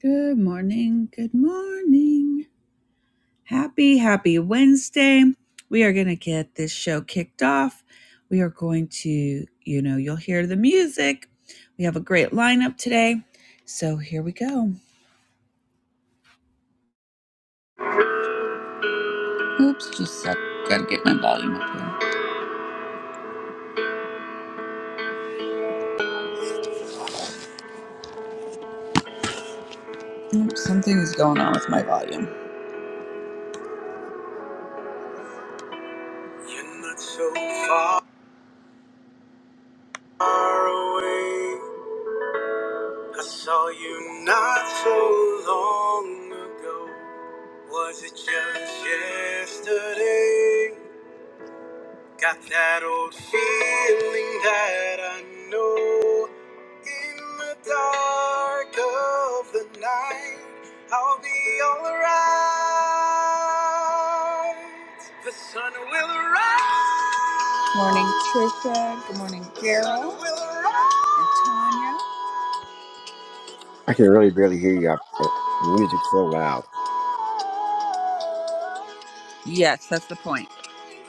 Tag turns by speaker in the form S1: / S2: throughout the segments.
S1: Good morning. Good morning. Happy, happy Wednesday. We are going to get this show kicked off. We are going to, you know, you'll hear the music. We have a great lineup today. So here we go. Oops, just I gotta get my volume up here. Oops, something is going on with my volume. You're not so far away. I saw you not so long ago. Was it just yesterday? Got that old feeling that I know. In the dark of the night, I'll be alright. The sun will rise. Morning, Trisha. Good morning, Carol. The sun will rise. And
S2: I can really barely hear you. I, uh, the music's so loud.
S1: Tanya. Yes, that's the point.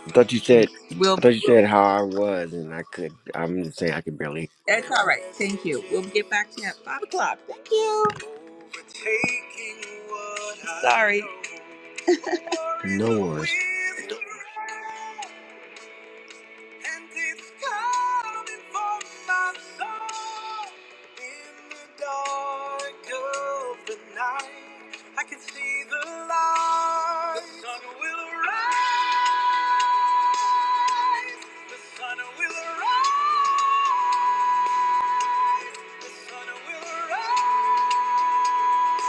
S2: I thought you said,
S1: we
S2: I
S1: Will
S2: thought you said how I was, and I could. I'm just saying I can barely.
S1: That's all right. Thank you. We'll get back to you at five o'clock. Thank you. Sorry.
S2: No worries.
S1: I can see the light. The sun will rise. The sun will rise. The sun will rise. The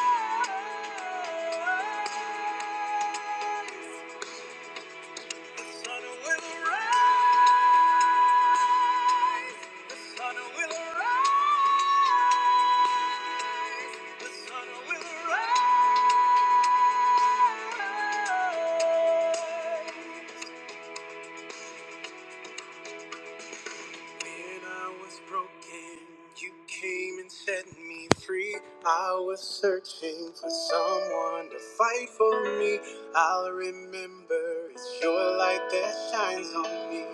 S1: sun will rise. When I was broken, you came and set me free. I was searching for someone to fight for me. I'll remember it's your light that shines on me.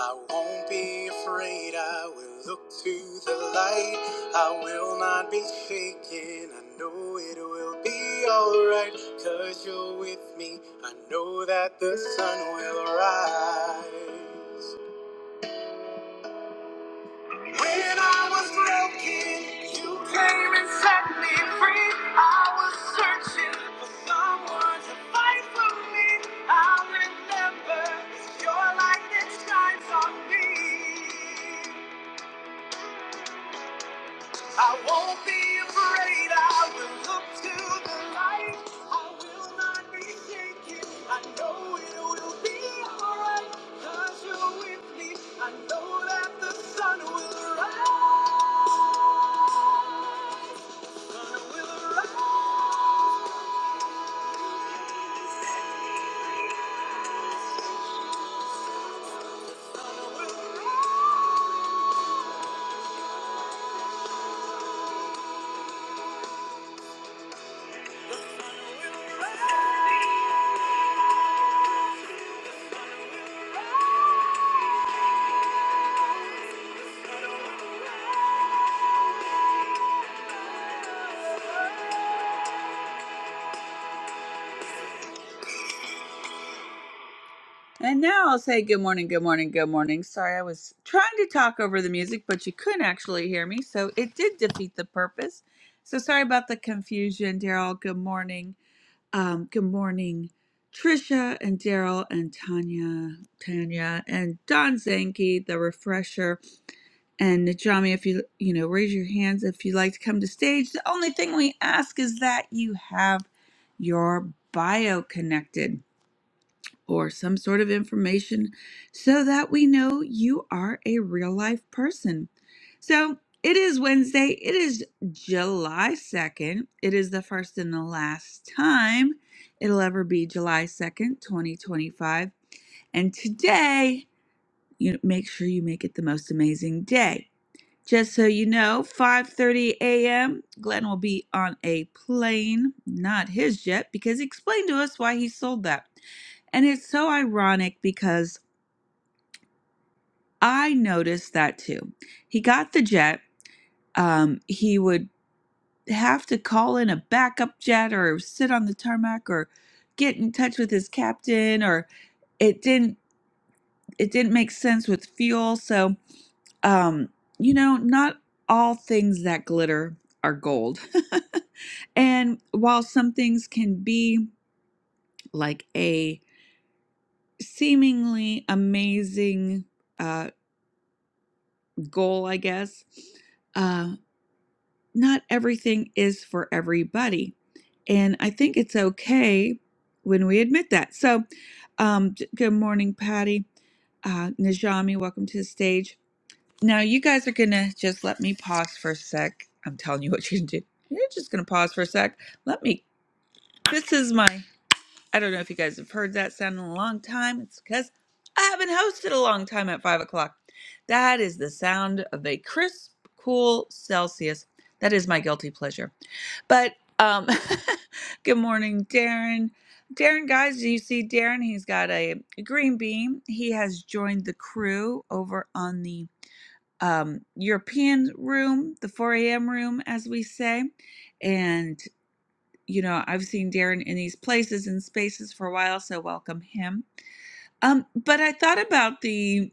S1: I won't be afraid, I will look to the light. I will not be shaken, I know it will be alright. Cause you're with me, I know that the sun will rise. When I was broken, you came and set me free. I was searching for someone to fight for me. I remember your light that shines on me. I won't be afraid. I will look to the light. I will not be shaken. I know it will be alright. you you're with me. I know that the sun will rise. And now I'll say good morning, good morning, good morning. Sorry, I was trying to talk over the music, but you couldn't actually hear me, so it did defeat the purpose. So sorry about the confusion, Daryl. Good morning. Um, good morning, Trisha and Daryl and Tanya, Tanya and Don Zanke, the refresher, and Najami. If you you know, raise your hands if you'd like to come to stage. The only thing we ask is that you have your bio connected or some sort of information so that we know you are a real life person. So it is Wednesday. It is July 2nd. It is the first and the last time it'll ever be July 2nd, 2025. And today, you make sure you make it the most amazing day. Just so you know, 5:30 a.m. Glenn will be on a plane, not his jet, because he explained to us why he sold that. And it's so ironic because I noticed that too. He got the jet. Um, he would have to call in a backup jet or sit on the tarmac or get in touch with his captain or it didn't it didn't make sense with fuel. So Um, you know, not all things that glitter are gold. and while some things can be like a seemingly amazing uh, goal, I guess, uh, not everything is for everybody. And I think it's okay when we admit that. So, um, j- good morning, Patty. Uh, Najami, welcome to the stage. Now you guys are gonna just let me pause for a sec. I'm telling you what you can do. You're just gonna pause for a sec. Let me. This is my. I don't know if you guys have heard that sound in a long time. It's because I haven't hosted a long time at five o'clock. That is the sound of a crisp, cool Celsius. That is my guilty pleasure. But um, good morning, Darren. Darren, guys, do you see Darren? He's got a green bean. He has joined the crew over on the um, European room, the 4 a.m. room, as we say. And, you know, I've seen Darren in these places and spaces for a while, so welcome him. Um, but I thought about the,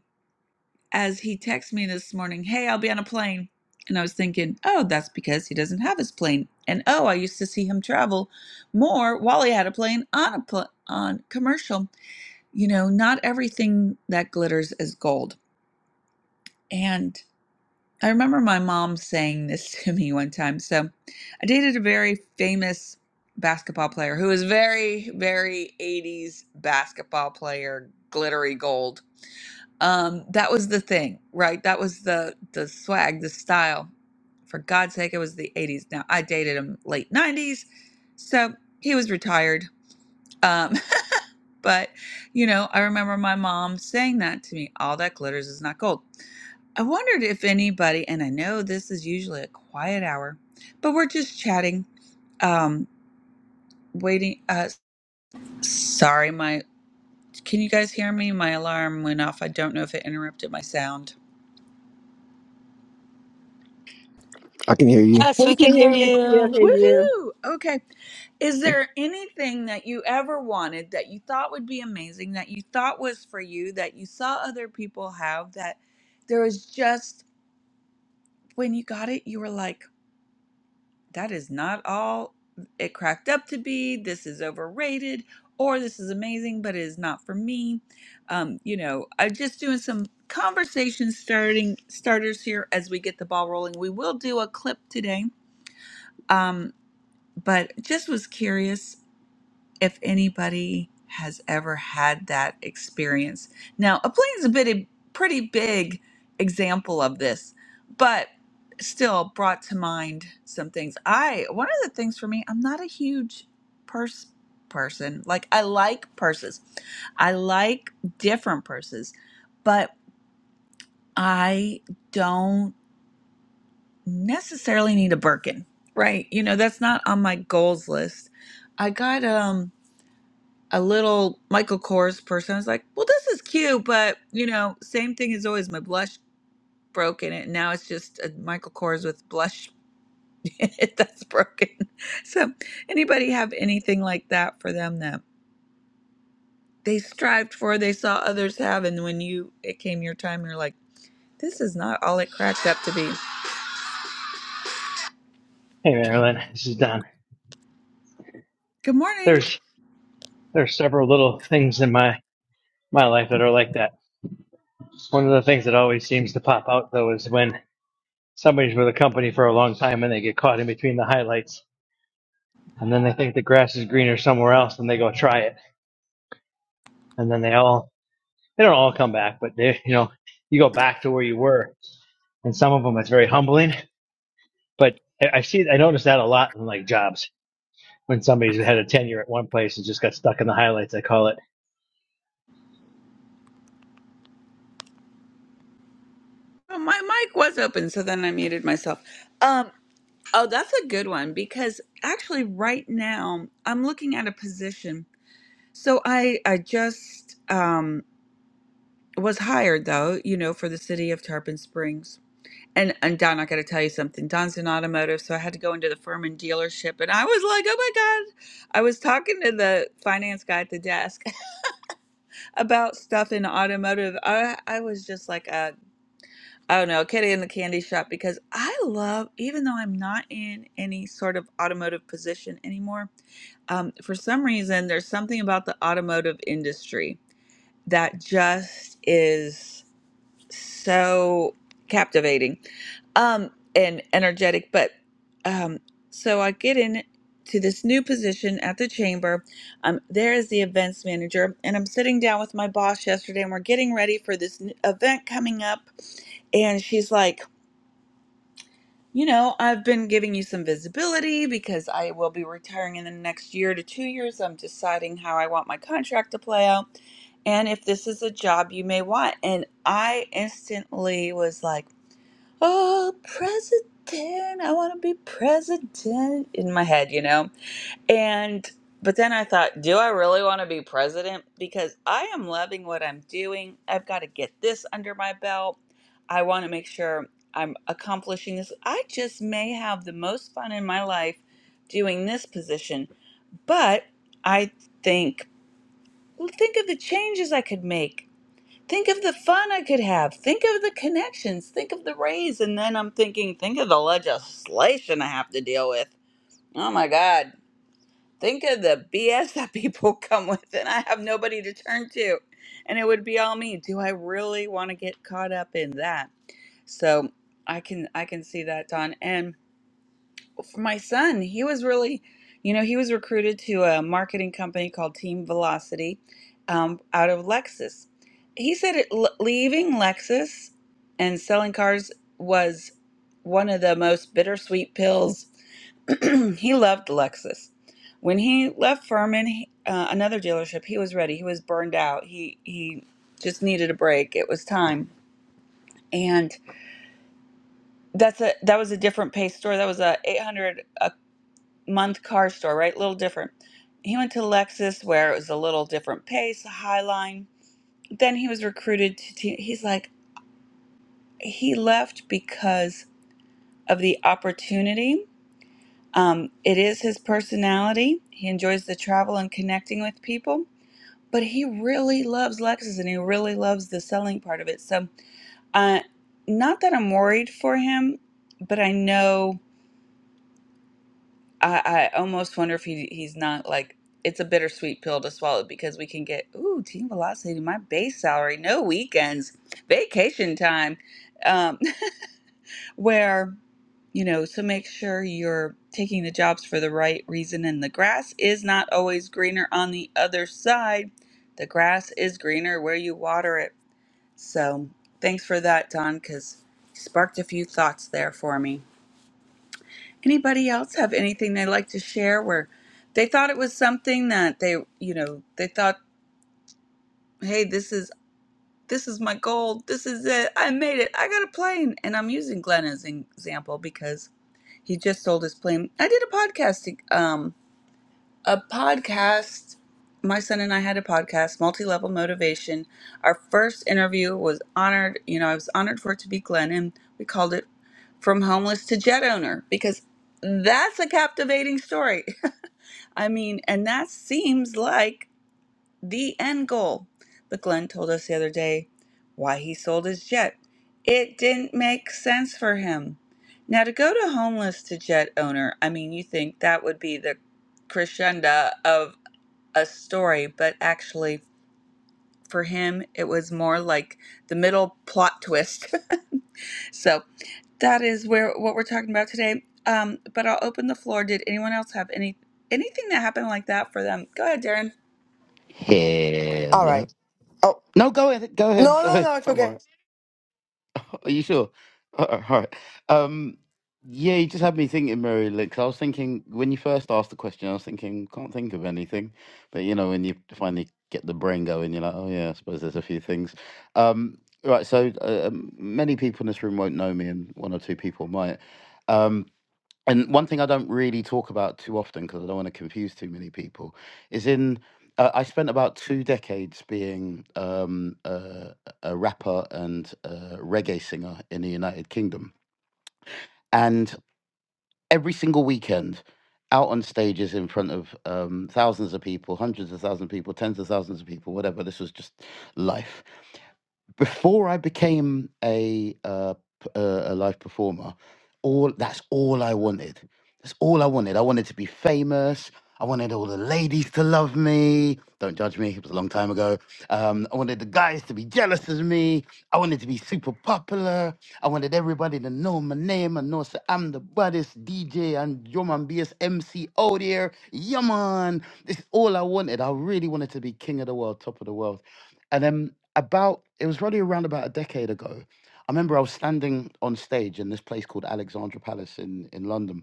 S1: as he texted me this morning, hey, I'll be on a plane. And I was thinking, oh, that's because he doesn't have his plane. And oh, I used to see him travel more while he had a plane on a pl- on commercial. You know, not everything that glitters is gold. and. I remember my mom saying this to me one time. So I dated a very famous basketball player who was very, very 80s basketball player, glittery gold. Um, that was the thing, right? That was the the swag, the style. For God's sake, it was the 80s. Now I dated him late 90s, so he was retired. Um, But, you know, I remember my mom saying that to me all that glitters is not gold. I wondered if anybody, and I know this is usually a quiet hour, but we're just chatting, um, waiting. Uh, sorry, my, can you guys hear me? My alarm went off. I don't know if it interrupted my sound.
S2: I can hear you.
S3: Yes,
S4: We
S3: we can
S4: can hear
S3: hear
S4: you, still
S3: you.
S4: hear
S1: Woohoo! Okay. Is there anything that you ever wanted that you thought would be amazing, that you thought was for you, that you saw other people have, that there was just, when you got it, you were like, that is not all it cracked up to be. This is overrated, or this is amazing, but it is not for me. Um, you know, I'm just doing some conversation starting starters here as we get the ball rolling. We will do a clip today, um, but just was curious if anybody has ever had that experience. Now, a plane's a bit a pretty big example of this, but still brought to mind some things. I one of the things for me, I'm not a huge purse person. Like I like purses. I like different purses, but I don't necessarily need a Birkin, right? You know, that's not on my goals list. I got um a little Michael Kors person. I was like, well, this is cute, but you know, same thing as always. My blush broke in it, and now it's just a Michael Kors with blush in it that's broken. So, anybody have anything like that for them that they strived for, they saw others have, and when you it came your time, you're like, this is not all it cracked up to be.
S5: Hey Marilyn, this is Don.
S1: Good morning.
S5: There's there's several little things in my my life that are like that. One of the things that always seems to pop out though is when somebody's with a company for a long time and they get caught in between the highlights, and then they think the grass is greener somewhere else, and they go try it, and then they all they don't all come back, but they you know you go back to where you were, and some of them it's very humbling. But I I see I notice that a lot in like jobs when somebody's had a tenure at one place and just got stuck in the highlights. I call it
S1: Oh, my mic was open, so then I muted myself. Um, oh, that's a good one because actually, right now I'm looking at a position So I I just um was hired though, you know, for the city of Tarpon Springs. And and Don, I gotta tell you something. Don's in automotive, so I had to go into the firm and dealership and I was like, Oh my God. I was talking to the finance guy at the desk about stuff in automotive. I I was just like a I don't know, Kitty in the candy shop because I love even though I'm not in any sort of automotive position anymore, um, for some reason there's something about the automotive industry that just is so captivating um and energetic but um so i get in to this new position at the chamber i'm there as the events manager and i'm sitting down with my boss yesterday and we're getting ready for this n- event coming up and she's like you know, I've been giving you some visibility because I will be retiring in the next year to two years. so I'm deciding how I want my contract to play out and if this is a job you may want. And I instantly was like, oh, president, I want to be president in my head, you know? And but then I thought, do I really want to be president? Because I am loving what I'm doing. I've got to get this under my belt. I want to make sure I'm accomplishing this. I just may have the most fun in my life doing this position. But I think, well, think of the changes I could make. Think of the fun I could have. Think of the connections. Think of the raise. And then I'm thinking, think of the legislation I have to deal with. Oh my God Think of the BS that people come with, and I have nobody to turn to. And it would be all me. Do I really want to get caught up in that? So I can I can see that, Don. And for my son, he was really, you know, he was recruited to a marketing company called Team Velocity, um, out of Lexus. He said it, l- leaving Lexus and selling cars was one of the most bittersweet pills he loved Lexus. When he left Furman, uh, another dealership, he was ready. He was burned out. He he just needed a break. It was time. And that's a that was a different pace store. That was a 800 a month car store, right? A little different. He went to Lexus where it was a little different pace, a high line. Then he was recruited to te- he's like he left because of the opportunity. Um, it is his personality. He enjoys the travel and connecting with people but he really loves Lexus and he really loves the selling part of it. So, uh, not that I'm worried for him, but I know I, I almost wonder if he, he's not like it's a bittersweet pill to swallow because we can get ooh team velocity, my base salary, no weekends, vacation time, um, where you know. So make sure you're taking the jobs for the right reason, and the grass is not always greener on the other side. The grass is greener where you water it. So thanks for that, Don, because sparked a few thoughts there for me. Anybody else have anything they'd like to share where they thought it was something that they, you know, they thought, hey, this is this is my goal. This is it. I made it. I got a plane. And I'm using Glenn as an example because he just sold his plane. I did a podcast. um a podcast. My son and I had a podcast, Multi Level Motivation. Our first interview was honored. You know, I was honored for it to be Glenn, and we called it From Homeless to Jet Owner because that's a captivating story. I mean, and that seems like the end goal. But Glenn told us the other day why he sold his jet. It didn't make sense for him. Now, to go to homeless to jet owner, I mean, you think that would be the crescendo of a story, but actually for him it was more like the middle plot twist. so that is where what we're talking about today. Um, but I'll open the floor. Did anyone else have any anything that happened like that for them? Go ahead, Darren.
S6: Hello.
S7: All
S6: No,
S7: right. Oh
S6: No, go ahead. Go
S7: no,
S6: ahead. Go
S7: no,
S6: ahead.
S7: no, it's
S6: I'm all
S7: okay.
S6: right. Are you sure? All right. all right. Um, yeah, you just had me thinking, Mary. Like, 'cause I was thinking when you first asked the question, I was thinking can't think of anything, but you know when you finally get the brain going, you're like, oh yeah, I suppose there's a few things. Um, right. So uh, um, many people in this room won't know me, and one or two people might. Um and one thing I don't really talk about too often because I don't want to confuse too many people is in uh, I spent about two decades being um, uh, a rapper and a reggae singer in the United Kingdom, and every single weekend, out on stages in front of um, thousands of people, hundreds of thousands of people, tens of thousands of people, whatever. This was just life. Before I became a uh, p- a a live performer, all that's all I wanted that's all I wanted. I wanted to be famous. I wanted all the ladies to love me. Don't judge me. It was a long time ago. Um, I wanted the guys to be jealous of me. I wanted to be super popular. I wanted everybody to know my name and know that I'm the baddest DJ and your man MC out here. Yeah, This is all I wanted. I really wanted to be king of the world, top of the world. And then about, it was probably around about a decade ago. I remember I was standing on stage in this place called Alexandra Palace in, in London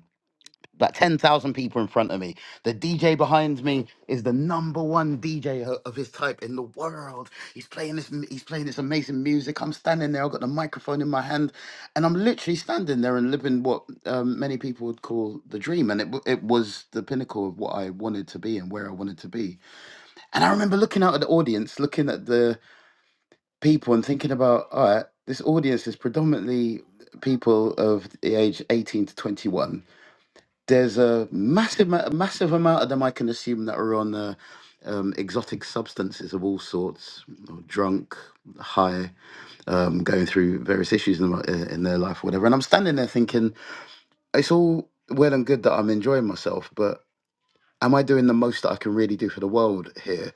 S6: about 10,000 people in front of me. The DJ behind me is the number one DJ of his type in the world. He's playing this m- he's playing this amazing music. I'm standing there, I've got the microphone in my hand, and I'm literally standing there and living what um, many people would call the dream. And it, w- it was the pinnacle of what I wanted to be and where I wanted to be. And I remember looking out at the audience, looking at the people and thinking about, all right, this audience is predominantly people of the age 18 to 21 there's a massive ma- massive amount of them I can assume that are on uh, um, exotic substances of all sorts, or drunk, high, um, going through various issues in, the- uh, in their life, whatever. And I'm standing there thinking, it's all well and good that I'm enjoying myself, but am I doing the most that I can really do for the world here?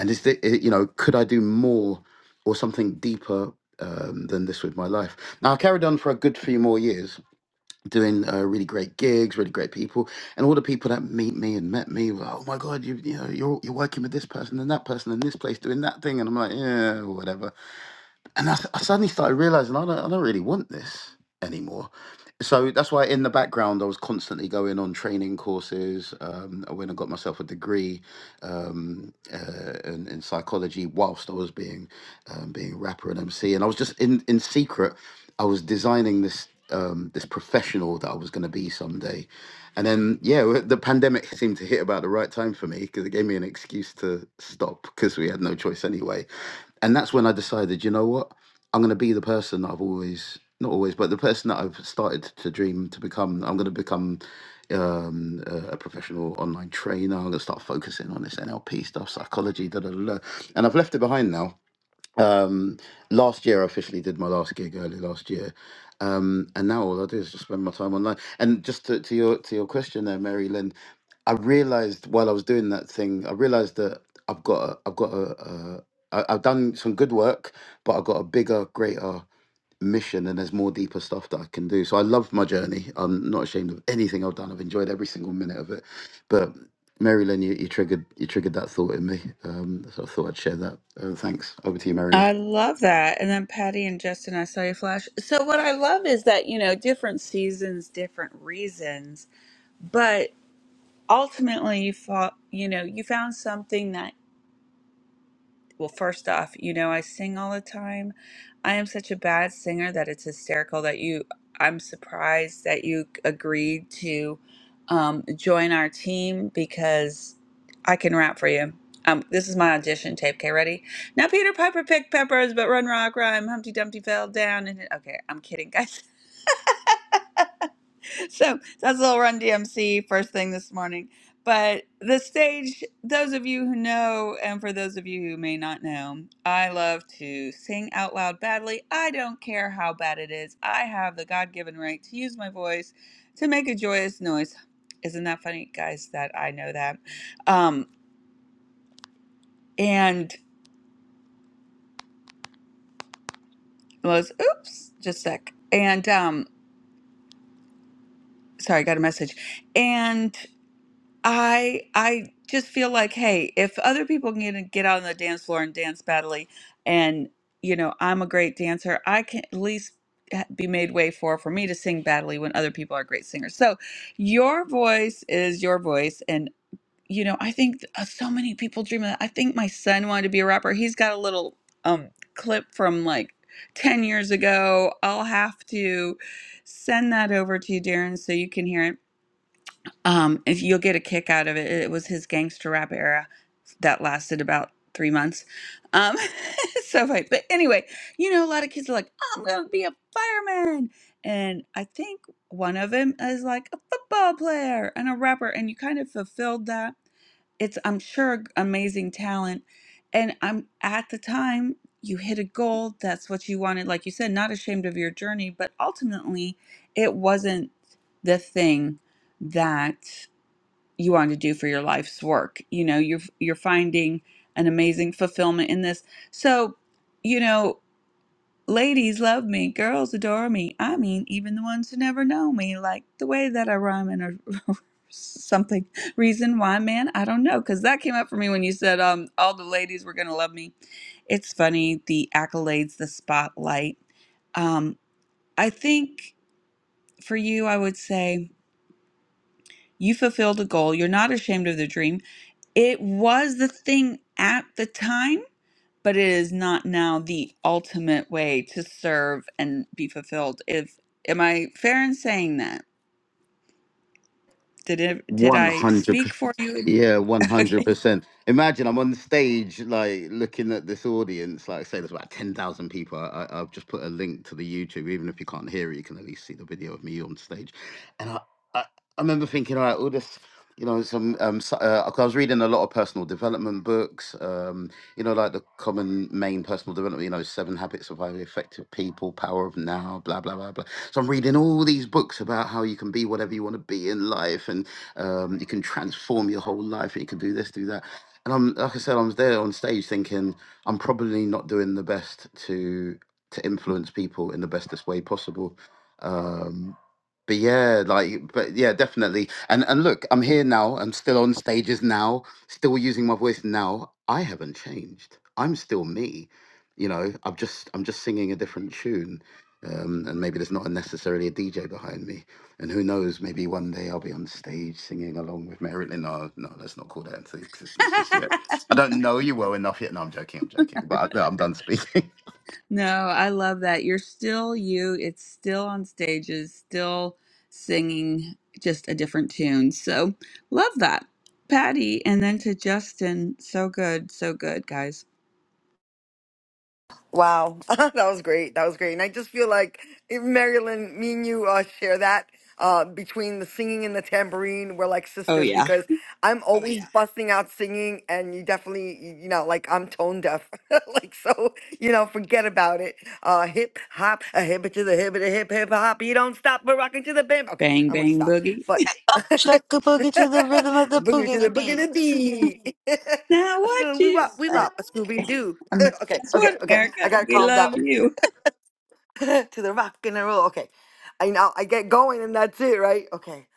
S6: And is the, you know, could I do more or something deeper um, than this with my life? Now I carried on for a good few more years doing uh, really great gigs, really great people, and all the people that meet me and met me were, oh my god, you you know you're you're working with this person and that person and this place doing that thing, and I'm like yeah whatever, and I, s- I suddenly started realizing I don't I don't really want this anymore. So that's why in the background I was constantly going on training courses. Um, I went and got myself a degree um, uh, in, in psychology whilst I was being um, being rapper and MC, and I was just in in secret. I was designing this um, this professional that I was going to be someday, and then yeah, the pandemic seemed to hit about the right time for me because it gave me an excuse to stop because we had no choice anyway, and that's when I decided, you know what, I'm going to be the person that I've always not always, but the person that I've started to dream to become, I'm going to become um, a a professional online trainer. I'm going to start focusing on this NLP stuff, psychology, da da da. da. And I've left it behind now. Um, last year, I officially did my last gig early last year. Um, and now all I do is just spend my time online. And just to, to your to your question there, Mary Lynn, I realized while I was doing that thing, I realized that I've got a, I've got a, a I, I've done some good work, but I've got a bigger, greater mission and there's more deeper stuff that I can do. So I love my journey. I'm not ashamed of anything I've done. I've enjoyed every single minute of it. But Marilyn, you, you triggered you triggered that thought in me. Um, so I thought I'd share that. Uh, thanks. Over to you, Marilyn.
S1: I love that. And then Patty and Justin, I saw you flash. So what I love is that, you know, different seasons, different reasons, but ultimately you fought, you know, you found something that Well, first off, you know, I sing all the time. I am such a bad singer that it's hysterical that you, I'm surprised that you agreed to um, join our team because I can rap for you. Um, this is my audition tape. Okay, ready? Now, Peter Piper picked peppers, but Run Rock Rhyme, Humpty Dumpty fell down. And okay, I'm kidding, guys. so that's a little run DMC first thing this morning. But the stage, those of you who know, and for those of you who may not know, I love to sing out loud badly. I don't care how bad it is. I have the God given right to use my voice to make a joyous noise. Isn't that funny, guys, that I know that? Um, and was, oops, just a sec. And um, sorry, I got a message. I I just feel like, hey, if other people can get get out on the dance floor and dance badly, and you know I'm a great dancer, I can at least ha- be made way for for me to sing badly when other people are great singers. So your voice is your voice, and you know I think th- uh, so many people dream of that. I think my son wanted to be a rapper. He's got a little um clip from like. 10 years ago, I'll have to send that over to you, Darren, so you can hear it um, if you'll get a kick out of it, it was his gangster rap era that lasted about three months. Um, so, like, but anyway, you know, a lot of kids are like, I'm gonna be a fireman, and I think one of them is like a football player and a rapper, and you kind of fulfilled that. It's, I'm sure, g- amazing talent, and I'm at the time you hit a goal. That's what you wanted, like you said, not ashamed of your journey, but ultimately, it wasn't the thing that you want to do for your life's work. You know, you're you're finding an amazing fulfillment in this. So, you know, ladies love me, girls adore me. I mean, even the ones who never know me, like the way that I rhyme and or something. Reason why, man, I don't know, because that came up for me when you said um all the ladies were gonna love me. It's funny the accolades, the spotlight. Um, I think for you, I would say you fulfilled a goal. You're not ashamed of the dream It was the thing at the time, but it is not now the ultimate way to serve and be fulfilled. If am I fair in saying that? Did it, did
S6: One
S1: I
S6: hundred.
S1: speak
S6: percent.
S1: for you?
S6: Yeah, one hundred
S1: Okay.
S6: percent. Imagine I'm on the stage, like looking at this audience. Like, say there's about ten thousand people. I, I, I've just put a link to the YouTube. Even if you can't hear it, you can at least see the video of me on stage. And I, I, I remember thinking, all right, all this, you know, some. Um, so, uh, 'cause I was reading a lot of personal development books. Um, you know, like the common main personal development. You know, Seven Habits of Highly Effective People, Power of Now, blah blah blah blah. So I'm reading all these books about how you can be whatever you want to be in life and um, you can transform your whole life, and you can do this, do that. And I'm like I said, I was there on stage thinking I'm probably not doing the best to to influence people in the bestest way possible. Um, but yeah, like, but yeah, definitely. And and look, I'm here now. I'm still on stages now. Still using my voice now. I haven't changed. I'm still me. You know, I'm just I'm just singing a different tune. Um, and maybe there's not necessarily a DJ behind me. And who knows? Maybe one day I'll be on stage singing along with Marilyn. No, no, let's not call that into existence just yet. I don't know you well enough yet. No, I'm joking. I'm joking. But I, no, I'm done speaking.
S1: no, I love that. You're still you. It's still on stages, still singing just a different tune. So, love that. Patty and then to Justin. So good, so good, guys.
S7: Wow, that was great. That was great, and I just feel like if Marilyn, me and you uh, share that uh, between the singing and the tambourine, we're like
S1: Oh
S7: sisters
S1: yeah.
S7: because I'm Oh, always yeah. busting out singing, and you definitely, y- you know, like I'm tone deaf, like so, you know, forget about it. Uh, hip hop, a hip it to the hip, it a hip hip hop. You don't stop, we're rocking to the bam. Okay,
S1: Bang
S7: I'm gonna
S1: bang
S7: stop,
S1: boogie.
S7: but.
S3: Up, chuck a boogie to the rhythm of the
S7: boogie to the
S3: boogity
S7: boogie
S3: beat.
S7: to the beat.
S1: Now
S7: a
S1: what
S7: Scooby
S1: you
S7: Wop, we Wop, a Scooby
S1: okay.
S7: Doo.
S1: Um,
S7: okay,
S1: Guess
S7: okay,
S1: what,
S7: okay. I
S1: America?
S7: gotta
S1: We
S7: calm down
S1: love you.
S7: to the rock and the roll. Okay, I know I get going and that's it, right? Okay,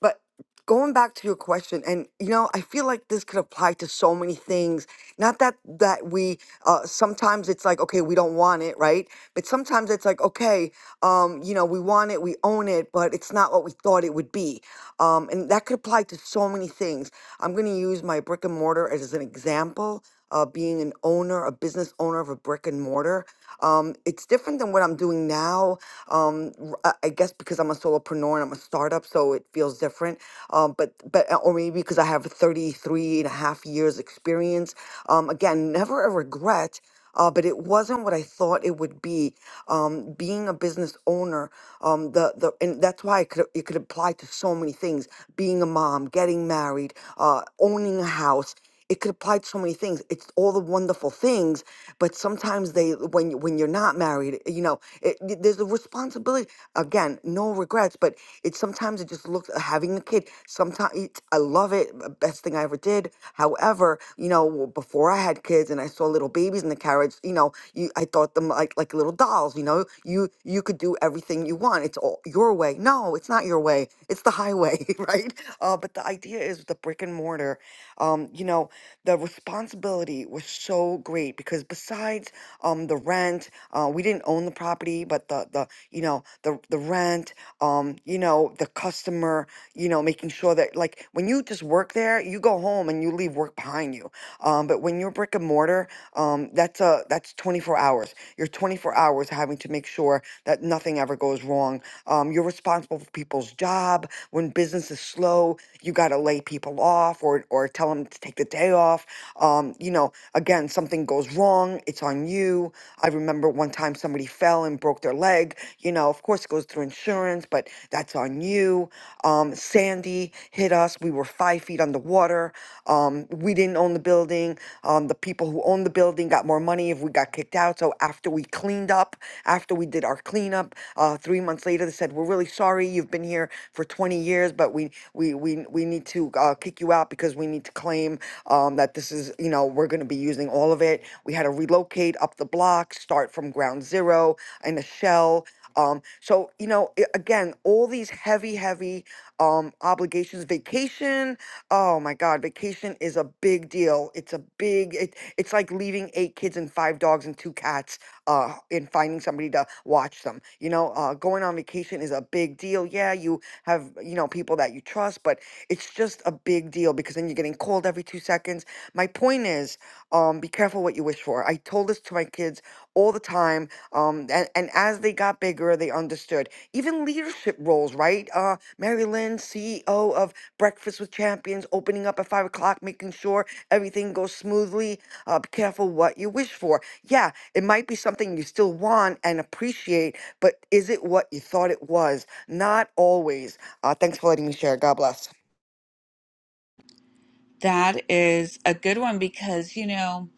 S7: but going back to your question, and you know, I feel like this could apply to so many things. Not that that we uh, sometimes it's like okay, we don't want it, right? But sometimes it's like okay, um, you know, we want it, we own it, but it's not what we thought it would be. Um, and that could apply to so many things. I'm going to use my brick and mortar as an example. Uh, being an owner, a business owner of a brick and mortar, um, it's different than what I'm doing now. Um, r- I I guess because I'm a solopreneur and I'm a startup, so it feels different. Um, but but uh, or maybe because I have 33 and a half years experience. Um, again, never a regret uh, but it wasn't what I thought it would be. Um, being a business owner, um, the the and that's why it could it could apply to so many things. Being a mom, getting married, uh, owning a house. It could apply to so many things. It's all the wonderful things, but sometimes they when you- when you're not married, you know, it, it- there's a responsibility. Again, no regrets, but it sometimes it just looks having a kid. Sometimes I love it, uh, best thing I ever did. However over, you know, before I had kids and I saw little babies in the carriage, you know, you I thought them like like little dolls, you know. You you could do everything you want. It's all your way. No, it's not your way. It's the highway, right? Uh, but the idea is the brick and mortar. Um, you know, the responsibility was so great because besides um the rent, uh, we didn't own the property, but the the you know the the rent, um, you know the customer, you know making sure that that like when you just work there, you go home and you leave work behind you. Um, but when you're brick and mortar, um, that's a that's 24 hours. You're 24 hours having to make sure that nothing ever goes wrong. Um, you're responsible for people's job. When business is slow, you got to lay people off or or tell them to take the day off. Um, you know, again, something goes wrong, it's on you. I remember one time somebody fell and broke their leg. You know, of course, it goes through insurance, but that's on you. Um, Sandy hit us. We were five feet underwater. Um, we didn't own the building. Um, the people who owned the building got more money if we got kicked out. So after we cleaned up, after we did our cleanup, uh, three months later, they said, "We're really sorry. You've been here for 20 years, but we we we we need to uh, kick you out because we need to claim um, that this is you know we're going to be using all of it." We had to relocate up the block, start from ground zero in a shell. Um, so you know, i- again, all these heavy, heavy um, obligations. Vacation, oh my God, vacation is a big deal. It's a big. It, it's like leaving eight kids and five dogs and two cats, uh, and finding somebody to watch them. You know, uh, going on vacation is a big deal. Yeah, you have you know people that you trust, but it's just a big deal because then you're getting called every two seconds. My point is, um, be careful what you wish for. I told this to my kids all the time um, and, and as they got bigger, they understood even leadership roles, right? Uh, Mary Lynn, CEO of Breakfast with Champions, opening up at five o'clock, making sure everything goes smoothly. Uh, be careful what you wish for. Yeah, it might be something you still want and appreciate, but is it what you thought it was? Not always. Uh, thanks for letting me share. God bless.
S1: That is a good one because you know,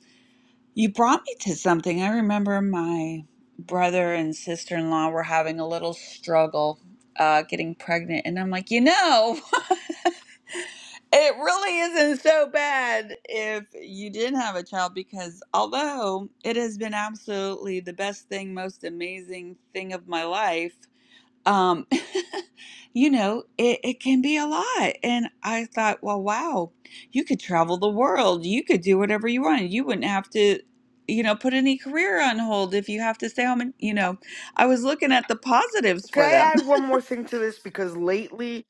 S1: you brought me to something. I remember my brother and sister in law were having a little struggle uh getting pregnant and I'm like, you know, it really isn't so bad if you didn't have a child because although it has been absolutely the best thing, most amazing thing of my life, Um, you know, it, it can be a lot. And I thought, well, wow, you could travel the world. You could do whatever you want. You wouldn't have to, you know, put any career on hold if you have to stay home. And, you know, I was looking at the positives
S7: Can
S1: for them.
S7: I add one more thing to this? Because lately,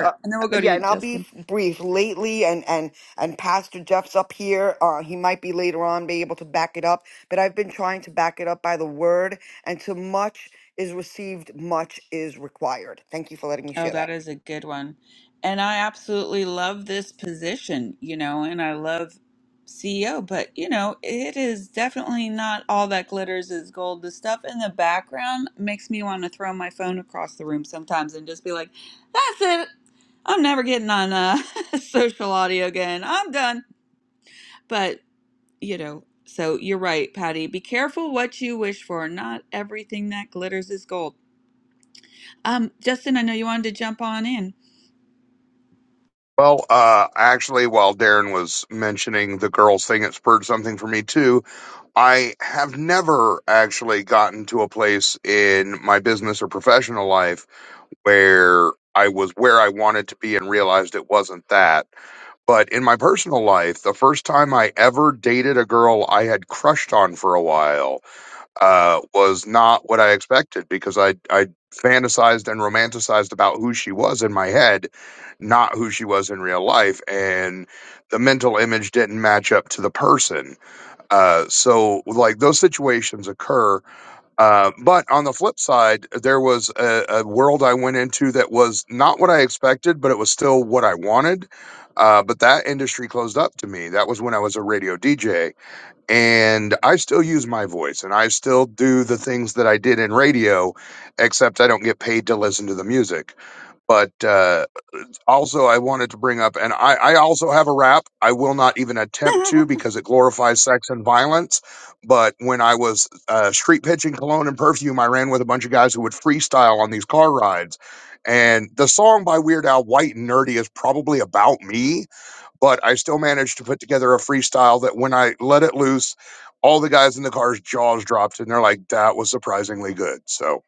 S7: uh,
S1: And then we'll go to
S7: yeah,
S1: you,
S7: and I'll be
S1: Justin.
S7: f- brief. Lately, and and and Pastor Jeff's up here. Uh, he might be later on be able to back it up, but I've been trying to back it up by the word. And to much is received, much is required. Thank you for letting me
S1: Oh,
S7: share that.
S1: that is a good one. And I absolutely love this position, you know, and I love CEO, but you know, it is definitely not all that glitters is gold. The stuff in the background makes me want to throw my phone across the room sometimes and just be like, that's it. I'm never getting on uh, social audio again. I'm done. But, you know, so you're right, Patty. Be careful what you wish for. Not everything that glitters is gold. Um, Justin, I know you wanted to jump on in.
S8: Well, uh, actually, while Darren was mentioning the girls thing, it spurred something for me too. I have never actually gotten to a place in my business or professional life where I was where I wanted to be and realized it wasn't that. But in my personal life, the first time I ever dated a girl I had crushed on for a while uh, was not what I expected because I I fantasized and romanticized about who she was in my head, not who she was in real life, and the mental image didn't match up to the person. Uh, so like those situations occur. Uh, but on the flip side, there was a, a world I went into that was not what I expected, but it was still what I wanted. Uh, but that industry closed up to me. That was when I was a radio DJ and I still use my voice and I still do the things that I did in radio, except I don't get paid to listen to the music. But uh, also, I wanted to bring up, and I, I also have a rap. I will not even attempt to because it glorifies sex and violence. But when I was uh, street pitching cologne and perfume, I ran with a bunch of guys who would freestyle on these car rides. And the song by Weird Al, White and Nerdy, is probably about me but I still managed to put together a freestyle that when I let it loose, all the guys in the car's jaws dropped and they're like, that was surprisingly good. So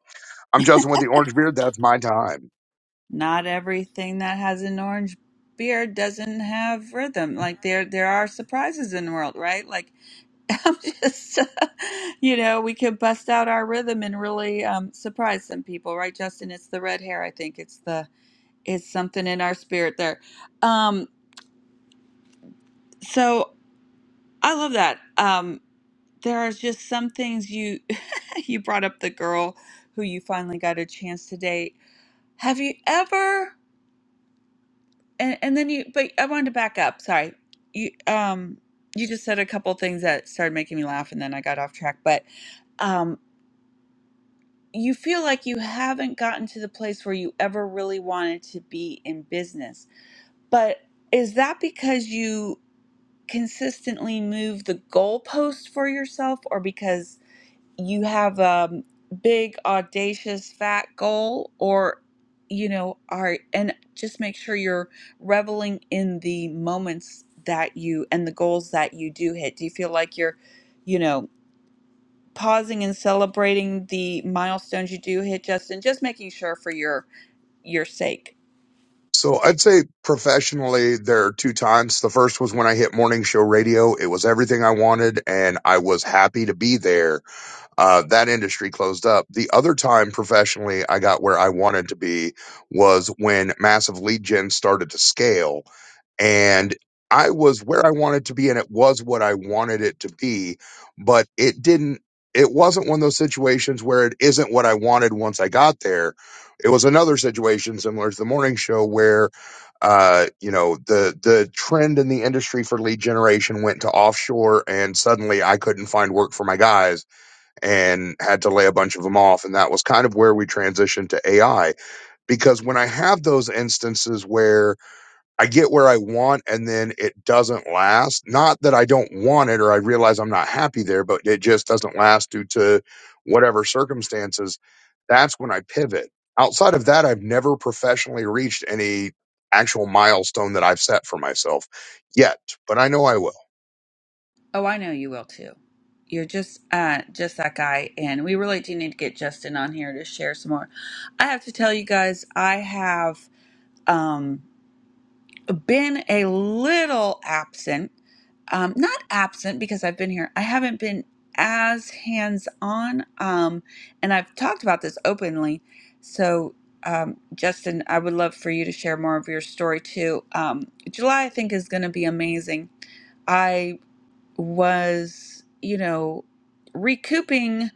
S8: I'm Justin with the Orange Beard. That's my time.
S1: not everything that has an orange beard doesn't have rhythm. Like there there are surprises in the world, right? Like I'm just you know, we can bust out our rhythm and really um surprise some people, right, Justin? It's the red hair, I think. It's the it's something in our spirit there. Um so I love that. Um there are just some things you you brought up the girl who you finally got a chance to date. Have you ever and and then you but i wanted to back up sorry you um you just said a couple things that started making me laugh and then i got off track but um you feel like you haven't gotten to the place where you ever really wanted to be in business but is that because you consistently move the goalpost for yourself or because you have a um, big audacious fat goal or you know are and just make sure you're reveling in the moments that you and the goals that you do hit do you feel like you're you know pausing and celebrating the milestones you do hit justin just making sure for your your sake
S8: So I'd say professionally, there are two times. The first was when I hit morning show radio. It was everything I wanted and I was happy to be there. Uh, that industry closed up. The other time professionally I got where I wanted to be was when massive lead gen started to scale and I was where I wanted to be and it was what I wanted it to be, but it didn't it wasn't one of those situations where it isn't what I wanted once I got there. It was another situation similar to the morning show where uh you know the the trend in the industry for lead generation went to offshore and suddenly I couldn't find work for my guys and had to lay a bunch of them off and that was kind of where we transitioned to AI because when I have those instances where I get where I want and then it doesn't last. Not that I don't want it or I realize I'm not happy there, but it just doesn't last due to whatever circumstances. That's when I pivot. Outside of that, I've never professionally reached any actual milestone that I've set for myself yet, but I know I will.
S1: oh i know you will too you're just uh just that guy and we really do need to get justin on here to share some more i have to tell you guys i have um been a little absent. Um, not absent because I've been here. I haven't been as hands on. Um, and I've talked about this openly. So, um, Justin, I would love for you to share more of your story too. Um, July, I think, is going to be amazing. I was, you know, recouping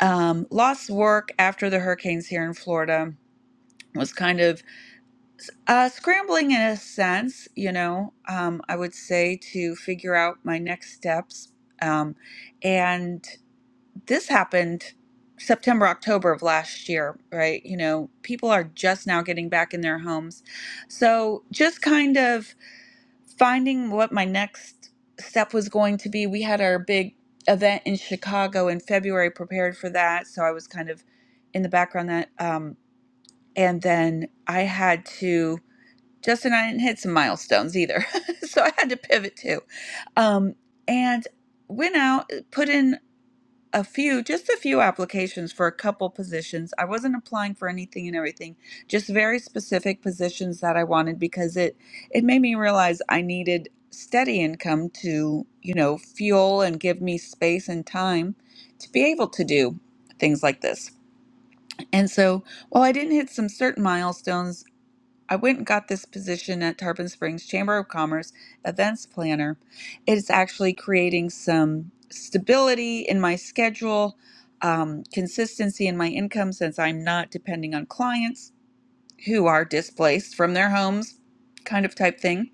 S1: um, lost work after the hurricanes here in Florida, was kind of uh, scrambling in a sense, you know, um, I would say to figure out my next steps. Um, and this happened September, October of last year, right? You know, people are just now getting back in their homes. So just kind of finding what my next step was going to be. We had our big event in Chicago in February, prepared for that. So I was kind of in the background that, um, and then I had to Justin and I didn't hit some milestones either. so I had to pivot too. Um, and went out, uh, put in a few, just a few applications for a couple positions. I wasn't applying for anything and everything, just very specific positions that I wanted because it it made me realize I needed steady income to, you know, fuel and give me space and time to be able to do things like this. And so, while I didn't hit some certain milestones, I went and got this position at Tarpon Springs Chamber of Commerce events planner. It's actually creating some stability in my schedule, um, consistency in my income since I'm not depending on clients who are displaced from their homes, kind of type thing.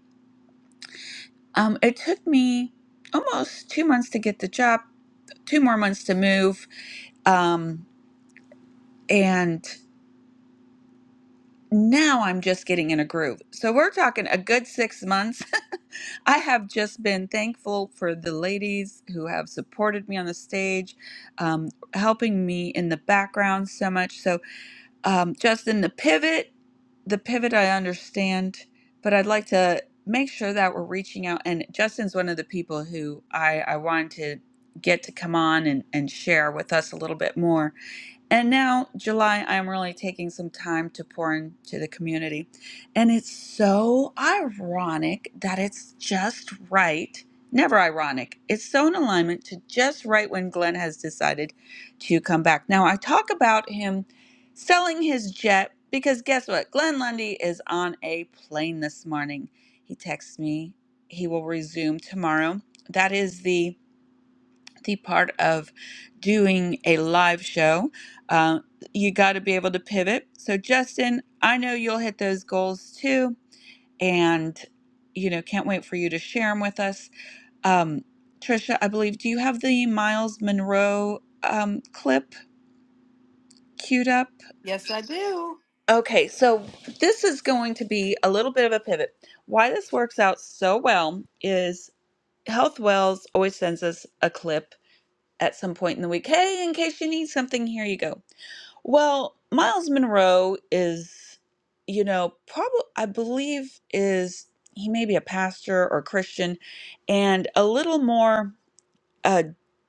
S1: Um, it took me almost two months to get the job, two more months to move, um, and now I'm just getting in a groove. So we're talking a good six months I have just been thankful for the ladies who have supported me on the stage, um, helping me in the background so much. So, um, Justin, the pivot, the pivot, I understand, but I'd like to make sure that we're reaching out. And Justin's one of the people who I, I wanted to get to come on and, and share with us a little bit more. And now, July, I'm really taking some time to pour into the community. And it's so ironic that it's just right. Never ironic. It's so in alignment to just right when Glenn has decided to come back. Now, I talk about him selling his jet because guess what? Glenn Lundy is on a plane this morning. He texts me. He will resume tomorrow. That is the the part of doing a live show. Uh, you got to be able to pivot. So, Justin, I know you'll hit those goals too. And, you know, can't wait for you to share them with us. Um, Trisha, I believe, do you have the Miles Monroe um, clip queued up?
S3: Yes, I do.
S1: Okay, so this is going to be a little bit of a pivot. Why this works out so well is Health Wells always sends us a clip at some point in the week. Hey, in case you need something, here you go. Well, Miles Monroe is, you know, probably, I believe, is he may be a pastor or Christian and a little more uh,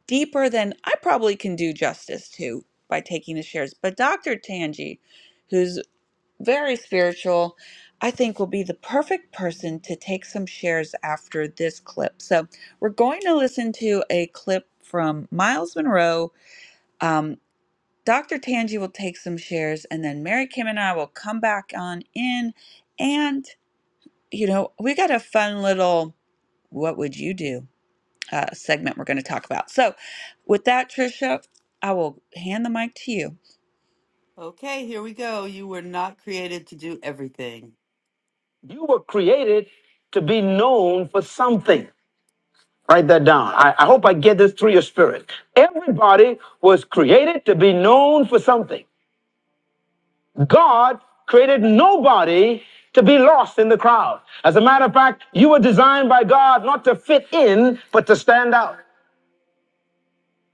S1: deeper than I probably can do justice to by taking the shares. But Dr. Tangi, who's very spiritual, I think will be the perfect person to take some shares after this clip. So we're going to listen to a clip from Miles Monroe um, Dr. Tangi will take some shares, and then Mary Kim and I will come back on in. And, you know, we got a fun little what would you do uh, segment we're going to talk about. So, with that, Trisha, I will hand the mic to you
S3: Okay, here we go. You were not created to do everything. You were created to be known for something. Write that down. I, I hope I get this through your spirit. Everybody was created to be known for something. God created nobody to be lost in the crowd. As a matter of fact, you were designed by God not to fit in, but to stand out.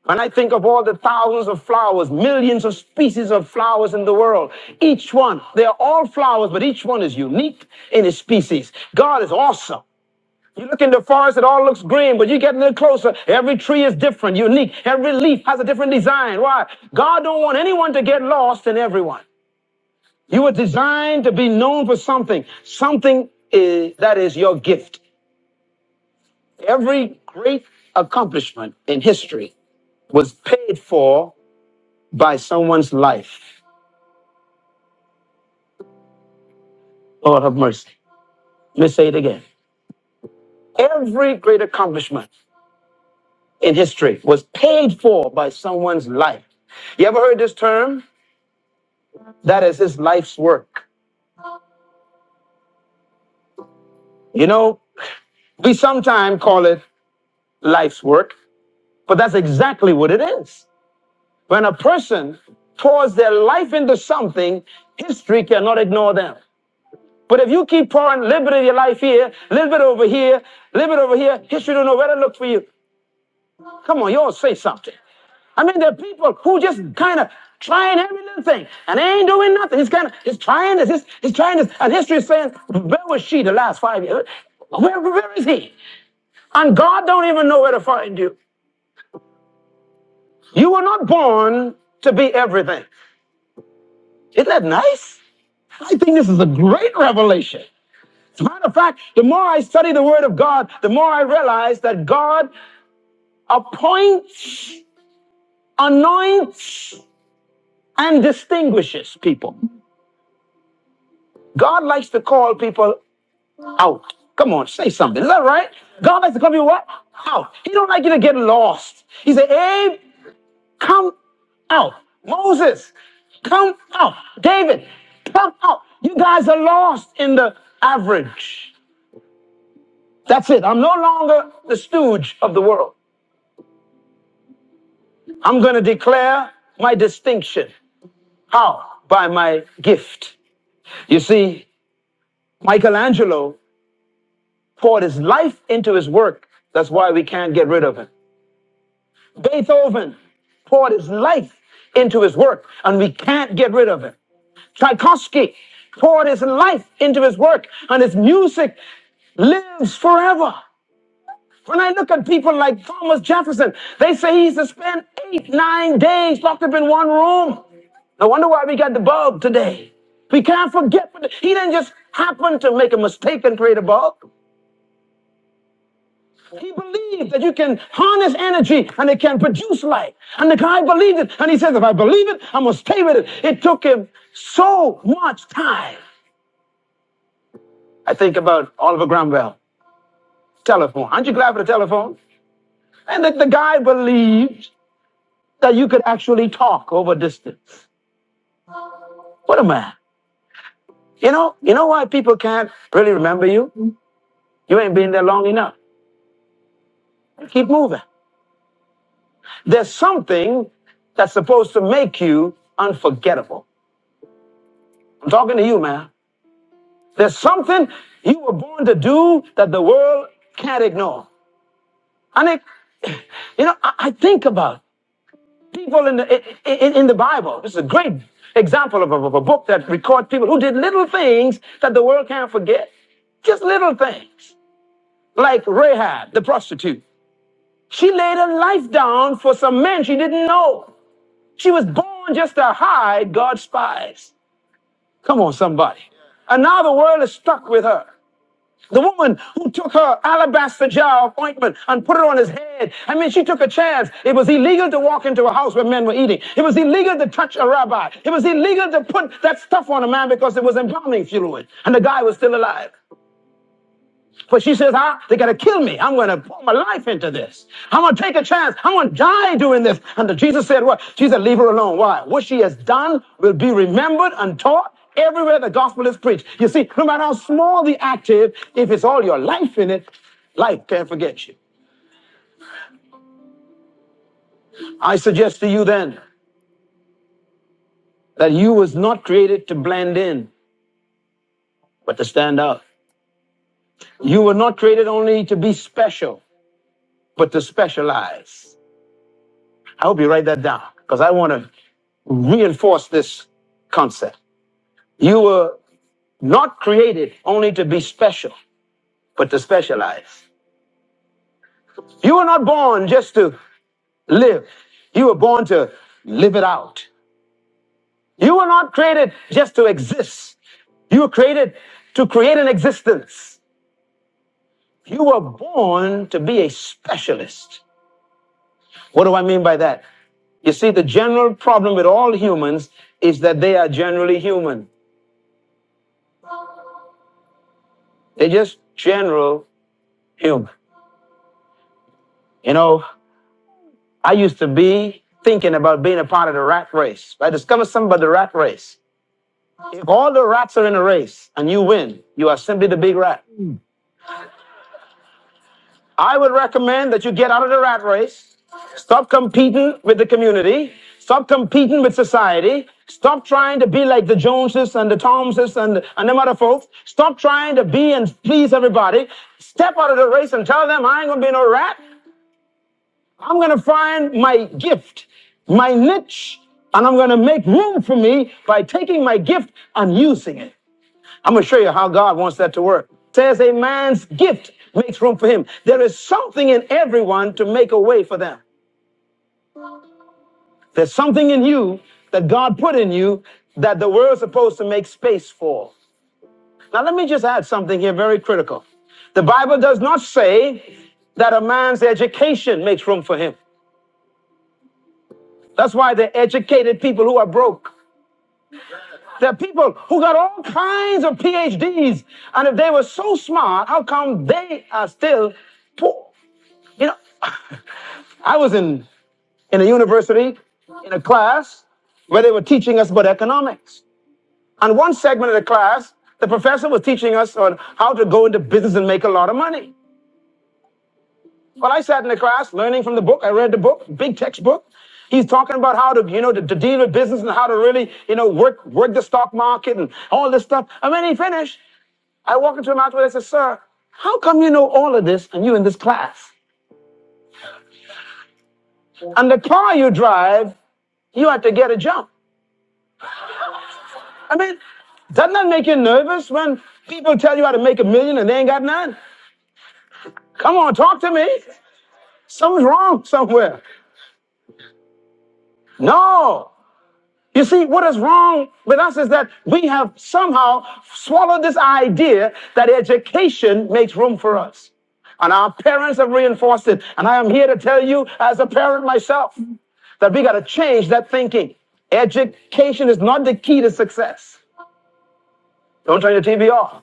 S3: When I think of all the thousands of flowers, millions of species of flowers in the world, each one, they are all flowers, but each one is unique in its species. God is awesome. You look in the forest, it all looks green, but you get a little closer. Every tree is different, unique. Every leaf has a different design. Why? God don't want anyone to get lost in everyone. You were designed to be known for something, something is, that is your gift. Every great accomplishment in history was paid for by someone's life. Lord have mercy. Let me say it again. Every great accomplishment in history was paid for by someone's life. You ever heard this term? That is his life's work. You know, we sometimes call it life's work, but that's exactly what it is. When a person pours their life into something, history cannot ignore them. But if you keep pouring a little bit of your life here, a little bit over here, a little bit over here, history don't know where to look for you. Come on, y'all say something. I mean, there are people who just kind of trying every little thing and they ain't doing nothing. He's kind of he's trying this, he's, he's trying this, and history is saying, where was she the last five years? Where, where is he? And God don't even know where to find you. You were not born to be everything. Isn't that nice? I think this is a great revelation. As a matter of fact, the more I study the Word of God, the more I realize that God appoints, anoints, and distinguishes people. God likes to call people out. Come on, say something. Is that right? God likes to come here what? Out. He don't like you to get lost. He said, Abe, come out. Moses, come out. David, come out. You guys are lost in the average. That's it. I'm no longer the stooge of the world. I'm going to declare my distinction. How? By my gift. You see, Michelangelo poured his life into his work. That's why we can't get rid of him. Beethoven poured his life into his work, and we can't get rid of it. Tchaikovsky poured his life into his work, and his music lives forever. When I look at people like Thomas Jefferson, they say he used to spend eight, nine days locked up in one room. No wonder why we got the bulb today. We can't forget, but he didn't just happen to make a mistake and create a bulb. He believed that you can harness energy and it can produce light. And the guy believed it. And he says, if I believe it, I'm going to stay with it. It took him so much time. I think about Oliver Cromwell, telephone. Aren't you glad for the telephone? And that the guy believed that you could actually talk over distance. What a man. You know, you know why people can't really remember you? You ain't been there long enough. Keep moving. There's something that's supposed to make you unforgettable. I'm talking to you, man. There's something you were born to do that the world can't ignore. And it, you know, I, I think about people in the in, in the Bible. This is a great example of a, of a book that records people who did little things that the world can't forget. Just little things, like Rahab, the prostitute. She laid her life down for some men she didn't know. She was born just to hide God's spies. Come on, somebody. And now the world is stuck with her. The woman who took her alabaster jar of ointment and put it on his head. I mean, she took a chance. It was illegal to walk into a house where men were eating. It was illegal to touch a rabbi. It was illegal to put that stuff on a man because it was embalming fluid. And the guy was still alive. But she says, ah, they gotta kill me. I'm gonna put my life into this. I'm gonna take a chance. I'm gonna die doing this. And Jesus said, what? She said, leave her alone. Why? What she has done will be remembered and taught everywhere the gospel is preached. You see, no matter how small the act is, if it's all your life in it, life can't forget you. I suggest to you then that you was not created to blend in, but to stand out. You were not created only to be special, but to specialize. I hope you write that down because I want to reinforce this concept. You were not created only to be special, but to specialize. You were not born just to live, you were born to live it out. You were not created just to exist, you were created to create an existence. You were born to be a specialist. What do I mean by that? You see, the general problem with all humans is that they are generally human. They're just general human. You know, I used to be thinking about being a part of the rat race. I discovered something about the rat race. If all the rats are in a race and you win, you are simply the big rat. I would recommend that you get out of the rat race, stop competing with the community, stop competing with society, stop trying to be like the Joneses and the Thomeses and, and them other folks, stop trying to be and please everybody, step out of the race and tell them I ain't gonna be no rat. I'm going to find my gift, my niche, and I'm going to make room for me by taking my gift and using it. I'm going to show you how God wants that to work. It Says a man's gift makes room for him. There is something in everyone to make a way for them. There's something in you that God put in you that the world's supposed to make space for. Now, let me just add something here very critical. The Bible does not say that a man's education makes room for him. That's why they educated people who are broke. There are people who got all kinds of PhDs, and if they were so smart, how come they are still poor? You know, I was in, in a university, in a class, where they were teaching us about economics. And one segment of the class, the professor was teaching us on how to go into business and make a lot of money. Well, I sat in the class learning from the book. I read the book, big textbook. He's talking about how to, you know, to, to deal with business and how to really, you know, work work the stock market and all this stuff. And when he finished, I walk into an auditorium and I say, Sir, how come you know all of this and you in this class? And the car you drive, you have to get a jump. I mean, doesn't that make you nervous when people tell you how to make a million and they ain't got none? Come on, talk to me. Something's wrong somewhere. No. You see, what is wrong with us is that we have somehow swallowed this idea that education makes room for us. And our parents have reinforced it. And I am here to tell you, as a parent myself, that we got to change that thinking. Education is not the key to success. Don't turn your TV off.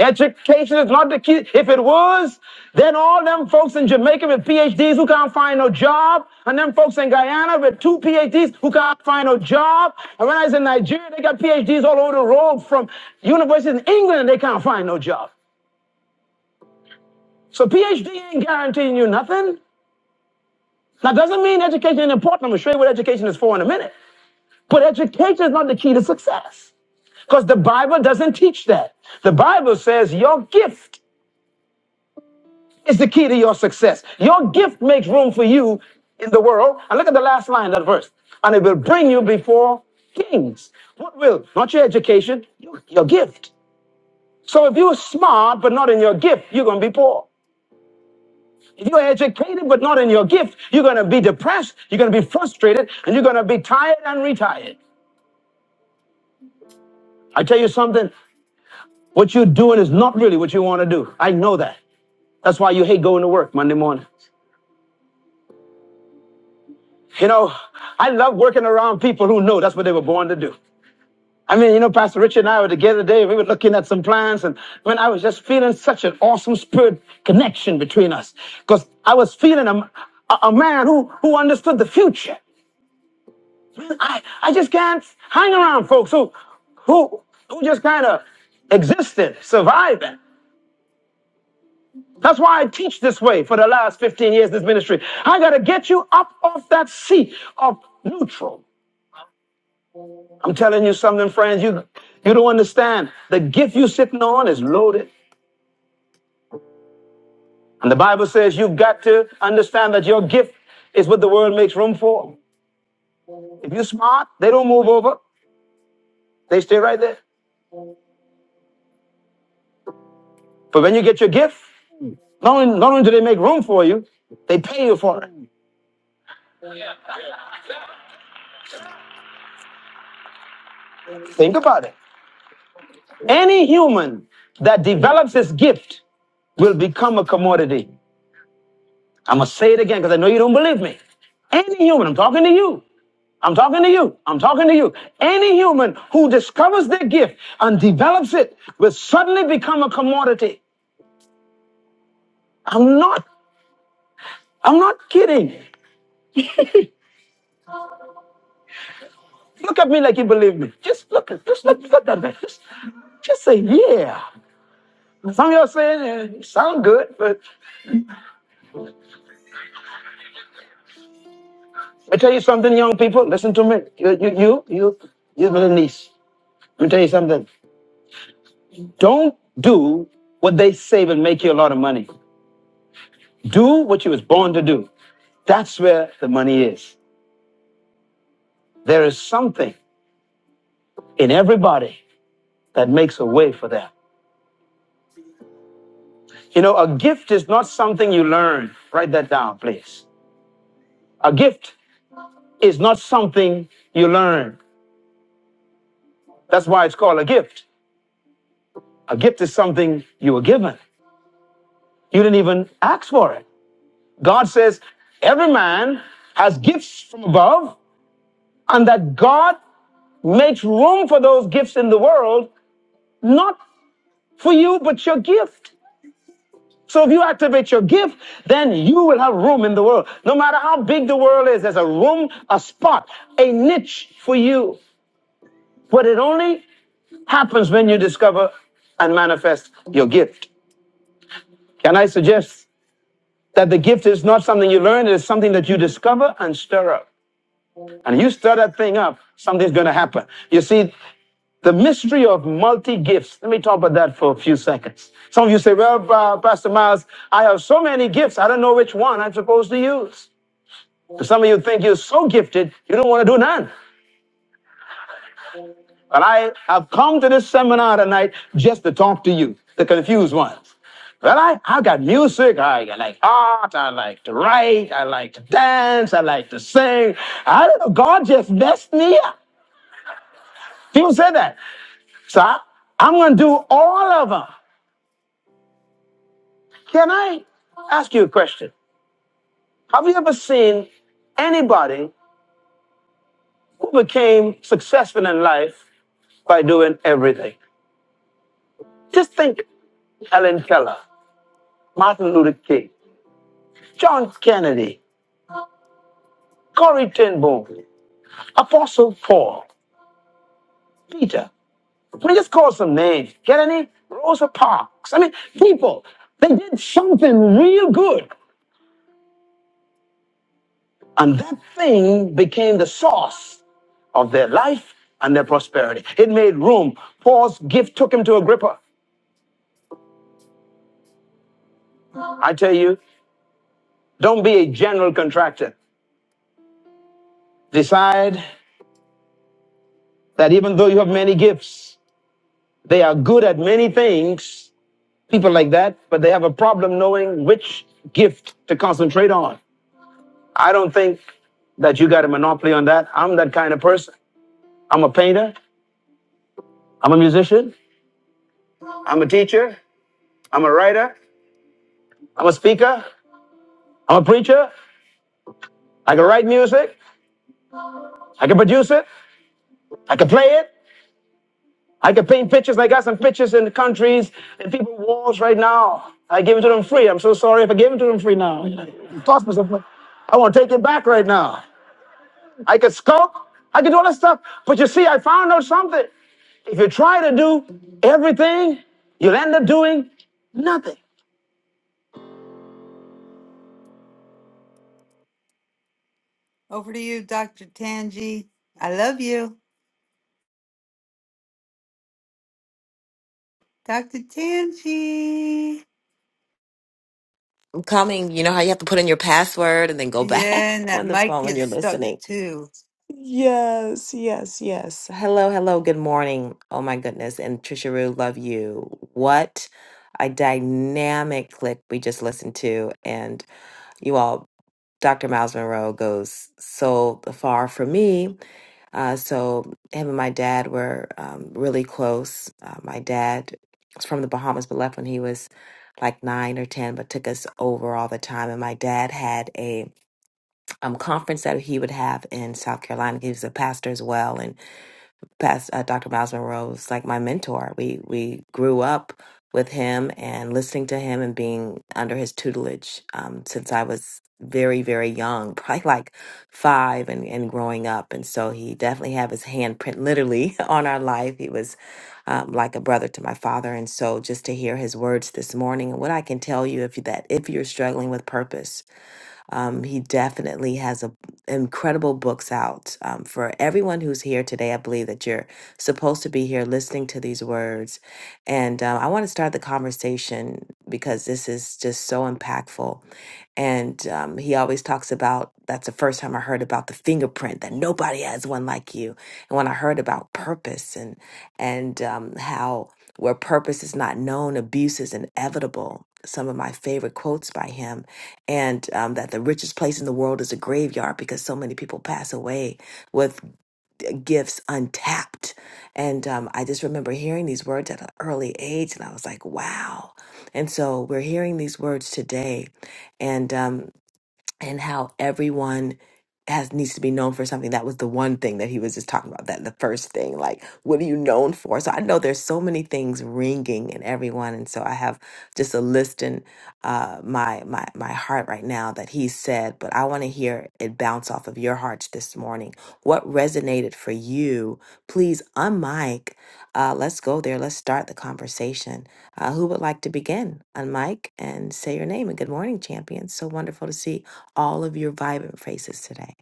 S3: Education is not the key. If it was, then all them folks in Jamaica with PhDs who can't find no job, and them folks in Guyana with two PhDs who can't find no job. And when I was in Nigeria, they got PhDs all over the world from universities in England, and they can't find no job. So PhD ain't guaranteeing you nothing. That doesn't mean education ain't important. I'm gonna show you what education is for in a minute. But education is not the key to success. Because the Bible doesn't teach that. The Bible says your gift is the key to your success. Your gift makes room for you in the world. And look at the last line of that verse. And it will bring you before kings. What will? Not your education, your, your gift. So if you're smart but not in your gift, you're going to be poor. If you're educated but not in your gift, you're going to be depressed, you're going to be frustrated, and you're going to be tired and retired. I tell you something, what you're doing is not really what you want to do. I know that. That's why you hate going to work Monday morning. You know, I love working around people who know that's what they were born to do. I mean, you know, Pastor Richard and I were together today. We were looking at some plans, and when I was just feeling such an awesome spirit connection between us, because I was feeling a, a, a man who who understood the future. I, I just can't hang around folks who who who just kind of existed, surviving. That's why I teach this way for the last 15 years, in this ministry. I gotta get you up off that seat of neutral. I'm telling you something, friends. You you don't understand. The gift you're sitting on is loaded. And the Bible says you've got to understand that your gift is what the world makes room for. If you're smart, they don't move over. They stay right there. But when you get your gift, not only, not only do they make room for you, they pay you for it. Think about it. Any human that develops his gift will become a commodity. I'm going to say it again because I know you don't believe me. Any human, I'm talking to you. I'm talking to you. I'm talking to you. Any human who discovers their gift and develops it will suddenly become a commodity. I'm not, I'm not kidding. Look at me like you believe me. Just look, just look, look at me. Just, just say, yeah. Some of y'all saying, eh, sound good, but I tell you something, young people, listen to me. You, you, you, you, you little niece. Let me tell you something. Don't do what they say will make you a lot of money. Do what you was born to do. That's where the money is. There is something in everybody that makes a way for them. You know, a gift is not something you learn. Write that down, please. A gift is not something you learn. That's why it's called a gift. A gift is something you were given. You didn't even ask for it. God says every man has gifts from above, and that God makes room for those gifts in the world, not for you, but your gift. So if you activate your gift, then you will have room in the world. No matter how big the world is, there's a room, a spot, a niche for you. But it only happens when you discover and manifest your gift. Can I suggest that the gift is not something you learn, it is something that you discover and stir up. And you stir that thing up, something's going to happen. You see, the mystery of multi gifts. Let me talk about that for a few seconds. Some of you say, Well, uh, Pastor Miles, I have so many gifts, I don't know which one I'm supposed to use. Some of you think you're so gifted, you don't want to do none. But I have come to this seminar tonight just to talk to you, the confused ones. Well, I, I got music, I like art, I like to write, I like to dance, I like to sing. I don't know, God just blessed me up. People say that. So I, I'm going to do all of them. Can I ask you a question? Have you ever seen anybody who became successful in life by doing everything? Just think Helen Keller. Martin Luther King, John Kennedy, Corrie Ten Boom, Apostle Paul, Peter. I mean, just call some names. Get any? Rosa Parks. I mean, people, they did something real good. And that thing became the source of their life and their prosperity. It made room. Paul's gift took him to Agrippa. I tell you, don't be a general contractor. Decide that even though you have many gifts, they are good at many things people like that, but they have a problem knowing which gift to concentrate on. I don't think that you got a monopoly on that. I'm that kind of person. I'm a painter. I'm a musician. I'm a teacher. I'm a writer. I'm a speaker. I'm a preacher. I can write music. I can produce it. I can play it. I can paint pictures. I got some pictures in the countries and people walls right now. I give it to them free. I'm so sorry if I gave it to them free now. It's possible. I want to take it back right now. I could skulk. I could do all that stuff. But you see, I found out something. If you try to do everything, you'll end up doing nothing. Over to you, Dr. Tangi. I love you, Dr. Tangi.
S9: coming, you know how you have to put in your password and then go back
S3: Yeah, and that
S9: on the
S3: mic
S9: phone when
S3: gets
S9: you're
S3: stuck
S9: listening.
S3: too.
S9: Yes, yes, yes. Hello, hello, good morning. Oh my goodness. And Trisha Rue, love you. What a dynamic clip we just listened to. And you all Dr. Miles Monroe goes so far for me. Uh, so him and my dad were um, really close. Uh, my dad was from the Bahamas, but left when he was like nine or ten, but took us over all the time. And my dad had a um, conference that he would have in South Carolina. He was a pastor as well, and past uh, Dr. Miles Monroe was like my mentor. We we grew up with him and listening to him and being under his tutelage um, since I was very very young, probably like five and and growing up. And so he definitely had his handprint literally on our life. He was um, like a brother to my father. And so just to hear his words this morning and what I can tell you if you that if you're struggling with purpose um, he definitely has a, incredible books out. Um, for everyone who's here today, I believe that you're supposed to be here listening to these words. And um, I want to start the conversation because this is just so impactful. And um, he always talks about that's the first time I heard about the fingerprint that nobody has one like you. And when I heard about purpose and and um, how where purpose is not known, abuse is inevitable. Some of my favorite quotes by him, and um, that the richest place in the world is a graveyard because so many people pass away with gifts untapped. And um, I just remember hearing these words at an early age, and I was like, wow. And so we're hearing these words today, and um, and how everyone has needs to be known for something. That was the one thing that he was just talking about. That the first thing, like, what are you known for? So I know there's so many things ringing in everyone, and so I have just a list in uh, my my my heart right now that he said. But I want to hear it bounce off of your hearts this morning. What resonated for you? Please unmic. Uh, let's go there. Let's start the conversation. Uh, who would like to begin? Unmic and say your name and good morning, champions. So wonderful to see all of your vibrant faces today.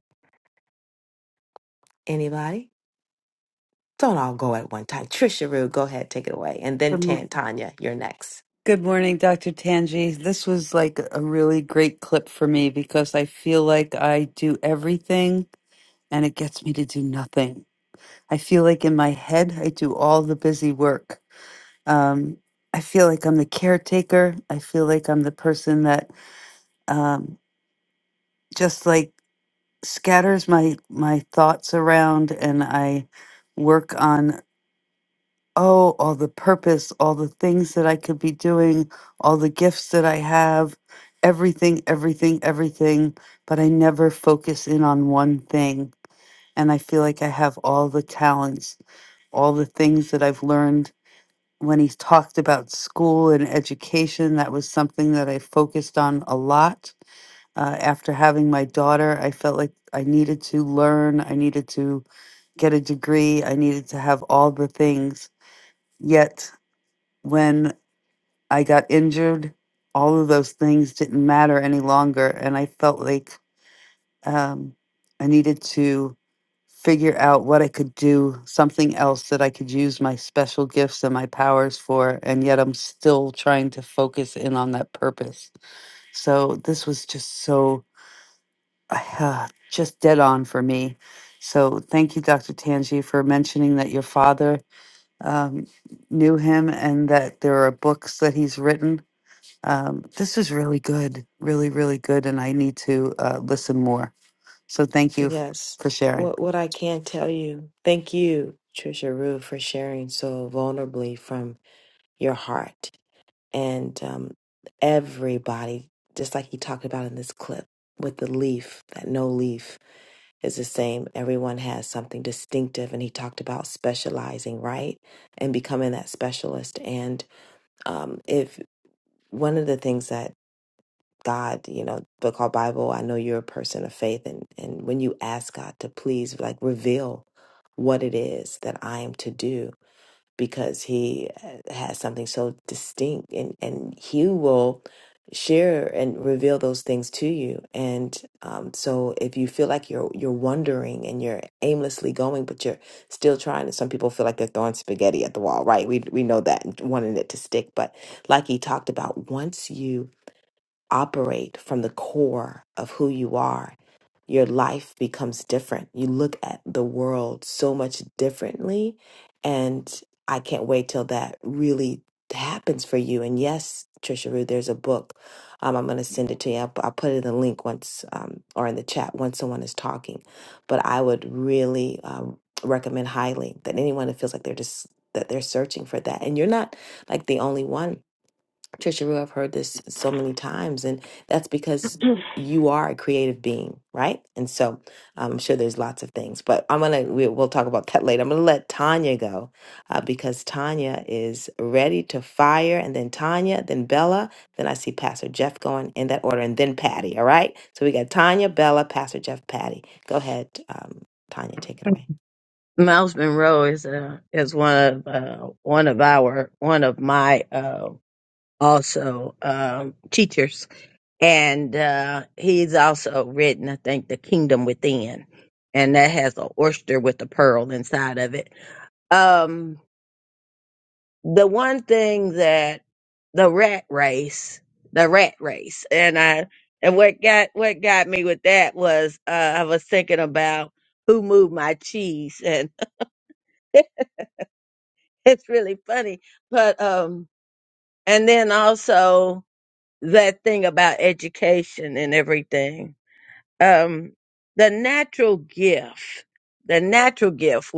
S9: Anybody? Don't all go at one time. Trisha Rue, go ahead, take it away. And then
S3: Good, mo-
S9: Tan Tanya, you're next.
S3: good morning, Dr. Tangi. This was like a really great clip for me because I feel like I do everything and it gets me to do nothing. I feel like in my head, I do all the busy work. Um, I feel like I'm the caretaker. I feel like I'm the person that um, just like scatters my my thoughts around, and I work on oh all the purpose, all the things that I could be doing, all the gifts that I have, everything, everything, everything. But I never focus in on one thing, and I feel like I have all the talents, all the things that I've learned when he talked about school and education, that was something that I focused on a lot. Uh, after having my daughter, I felt like I needed to learn, I needed to get a degree, I needed to have all the things. Yet, when I got injured, all of those things didn't matter any longer. And I felt like um, I needed to figure out what I could do, something else that I could use my special gifts and my powers for. And yet I'm still trying to focus in on that purpose. So this was just so uh, just dead on for me. So thank you, Dr. Tanji, for mentioning that your father um, knew him and that there are books that he's written. Um, this is really good, really, really good. And I need to uh, listen more. So thank you f-
S9: Yes.
S3: for sharing.
S9: What what I can tell you. Thank you, Trisha Rue, for sharing so vulnerably from your heart. And um, everybody, just like he talked about in this clip with the leaf, that no leaf is the same. Everyone has something distinctive, and he talked about specializing, right, and becoming that specialist. And um, if one of the things that God, you know, book called Bible, I know you're a person of faith and and when you ask God to please like reveal what it is that I am to do because he uh, has something so distinct and and he will share and reveal those things to you and um so if you feel like you're you're wondering and you're aimlessly going but you're still trying and some people feel like they're throwing spaghetti at the wall right we we know that and wanting it to stick but like he talked about once you operate from the core of who you are, your life becomes different. You look at the world so much differently. And I can't wait till that really happens for you. And yes, Trisha Rue, there's a book. Um, I'm going to send it to you. I'll, I'll put it in the link once um, or in the chat once someone is talking. But I would really um, recommend highly that anyone that feels like they're just that they're searching for that. And you're not like the only one Trisha, I've heard this so many times, and that's because you are a creative being, right? And so um, I'm sure there's lots of things, but I'm gonna we, we'll talk about that later. I'm gonna let Tanya go uh, because Tanya is ready to fire, and then Tanya, then Bella, then I see Pastor Jeff going in that order, and then Patty. All right, so we got Tanya, Bella, Pastor Jeff, Patty. Go ahead, um, Tanya, take it
S4: you.
S9: away.
S4: Miles Monroe is uh, is one of uh, one of our one of my uh, also um, teachers, and uh, he's also written I think the Kingdom Within, and that has an oyster with a pearl inside of it. Um, the one thing that the rat race, the rat race, and I and what got what got me with that was uh, I was thinking about who moved my cheese, and it's really funny. But um, and then also that thing about education and everything. Um, the natural gift, the natural gift.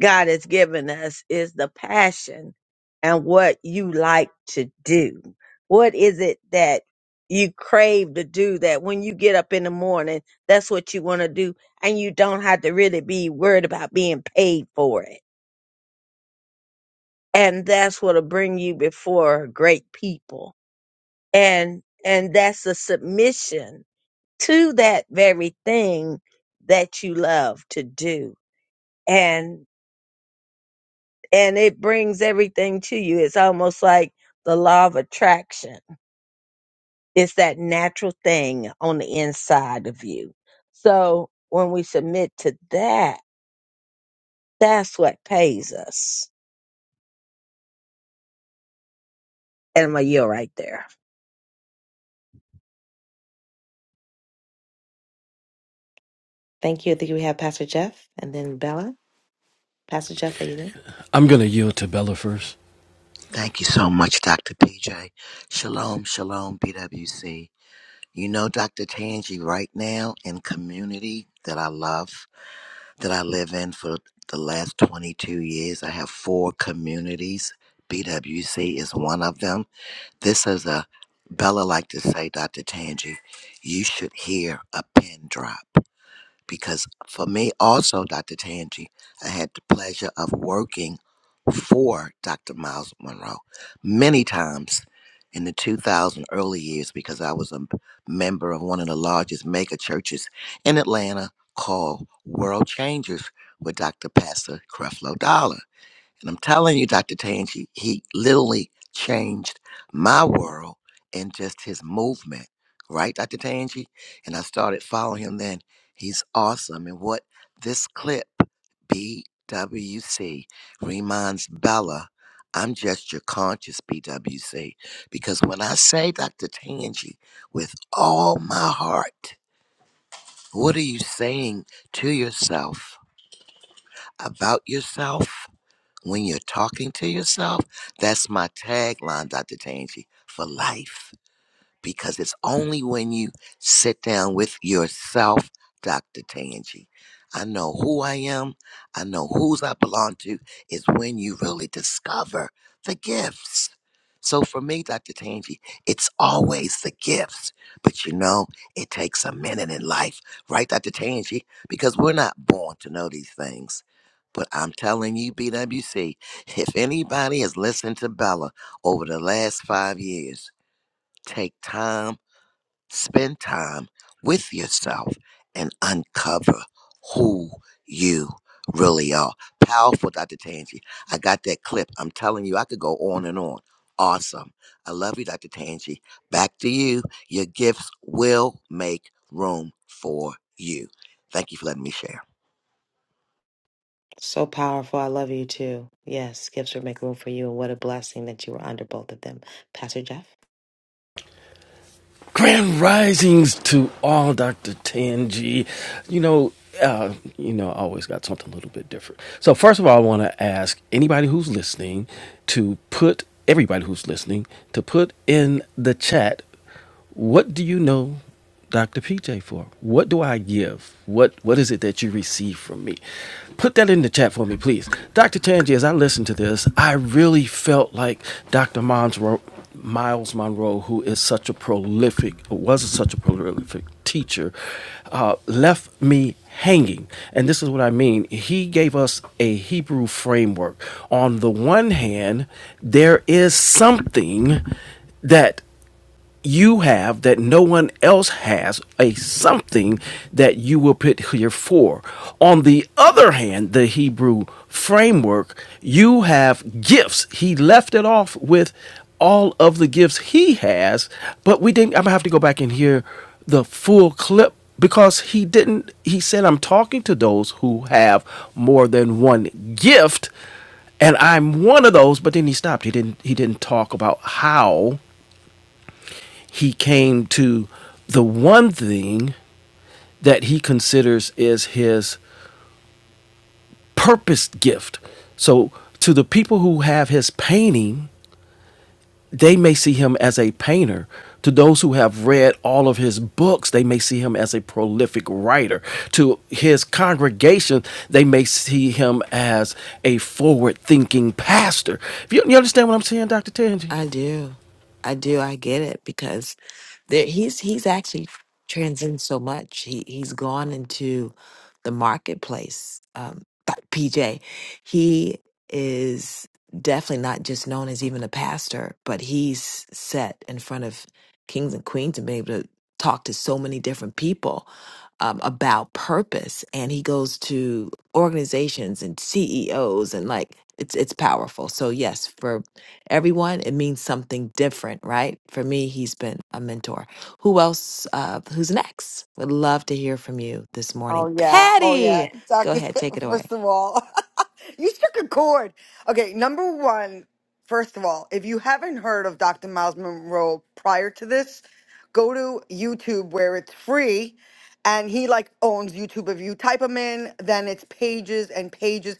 S4: God has given us is the passion and what you like to do. What is it that you crave to do that when you get up in the morning, that's what you want to do, and you don't have to really be worried about being paid for it. And that's what'll bring you before great people. And and that's a submission to that very thing that you love to do. And and it brings everything to you. It's almost like the law of attraction. It's that natural thing on the inside of you. So when we submit to that, that's what pays us. And my yield right there.
S9: Thank you. I think we have Pastor Jeff, and then Bella. Pastor Jeff, are you there?
S10: I'm going to yield to Bella first.
S11: Thank you so much, Dr. PJ. Shalom, shalom, BWC. You know, Dr. Tangi, right now in community that I love, that I live in for the last 22 years, I have four communities. BWC is one of them. This is a, Bella like to say, Dr. Tangi, you should hear a pin drop because for me also, Dr. Tangi, I had the pleasure of working for Dr. Miles Monroe many times in the 2000 early years because I was a member of one of the largest mega churches in Atlanta called World Changers with Dr. Pastor Creflo Dollar. And I'm telling you, Dr. Tange, he, he literally changed my world and just his movement, right, Dr. Tange? And I started following him then. He's awesome. And what this clip, BWC, reminds Bella, I'm just your conscious BWC. Because when I say, Dr. Tange, with all my heart, what are you saying to yourself about yourself? When you're talking to yourself, that's my tagline, Dr. Tangi, for life because it's only when you sit down with yourself, Dr. Tangi. I know who I am, I know whose I belong to, is when you really discover the gifts. So for me, Dr. Tangi, it's always the gifts. But you know, it takes a minute in life, right, Dr. Tangi? Because we're not born to know these things. But I'm telling you, BWC, if anybody has listened to Bella over the last five years, take time Spend time with yourself and uncover who you really are. Powerful, Dr. Tangi. I got that clip. I'm telling you, I could go on and on. Awesome. I love you, Dr. Tangi. Back to you. Your gifts will make room for you. Thank you for letting me share.
S9: So powerful. I love you too. Yes, gifts will make room for you. And what a blessing that you were under both of them. Pastor Jeff?
S10: Grand risings to all, Dr. Tanji. You know, uh, you know, I always got something a little bit different. So first of all, I want to ask anybody who's listening to put everybody who's listening to put in the chat what do you know Dr. PJ for? What do I give? What What is it that you receive from me? Put that in the chat for me, please. Dr. Tanji, as I listened to this, I really felt like Dr. Monroe, Miles Monroe, who is such a prolific, was such a prolific teacher, uh, left me hanging. And this is what I mean. He gave us a Hebrew framework. On the one hand, there is something that you have that no one else has a something that you will put here for. On the other hand, the Hebrew framework, you have gifts. He left it off with all of the gifts he has, but we didn't. I'm gonna have to go back and hear the full clip because he didn't. He said, I'm talking to those who have more than one gift and I'm one of those. But then he stopped. He didn't. He didn't talk about how he came to the one thing that he considers is his purpose gift. So, to the people who have his painting, they may see him as a painter. To those who have read all of his books, they may see him as a prolific writer. To his congregation, they may see him as a forward thinking pastor. You, you understand what I'm saying, Dr. Tangi?
S9: I do. I do. I get it because there he's he's actually transcends so much. He he's gone into the marketplace. Um but PJ, he is definitely not just known as even a pastor, but he's set in front of kings and queens and been able to talk to so many different people um, about purpose and he goes to organizations and CEOs and like it's it's powerful. So yes, for everyone it means something different, right? For me, he's been a mentor. Who else uh who's next? Would love to hear from you this
S7: Oh
S9: morning.
S7: yeah, oh yeah,
S9: Patty,
S7: Yeah.
S9: go
S7: Doctor.
S9: ahead, take it away.
S7: First of all, you struck a chord. Okay, number one, first of all, if you haven't heard of Doctor Miles Monroe prior to this, go to YouTube where it's free, and he like owns YouTube. If you type him in, then it's pages and pages.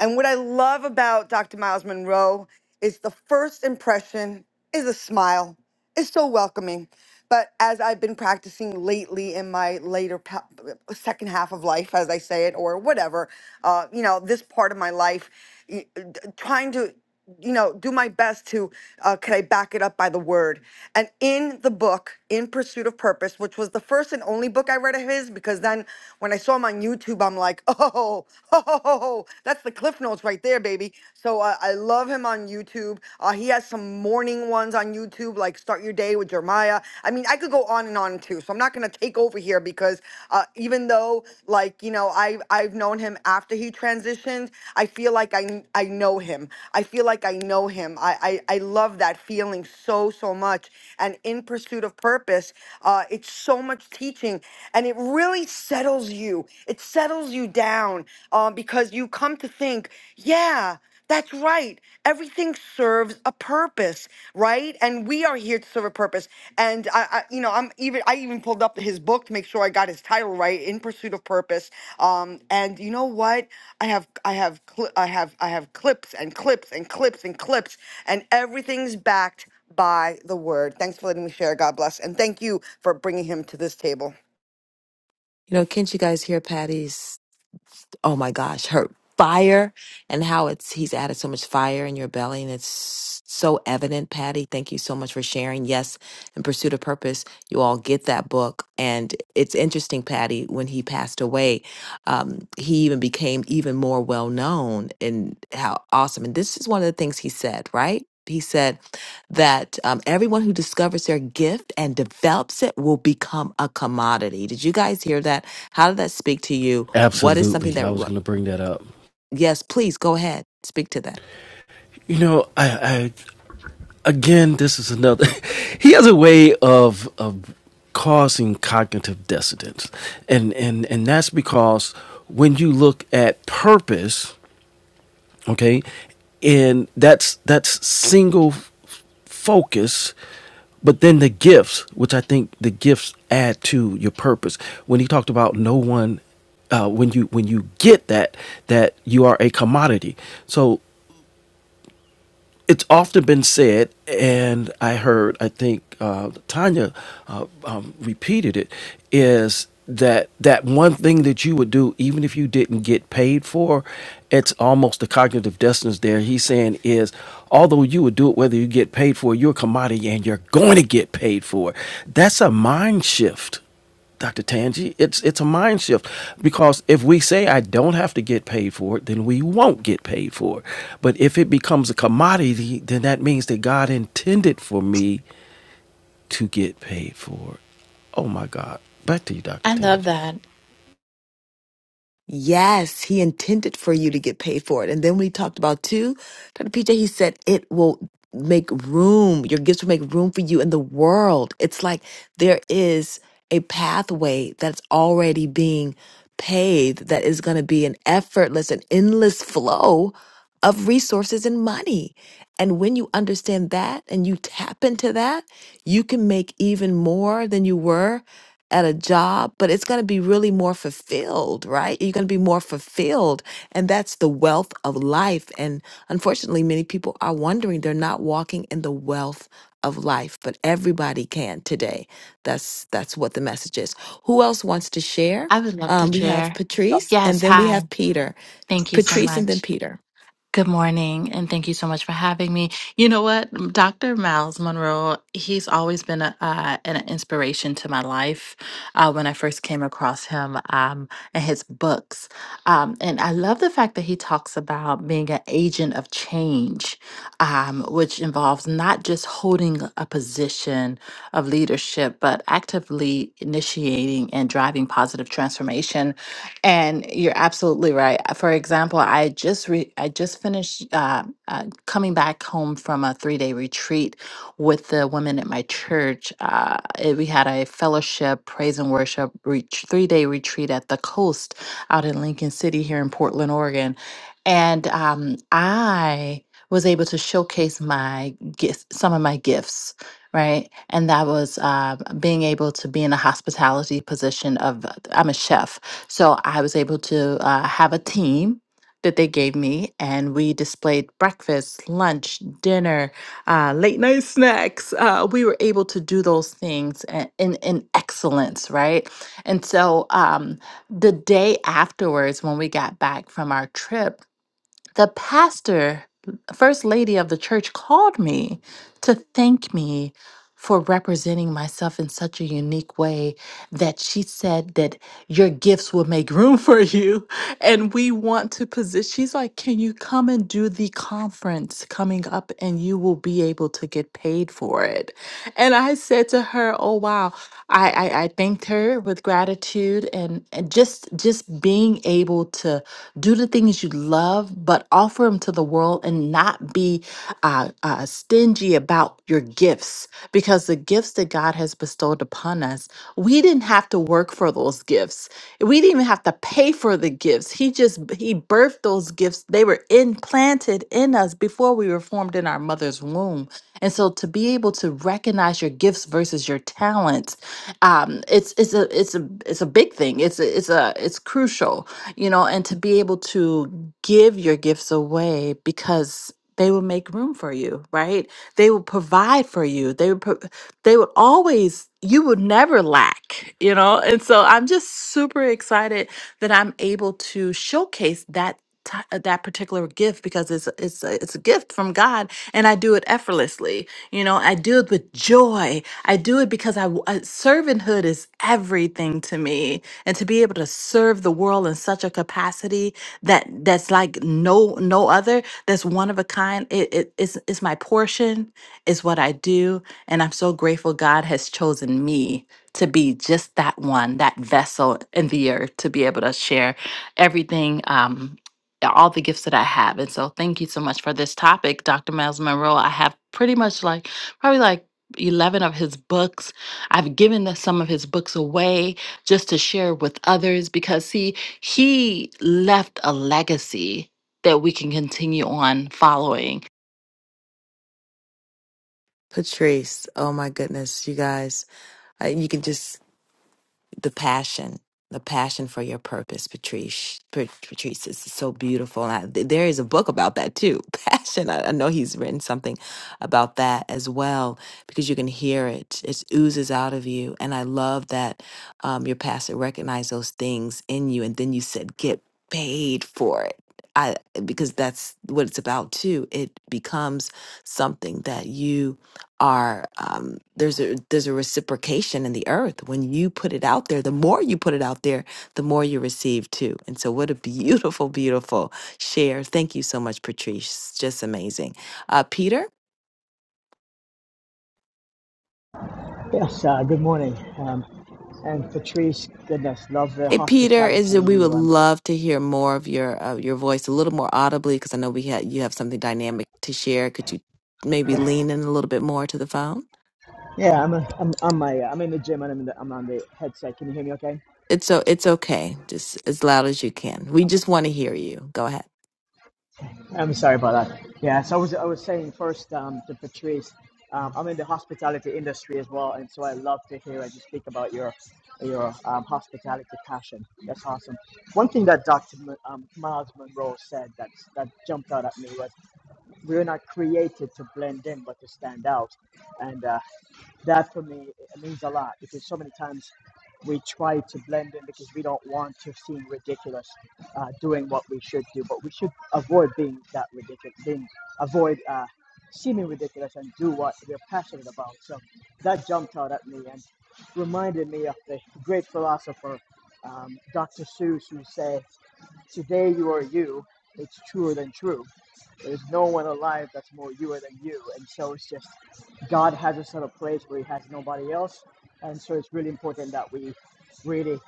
S7: And what I love about Doctor Miles Monroe is the first impression is a smile. It's so welcoming. But as I've been practicing lately in my later pa- second half of life, as I say it, or whatever, uh, you know, this part of my life, y- d- trying to you know, do my best to, uh, can I back it up by the word? And in the book, In Pursuit of Purpose, which was the first and only book I read of his, because then when I saw him on YouTube, I'm like, oh, oh, that's the Cliff Notes right there, baby. So uh, I love him on YouTube. Uh, he has some morning ones on YouTube, like Start Your Day with Jeremiah. I mean, I could could go on and on too. So I'm not gonna take over here because uh, even though like you know I I've known him after he transitioned, I feel like I kn- I know him. I feel like I know him. I I, I love that feeling so so much. And in pursuit of purpose, uh, it's so much teaching, and it really settles you. It settles you down um, because you come to think, yeah. That's right. Everything serves a purpose, right? And we are here to serve a purpose. And I, I you know, I'm even I even pulled up his book to make sure I got his title right, In Pursuit of Purpose. Um, and you know what? I have I have cli I have I have clips and clips and clips and clips, and everything's backed by the word. Thanks for letting me share. God bless, and thank you for bringing him to this table.
S9: You know, can't you guys hear Patty's oh my gosh, her fire and how it's he's added so much fire in your belly and it's so evident, Patty. Thank you so much for sharing. Yes, in Pursuit of Purpose, you all get that book. And it's interesting, Patty, when he passed away, um, he even became even more well known and how awesome. And this is one of the things he said, right? He said that um, everyone who discovers their gift and develops it will become a commodity. Did you guys hear that? How did that speak to you? What is
S10: Absolutely.
S9: something that,
S10: I was
S9: ru-
S10: going to bring that up.
S9: yes, please go ahead, speak to that.
S10: You know, I, again, this is another. he has a way of of causing cognitive dissonance, and and and that's because when you look at purpose, okay, and that's that's single f- focus. But then the gifts, which I think the gifts add to your purpose. When he talked about no one, uh, when you when you get that that you are a commodity. So it's often been said, and I heard, I think uh, Tanya uh, um, repeated it, is that that one thing that you would do, even if you didn't get paid for, it's almost the cognitive dissonance there. He's saying is, although you would do it whether you get paid for it, you're a commodity and you're going to get paid for it. That's a mind shift. Dr. Tangi, it's it's a mind shift because if we say I don't have to get paid for it, then we won't get paid for it. But if it becomes a commodity, then that means that God intended for me to get paid for it. Oh my God. Back to you, Dr.
S12: I love
S10: Tangi.
S12: that.
S9: Yes, he intended for you to get paid for it. And then we talked about too, Dr. PJ, he said it will make room, your gifts will make room for you in the world. It's like there is a pathway that's already being paved that is going to be an effortless and endless flow of resources and money. And when you understand that and you tap into that, you can make even more than you were at a job, but it's going to be really more fulfilled, right? You're going to be more fulfilled. And that's the wealth of life. And unfortunately, many people are wondering they're not walking in the wealth of life, but everybody can today. That's that's what the message is. Who else wants to share?
S12: I would love to
S9: Um, we have
S12: share.
S9: Patrice and
S12: Yes,
S9: then we
S12: hi.
S9: have Peter.
S12: Thank you so
S9: Patrice and
S12: much.
S9: then Peter.
S12: Good morning, and thank you so much for having me. You know what, Dr. Miles Monroe, he's always been a, uh, an inspiration to my life. Uh, when I first came across him um, and his books, um, and I love the fact that he talks about being an agent of change, um, which involves not just holding a position of leadership, but actively initiating and driving positive transformation and you're absolutely right. For example, I just re- I just finished uh, uh, coming back home from a three day retreat with the women at my church. Uh, it- we had a fellowship, praise and worship reach three day retreat at the coast out in Lincoln City here in Portland, Oregon, and um, I was able to showcase my gifts, some of my gifts. Right. And that was uh, being able to be in a hospitality position of, I'm a chef so I was able to uh, have a team that they gave me, and we displayed breakfast, lunch, dinner, uh, late night snacks. Uh, we were able to do those things a- in, in excellence, right? And so um, the day afterwards, when we got back from our trip, the pastor, first lady of the church, called me to thank me for representing myself in such a unique way that she said that your gifts will make room for you. And we want to position. She's like, Can you come and do the conference coming up and you will be able to get paid for it? And I said to her, Oh, wow. I, I, I thanked her with gratitude and, and just just being able to do the things you love, but offer them to the world and not be uh, uh, stingy stingy about your gifts because the gifts that God has bestowed upon us, we didn't have to work for those gifts. We didn't even have to pay for the gifts. He just he birthed those gifts. They were implanted in us before we were formed in our mother's womb. And so to be able to recognize your gifts versus your talents, um, it's it's a it's a it's a big thing. It's a, it's a it's crucial, you know, and to be able to give your gifts away because they will make room for you, right? They would provide for you. They would, pro- they would always, you would never lack, you know? And so I'm just super excited that I'm able to showcase that ti- uh, that particular gift because it's it's a, it's a gift from God and I do it effortlessly. You know, I do it with joy. I do it because I w- uh, servanthood is everything to me and to be able to serve the world in such a capacity that that's like no no other that's one of a kind. It, it, it's, it's my portion, it's what I do. And I'm so grateful God has chosen me to be just that one, that vessel in the earth to be able to share everything, um, all the gifts that I have. And so thank you so much for this topic, Dr. Miles Monroe. I have pretty much like, probably like, 11 of his books. I've given the- some of his books away just to share with others because, see, he left a legacy that we can continue on following.
S9: Patrice. Oh my goodness, you guys. Uh, you can just the passion the passion for your purpose patrice Pat- patrice is so beautiful and I, th- there is a book about that too passion I, I know he's written something about that as well because you can hear it it oozes out of you and i love that um, your pastor recognized those things in you and then you said get paid for it I, because that's what it's about too. It becomes something that you are um, there's a there's a reciprocation in the earth when you put it out there the more you put it out there the more you receive too and so what a beautiful beautiful share thank you so much patrice just amazing uh, peter
S13: Yes, uh, good morning. Um, and Patrice, goodness, love the
S9: hey peter is
S13: hospitality in
S9: we
S13: you.
S9: would
S13: Um,
S9: love to hear more of your uh, your voice a little more audibly because i know we had you have something dynamic to share could you maybe
S13: yeah,
S9: lean in a little bit more to the phone
S13: yeah, I'm, a, I'm, I'm, my, uh, I'm in the gym and I'm, in the, I'm on the headset. Can you hear me okay?
S9: it's so it's okay just as loud as you can we just want to hear you go ahead
S13: I'm sorry about that. Yeah, so I was, I was saying first um, to Patrice, um, I'm in the hospitality industry as well, and so I love to hear as you speak about your your um, hospitality passion. That's awesome. One thing that Dr. M- um, Miles Monroe said that that jumped out at me was, "We're not created to blend in, but to stand out." And uh, that for me it means a lot because so many times we try to blend in because we don't want to seem ridiculous uh, doing what we should do but we should avoid being that ridiculous being avoid uh, seeming ridiculous and do what we're passionate about so that jumped out at me and reminded me of the great philosopher um, dr seuss who said Today you are you. It's truer than true. There's no one alive that's more you than you. And so it's just God has us at a place where He has nobody else. And so it's really important that we really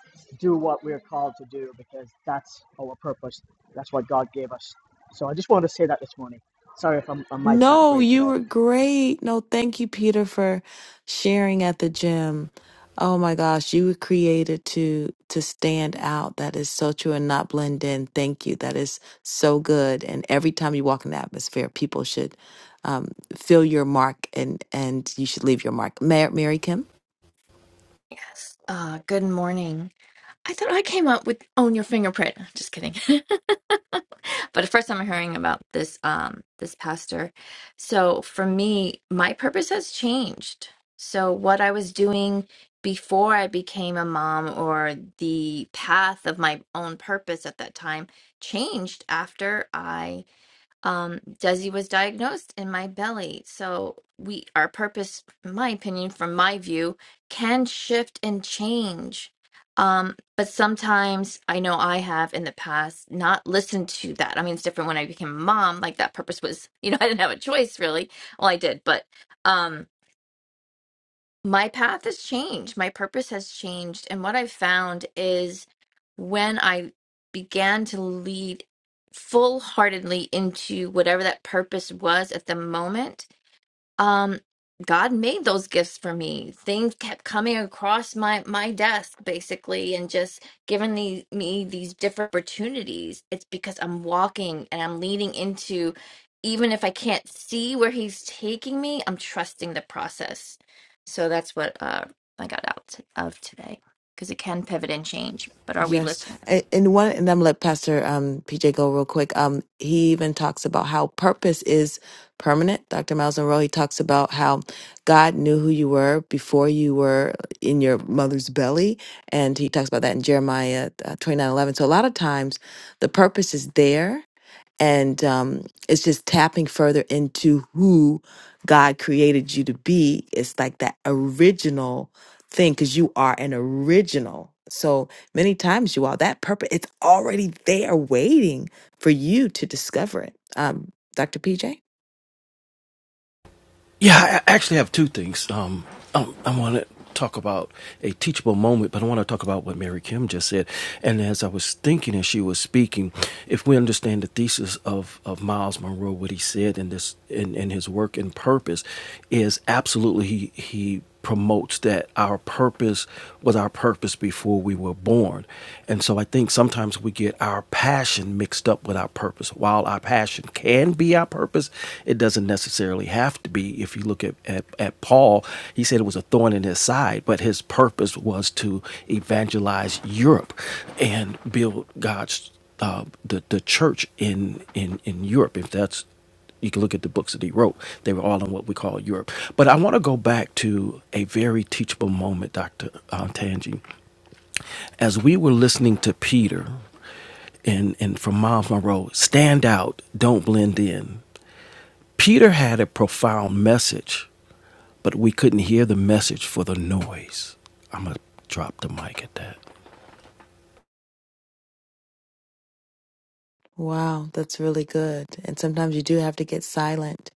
S13: do what we're called to do because that's our purpose. That's what God gave us. So I just wanted to say that this morning. Sorry if I'm, my mic's not
S9: No,
S13: great
S9: you
S13: today.
S9: were great. No, thank you, Peter, for sharing at the gym. Oh my gosh, you were created to to stand out. That is so true and not blend in. Thank you. That is so good. And every time you walk in the atmosphere, people should um, feel your mark and and you should leave your mark. Mary, Mary Kim.
S14: Yes. Uh, good morning. I thought I came up with own your fingerprint. Just kidding. But first I'm hearing about this um this pastor. So for me, my purpose has changed. So what I was doing before I became a mom or the path of my own purpose at that time changed after I um, Desi was diagnosed in my belly. So we, our purpose, in my opinion, from my view, can shift and change. Um, but sometimes I know I have in the past not listened to that. I mean, it's different when I became a mom. Like that purpose was, you know, I didn't have a choice really. Well, I did, but um, my path has changed. My purpose has changed. And what I've found is when I began to lead full heartedly into whatever that purpose was at the moment, um god made those gifts for me things kept coming across my my desk basically and just giving the, me these different opportunities it's because i'm walking and i'm leaning into even if i can't see where he's taking me i'm trusting the process so that's what uh i got out of today because it can pivot and change but are we
S9: Yes.
S14: listening
S9: And, and one, and I'm gonna let Pastor um, PJ go real quick. Um, he even talks about how purpose is permanent. Dr. Miles Monroe, he talks about how God knew who you were before you were in your mother's belly. And he talks about that in Jeremiah uh, 29 eleven. So a lot of times the purpose is there and um, it's just tapping further into who God created you to be. It's like that original thing because you are an original. So many times you are that purpose. It's already there, waiting for you to discover it. Um, Dr. PJ.
S10: Yeah, I actually have two things. Um, um, I want to talk about a teachable moment, but I want to talk about what Mary Kim just said. And as I was thinking as she was speaking, if we understand the thesis of, of Miles Monroe, what he said in this in, in his work and purpose is absolutely he he promotes that our purpose was our purpose before we were born. And so I think sometimes we get our passion mixed up with our purpose. While our passion can be our purpose, it doesn't necessarily have to be. If you look at, at, at Paul, he said it was a thorn in his side, but his purpose was to evangelize Europe and build God's uh, the the church in in in Europe, if that's you can look at the books that he wrote. They were all in what we call Europe. But I want to go back to a very teachable moment, Dr. Uh, Tangi. As we were listening to Peter and, and from Miles Monroe, stand out, don't blend in. Peter had a profound message, but we couldn't hear the message for the noise. I'm going to drop the mic at that.
S9: Wow, that's really good. And sometimes you do have to get silent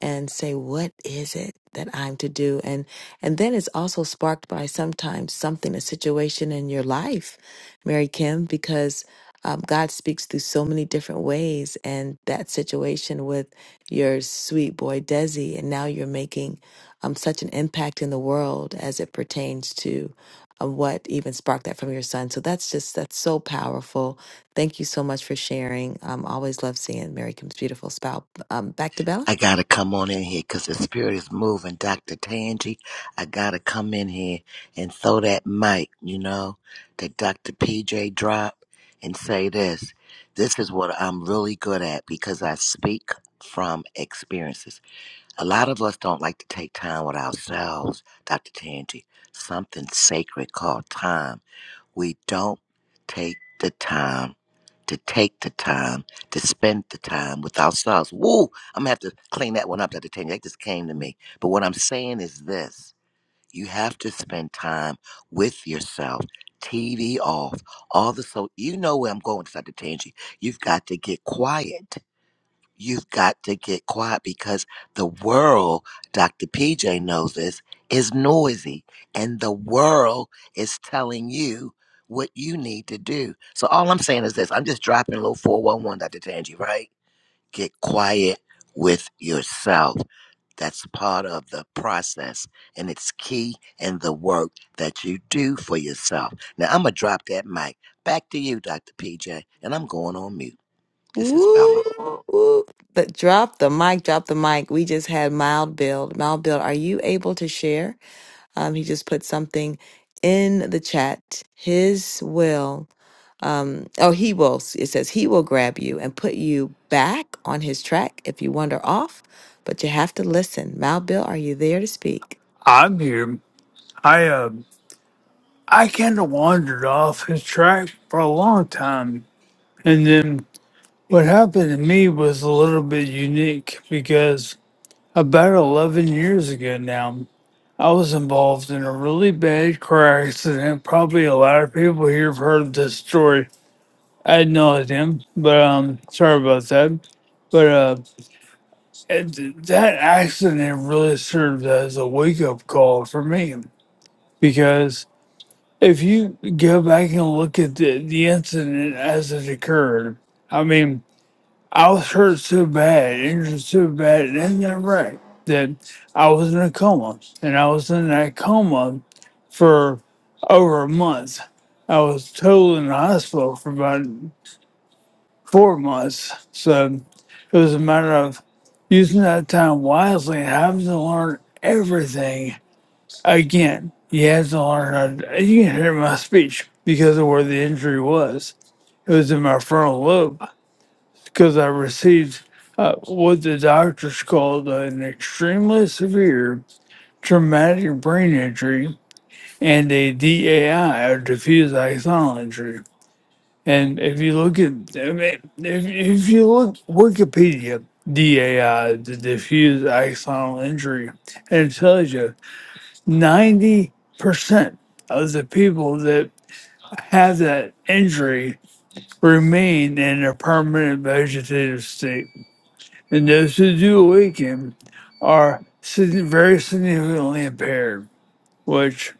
S9: and say what is it that i'm to do and and then it's also sparked by sometimes something a situation in your life mary kim because um, god speaks through so many different ways and that situation with your sweet boy desi and now you're making um, such an impact in the world as it pertains to uh, what even sparked that from your son so that's just that's so powerful thank you so much for sharing um, always love seeing mary kim's beautiful spout um, back to bella
S11: I gotta come on in here because the spirit is moving. Dr. Tangi, I gotta come in here and throw that mic, you know, that Dr. PJ drop and say this. This is what I'm really good at because I speak from experiences. A lot of us don't like to take time with ourselves, Dr. Tangi. Something sacred called time we don't take the time to take the time to spend the time with ourselves. Woo! I'm gonna have to clean that one up, Dr. Tanya. That just came to me. But what I'm saying is this you have to spend time with yourself. TV off, all the so you know where I'm going, Dr. Tangi. You've got to get quiet. You've got to get quiet because the world, Dr. PJ knows this, is noisy and the world is telling you what you need to do. So all I'm saying is this I'm just dropping a little 411, Dr. Tangi, right? Get quiet with yourself. That's part of the process and it's key in the work that you do for yourself. Now I'm going to drop that mic. Back to you, Dr. PJ, and I'm going on mute. This is Bella.
S9: Woo, woo, woo. The, drop the mic, drop the mic. We just had Mild Build. Mild Build, are you able to share? Um, he just put something in the chat. His will, um, oh, he will, it says, he will grab you and put you back on his track if you wander off, but you have to listen. Mild Bill, are you there to speak?
S15: I'm here. I uh, I kind of wandered off his track for a long time, and then what happened to me was a little bit unique because about eleven years ago now, I was involved in a really bad car accident. Probably a lot of people here have heard this story. I had no idea, but um, sorry about that. But uh, it, that accident really served as a wake up call for me because if you go back and look at the, the incident as it occurred, I mean, I was hurt so bad, injured so bad in that wreck that I was in a coma. And I was in that coma for over a month. I was total in the hospital for about four months. So it was a matter of using that time wisely and having to learn everything Again, he has to learn. How to, you can hear my speech because of where the injury was. It was in my frontal lobe because I received uh, what the doctors called an extremely severe traumatic brain injury and a DAI, or diffuse axonal injury. And if you look at, I mean, if, if you look Wikipedia, DAI, the diffuse axonal injury, and it tells you 90% of the people that have that injury remain in a permanent vegetative state. And those who do awaken are sig- very significantly impaired, which,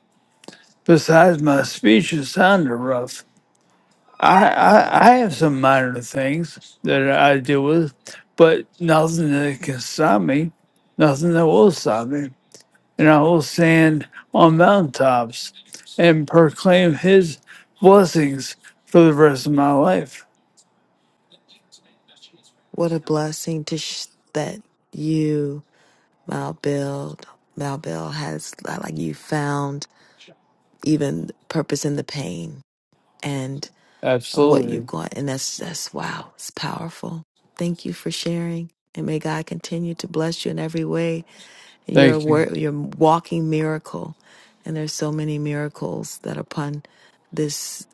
S15: besides my speech is sounding rough, I, I, I have some minor things that I deal with, but nothing that can stop me, nothing that will stop me. and I will stand on mountaintops and proclaim his blessings for the rest of my life.
S9: What a blessing to sh- that you, Mild Bill. Mild Bill has, like, you found. even purpose in the pain and of what you've
S15: Absolutely.
S9: got. And that's that's wow, it's powerful. Thank you for sharing. And may God continue to bless you in every way. You're a
S15: Thank you.
S9: wor- you're a walking miracle. And there's so many miracles that are upon this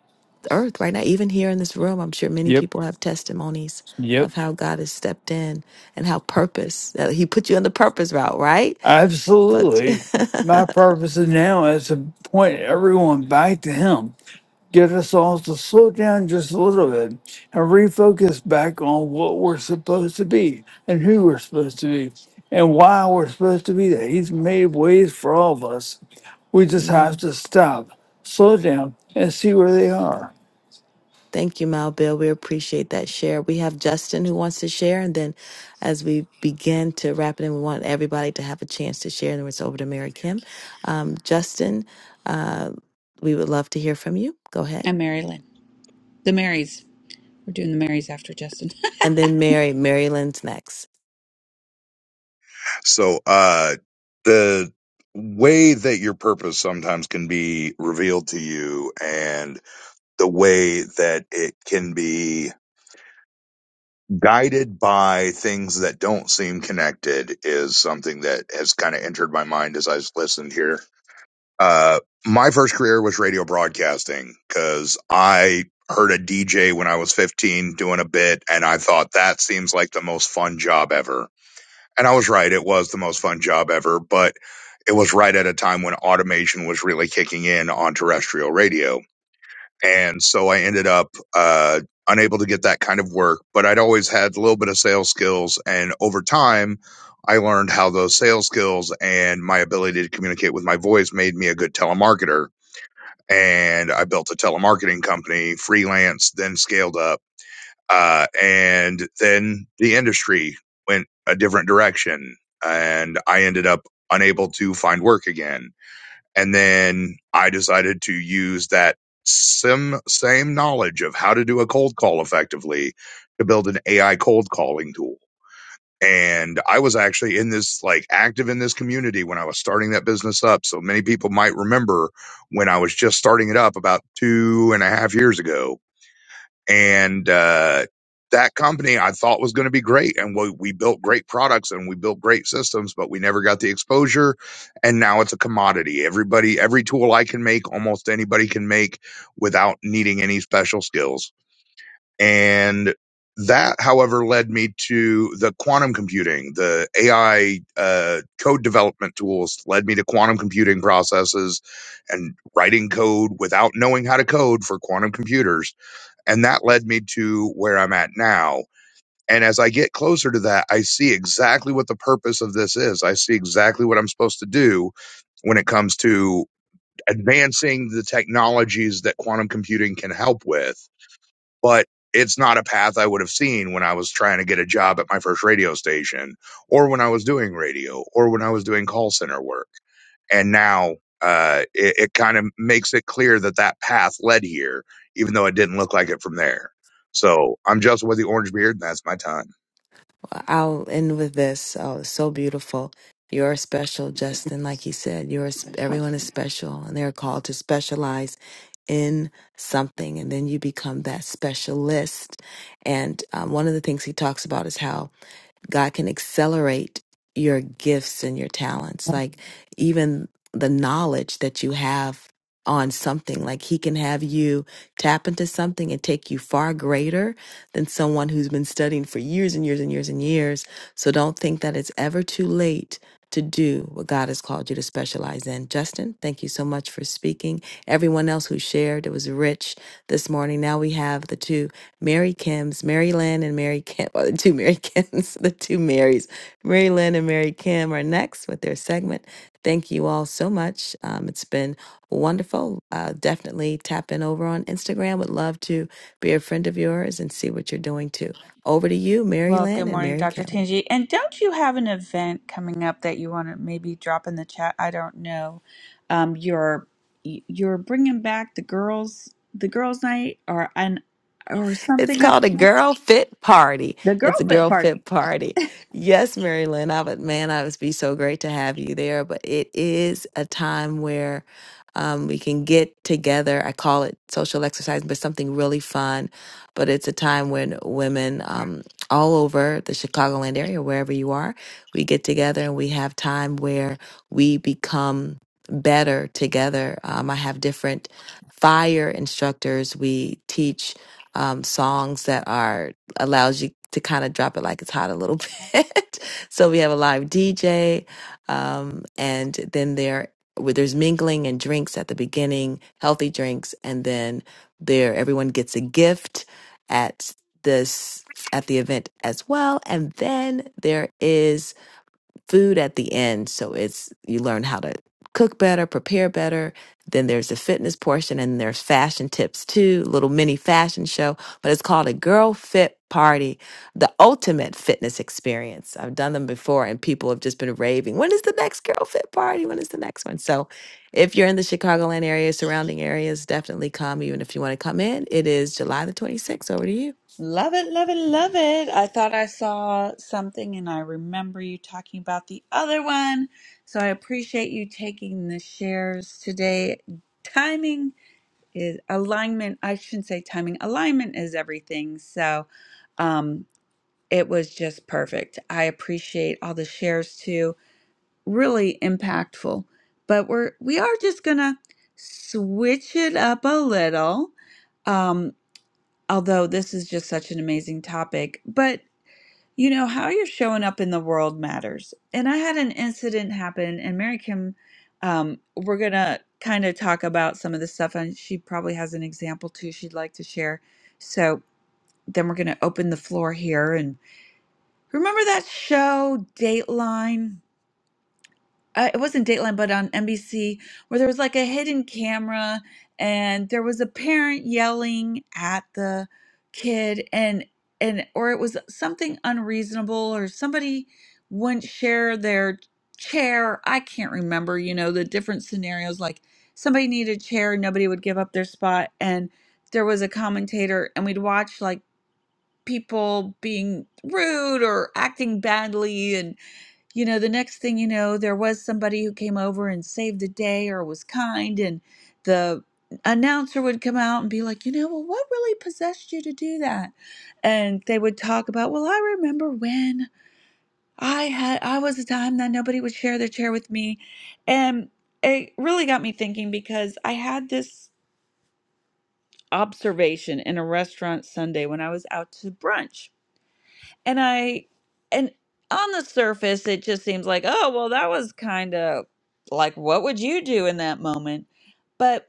S9: earth right now. Even here in this room, I'm sure many
S15: Yep.
S9: people have testimonies
S15: Yep.
S9: of how God has stepped in and how purpose that He put you on the purpose route, right? Plugged you.
S15: Absolutely. My purpose is now is to point everyone back to him get us all to slow down just a little bit and refocus back on what we're supposed to be and who we're supposed to be and why we're supposed to be there. He's made ways for all of us. We just have
S9: Amen.
S15: to stop, slow down, and see where they are.
S9: Thank you, Mal Bill. We appreciate that share. We have Justin who wants to share, and then as we begin to wrap it in, we want everybody to have a chance to share. And then it's over to Mary Kim. Um, Justin, uh, we would love to hear from you. Go ahead,
S1: and Mary Lynn. The Marys. We're doing the Marys after Justin.
S9: and then Mary. Mary Lynn's next.
S8: So, uh, the way that your purpose sometimes can be revealed to you and the way that it can be guided by things that don't seem connected is something that has kind of entered my mind as I've listened here. Uh, my first career was radio broadcasting because I heard a DJ when I was 15 doing a bit, and I thought that seems like the most fun job ever. And I was right, it was the most fun job ever, but it was right at a time when automation was really kicking in on terrestrial radio and so I ended up uh, unable to get that kind of work. But I'd always had a little bit of sales skills, and over time, I learned how those sales skills and my ability to communicate with my voice made me a good telemarketer. And I built a telemarketing company, freelance, then scaled up, uh, and then the industry went a different direction, and I ended up unable to find work again and then I decided to use that sim, same knowledge of how to do a cold call effectively to build an AI cold calling tool. And I was actually in this, like active in this community when I was starting that business up. So many people might remember when I was just starting it up about two and a half years ago and uh, that company I thought was going to be great, and we we built great products and we built great systems, but we never got the exposure, and now it's a commodity. Everybody, every tool I can make, almost anybody can make without needing any special skills, and that, however, led me to the quantum computing, the AI uh, code development tools led me to quantum computing processes and writing code without knowing how to code for quantum computers and that led me to where I'm at now. And as I get closer to that, I see exactly what the purpose of this is. I see exactly what I'm supposed to do when it comes to advancing the technologies that quantum computing can help with but it's not a path I would have seen when I was trying to get a job at my first radio station or when I was doing radio or when I was doing call center work. And now uh, it, it kind of makes it clear that that path led here, even though it didn't look like it from there. So I'm Justin with the orange beard, and that's my time.
S9: I'll end with this. Oh, it's so beautiful. You're special, Justin. Like he said, you're sp- everyone is special, and they're called to specialize in something, and then you become that specialist. And um, one of the things he talks about is how God can accelerate your gifts and your talents. Like even the knowledge that you have on something, like He can have you tap into something and take you far greater than someone who's been studying for years and years and years and years. So don't think that it's ever too late to do what God has called you to specialize in. Justin, thank you so much for speaking. Everyone else who shared, it was rich this morning. Now we have the two. Mary Kim's, Mary Lynn and Mary Kim, or the two Mary Kims, the two Marys, Mary Lynn and Mary Kim are next with their segment. Thank you all so much. Um, it's been wonderful. Uh, definitely tap in over on Instagram. Would love to be a friend of yours and see what you're doing too. Over to you, Mary
S1: Well, good
S9: Lynn and
S1: morning,
S9: Mary
S1: Dr.
S9: Kim.
S1: Tangi. And don't you have an event coming up that you want to maybe drop in the chat? I don't know. Um, you're you're bringing back the girls, the girls' night, or an or
S9: It's
S1: something. I
S9: called a girl fit party.
S1: the
S9: It's
S1: girl
S9: a
S1: fit
S9: girl
S1: party.
S9: fit party. Yes, Mary Lynn, I would, man, I would be so great to have you there. But it is a time where um, we can get together. I call it social exercise, but something really fun. But it's a time when women um, all over the Chicagoland area, wherever you are, we get together and we have time where we become better together. Um, I have different fire instructors. We teach um, songs that are allows you to kind of drop it like it's hot a little bit. so we have a live DJ, um, and then there where there's mingling and drinks at the beginning, healthy drinks, and then there everyone gets a gift at this at the event as well. And then there is food at the end. So it's you learn how to cook better, prepare better. Then there's the fitness portion and there's fashion tips too, little mini fashion show, but it's called a Girl Fit Party, the ultimate fitness experience. I've done them before and people have just been raving. When is the next Girl Fit Party? When is the next one? So if you're in the Chicagoland area, surrounding areas, definitely come. Even if you want to come in, it is July the 26th. Over to you.
S1: Love it, love it, love it. I thought I saw something, and I remember you talking about the other one. So I appreciate you taking the shares today. Timing is alignment. I shouldn't say timing. Alignment is everything. So. Um, it was just perfect. I appreciate all the shares too. Really impactful. But we're we are just gonna switch it up a little. Um, although this is just such an amazing topic. But you know, how you're showing up in the world matters. And I had an incident happen and Mary Kim um, we're gonna kind of talk about some of the stuff and she probably has an example too she'd like to share. So then we're gonna open the floor here and. Remember that show Dateline? Uh, it wasn't Dateline, but on NBC, where there was like a hidden camera and there was a parent yelling at the kid and and or it was something unreasonable or somebody wouldn't share their chair. I can't remember, you know, the different scenarios like somebody needed a chair, nobody would give up their spot and there was a commentator and we'd watch like people being rude or acting badly and you know, the next thing you know, there was somebody who came over and saved the day or was kind, and the announcer would come out and be like, you know, well, what really possessed you to do that? And they would talk about, well, I remember when I had, I was a time that nobody would share their chair with me. And it really got me thinking because I had this observation in a restaurant Sunday when I was out to brunch and I, and on the surface, it just seems like, oh, well, that was kind of like, what would you do in that moment? But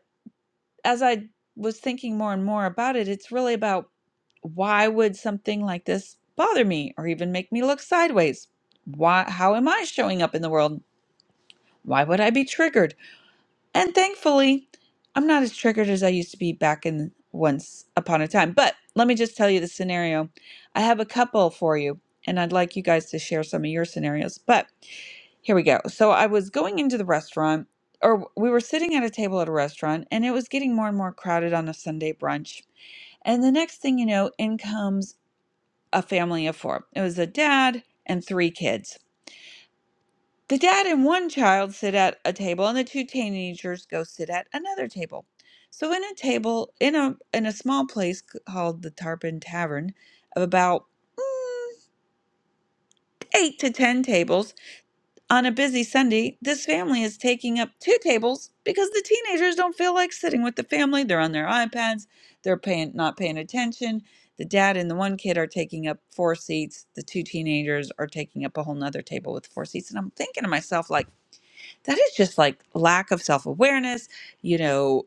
S1: as I was thinking more and more about it, it's really about why would something like this bother me or even make me look sideways? Why, how am I showing up in the world? Why would I be triggered? And thankfully, I'm not as triggered as I used to be back in once upon a time. But let me just tell you the scenario. I have a couple for you, and I'd like you guys to share some of your scenarios. But here we go. So I was going into the restaurant, or we were sitting at a table at a restaurant, and it was getting more and more crowded on a Sunday brunch. And the next thing you know, in comes a family of four. It was a dad and three kids. The dad and one child sit at a table, and the two teenagers go sit at another table. So, in a table in a in a small place called the Tarpon Tavern, of about mm, eight to ten tables on a busy Sunday, this family is taking up two tables because the teenagers don't feel like sitting with the family. They're on their iPads. They're paying not paying attention. The dad and the one kid are taking up four seats. The two teenagers are taking up a whole nother table with four seats. And I'm thinking to myself, like that is just like lack of self-awareness you know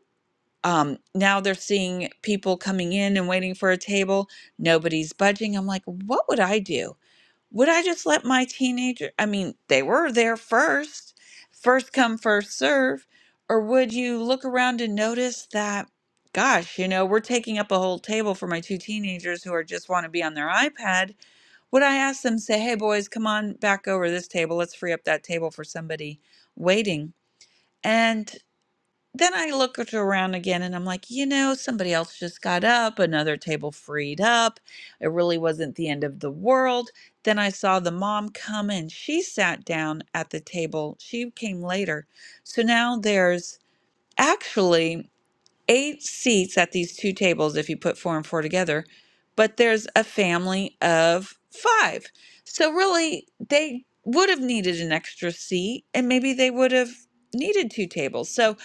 S1: um now they're seeing people coming in and waiting for a table nobody's budging i'm like what would i do would i just let my teenager i mean they were there first first come first serve or would you look around and notice that gosh you know we're taking up a whole table for my two teenagers who are just want to be on their ipad would i ask them say hey boys come on back over this table let's free up that table for somebody waiting and then I look at- around again and I'm like, you know, somebody else just got up, another table freed up. It really wasn't the end of the world. Then I saw the mom come in. She sat down at the table. She came later. So now there's actually eight seats at these two tables if you put four and four together, but there's a family of five. So really, they would have needed an extra seat and maybe they would have needed two tables. So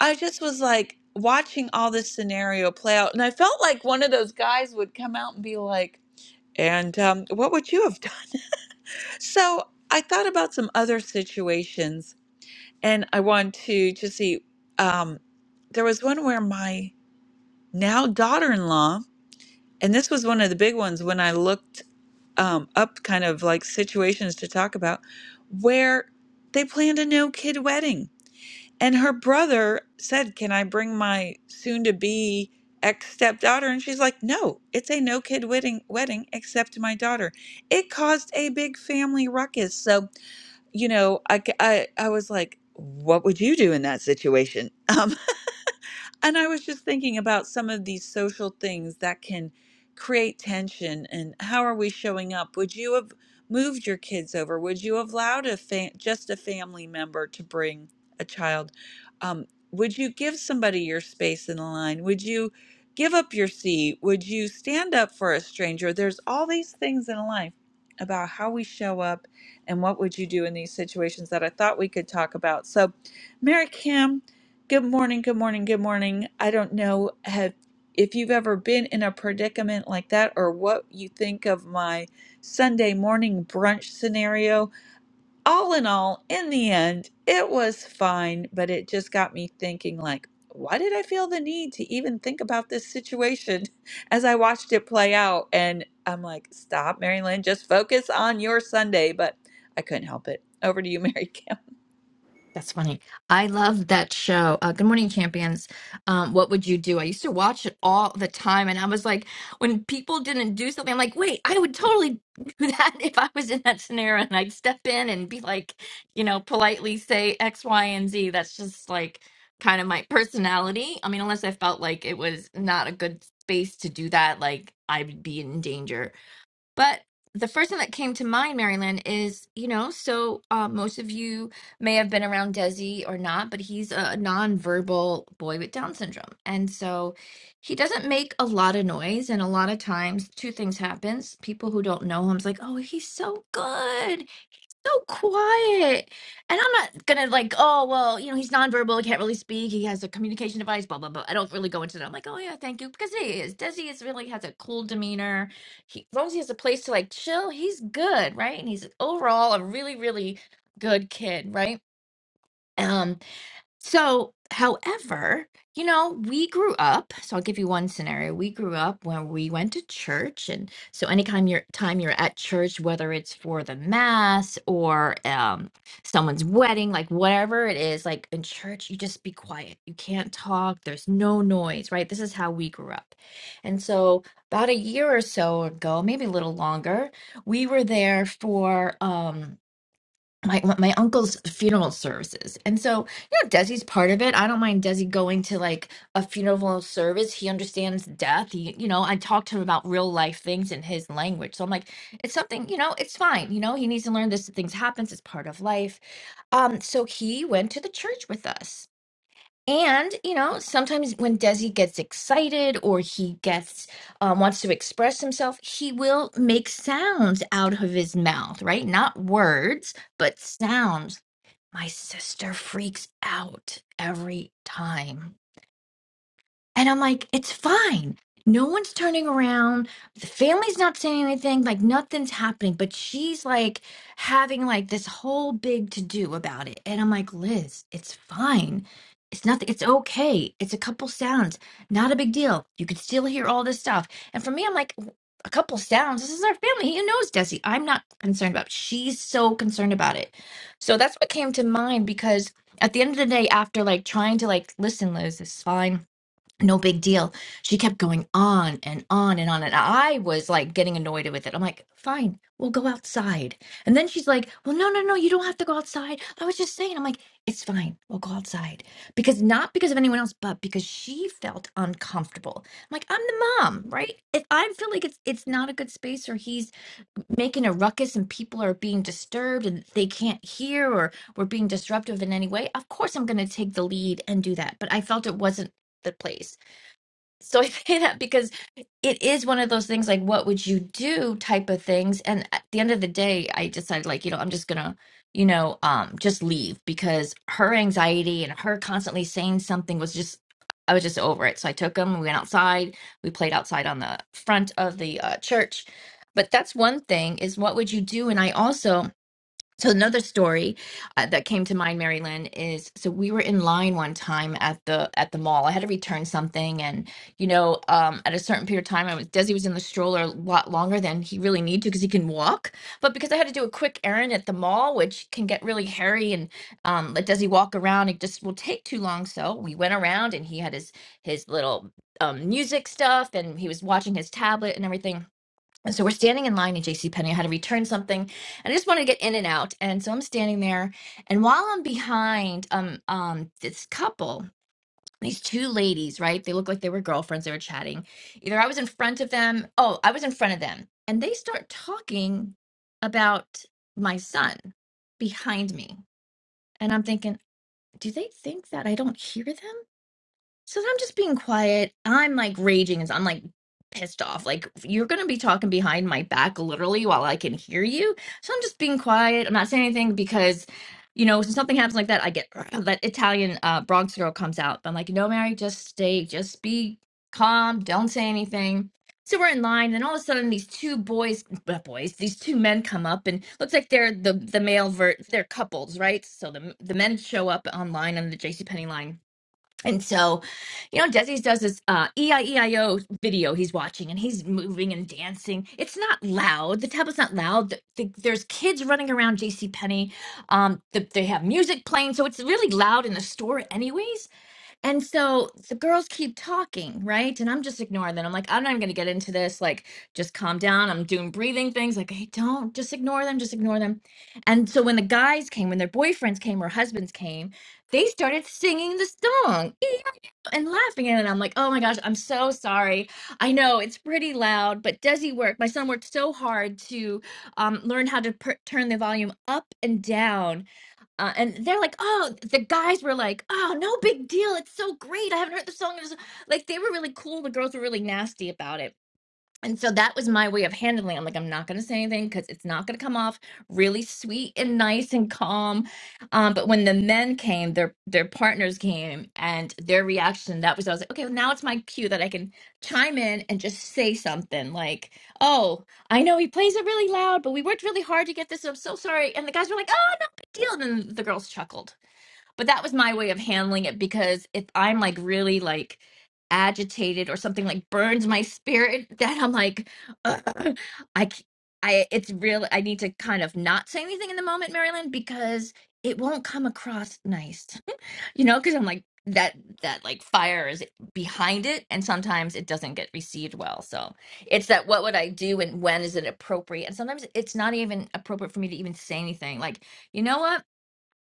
S1: I just was like watching all this scenario play out and I felt like one of those guys would come out and be like, and um, what would you have done? So I thought about some other situations and I want to just see. Um, there was one where my now daughter-in-law and this was one of the big ones when i looked um, up kind of like situations to talk about where they planned a no kid wedding and her brother said can i bring my soon to be ex stepdaughter and she's like no it's a no kid wedding wedding except my daughter it caused a big family ruckus so you know i c- i, I was like what would you do in that situation Um, and I was just thinking about some of these social things that can create tension and how are we showing up? Would you have moved your kids over? Would you have allowed a fa- just a family member to bring a child? Um, would you give somebody your space in the line? Would you give up your seat? Would you stand up for a stranger? There's all these things in life about how we show up and what would you do in these situations that I thought we could talk about. So, Mary Kim, Good morning, good morning, good morning. I don't know have, if you've ever been in a predicament like that or what you think of my Sunday morning brunch scenario. All in all, in the end, it was fine, but it just got me thinking like, why did I feel the need to even think about this situation as I watched it play out? And I'm like, stop, Mary Lynn, just focus on your Sunday, but I couldn't help it. Over to you, Mary Kim.
S14: That's funny. I love that show. Uh, Good Morning Champions. Um, what would you do? I used to watch it all the time, and I was like, when people didn't do something, I'm like, wait, I would totally do that if I was in that scenario, and I'd step in and be like, you know, politely say X, Y, and Z. That's just like kind of my personality. I mean, unless I felt like it was not a good space to do that, like I would be in danger. But the first thing that came to mind, Marilyn, is you know, so uh, most of you may have been around Desi or not, but he's a nonverbal boy with Down syndrome, and so he doesn't make a lot of noise. And a lot of times, two things happens: people who don't know him's like, "Oh, he's so good," so quiet. And I'm not gonna like, oh well, you know, he's nonverbal, he can't really speak, he has a communication device, blah blah blah. I don't really go into that. I'm like, oh yeah, thank you, because he is. Desi is really has a cool demeanor. He as long as he has a place to like chill, he's good, right? And he's overall a really really good kid, right? Um, so, however, you know, we grew up. So I'll give you one scenario. We grew up when we went to church, and so anytime you're time you're at church, whether it's for the mass or um, someone's wedding, like whatever it is, like in church, you just be quiet. You can't talk. There's no noise, right? This is how we grew up. And so, about a year or so ago, maybe a little longer, we were there for. Um, my uh, my uncle's funeral services. And so, you know, Desi's part of it. I don't mind Desi going to like a funeral service. He understands death. He, you know, I talk to him about real life things in his language. So I'm like, it's something, you know, it's fine. You know, he needs to learn this things happens. It's part of life. Um, so he went to the church with us and, you know, sometimes when Desi gets excited or he gets um, wants to express himself, he will make sounds out of his mouth, right? Not words, but sounds. My sister freaks out every time. And I'm like, it's fine. No one's turning around. The family's not saying anything. Like nothing's happening. But she's like having like this whole big to do about it. And I'm like, Liz, it's fine. It's nothing. It's okay. It's a couple sounds. Not a big deal. You could still hear all this stuff. And for me, I'm like, a couple sounds. This is our family. He knows Desi. I'm not concerned about. It. She's so concerned about it. So that's what came to mind because at the end of the day, after like trying to like listen, Liz, this is fine no big deal. She kept going on and on and on. And I was like getting annoyed with it. I'm like, fine, we'll go outside. And then she's like, well, no, no, no, you don't have to go outside. I was just saying, I'm like, it's fine, we'll go outside. Because not because of anyone else, but because she felt uncomfortable. I'm like, I'm the mom, right? If I feel like it's it's not a good space or he's making a ruckus and people are being disturbed and they can't hear or we're being disruptive in any way, of course I'm gonna take the lead and do that. But I felt it wasn't the place. So I say that because it is one of those things like, what would you do type of things. And at the end of the day, I decided, like, you know, I'm just gonna, you know, um, just leave because her anxiety and her constantly saying something was just, I was just over it. So I took him, we went outside, we played outside on the front of the uh, church. But that's one thing is what would you do? And I also, so another story uh, that came to mind, Mary Lynn, is so we were in line one time at the at the mall. I had to return something, and you know, um, at a certain period of time, I was Desi was in the stroller a lot longer than he really needed to because he can walk. But because I had to do a quick errand at the mall, which can get really hairy and um, let Desi walk around, it just will take too long. So we went around, and he had his his little um, music stuff, and he was watching his tablet and everything and so we're standing in line at JCPenney. I had to return something and I just wanted to get in and out. And so I'm standing there. And while I'm behind um um this couple, these two ladies, right? They look like they were girlfriends, they were chatting. Either I was in front of them, oh, I was in front of them. And they start talking about my son behind me. And I'm thinking, do they think that I don't hear them? So I'm just being quiet. I'm like raging as I'm like pissed off. Like you're gonna be talking behind my back literally while I can hear you. So I'm just being quiet. I'm not saying anything because you know, when something happens like that, I get that Italian uh Bronx girl comes out. I'm like, no, Mary, just stay, just be calm, don't say anything. So we're in line, and all of a sudden, these two boys, uh, boys, these two men come up, and looks like they're the the male vert, they're couples, right? So the the men show up online on the JCPenney line and so, you know, Desi's does this uh, EIEIO video he's watching and he's moving and dancing. It's not loud. The tablet's not loud. The, the, there's kids running around JCPenney. Um, the, they have music playing. So it's really loud in the store, anyways. And so the girls keep talking, right? And I'm just ignoring them. I'm like, I'm not even going to get into this. Like, just calm down. I'm doing breathing things. Like, hey, don't just ignore them. Just ignore them. And so when the guys came, when their boyfriends came or husbands came, they started singing the song and laughing at it. And I'm like, oh my gosh, I'm so sorry. I know it's pretty loud, but does he work? My son worked so hard to um, learn how to per- turn the volume up and down uh, and they're like, oh, the guys were like, oh, no big deal. It's so great. I haven't heard the song. in so-" Like, they were really cool. The girls were really nasty about it and so that was my way of handling. it. I'm like, I'm not going to say anything because it's not going to come off really sweet and nice and calm. Um, but when the men came, their their partners came, and their reaction that was I was like, okay, well, now it's my cue that I can chime in and just say something like, oh, I know he plays it really loud, but we worked really hard to get this. so I'm so sorry. And the guys were like, oh, no big deal. And then the girls chuckled but that was my way of handling it because if I'm like really like agitated or something like burns my spirit, then I'm like, "Ugh, I, c- I, it's real. I need to kind of not say anything in the moment, Marilyn, because it won't come across nice, you know, because I'm like that that like fire is behind it and sometimes it doesn't get received well so it's that what would i do and when is it appropriate and sometimes it's not even appropriate for me to even say anything like you know what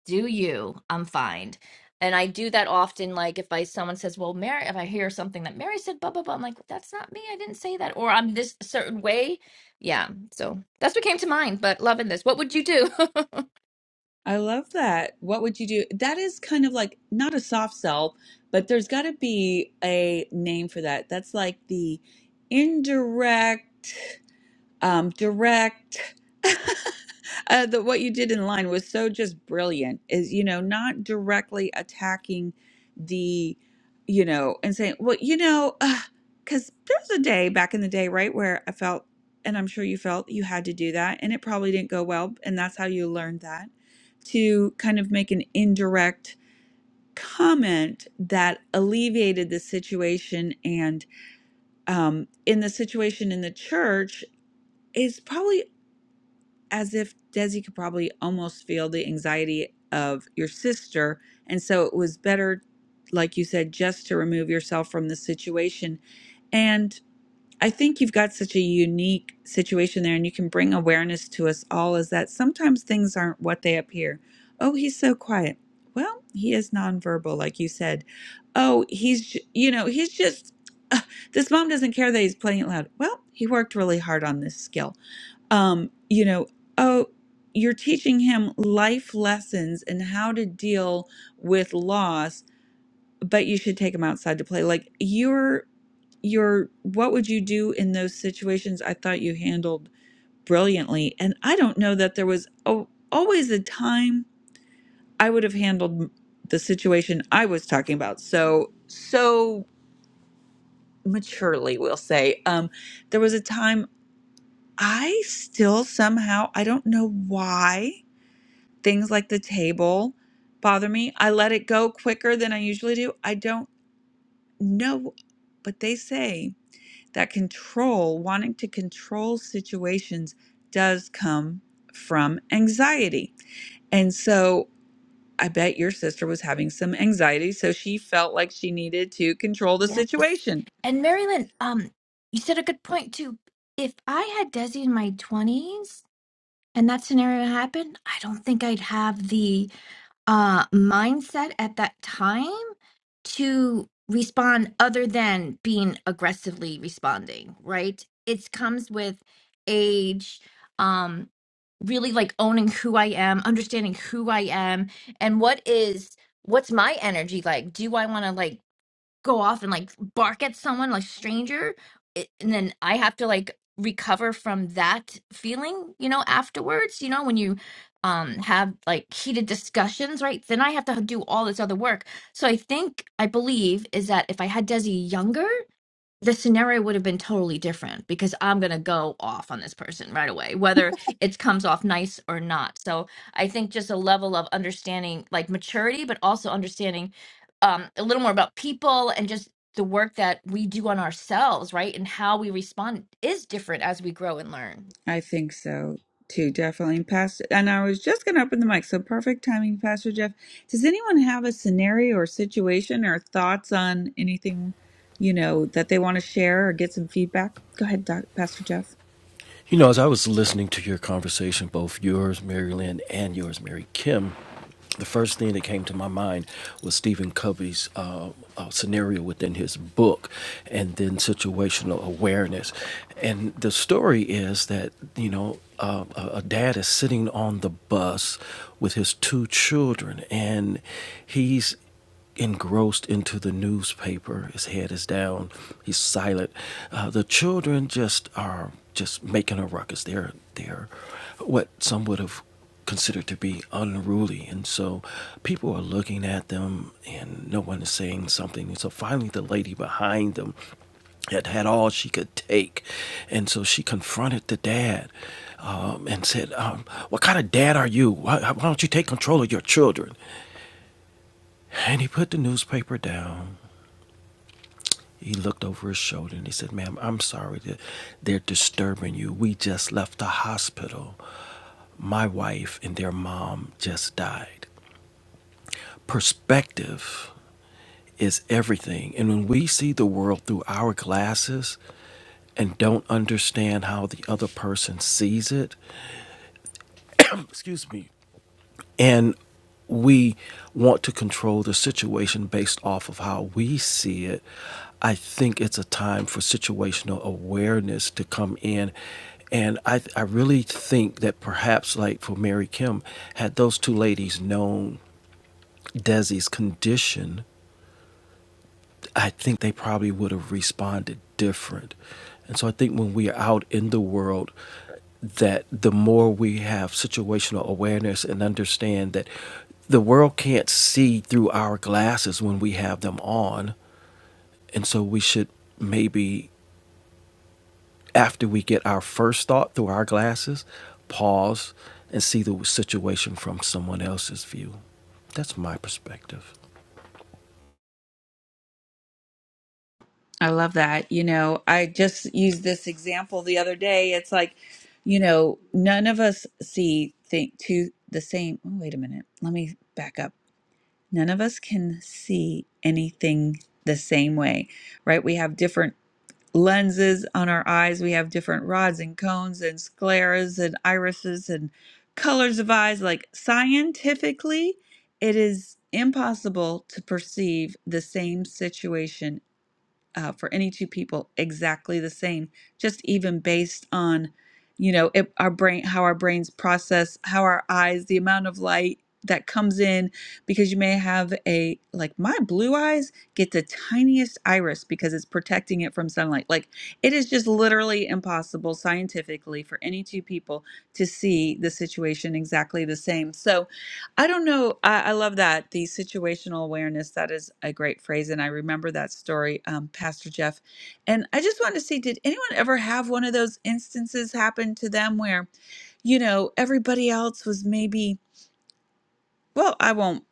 S14: do you i'm fine and i do that often like if i someone says well mary if i hear something that mary said blah blah blah i'm like that's not me i didn't say that or i'm this certain way yeah so that's what came to mind but loving this what would you do
S1: I love that. What would you do? That is kind of like not a soft sell, but there's got to be a name for that. That's like the indirect um, direct. uh, the, what you did in line was so just brilliant. Is you know not directly attacking the, you know, and saying, well, you know, because there's a day back in the day, right, where I felt, and I'm sure you felt you had to do that, and it probably didn't go well, and that's how you learned that to kind of make an indirect comment that alleviated the situation and um, in the situation in the church is probably as if Desi could probably almost feel the anxiety of your sister. And so it was better, like you said, just to remove yourself from the situation. And I think you've got such a unique situation there, and you can bring awareness to us all is that sometimes things aren't what they appear. Oh, he's so quiet. Well, he is nonverbal, like you said. Oh, he's, j- you know, he's just, uh, this mom doesn't care that he's playing it loud. Well, he worked really hard on this skill um, you know, oh, you're teaching him life lessons and how to deal with loss, but you should take him outside to play. Like you're your what would you do in those situations i thought you handled brilliantly and i don't know that there was oh, always a time i would have handled m- the situation i was talking about so so maturely we'll say um there was a time i still somehow i don't know why Things like the table bother me. I let it go quicker than I usually do. I don't know, but they say that control, wanting to control situations, does come from anxiety. And so I bet your sister was having some anxiety, so she felt like she needed to control the
S14: yes
S1: situation
S14: And Marilyn, um, you said a good point too. If I had Desi in my twenties and that scenario happened, I don't think I'd have the uh mindset at that time to respond other than being aggressively responding right it comes with age um really like owning who i am understanding who i am and what is what's my energy like do i want to like go off and like bark at someone like stranger it, and then i have to like recover from that feeling you know afterwards you know when you um have like heated discussions right then i have to do all this other work so i think i believe is that if i had desi younger the scenario would have been totally different because I'm going to go off on this person right away, whether it comes off nice or not. So I think just a level of understanding, like maturity, but also understanding um, a little more about people and just the work that we do on ourselves, right? And how we respond is different as we grow and learn.
S1: I think so too, definitely. And Pastor, and I was just going to open the mic, so perfect timing, Pastor Jeff. Does anyone have a scenario or situation or thoughts on anything, you know, that they want to share or get some feedback? Go ahead, Doc, Pastor Jeff.
S10: You know, as I was listening to your conversation, both yours, Mary Lynn, and yours, Mary Kim, the first thing that came to my mind was Stephen Covey's uh, uh, scenario within his book, and then situational awareness. And the story is that, you know, uh, a a dad is sitting on the bus with his two children, and he's engrossed into the newspaper. His head is down. He's silent. Uh, the children just are just making a ruckus. They're they're what some would have considered to be unruly, and so people are looking at them, and no one is saying something. And so finally, the lady behind them had had all she could take. And so she confronted the dad um, and said, um, What kind of dad are you? Why, why don't you take control of your children? And he put the newspaper down. He looked over his shoulder and he said, Ma'am, I'm sorry that they're disturbing you. We just left the hospital. My wife and their mom just died. Perspective is everything. And when we see the world through our glasses and don't understand how the other person sees it, excuse me, And we want to control the situation based off of how we see it. I think it's a time for situational awareness to come in. And I, th- I really think that perhaps, like for Mary Kim, had those two ladies known Desi's condition, I think they probably would have responded different. And so I think when we are out in the world that the more we have situational awareness and understand that the world can't see through our glasses when we have them on. And so we should maybe, after we get our first thought through our glasses, pause and see the situation from someone else's view. That's my perspective.
S1: I love that. You know, I just used this example the other day. It's like, you know, none of us see think to the same. Oh, wait a minute. Let me back up. None of us can see anything the same way right? We have different lenses on our eyes. We have different rods and cones and scleras and irises and colors of eyes. Like scientifically, it is impossible to perceive the same situation uh, for any two people exactly the same, just even based on, you know, it, our brain, how our brains process, how our eyes, the amount of light that comes in, because you may have a, like my blue eyes get the tiniest iris because it's protecting it from sunlight. Like it is just literally impossible scientifically for any two people to see the situation exactly the same. So, I don't know. I, I love that the situational awareness. That is a great phrase, and I remember that story, um, Pastor Jeff. And I just wanted to see: Did anyone ever have one of those instances happen to them where, you know, everybody else was maybe? Well, I won't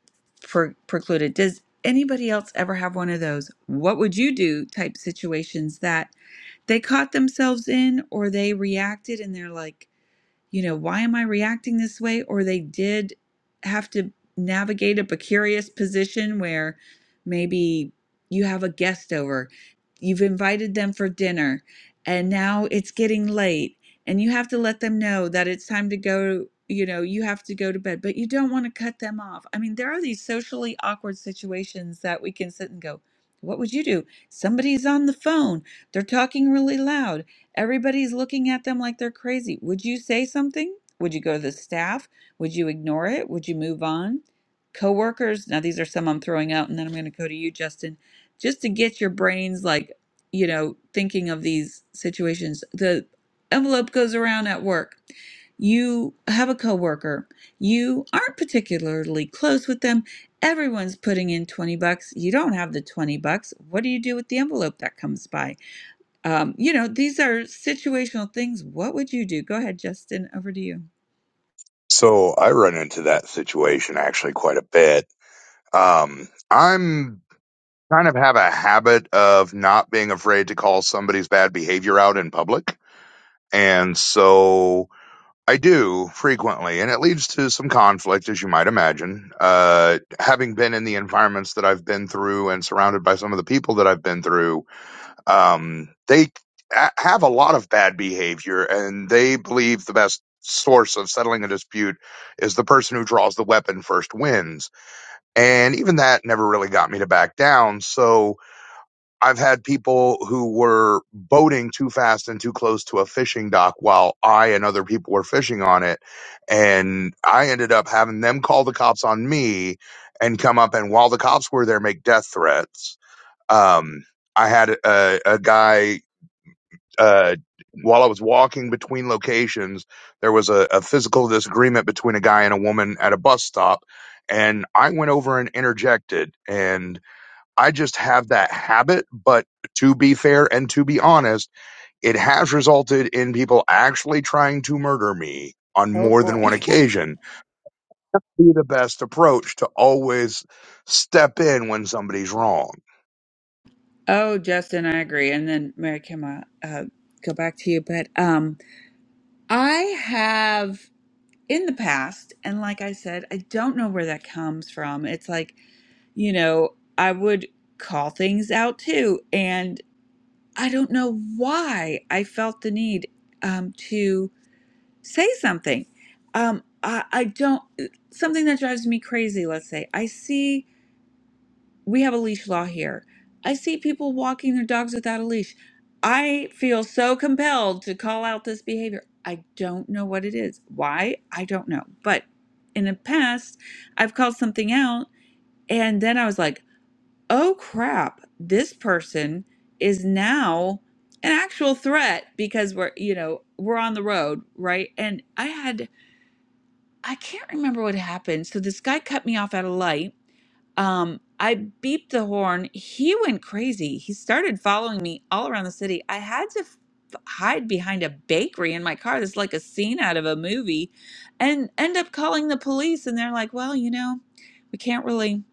S1: pre- preclude it. Does anybody else ever have one of those? What would you do? Type situations that they caught themselves in, or they reacted, and they're like you know, why am I reacting this way? Or they did have to navigate a precarious position where maybe you have a guest over, you've invited them for dinner, and now it's getting late, and you have to let them know that it's time to go. You know, you have to go to bed, but you don't want to cut them off. I mean, there are these socially awkward situations that we can sit and go, What would you do? Somebody's on the phone. They're talking really loud Everybody's looking at them like they're crazy. Would you say something? Would you go to the staff? Would you ignore it? Would you move on? Coworkers, now these are some I'm throwing out, and then I'm going to go to you, Justin, just to get your brains like, you know, thinking of these situations. The envelope goes around at work. You have a coworker. You aren't particularly close with them. Everyone's putting in 20 bucks. You don't have the 20 bucks. What do you do with the envelope that comes by? Um, you know, these are situational things. What would you do? Go ahead, Justin. Over to you.
S8: So I run into that situation actually quite a bit. Um, I'm kind of have a habit of not being afraid to call somebody's bad behavior out in public. And so I do frequently, and it leads to some conflict, as you might imagine. Uh, having been in the environments that I've been through and surrounded by some of the people that I've been through, um, they a- have a lot of bad behavior, and they believe the best source of settling a dispute is the person who draws the weapon first wins. And even that never really got me to back down. So I've had people who were boating too fast and too close to a fishing dock while I and other people were fishing on it. And I ended up having them call the cops on me and come up and while the cops were there, make death threats. Um, I had a, a guy, uh, while I was walking between locations, there was a, a physical disagreement between a guy and a woman at a bus stop. And I went over and interjected. and. I just have that habit. But to be fair and to be honest, it has resulted in people actually trying to murder me on
S1: Oh
S8: more
S1: boy.
S8: than one occasion. Be the best approach to always step in when somebody's wrong.
S1: Oh, Justin, I agree. And then Mary Kim, uh, uh, go back to you. But um, I have in the past, and like I said, I don't know where that comes from. It's like, you know, I would call things out too. And I don't know why I felt the need um, to. say something. Um, I, I don't, something that drives me crazy, let's say. I see, we have a leash law here. I see people walking their dogs without a leash. I feel so compelled to call out this behavior. I don't know what it is. Why? I don't know. But in the past, I've called something out and then I was like, oh crap, this person is now an actual threat because we're, you know, we're on the road, right? And I had I can't remember what happened. So this guy cut me off at a light. Um, I beeped the horn. He went crazy. He started following me all around the city. I had to f- hide behind a bakery in my car. That's like a scene out of a movie, and end up calling the police. And they're like, "Well, you know, we can't really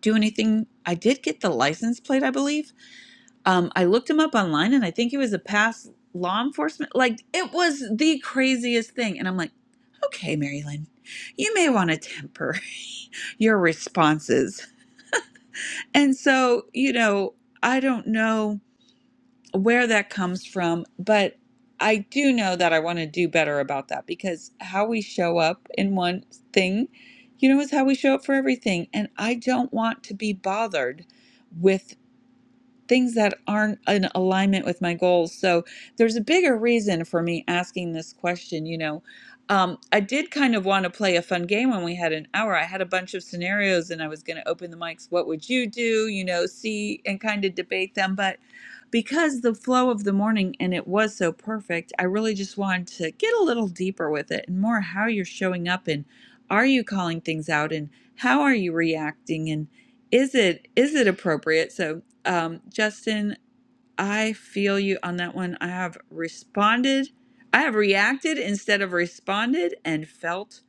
S1: do anything." I did get the license plate, I believe. Um, I looked him up online, and I think he was a past law enforcement. Like it was the craziest thing. And I'm like. Okay, Marilyn, you may want to temper your responses. And so, you know, I don't know where that comes from, but I do know that I want to do better about that because how we show up in one thing, you know, is how we show up for everything. And I don't want to be bothered with. things that aren't in alignment with my goals. So there's a bigger reason for me asking this question. You know, um, I did kind of want to play a fun game when we had an hour. I had a bunch of scenarios and I was going to open the mics. What would you do? You know, see and kind of debate them. But because the flow of the morning and it was so perfect, I really just wanted to get a little deeper with it and more how you're showing up and are you calling things out and how are you reacting and is it is it appropriate so um, Justin, I feel you on that one. I have responded, I have reacted instead of responded and felt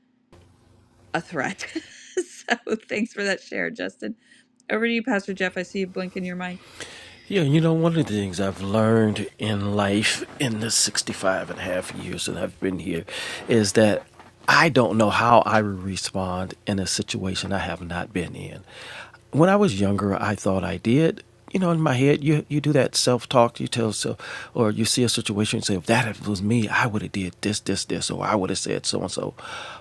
S1: a threat. so thanks for that share, Justin. Over to you, Pastor Jeff. I see you blinking your mic.
S10: Yeah, you know, one of the things I've learned in life in the 65 and a half years that I've been here is that I don't know how I would respond in a situation I have not been in. When I was younger, I thought I did. You know, in my head, you you do that self talk. You tell yourself, or you see a situation and say, if that was me, I would have did this, this, this, or I would have said so and so.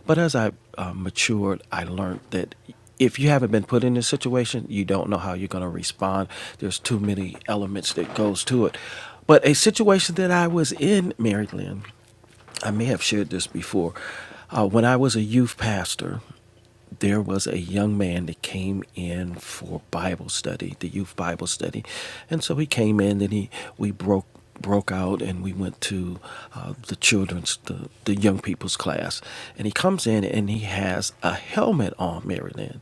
S10: But as I uh, matured, I learned that if you haven't been put in this situation, you don't know how you're going to respond. There's too many elements that goes to it. But a situation that I was in, Mary Lynn, I may have shared this before. Uh, when I was a youth pastor, there was a young man that came in for Bible study, the youth Bible study, and so he came in. and he we broke broke out and we went to uh, the children's the, the young people's class and he comes in and he has a helmet on Maryland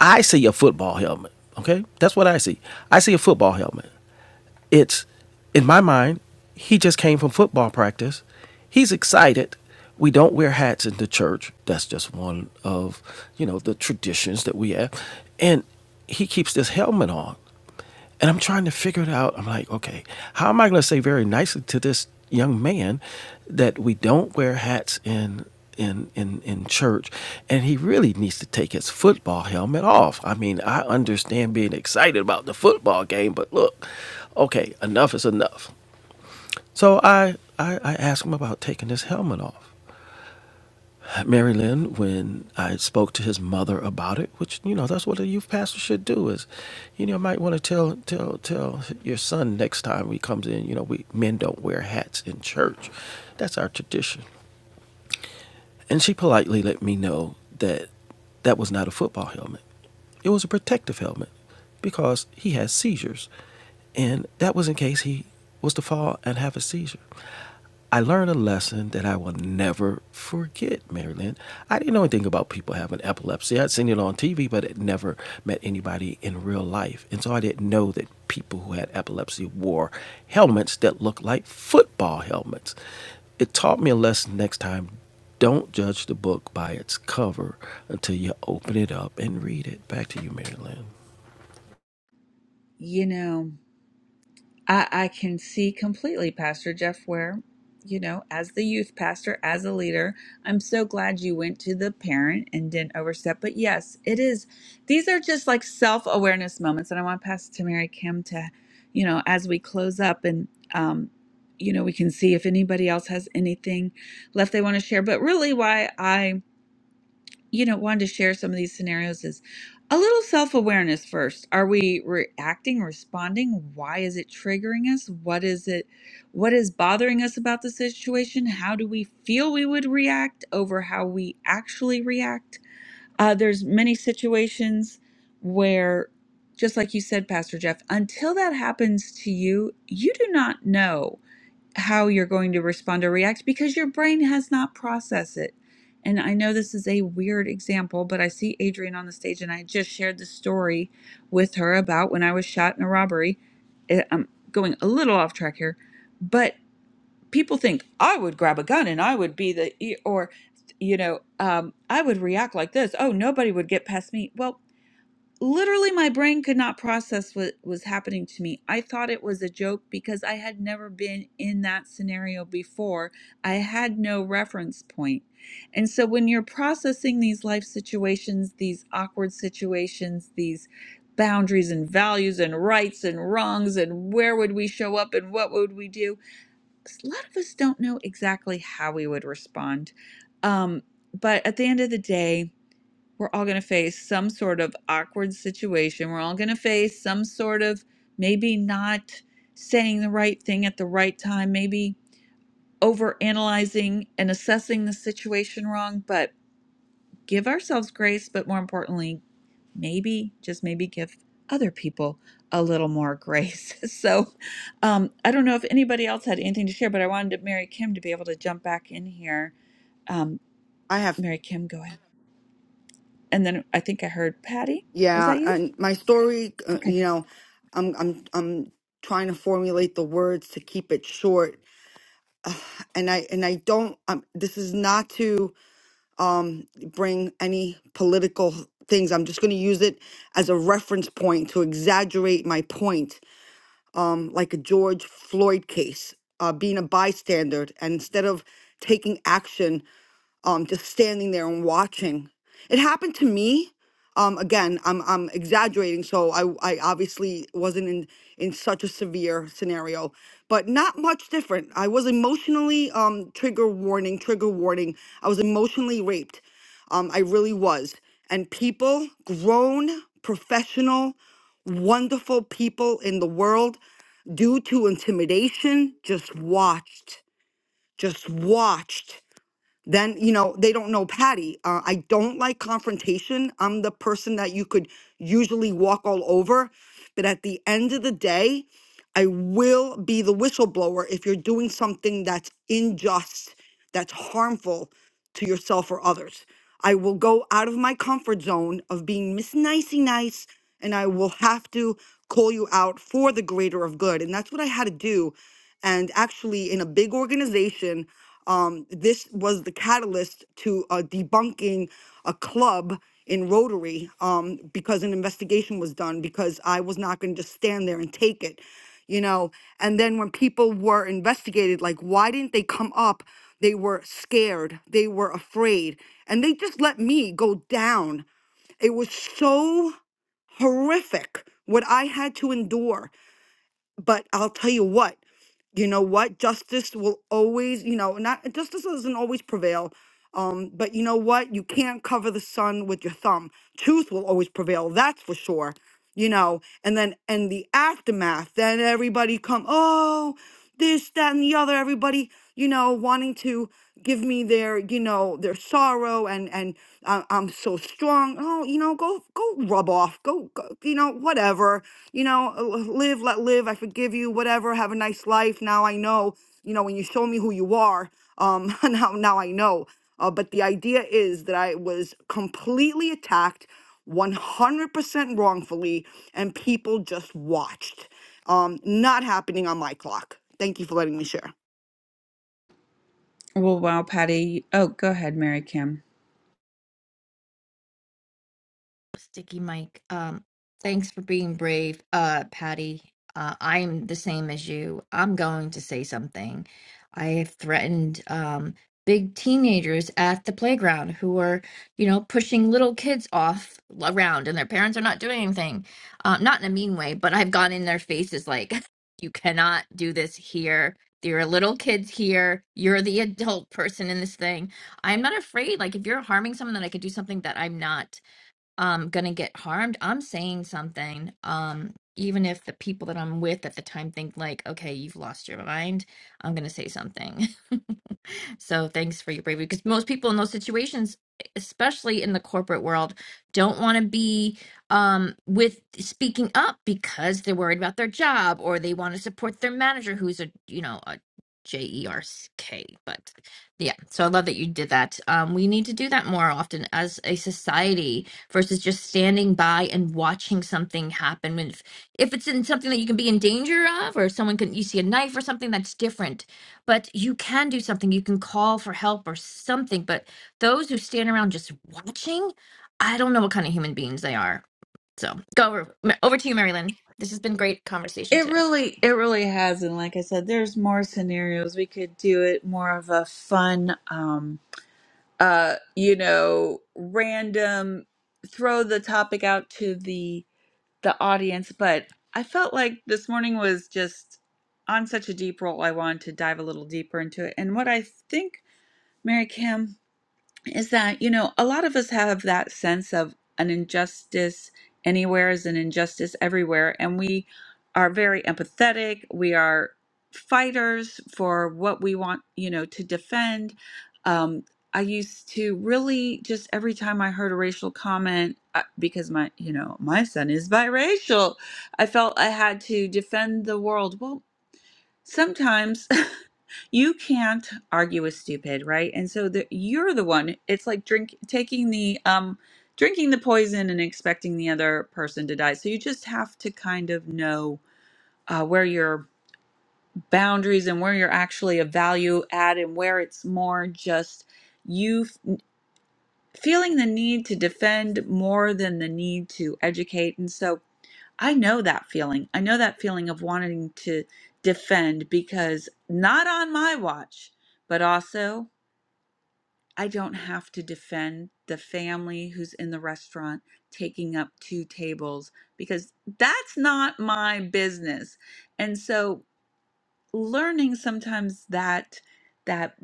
S10: I see a football helmet. Okay, that's what I see. I see a football helmet. It's in my mind. He just came from football practice. He's excited. We don't wear hats in the church. That's just one of you know the traditions that we have. And he keeps this helmet on. And I'm trying to figure it out. I'm like, okay, how am I going to say very nicely to this young man that we don't wear hats in in in in church, and he really needs to take his football helmet off. I mean, I understand being excited about the football game, but look, okay, enough is enough. So I I, I asked him about taking his helmet off. Mary Lynn, when I spoke to his mother about it, which you know that's what a youth pastor should do is, you know, might want to tell tell tell your son next time he comes in. You know, we men don't wear hats in church. That's our tradition. And she politely let me know that that was not a football helmet. It was a protective helmet because he has seizures. And that was in case he was to fall and have a seizure. I learned a lesson that I will never forget, Marilyn. I didn't know anything about people having epilepsy. I'd seen it on TV, but had never met anybody in real life. And so I didn't know that people who had epilepsy wore helmets that looked like football helmets. It taught me a lesson next time don't judge the book by its cover until you open it up and read it. Back to you, Mary Lynn.
S1: You know. I, I can see completely, Pastor Jeff, where, you know, as the youth pastor, as a leader, I'm so glad you went to the parent and didn't overstep. But yes, it is. These are just like self awareness moments. And I want to pass it to Mary Kim to, you know, as we close up and, um, you know, we can see if anybody else has anything left they want to share. But really, why I you know, wanted to share some of these scenarios is a little self awareness first. Are we reacting, responding? Why is it triggering us? What is it? What is bothering us about the situation? How do we feel we would react over how we actually react? Uh, there's many situations where, just like you said, Pastor Jeff, until that happens to you, you do not know how you're going to respond or react because your brain has not processed it. And I know this is a weird example, but I see Adrienne on the stage and I just shared the story with her about when I was shot in a robbery. Eh, I'm going a little off track here, but people think I would grab a gun and I would be the, e- or, you know, um, I would react like this. Oh, nobody would get past me. Well, literally my brain could not process what was happening to me. I thought it was a joke because I had never been in that scenario before. I had no reference point. And so when you're processing these life situations, these awkward situations, these boundaries and values and rights and wrongs and where would we show up and what would we do? 'cause A lot of us don't know exactly how we would respond. Um, but at the end of the day, we're all going to face some sort of awkward situation. We're all going to face some sort of maybe not saying the right thing at the right time, maybe overanalyzing and assessing the situation wrong, but give ourselves grace, but more importantly, maybe just maybe give other people a little more grace. So, um, I don't know if anybody else had anything to share, but I wanted Mary Kim to be able to jump back in here. Um,
S7: I have.
S1: Mary Kim, go ahead. And then I think I heard Patty. Was
S7: Yeah,
S1: that you?
S7: and my story, uh,
S1: Okay.
S7: you know, I'm I'm I'm trying to formulate the words to keep it short, and I and I don't. Um, this is not to um bring any political things. I'm just going to use it as a reference point to exaggerate my point, um, like a George Floyd case, uh, being a bystander, and instead of taking action um, just standing there and watching. It happened to me. Um, again, I'm I'm exaggerating, so I I obviously wasn't in in such a severe scenario, but not much different. I was emotionally um trigger warning, trigger warning. I was emotionally raped. Um, I really was. And people, grown, professional, wonderful people in the world, due to intimidation, just watched, just watched then you know they don't know patty uh, i don't like confrontation i'm the person that you could usually walk all over but at the end of the day I will be the whistleblower if you're doing something that's unjust, that's harmful to yourself or others. I will go out of my comfort zone of being Miss Nicey Nice, and I will have to call you out for the greater of good. And that's what I had to do. And actually, in a big organization, um, this was the catalyst to uh, debunking a club in Rotary um, because an investigation was done because I was not going to just stand there and take it you know and then when people were investigated like why didn't they come up they were scared they were afraid and they just let me go down it was so horrific what i had to endure but i'll tell you what you know what justice will always you know not justice doesn't always prevail um but you know what you can't cover the sun with your thumb truth will always prevail that's for sure you know, and then and the aftermath, then everybody come, oh, this, that, and the other, everybody, you know, wanting to give me their, you know, their sorrow and and uh, I'm so strong. Oh, you know, go go rub off, go, go you know, whatever, you know, uh, live, let live. I forgive you, whatever. Have a nice life. Now I know, you know, when you show me who you are, um, now now I know. Uh, but the idea is that I was completely attacked 100% wrongfully, and people just watched. Um, not happening on my clock. Thank you for letting me share.
S1: Well, wow, Patty. Oh, go ahead, Mary Kim.
S14: Sticky Mike. Um, thanks for being brave, uh, Patty. Uh, I'm the same as you. I'm going to say something. I have threatened um, big teenagers at the playground who are, you know, pushing little kids off around, and their parents are not doing anything. Um, not in a mean way, but I've gone in their faces like, "You cannot do this here. There are little kids here. You're the adult person in this thing. I'm not afraid. Like, if you're harming someone, then I could do something that I'm not." um gonna get harmed i'm saying something um even if the people that i'm with at the time think like okay you've lost your mind i'm gonna say something So thanks for your bravery because most people in those situations, especially in the corporate world, don't want to be um, with speaking up because they're worried about their job or they want to support their manager who's a, you know, a J E R C K. But yeah, so I love that you did that. Um, we need to do that more often as a society versus just standing by and watching something happen. When If, if it's in something that you can be in danger of, or someone can, you see a knife or something that's different but you can do something you can call for help or something but those who stand around just watching i don't know what kind of human beings they are so go over, over to you marilyn this has been great conversation
S1: It
S14: today
S1: really, it really has, and like I said, there's more scenarios. We could do it more of a fun, um, uh, you know, random. Throw the topic out to the the audience, but I felt like this morning was just on such a deep roll. I wanted to dive a little deeper into it, and what I think, Mary Kim. is that, you know, a lot of us have that sense of an injustice anywhere is an injustice everywhere. And we are very empathetic. We are fighters for what we want, you know, to defend. Um, I used to really just every time I heard a racial comment, uh, because my, you know, my son is biracial, I felt I had to defend the world. Well, sometimes you can't argue with stupid right and so the, you're the one it's like drink taking the um drinking the poison and expecting the other person to die so you just have to kind of know uh, where your boundaries and where you're actually a value add and where it's more just you f- feeling the need to defend more than the need to educate and so i know that feeling i know that feeling of wanting to defend because not on my watch but also I don't have to defend the family who's in the restaurant taking up two tables because that's not my business. And so learning sometimes that that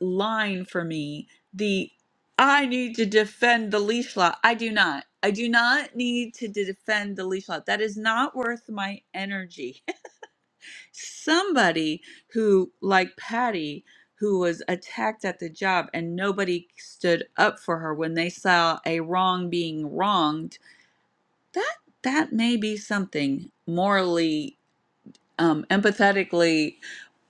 S1: line for me, the I need to defend the leash law. I do not. I do not need to defend the leash law. That is not worth my energy somebody who, like Patty, who was attacked at the job and nobody stood up for her when they saw a wrong being wronged, that that may be something morally, um, empathetically,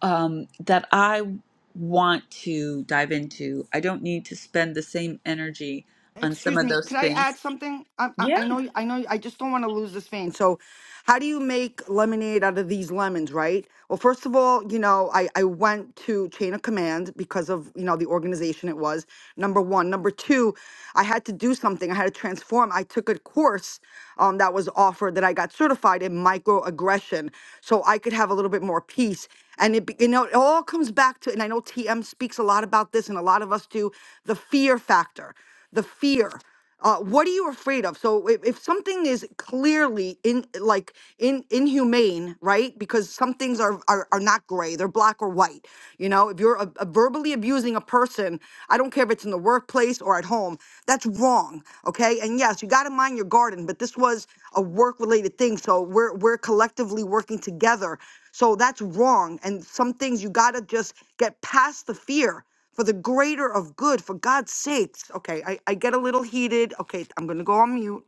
S1: um, that I want to dive into. I don't need to spend the same energy on some
S7: Excuse
S1: of
S7: me,
S1: those
S7: could I
S1: things.
S7: add something? I, I, I know, I know, I just don't want to lose this vein. So, how do you make lemonade out of these lemons, right? Well, first of all, you know, I, I went to Chain of Command because of, you know, the organization it was, number one. Number two, I had to do something, I had to transform. I took a course um, that was offered that I got certified in microaggression so I could have a little bit more peace. And it, be- you know, it all comes back to, and I know TM speaks a lot about this and a lot of us do, the fear factor the fear uh, what are you afraid of so if, if something is clearly in like in inhumane right because some things are, are are not gray they're black or white you know if you're a, a verbally abusing a person i don't care if it's in the workplace or at home that's wrong okay and yes you got to mind your garden but this was a work related thing so we're we're collectively working together so that's wrong and some things you got to just get past the fear for the greater of good, for God's sakes. Okay, I, I get a little heated. Okay, I'm gonna go on mute.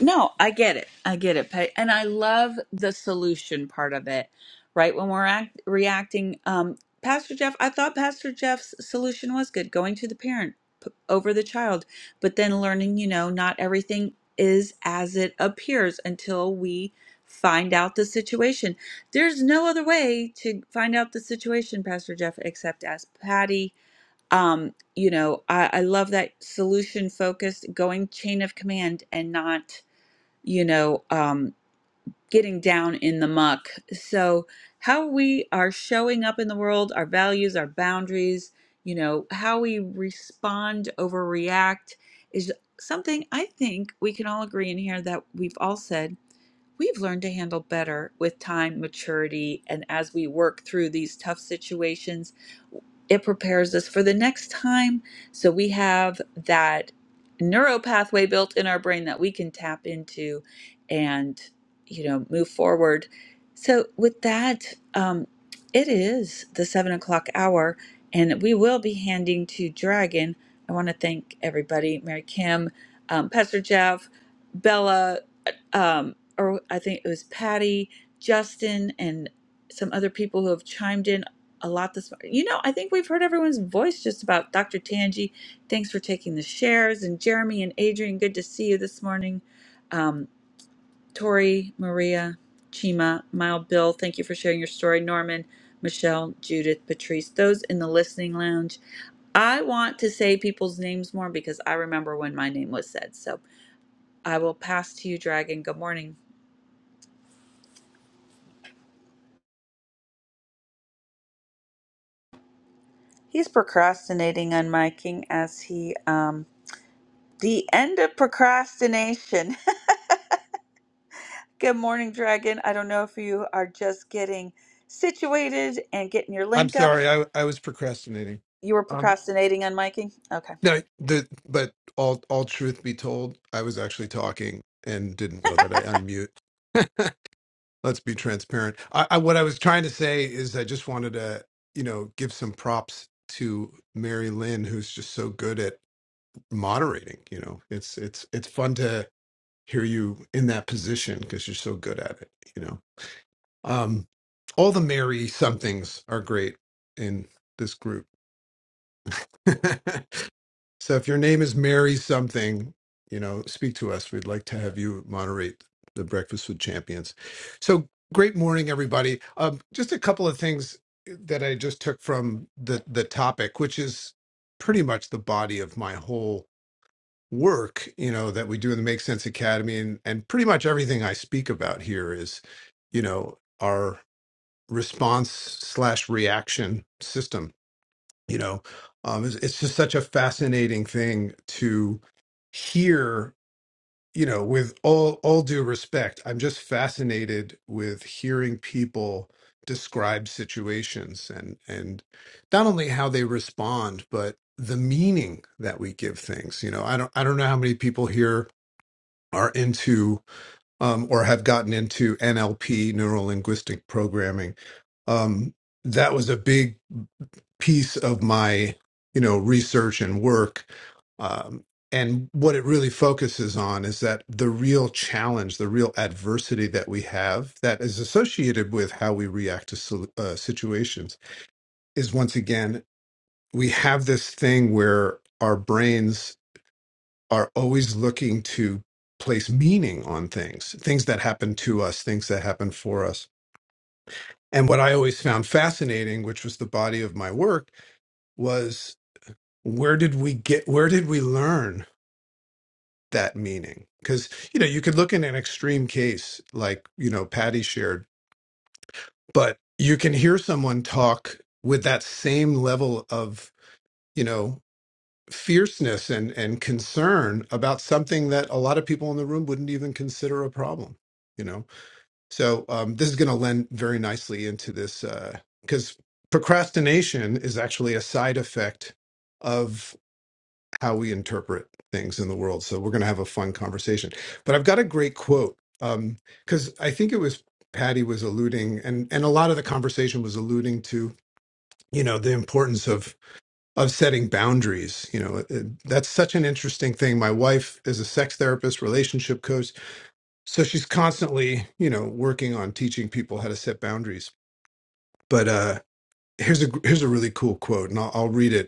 S1: No, I get it. I get it. Patty. And I love the solution part of it, right? When we're act- reacting, um, Pastor Jeff, I thought Pastor Jeff's solution was good going to the parent p- over the child, but then learning, you know, not everything is as it appears until we find out the situation. There's no other way to find out the situation, Pastor Jeff, except as Patty. Um, you know, I, I love that solution focused, going chain of command and not you know, um, getting down in the muck. So, how we are showing up in the world, our values, our boundaries, you know, how we respond, overreact is something I think we can all agree in here that we've all said we've learned to handle better with time, maturity, and as we work through these tough situations, it prepares us for the next time. So we have that neuro pathway built in our brain that we can tap into and, you know, move forward. So with that, um, it is the seven o'clock hour, and we will be handing to Dragon. I want to thank everybody, Mary Kim, um, Pastor Jeff, Bella, um, or I think it was Patty, Justin, and some other people who have chimed in a lot this morning. You know, I think we've heard everyone's voice just about Dr. Tangi. Thanks for taking the shares. And Jeremy and Adrian, good to see you this morning. Um, Tori, Maria, Chima, Mild, Bill, thank you for sharing your story. Norman, Michelle, Judith, Patrice, those in the listening lounge. I want to say people's names more because I remember when my name was said. So I will pass to you, Dragon. Good morning. He's procrastinating on miking as he um the end of procrastination. Good morning, Dragon. I don't know if you are just getting situated and getting your
S16: I'm
S1: link up.
S16: sorry, I I was procrastinating.
S1: You were
S16: Um,
S1: procrastinating on miking? Okay.
S16: no, the but all all truth be told, I was actually talking and didn't know that I unmute. Let's be transparent. I, I what I was trying to say is I just wanted to you know give some props to Mary Lynn, who's just so good at moderating. You know, it's it's it's fun to hear you in that position because you're so good at it. You know, um, all the Mary somethings are great in this group. So if your name is Mary something, you know, speak to us. We'd like to have you moderate the Breakfast with Champions. So great morning, everybody. Um, just a couple of things that I just took from the the topic, which is pretty much the body of my whole work, you know, that we do in the Make Sense Academy, and and pretty much everything I speak about here is, you know, our response slash reaction system you know um it's, it's just such a fascinating thing to hear you know with all all due respect i'm just fascinated with hearing people describe situations and and not only how they respond but the meaning that we give things you know i don't i don't know how many people here are into um or have gotten into nlp neuro linguistic programming um that was a big piece of my you know research and work um, and what it really focuses on is that the real challenge the real adversity that we have that is associated with how we react to sol- uh, situations is once again we have this thing where our brains are always looking to place meaning on things things that happen to us things that happen for us and what i always found fascinating which was the body of my work where did we get where did we learn that meaning because you know you could look in an extreme case like you know patty shared but you can hear someone talk with that same level of you know fierceness and and concern about something that a lot of people in the room wouldn't even consider a problem you know so um this is going to lend very nicely into this uh because procrastination is actually a side effect how we interpret things in the world. So we're going to have a fun conversation. But I've got a great quote because I think it was Patty was alluding, and and a lot of the conversation was alluding to you know the importance of of setting boundaries. You know, it- it- that's such an interesting thing. My wife is a sex therapist, relationship coach, so she's constantly you know working on teaching people how to set boundaries. But uh, here's a here's a really cool quote, and I'll, I'll read it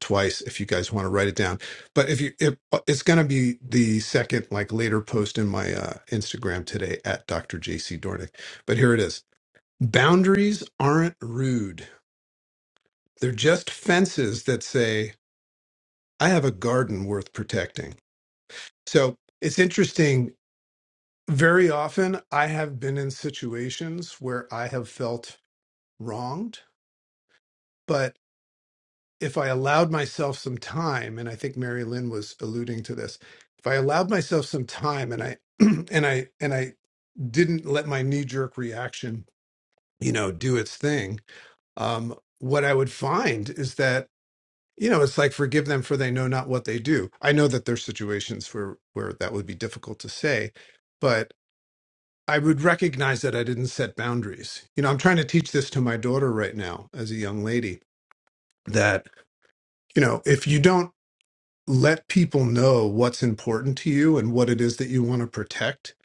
S16: twice if you guys want to write it down. But if you, if, uh, it's going to be the second, like later post in my uh, Instagram today at Dr. JC Dornick. But here it is Boundaries aren't rude, they're just fences that say, I have a garden worth protecting. So it's interesting. Very often, I have been in situations where I have felt wronged, but if I allowed myself some time, and I think Mary Lynn was alluding to this, if I allowed myself some time and I and I and I didn't let my knee jerk reaction, you know, do its thing, um, what I would find is that, you know, it's like forgive them for they know not what they do. I know that there's situations where where that would be difficult to say, but I would recognize that I didn't set boundaries. You know, I'm trying to teach this to my daughter right now as a young lady that, you know, if you don't let people know what's important to you and what it is that you want to protect.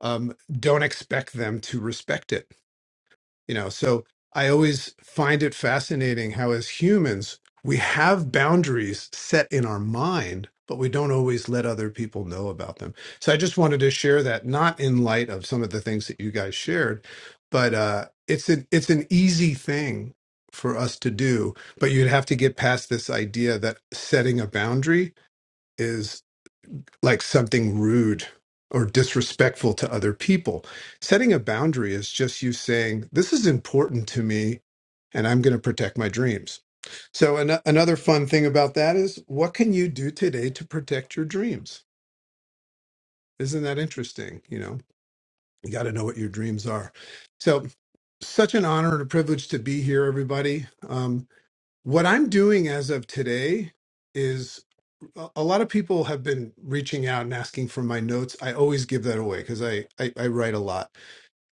S16: Um, don't expect them to respect it. You know, so I always find it fascinating how, as humans, we have boundaries set in our mind, but we don't always let other people know about them. So I just wanted to share that, not in light of some of the things that you guys shared, but uh, it's an it's an easy thing for us to do, but you'd have to get past this idea that setting a boundary like something rude or disrespectful to other people. Setting a boundary is just you saying, This is important to me, and I'm going to protect my dreams. So, an- another fun thing about that is, what can you do today to protect your dreams? Isn't that interesting? You know, you got to know what your dreams are. So, such an honor and a privilege to be here, everybody. Um, what I'm doing as of today is a a lot of people have been reaching out and asking for my notes. I always give that away because I, I I write a lot.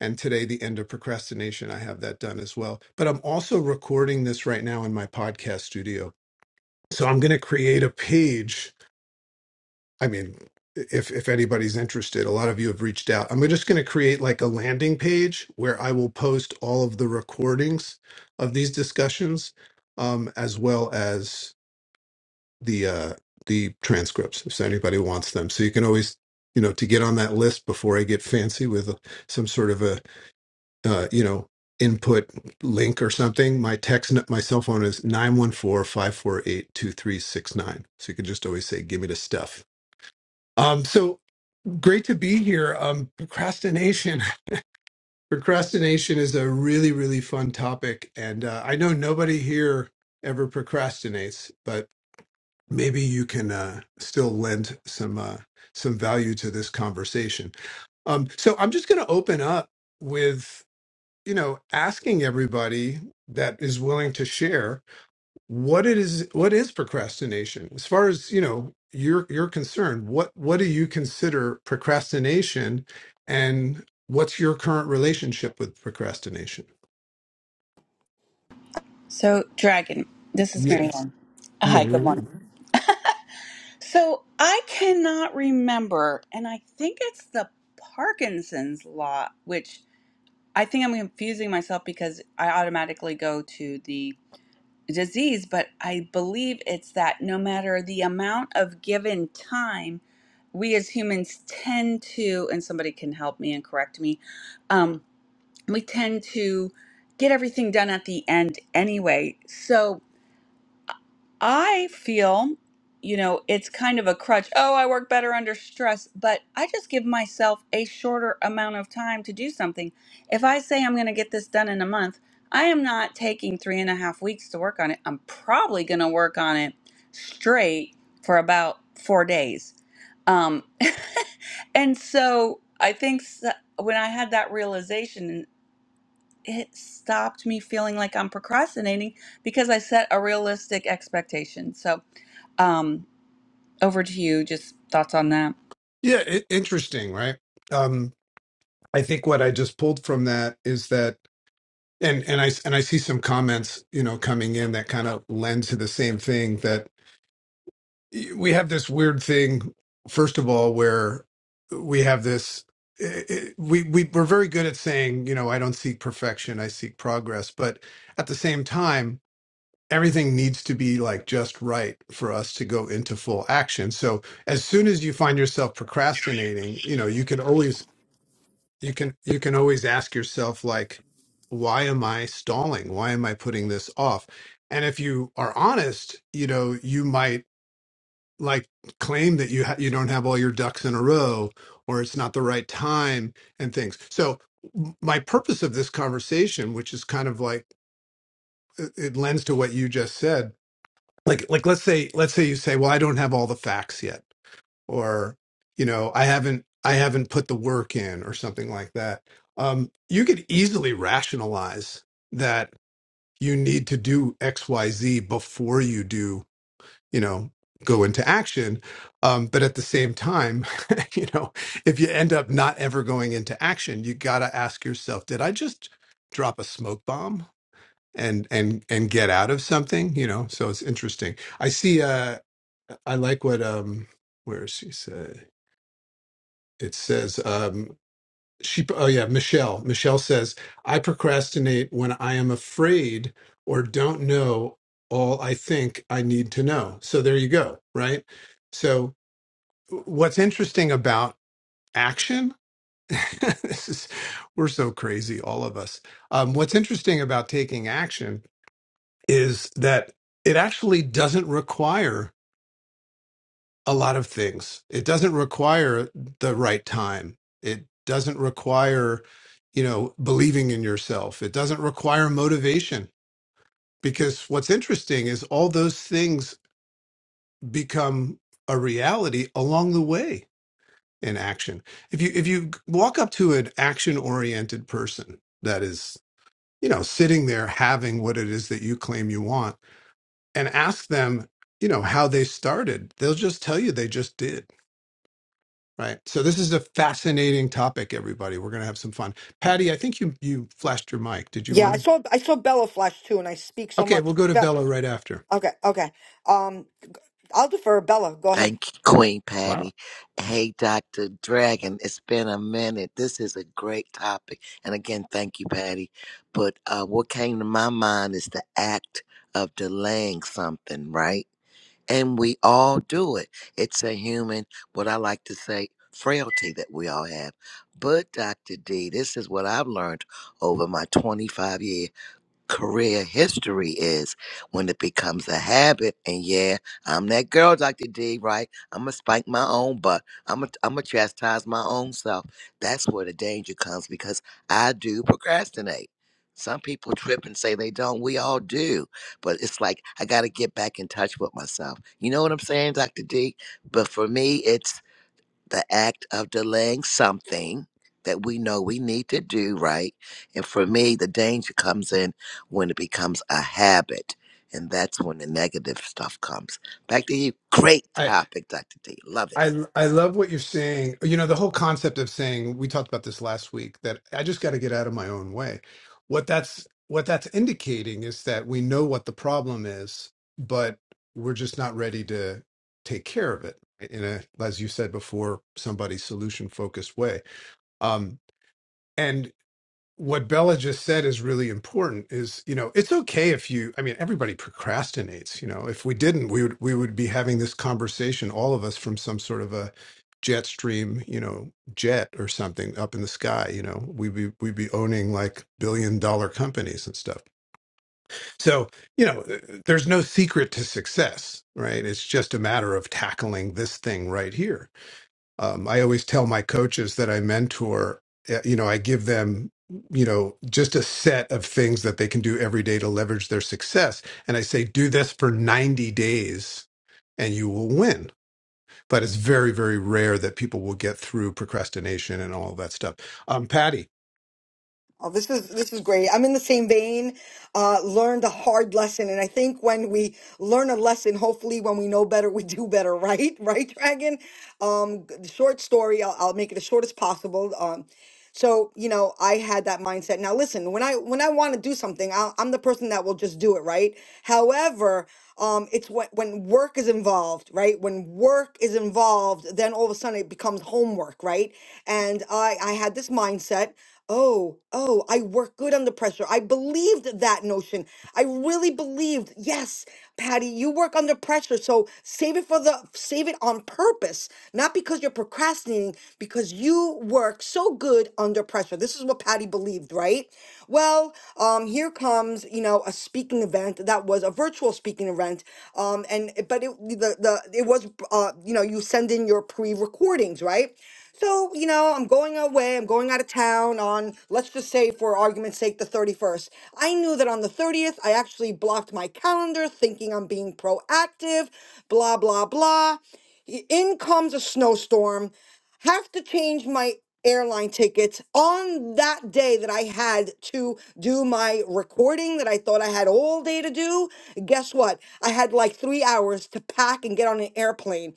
S16: And today, the end of procrastination, I have that done as well. But I'm also recording this right now in my podcast studio. So I'm going to create a page. I mean, if if anybody's interested, a lot of you have reached out. I'm just going to create like a landing page where I will post all of the recordings of these discussions, um, as well as the uh the transcripts if anybody wants them so you can always you know to get on that list before i get fancy with uh, some sort of a uh you know input link or something my text my cell phone is nine one four five four eight two three six nine. so you can just always say give me the stuff um so great to be here um procrastination procrastination is a really really fun topic and uh, i know nobody here ever procrastinates but maybe you can uh, still lend some uh, some value to this conversation. Um, so I'm just going to open up with you know asking everybody that is willing to share what it is what is procrastination as far as you know you're you're concerned what what do you consider procrastination and what's your current relationship with procrastination
S1: So, Dragon, this is
S16: yes
S1: Marianne.
S16: yeah
S1: Hi, good morning. So, I cannot remember, and I think it's the Parkinson's law, which I think I'm confusing myself because I automatically go to the disease, but I believe it's that no matter the amount of given time, we as humans tend to, and somebody can help me and correct me, um, we tend to get everything done at the end anyway. So, I feel, you know, it's kind of a crutch. Oh, I work better under stress, but I just give myself a shorter amount of time to do something. If I say I'm going to get this done in a month, I am not taking three and a half weeks to work on it. I'm probably going to work on it straight for about four days. Um, and so I think s- when I had that realization, it stopped me feeling like I'm procrastinating because I set a realistic expectation. So, um, over to you. Just thoughts on that.
S16: it, interesting right um I think what I just pulled from that is that, and and I and I see some comments, you know, coming in that kind of lend to the same thing that we have this weird thing. First of all, where we have this, eh, eh, we we we're very good at saying, you know, I don't seek perfection, I seek progress, but at the same time. Everything needs to be like just right for us to go into full action. So as soon as you find yourself procrastinating, you know, you can always you can you can always ask yourself like why am i stalling why am i putting this off and if you are honest you know you might like claim that you ha- you don't have all your ducks in a row or it's not the right time and things so m- my purpose of this conversation which is kind of like it it lends to what you just said like like let's say let's say you say well i don't have all the facts yet or you know i haven't i haven't put the work in or something like that um, you could easily rationalize that you need to do xyz before you do you know go into action um, but at the same time you know if you end up not ever going into action you got to ask yourself did i just drop a smoke bomb and and and get out of something you know so it's interesting i see uh i like what um where is she say it says um she oh yeah michelle michelle says i procrastinate when i am afraid or don't know all i think i need to know so there you go right so what's interesting about action this is we're so crazy all of us um, what's interesting about taking action is that it actually doesn't require a lot of things. It doesn't require the right time. It doesn't require, you know, believing in yourself. It doesn't require motivation because what's interesting is all those things become a reality along the way in action. If you if you walk up to an action-oriented person that is, you know, sitting there having what it is that you claim you want and ask them, you know, how they started, they'll just tell you they just did Right. So this is a fascinating topic, everybody. We're going to have some fun. Patty, I think you you flashed your mic. Did you
S7: Yeah,
S16: want
S7: I
S16: to?
S7: saw I saw Bella flash too, and I speak so
S16: Okay, we'll
S7: much.
S16: go to
S7: Be-
S16: Bella right after.
S7: okay, okay. Um, I'll defer. Bella, go ahead.
S11: Thank you, Queen
S16: Wow.
S11: Patty. Hey, Dr. Dragon, it's been a minute. This is a great topic. And again, thank you, Patty. But uh, what came to my mind is the act of delaying something, right? And we all do it. It's a human, what I like to say, frailty that we all have. But, Dr. D, this is what I've learned over my 25 years career history is when it becomes a habit. And yeah, I'm that girl, Dr. D, right? I'm going to spike my own butt. I'm going to I'm going to chastise my own self. That's where the danger comes because I do procrastinate. Some people trip and say they don't. We all do. But it's like, I got to get back in touch with myself. You know what I'm saying, Dr. D? But for me, it's the act of delaying something that we know we need to do, right? And for me, the danger comes in when it becomes a habit. And that's when the negative stuff comes. Back to you. Great
S16: I
S11: topic, Dr. D. Love it.
S16: I I love what you're saying. You know, the whole concept of saying we talked about this last week that I just got to get out of my own way. What that's what that's indicating is that we know what the problem is, but we're just not ready to take care of it in a as you said before, somebody's solution focused way. Um what Bella just said is really important is, you know, it's okay if you I mean everybody procrastinates, you know. If we didn't, we would we would be having this conversation all of us from some sort of a jet stream, you know, jet or something up in the sky, you know. We'd be we'd be owning like billion dollar companies and stuff. So, you know, uh, there's no secret to success, right? It's just a matter of tackling this thing right here um, I always tell my coaches that I mentor, uh, you know, I give them, you know, just a set of things that they can do every day to leverage their success. And I say, do this for 90 days and you will win. But it's very, very rare that people will get through procrastination and all that stuff. Um, Patty,
S7: Oh, this is this is great. I'm in the same vein. Uh, learned a hard lesson, and I think when we learn a lesson, hopefully, when we know better, we do better. Right, right, Dragon. Um, g- short story. I'll, I'll make it as short as possible. Um, so you know, I had that mindset. Now, listen, when I when I want to do something, I'll, I'm the person that will just do it. Right. However, um, it's when when work is involved. Right. When work is involved, then all of a sudden it becomes homework. Right. And I I had this mindset. Oh, oh, I work good under pressure. I believed that notion. I really believed, yes, Patty, you work under pressure. So save it for the save it on purpose, not because you're procrastinating, because you work so good under pressure. This is what Patty believed, right? Well, um, here comes, you know, a speaking event that was a virtual speaking event. Um, and but it the, the it was uh, you know, you send in your pre-recordings, right? So, you know, I'm going away, I'm going out of town on, let's just say for argument's sake, the 31st. I knew that on the 30th, I actually blocked my calendar thinking I'm being proactive, blah, blah, blah. Y- In comes a snowstorm, have to change my airline tickets on that day that I had to do my recording that I thought I had all day to do. Guess what? I had like three hours to pack and get on an airplane.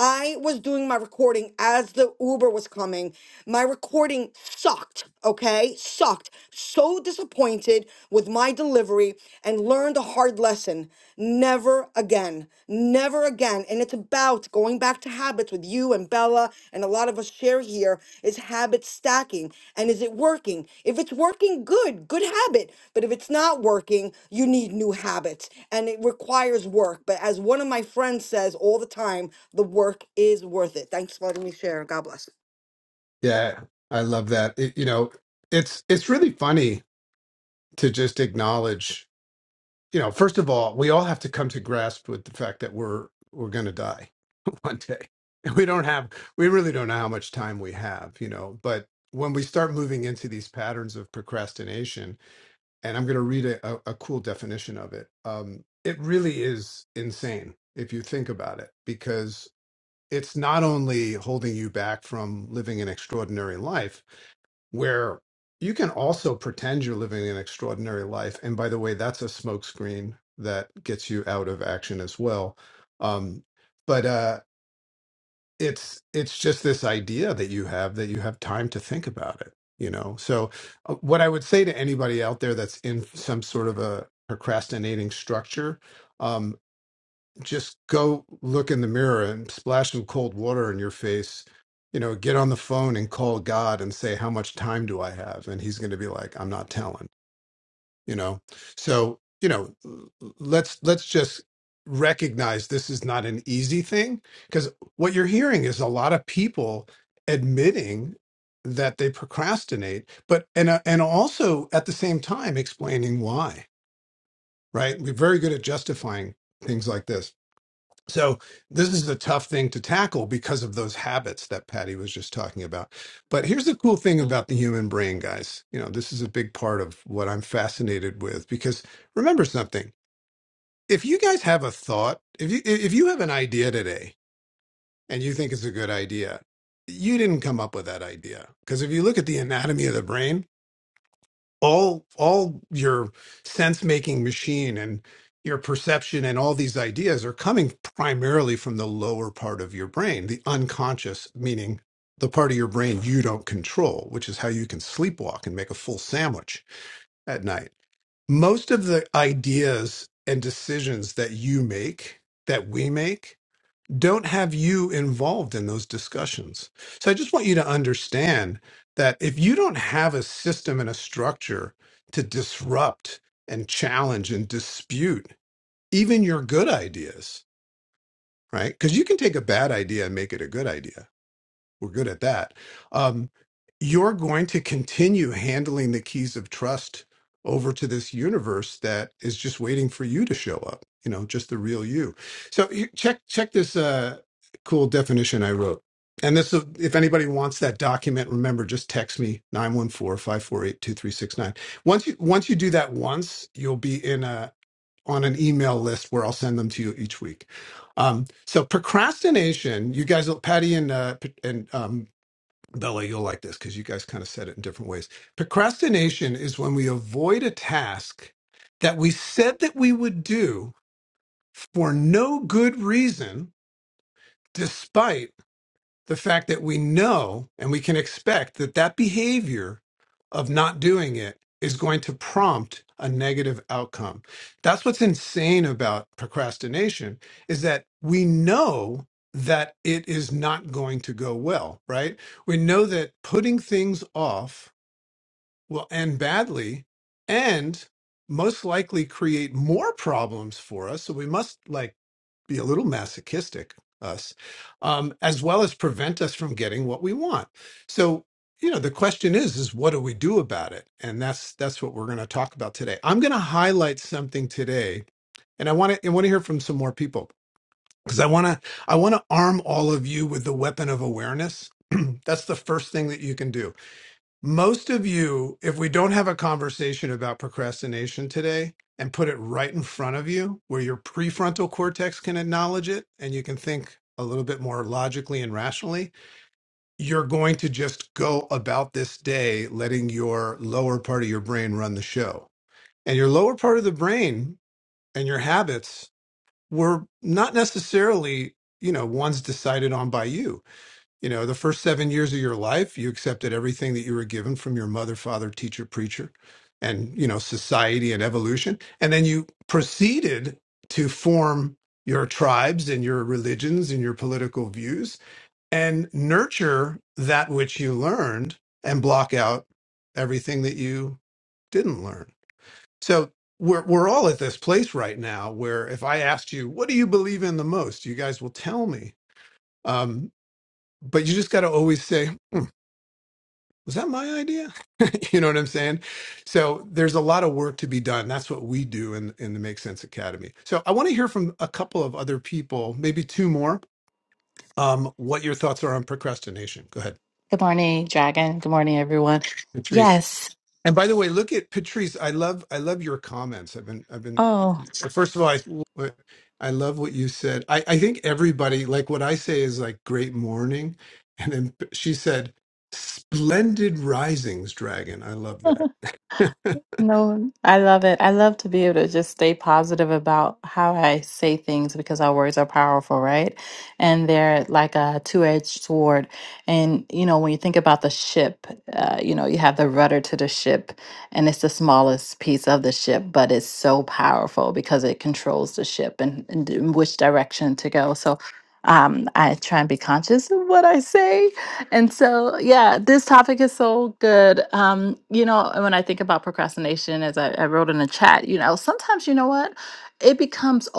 S7: I was doing my recording as the Uber was coming. My recording sucked, okay? Sucked. So disappointed with my delivery and learned a hard lesson never again never again and it's about going back to habits with you and bella and a lot of us share here is habit stacking and is it working if it's working good good habit but if it's not working you need new habits and it requires work but as one of my friends says all the time the work is worth it thanks for letting me share god bless
S16: yeah, I love that. It, you know, it's it's really funny to just acknowledge, you know, first of all, we all have to come to grasp with the fact that we're we're going to die Monday. And we don't have, we really don't know how much time we have, you know. But when we start moving into these patterns of procrastination, and I'm going to read a, a, a cool definition of it, um, it really is insane if you think about it, because it's not only holding you back from living an extraordinary life where you can also pretend you're living an extraordinary life. And by the way, that's a smokescreen that gets you out of action as well. Um, but uh, it's it's just this idea that you have that you have time to think about it you know so uh, what i would say to anybody out there that's in some sort of a procrastinating structure um just go look in the mirror and splash some cold water in your face you know get on the phone and call god and say how much time do i have and he's going to be like i'm not telling you know so you know let's let's just recognize this is not an easy thing because what you're hearing is a lot of people admitting that they procrastinate but and uh, and also at the same time explaining why right we're very good at justifying things like this so this is a tough thing to tackle because of those habits that Patty was just talking about. But here's the cool thing about the human brain, guys. You know, this is a big part of what I'm fascinated with because remember something. If you guys have a thought, if you if you have an idea today and you think it's a good idea, you didn't come up with that idea. Because if you look at the anatomy of the brain, all all your sense making machine and your perception and all these ideas are coming primarily from the lower part of your brain the unconscious meaning the part of your brain you don't control which is how you can sleepwalk and make a full sandwich at night most of the ideas and decisions that you make that we make don't have you involved in those discussions. So I just want you to understand that if you don't have a system and a structure to disrupt and challenge and dispute even your good ideas, right? Because you can take a bad idea and make it a good idea we're good at that. Um, you're going to continue handling the keys of trust over to this universe that is just waiting for you to show up. You know, just the real you. So you- check check this uh, cool definition I wrote. And this, if anybody wants that document, remember, just text me nine one four five four eight two three six nine. Once you, once you do that once, you'll be in a, on an email list where I'll send them to you each week. Um, so procrastination, you guys, will- Patty and uh, P- and um, Bella, you'll like this because you guys kind of said it in different ways. Procrastination is when we avoid a task that we said that we would do for no good reason, despite the fact that we know and we can expect that that behavior of not doing it is going to prompt a negative outcome. That's what's insane about procrastination is that we know that it is not going to go well, right? We know that putting things off will end badly and most likely create more problems for us. So we must like be a little masochistic us um, as well as prevent us from getting what we want so you know the question is is what do we do about it and that's that's what we're going to talk about today i'm going to highlight something today and i want to i want to hear from some more people because i want to i want to arm all of you with the weapon of awareness that's the first thing that you can do most of you, if we don't have a conversation about procrastination today and put it right in front of you where your prefrontal cortex can acknowledge it and you can think a little bit more logically and rationally, you're going to just go about this day letting your lower part of your brain run the show. And your lower part of the brain and your habits were not necessarily, you know, ones decided on by you you know, the first seven years of your life, you accepted everything that you were given from your mother, father, teacher, preacher, and, you know, society and evolution. And then you proceeded to form your tribes and your religions and your political views and nurture that which you learned and block out everything that you didn't learn. So we're we're all at this place right now where if I asked you, what do you believe in the most, you guys will tell me. Um, but you just got to always say, was that my idea? you know what I'm saying? So there's a lot of work to be done. That's what we do in, in the Make Sense Academy. So I want to hear from a couple of other people, maybe two more, um, what your thoughts are on procrastination. Go ahead,
S12: Good morning, Dragon. Good morning, everyone.
S16: Patrice.
S12: Yes.
S16: And by the way, look at Patrice. I love I love your comments. I've been I've been
S12: Oh.
S16: uh, first of all, I, what- I love what you said. I, I think everybody like what I say is like great morning, and then she said splendid risings, dragon. I love that.
S12: No, I love it. I love to be able to just stay positive about how I say things because our words are powerful, right? And they're like a two-edged sword. And you know, when you think about the ship, uh, you know, you have the rudder to the ship, and it's the smallest piece of the ship, but it's so powerful because it controls the ship and, and in which direction to go. So, um, I try and be conscious of what I say and so, yeah, this topic is so good. Um, you know, and when I think about procrastination, as I, I wrote in the chat, you know, sometimes you know what, it becomes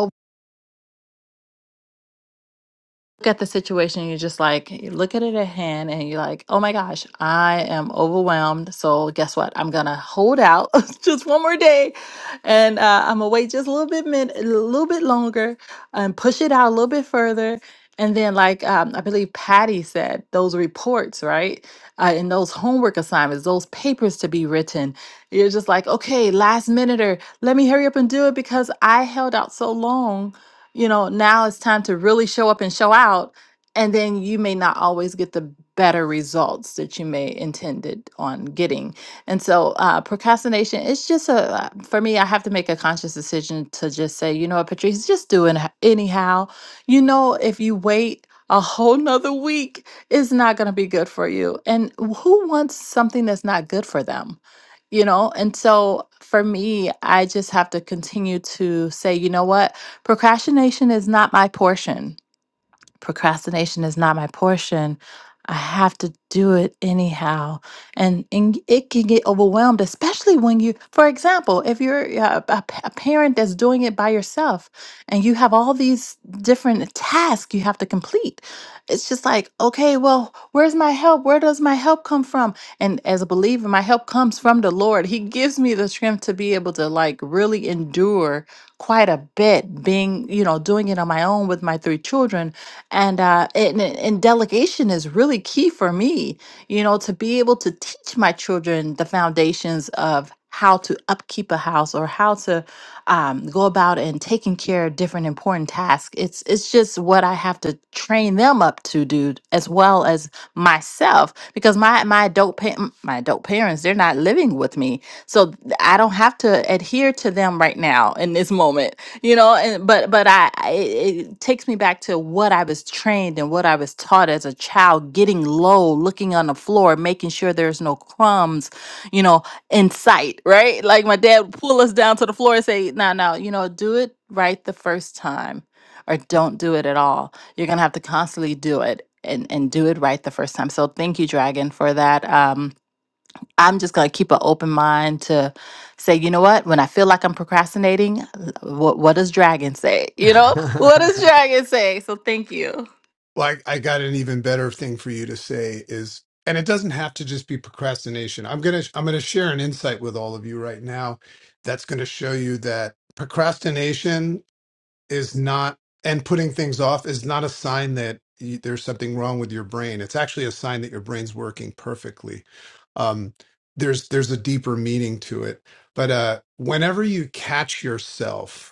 S12: look at the situation, you're just like, you look at it at hand, and you're like, oh my gosh, I am overwhelmed. So, guess what? I'm going to hold out just one more day and uh, I'm going to wait just a little bit, min- a little bit longer and push it out a little bit further. And then, like um, I believe Patty said, those reports, right? Uh, and those homework assignments, those papers to be written. You're just like, okay, last minute, or let me hurry up and do it because I held out so long you know, now it's time to really show up and show out. And then you may not always get the better results that you may intended on getting. And so uh, procrastination, it's just a, uh, for me, I have to make a conscious decision to just say, you know what, Patrice, just do it anyhow. You know, if you wait a whole nother week, it's not going to be good for you. And who wants something that's not good for them? you know and so for me i just have to continue to say you know what Procrastination is not my portion procrastination is not my portion. I have to do it anyhow. And, and it can get overwhelmed, especially when you, for example, if you're uh, a, p- a parent that's doing it by yourself and you have all these different tasks you have to complete, it's just like, okay, well, where's my help? Where does my help come from? And as a believer, my help comes from the Lord. He gives me the strength to be able to like really endure quite a bit being, you know, doing it on my own with my three children and uh and, and delegation is really key for me you know to be able to teach my children the foundations of how to upkeep a house or how to um, go about and taking care of different important tasks it's it's just what i have to train them up to do as well as myself because my my adult pa- m- my adult parents they're not living with me so th- i don't have to adhere to them right now in this moment you know and but but i I- it, it takes me back to what i was trained and what i was taught as a child getting low looking on the floor making sure there's no crumbs you know in sight right like my dad would pull us down to the floor and say no no you know do it right the first time or don't do it at all you're gonna have to constantly do it and and do it right the first time so thank you dragon for that um I'm just going to keep an open mind to say, you know what? When I feel like I'm procrastinating, what what does Dragon say? You know, what does Dragon say? So thank you.
S16: Like I I got an even better thing for you to say is, and it doesn't have to just be procrastination. I'm gonna I'm gonna share an insight with all of you right now that's gonna show you that procrastination is not and putting things off is not a sign that you, there's something wrong with your brain. It's actually a sign that your brain's working perfectly. Um, there's there's a deeper meaning to it. But uh, whenever you catch yourself.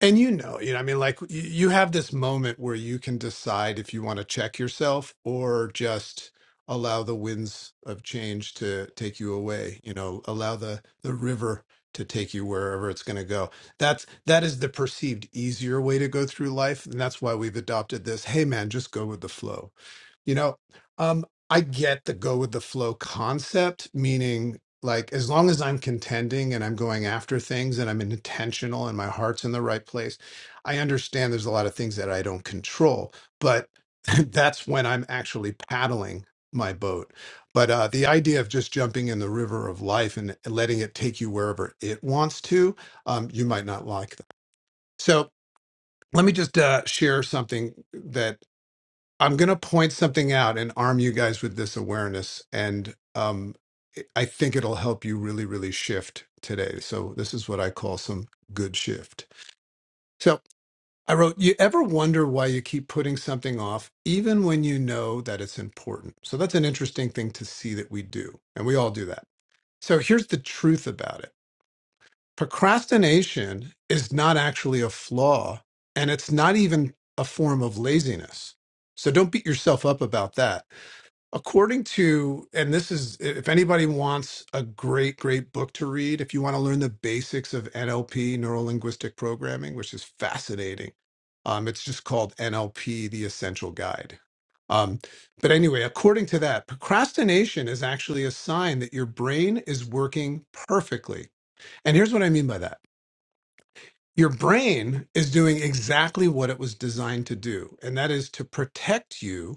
S16: And you know, you know, I mean, like y- you have this moment where you can decide if you want to check yourself or just allow the winds of change to take you away. You know, allow the the river to take you wherever it's going to go. That's that is the perceived easier way to go through life, and that's why we've adopted this. Hey, man, just go with the flow you know, um, I get the go with the flow concept, meaning like as long as I'm contending and I'm going after things and I'm intentional and my heart's in the right place, I understand there's a lot of things that I don't control, but that's when I'm actually paddling my boat. But uh, the idea of just jumping in the river of life and letting it take you wherever it wants to, um, you might not like that. So let me just uh, share something that. I'm going to point something out and arm you guys with this awareness. And um, I think it'll help you really, really shift today. So, this is what I call some good shift. So, I wrote, You ever wonder why you keep putting something off, even when you know that it's important? So, that's an interesting thing to see that we do. And we all do that. So, here's the truth about it procrastination is not actually a flaw, and it's not even a form of laziness. So, don't beat yourself up about that According to, and this is, if anybody wants a great, great book to read, if you want to learn the basics of NLP, neuro linguistic programming, which is fascinating, um, it's just called NLP, the Essential Guide. Um, but anyway, according to that, procrastination is actually a sign that your brain is working perfectly. And here's what I mean by that your brain is doing exactly what it was designed to do, and that is to protect you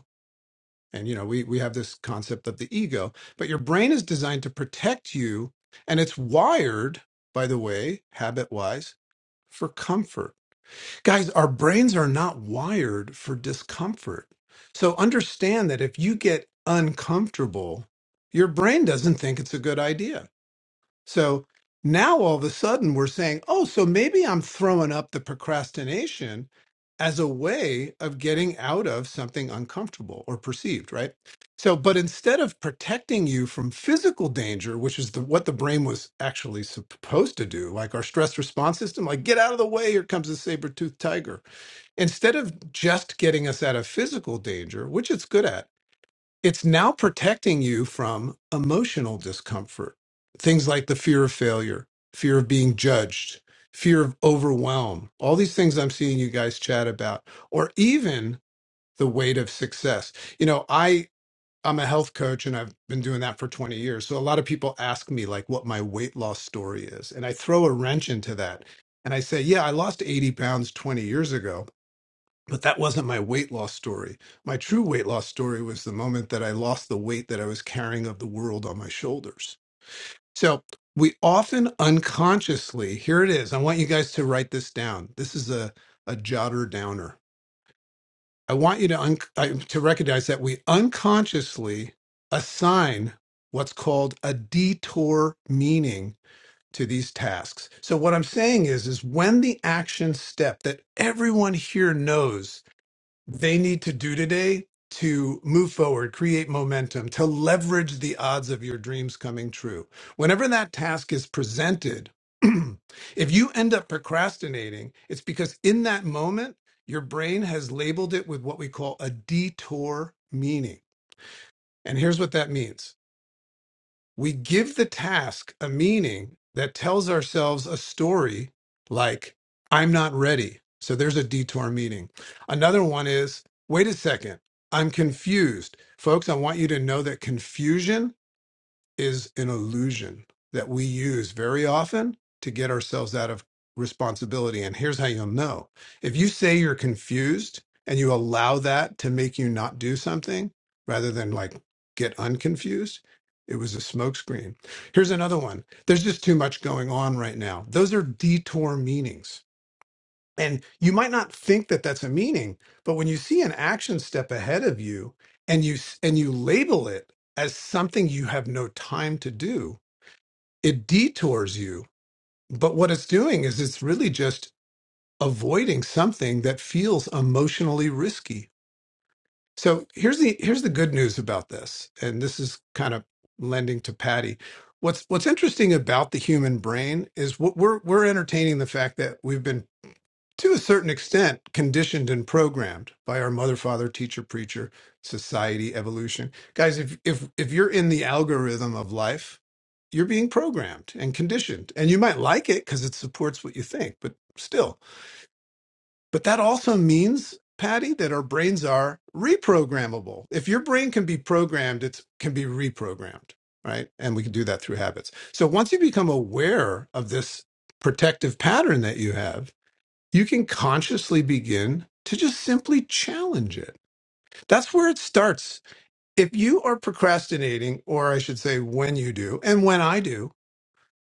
S16: and you know, we we have this concept of the ego, but your brain is designed to protect you and it's wired, by the way, habit-wise, for comfort. Guys, our brains are not wired for discomfort. So understand that if you get uncomfortable, your brain doesn't think it's a good idea. So now all of a sudden we're saying, oh, so maybe I'm throwing up the procrastination as a way of getting out of something uncomfortable or perceived, right? So, but instead of protecting you from physical danger, which is the, what the brain was actually supposed to do, like our stress response system, like get out of the way, here comes a saber toothed tiger. Instead of just getting us out of physical danger, which it's good at, it's now protecting you from emotional discomfort. Things like the fear of failure, fear of being judged, fear of overwhelm, all these things I'm seeing you guys chat about, or even the weight of success. You know, I, I'm a health coach and I've been doing that for 20 years. So a lot of people ask me like what my weight loss story is. And I throw a wrench into that. And I say, yeah, I lost 80 pounds 20 years ago but that wasn't my weight loss story. My true weight loss story was the moment that I lost the weight that I was carrying of the world on my shoulders. So we often unconsciously, here it is. I want you guys to write this down. This is a, a jotter downer. I want you to, un- I, to recognize that we unconsciously assign what's called a detour meaning to these tasks. So what I'm saying is is when the action step that everyone here knows they need to do today to move forward, create momentum, to leverage the odds of your dreams coming true. Whenever that task is presented, if you end up procrastinating, it's because in that moment, your brain has labeled it with what we call a detour meaning. And here's what that means we give the task a meaning that tells ourselves a story like, I'm not ready. So there's a detour meaning. Another one is, wait a second, I'm confused. Folks, I want you to know that confusion is an illusion that we use very often to get ourselves out of responsibility. And here's how you'll know if you say you're confused and you allow that to make you not do something rather than like get unconfused, it was a smokescreen. Here's another one there's just too much going on right now. Those are detour meanings and you might not think that that's a meaning, but when you see an action step ahead of you and you s- and you label it as something you have no time to do, it detours you. But what it's doing is it's really just avoiding something that feels emotionally risky. So here's the here's the good news about this, and this is kind of lending to Patty. What's what's interesting about the human brain is what we're we're entertaining the fact that we've been to a certain extent, conditioned and programmed by our mother, father, teacher, preacher, society, evolution. Guys, if if if you're in the algorithm of life, you're being programmed and conditioned, and you might like it because it supports what you think, but still. But that also means, Patty, that our brains are reprogrammable. If your brain can be programmed, it can be reprogrammed, right? And we can do that through habits. So once you become aware of this protective pattern that you have you can consciously begin to just simply challenge it. That's where it starts. If you are procrastinating, or I should say, when you do, and when I do,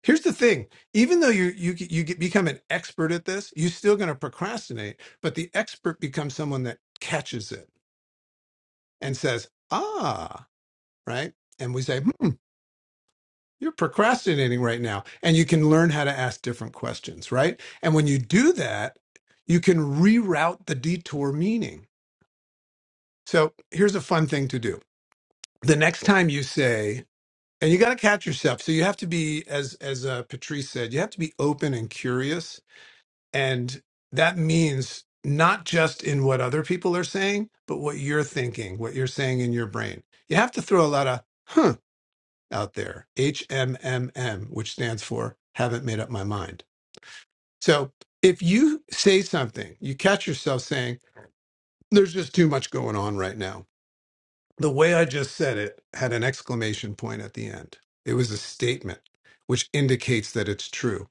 S16: here's the thing: even though you you you get, become an expert at this, you're still going to procrastinate. But the expert becomes someone that catches it and says, "Ah, right," and we say, "Hmm." You're procrastinating right now, and you can learn how to ask different questions, right? And when you do that, you can reroute the detour meaning So here's a fun thing to do. The next time you say, and you got to catch yourself. So you have to be, as as uh, Patrice said, you have to be open and curious, and that means not just in what other people are saying, but what you're thinking, what you're saying in your brain. You have to throw a lot of "huh" out there, HMMM, which stands for haven't made up my mind. So if you say something, you catch yourself saying, "There's just too much going on right now." The way I just said it had an exclamation point at the end. It was a statement which indicates that it's true.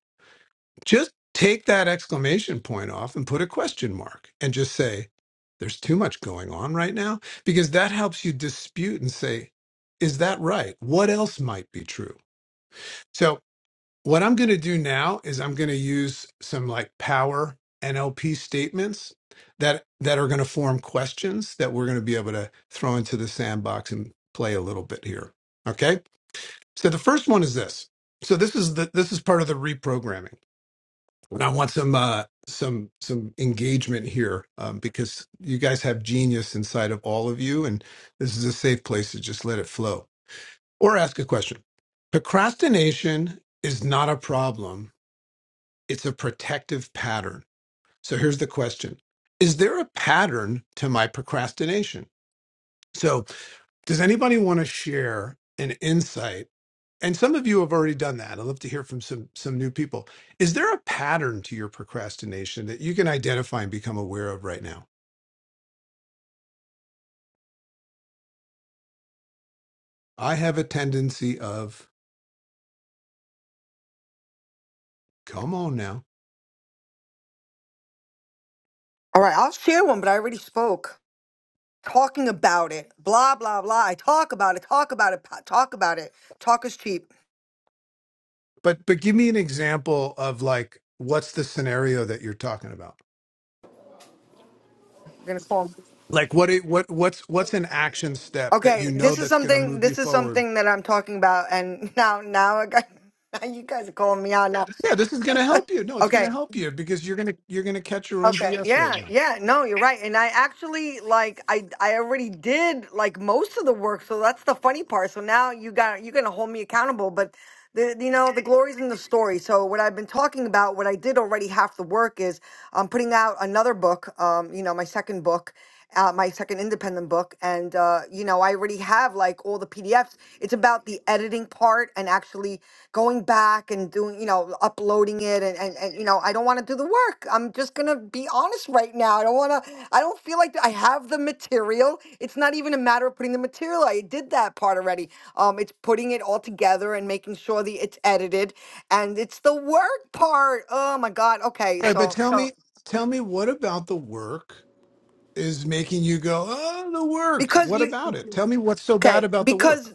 S16: Just take that exclamation point off and put a question mark and just say, there's too much going on right now, because that helps you dispute and say, is that right? What else might be true? So what I'm going to do now is I'm going to use some like power NLP statements that that are going to form questions that we're going to be able to throw into the sandbox and play a little bit here. Okay? So the first one is this. So this is the this is part of the reprogramming. And I want some uh some some engagement here um, because you guys have genius inside of all of you and this is a safe place to just let it flow or ask a question. Procrastination is not a problem it's a protective pattern. So here's the question Is there a pattern to my procrastination? So, does anybody want to share an insight? And some of you have already done that. I'd love to hear from some, some new people. Is there a pattern to your procrastination that you can identify and become aware of right now? I have a tendency of, come on now.
S7: all right i'll share one but i already spoke talking about it blah blah blah i talk about it talk about it pa- talk about it talk is cheap
S16: But but give me an example of like what's the scenario that you're talking about?
S7: I'm gonna call. him.
S16: Like what it what what's what's an action step that you
S7: Okay,
S16: know
S7: this is
S16: that's going to
S7: something.
S16: move you
S7: This is
S16: forward
S7: something that I'm talking about, and now, now I got. Now you guys are calling me out now.
S16: Yeah, this is going to help you. No, it's going
S7: Okay,
S16: to help you because you're going to you're going to catch your own
S7: Okay.
S16: BS right
S7: Yeah.
S16: now.
S7: Yeah. No, you're right. And I actually like I I already did like most of the work, so that's the funny part. So now you got you're gonna hold me accountable, but the you know the glory's in the story. So what I've been talking about, what I did already half the work is I'm putting out another book. Um, you know my second book. Uh, my second independent book and uh, you know i already have like all the pdfs it's about the editing part and actually going back and doing you know uploading voting it and, and, and you know i don't want to do the work i'm just going to be honest right now i don't want to i don't feel like i have the material it's not even a matter of putting the material i did that part already um it's putting it all together and making sure that it's edited and it's the work part oh my god okay
S16: All right, but
S7: so
S16: tell me tell me what about the work is making you go, "Oh, the work.
S7: because
S16: What
S7: you
S16: about it? Tell me what's so bad
S7: Okay,
S16: about the work?"
S7: because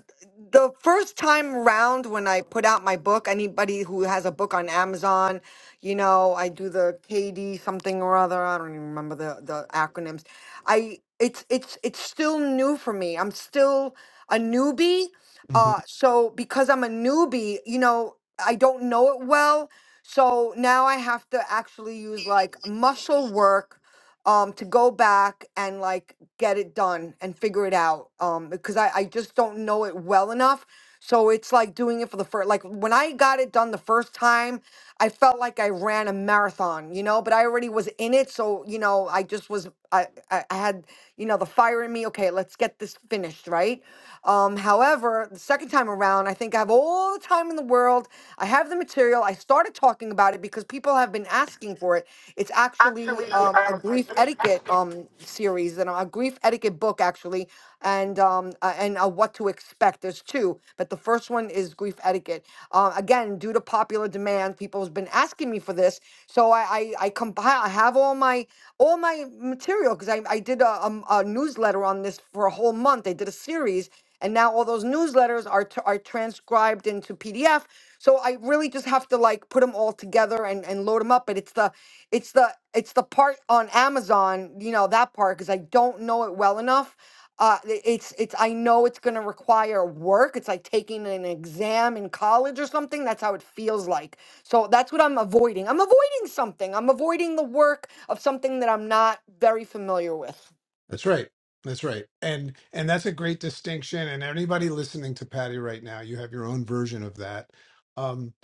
S7: the first time round when I put out my book, anybody who has a book on Amazon, you know, I do the KD something or other. I don't even remember the the acronyms. I it's it's it's still new for me. I'm still a newbie.
S16: Mm-hmm.
S7: Uh, so because I'm a newbie, you know, I don't know it well. So now I have to actually use like muscle work um to go back and like get it done and figure it out um because I I just don't know it well enough. So it's like doing it for the first like when I got it done the first time, I felt like I ran a marathon, you know, but I already was in it, so you know, I just was I I, I had you know, the fire in me, okay, let's get this finished, right? Um, however, the second time around, I think I have all the time in the world. I have the material. I started talking about it because people have been asking for it. It's actually
S17: Actually, um,
S7: um, a
S17: I
S7: grief
S17: believe.
S7: etiquette um, series and a grief etiquette book, actually, and um, uh, and uh, what to expect. There's two, but the first one is grief etiquette. Uh, again, due to popular demand, people has been asking me for this, so I I, I, compi- I have all my all my material because I, I did a, um, a newsletter on this for a whole month. I did a series, and now all those newsletters are t- are transcribed into PDF. So I really just have to like put them all together and, and load them up. But it's the it's the it's the part on Amazon, you know that part because I don't know it well enough. Uh, i- it's it's I know it's going to require work. It's like taking an exam in college or something. That's how it feels like. So that's what I'm avoiding. I'm avoiding something. I'm avoiding the work of something that I'm not very familiar with.
S16: That's right. That's right. And and that's a great distinction. And anybody listening to Patty right now, you have your own version of that. Um,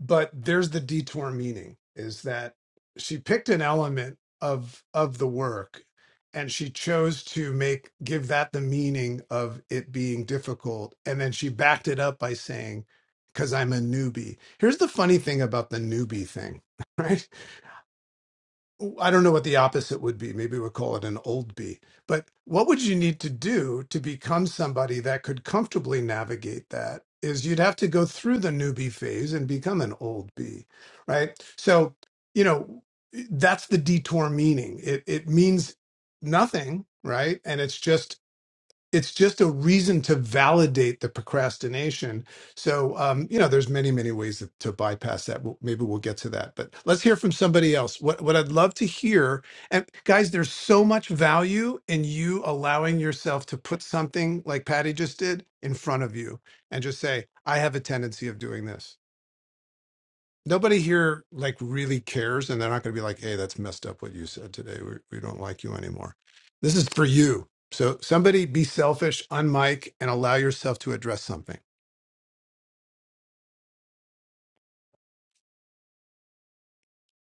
S16: but there's the detour meaning is that she picked an element of of the work and she chose to make give that the meaning of it being difficult. And then she backed it up by saying, because I'm a newbie. Here's the funny thing about the newbie thing, right? I don't know what the opposite would be. Maybe we'll call it an old bee. But what would you need to do to become somebody that could comfortably navigate that? Is you'd have to go through the newbie phase and become an old bee, right? So, you know, that's the detour meaning. It it means nothing, right? And it's just it's just a reason to validate the procrastination. So, um, you know, there's many, many ways to, to bypass that. We'll, maybe we'll get to that, but let's hear from somebody else. What, what I'd love to hear, and guys, there's so much value in you allowing yourself to put something like Patty just did in front of you and just say, I have a tendency of doing this nobody here like really cares and they're not going to be like hey that's messed up what you said today we, we don't like you anymore this is for you so somebody be selfish unmic, and allow yourself to address something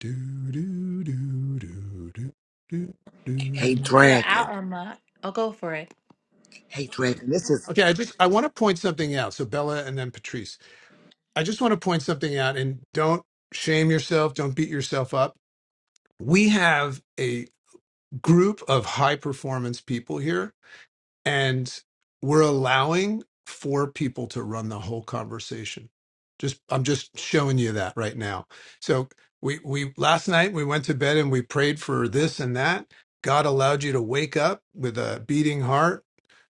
S16: do do do do do do
S11: Hey,
S16: do
S12: Sure,
S11: Dragon.
S12: I'll unlock. I'll go for it.
S11: Hey, Dragon. This is
S16: okay i just i want to point something out so bella and then patrice i just want to point something out and don't shame yourself don't beat yourself up we have a group of high performance people here and we're allowing four people to run the whole conversation just i'm just showing you that right now so we we last night we went to bed and we prayed for this and that god allowed you to wake up with a beating heart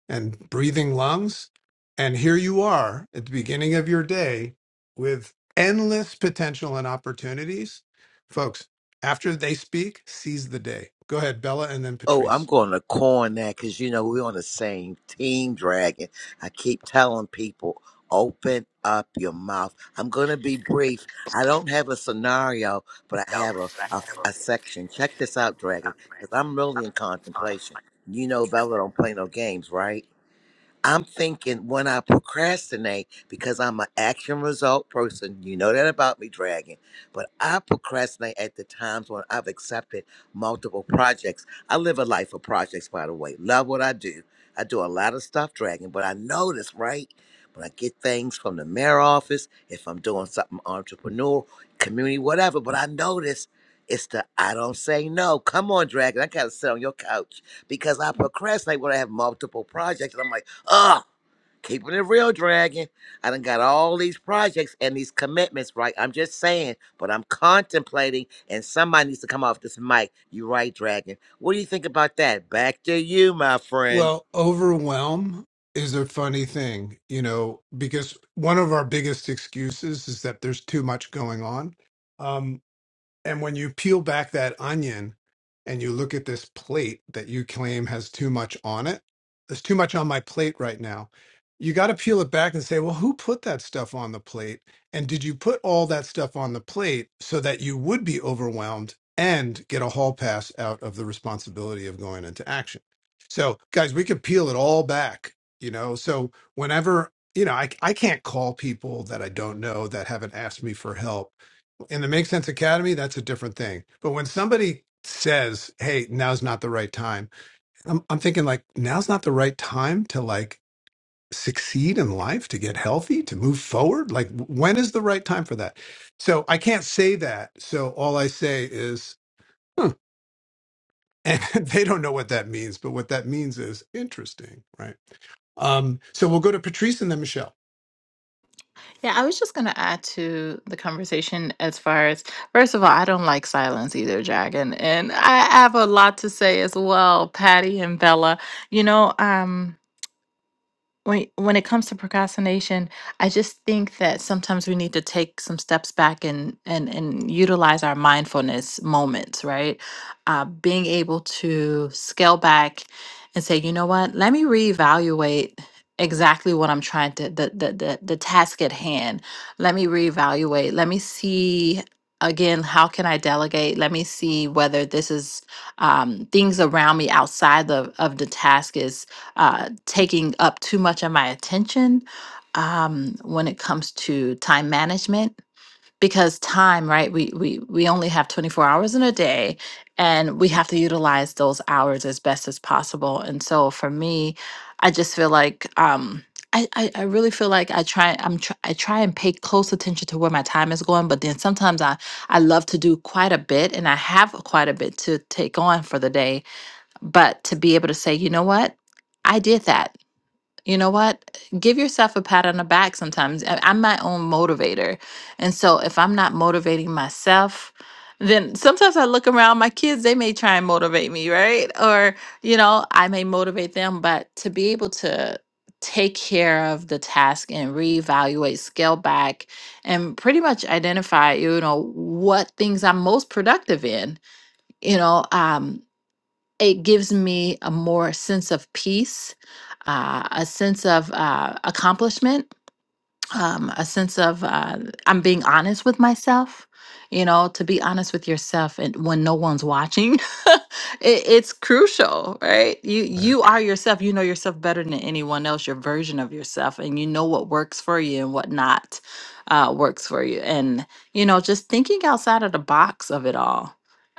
S16: and breathing lungs and here you are at the beginning of your day with endless potential and opportunities folks after they speak seize the day go ahead bella and then
S11: Oh, I'm
S16: patrice
S11: going to coin that because you know we're on the same team, Dragon. I keep telling people, open up your mouth. I'm going to be brief. I don't have a scenario, but I have a, a, a section. Check this out, Dragon, because I'm really in contemplation. You know, Bella don't play no games, right? I'm thinking when I procrastinate, because I'm an action result person, you know that about me, Dragon, but I procrastinate at the times when I've accepted multiple projects. I live a life of projects, by the way. Love what I do. I do a lot of stuff, Dragon, but I notice, right? When I get things from the mayor office, if I'm doing something entrepreneur, community, whatever, but I notice it's the I don't say no. Come on, Dragon. I gotta sit on your couch because I procrastinate when I have multiple projects. And I'm like, uh, keeping it real, Dragon. I done got all these projects and these commitments, right? I'm just saying, but I'm contemplating, and somebody needs to come off this mic. You right, Dragon. What do you think about that? Back to you, my friend.
S16: Well, overwhelm is a funny thing, you know, because one of our biggest excuses is that there's too much going on. Um, and when you peel back that onion and you look at this plate that you claim has too much on it, there's too much on my plate right now. You got to peel it back and say, well, who put that stuff on the plate? And did you put all that stuff on the plate so that you would be overwhelmed and get a hall pass out of the responsibility of going into action? So, guys, we could peel it all back, you know? So, whenever, you know, I, I can't call people that I don't know that haven't asked me for help in the Make Sense Academy, that's a different thing. But when somebody says, "Hey, now's not the right time," I'm, I'm thinking like, "Now's not the right time to like succeed in life, to get healthy, to move forward." Like, w- when is the right time for that? So I can't say that. So all I say is, "Hmm," and they don't know what that means. But what that means is interesting, right? Um, so we'll go to Patrice and then Michelle.
S12: Yeah, I was just going to add to the conversation as far as first of all, I don't like silence either, Dragon, and I have a lot to say as well, Patty and Bella. You know, um. when when it comes to procrastination, I just think that sometimes we need to take some steps back and and and utilize our mindfulness moments, right? Uh, being able to scale back and say, you know what, let me reevaluate exactly what I'm trying to the the the, the task at hand. Let me reevaluate. Let me see again how can i delegate let me see whether this is um, things around me outside of, of the task uh, taking up too much of my attention um, when it comes to time management because time right we, we we only have 24 hours in a day and we have to utilize those hours as best as possible and so for me i just feel like um i i, I really feel like i try i'm tr- i try and pay close attention to where my time is going but then sometimes i i love to do quite a bit and i have quite a bit to take on for the day but to be able to say, you know what? I did that. You know what? Give yourself a pat on the back sometimes. I- I'm my own motivator. And so if I'm not motivating myself, then sometimes I look around my kids, they may try and motivate me, right? Or, you know, I may motivate them, but to be able to take care of the task and reevaluate, scale back, and pretty much identify, you know, what things I'm most productive in, you know, um, it gives me a more sense of peace, uh, a sense of uh, accomplishment um, a sense of uh, I'm being honest with myself. You know, to be honest with yourself, and when no one's watching, it, it's crucial, right? You
S16: Right.
S12: you are yourself. You know yourself better than anyone else. Your version of yourself, and you know what works for you and what not uh, works for you. And you know, just thinking outside of the box of it all.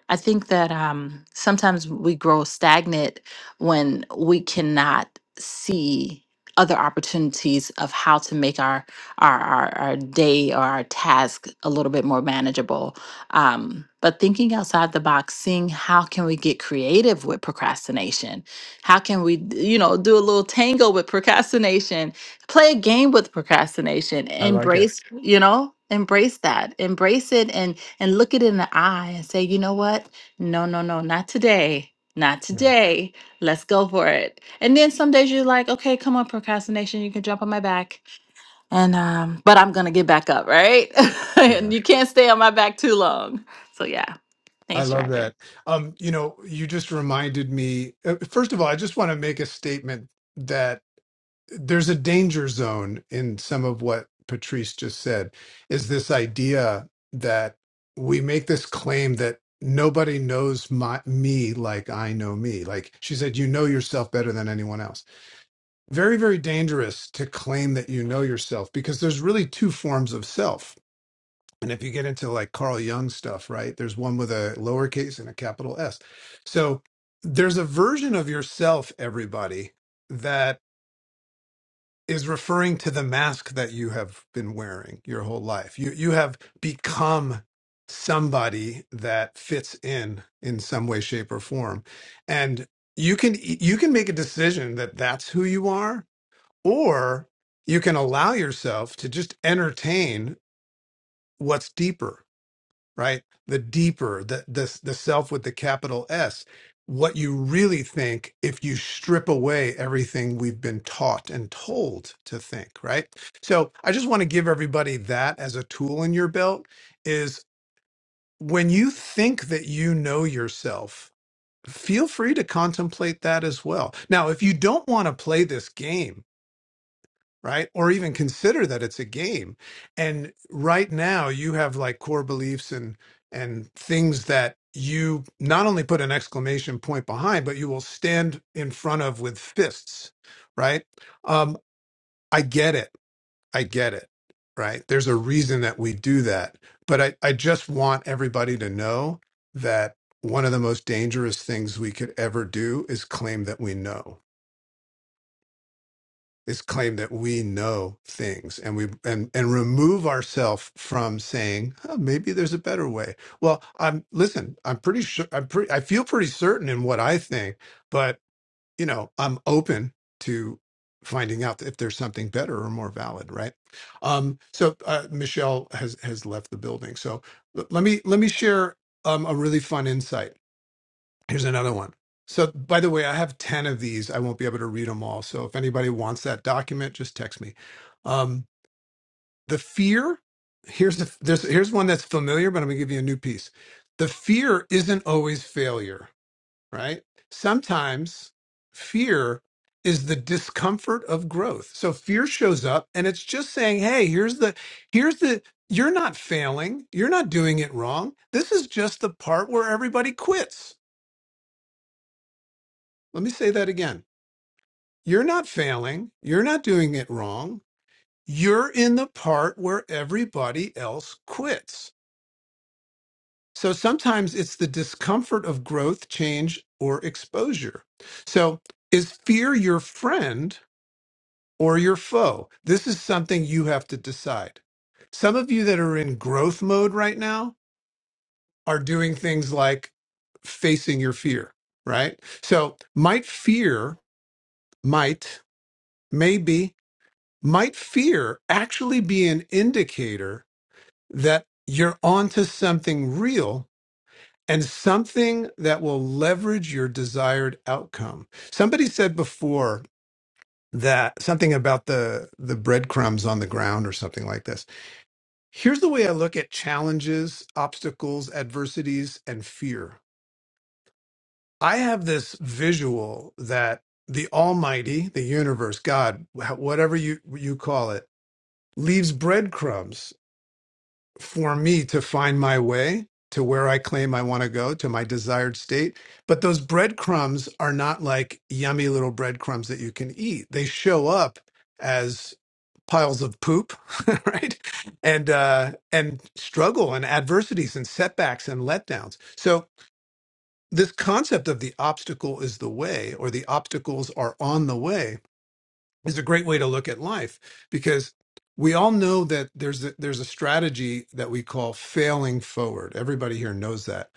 S12: I think that um, sometimes we grow stagnant when we cannot see other opportunities of how to make our our our, our day or our task a little bit more manageable. Um, but thinking outside the box, seeing how can we get creative with procrastination? How can we, d- you know, do a little tango with procrastination? Play a game with procrastination.
S16: I like it.
S12: Embrace, you know, embrace that. Embrace it and and look it in the eye and say, you know what? No, no, no, not today. Not
S16: Yeah.
S12: today. Let's go for it. And then some days you're like, okay, come on, procrastination. You can jump on my back. And um, but I'm gonna get back up, right? and
S16: Yeah.
S12: you can't stay on my back too long. So yeah,
S16: I
S12: thanks,
S16: love
S12: Dragon.
S16: that. Um, you know, you just reminded me. uh, First of all, I just want to make a statement there's a danger zone in some of what Patrice just said is this idea that we make this claim that nobody knows my, me like I know me. Like she said, you know yourself better than anyone else. Very, very dangerous to claim that you know yourself because there's really two forms of self. And if you get into like Carl Jung stuff, right, there's one with a lowercase and a capital S. So there's a version of yourself, everybody, that is referring to the mask that you have been wearing your whole life. You you have become somebody that fits in in some way shape or form. And you can e, you can make a decision that that's who you are or you can allow yourself to just entertain what's deeper right? The deeper, the the the self with the capital S, what you really think if you strip away everything we've been taught and told to think, right? So I just want to give everybody that as a tool in your belt is when you think that you know yourself, feel free to contemplate that as well. Now, if you don't want to play this game, right? Or even consider that it's a game. And right now you have like core beliefs and and things that you not only put an exclamation point behind, but you will stand in front of with fists, right? Um, I get it. I get it. Right. There's a reason that we do that. But I, I just want everybody to know that one of the most dangerous things we could ever do is claim that we know is claim that we know things and we and and remove ourselves from saying oh, maybe there's a better way well i'm listen i'm pretty sure i'm pretty i feel pretty certain in what i think but you know i'm open to finding out if there's something better or more valid right um so uh, michelle has has left the building so l- let me let me share um, a really fun insight Here's another one. So, by the way, I have 10 of these. I won't be able to read them all. So, if anybody wants that document, just text me. Um, the fear here's the, there's, here's one that's familiar, but I'm going to give you a new piece. The fear isn't always failure, right? Sometimes fear is the discomfort of growth. So fear shows up and it's just saying, "Hey, here's the here's the you're not failing. You're not doing it wrong. This is just the part where everybody quits." Let me say that again You're not failing. You're not doing it wrong. You're in the part where everybody else quits. So sometimes it's the discomfort of growth, change, or exposure. So is fear your friend or your foe? This is something you have to decide. Some of you that are in growth mode right now are doing things like facing your fear, right? So might fear, might, maybe might fear actually be an indicator that you're onto something real and something that will leverage your desired outcome. Somebody said before that something about the the breadcrumbs on the ground or something like this. Here's the way I look at challenges, obstacles, adversities and fear. I have this visual that the almighty, the universe, God, wh- whatever you you call it, leaves breadcrumbs for me to find my way to where I claim I want to go to my desired state. But those breadcrumbs are not like yummy little breadcrumbs that you can eat. They show up as piles of poop, right? And uh, and struggle and adversities and setbacks and letdowns. So this concept of the obstacle is the way, or the obstacles are on the way, is a great way to look at life because we all know that there's a, there's a strategy that we call failing forward. Everybody here knows that.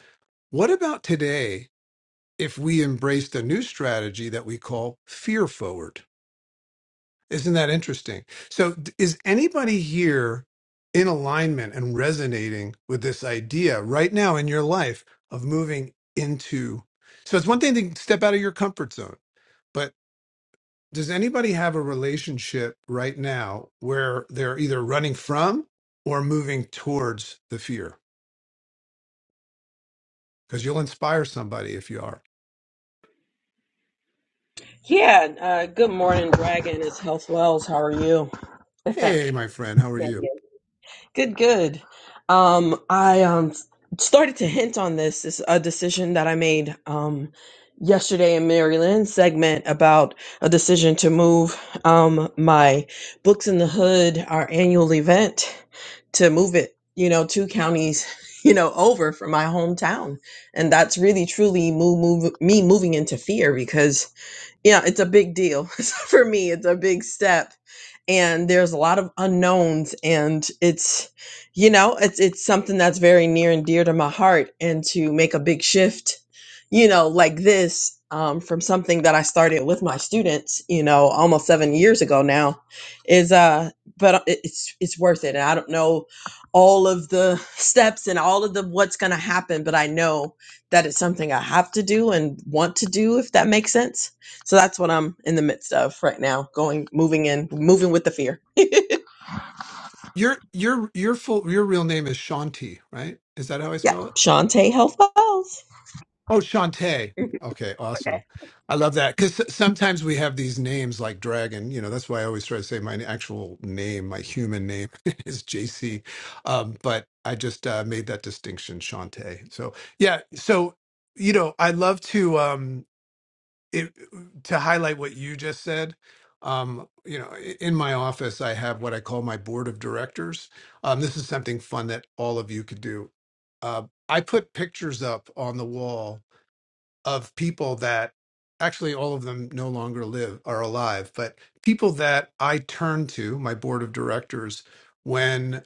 S16: What about today if we embraced a new strategy that we call fear forward? Isn't that interesting? So d- is anybody here in alignment and resonating with this idea right now in your life of moving into so it's one thing to step out of your comfort zone does anybody have a relationship right now where they're either running from or moving towards the fear because you'll inspire somebody if you are
S18: Yeah, uh, good morning, Dragon. It's Health Wells. How are you?
S16: hey my friend how are
S18: Yeah,
S16: you
S18: Good, good. Um, I um started to hint on this, this a decision that I made um yesterday in Maryland segment about a decision to move um my Books in the Hood, our annual event, to move it, you know, two counties, you know, over from my hometown. And that's really truly move, move me moving into fear because yeah, it's a big deal. For me, it's a big step. And there's a lot of unknowns and it's you know, it's it's something that's very near and dear to my heart and to make a big shift, you know, like this um, from something that I started with my students, you know, almost 7 years ago now is uh but it- it's it's worth it. And I don't know all of the steps and all of the what's going to happen, but I know that it's something I have to do and want to do if that makes sense so that's what I'm in the midst of right now, going, moving in, moving with the fear.
S16: your your your full your real name is shanti right is that how i
S18: Yeah.
S16: spell it
S18: Shantae Health Wells.
S16: Oh, Shantae. Okay,
S18: I
S16: awesome. I love that because sometimes we have these names like Dragon. You know, that's why I always try to say my actual name, my human name is JC. Um, but I just uh, made that distinction, Shantae. So yeah, so you know, I love to um, it, to highlight what you just said. Um, you know, i- in my office, I have what I call my board of directors. Um, this is something fun that all of you could do. Uh, I put pictures up on the wall of people that actually all of them no longer live are alive, but people that I turn to, my board of directors, when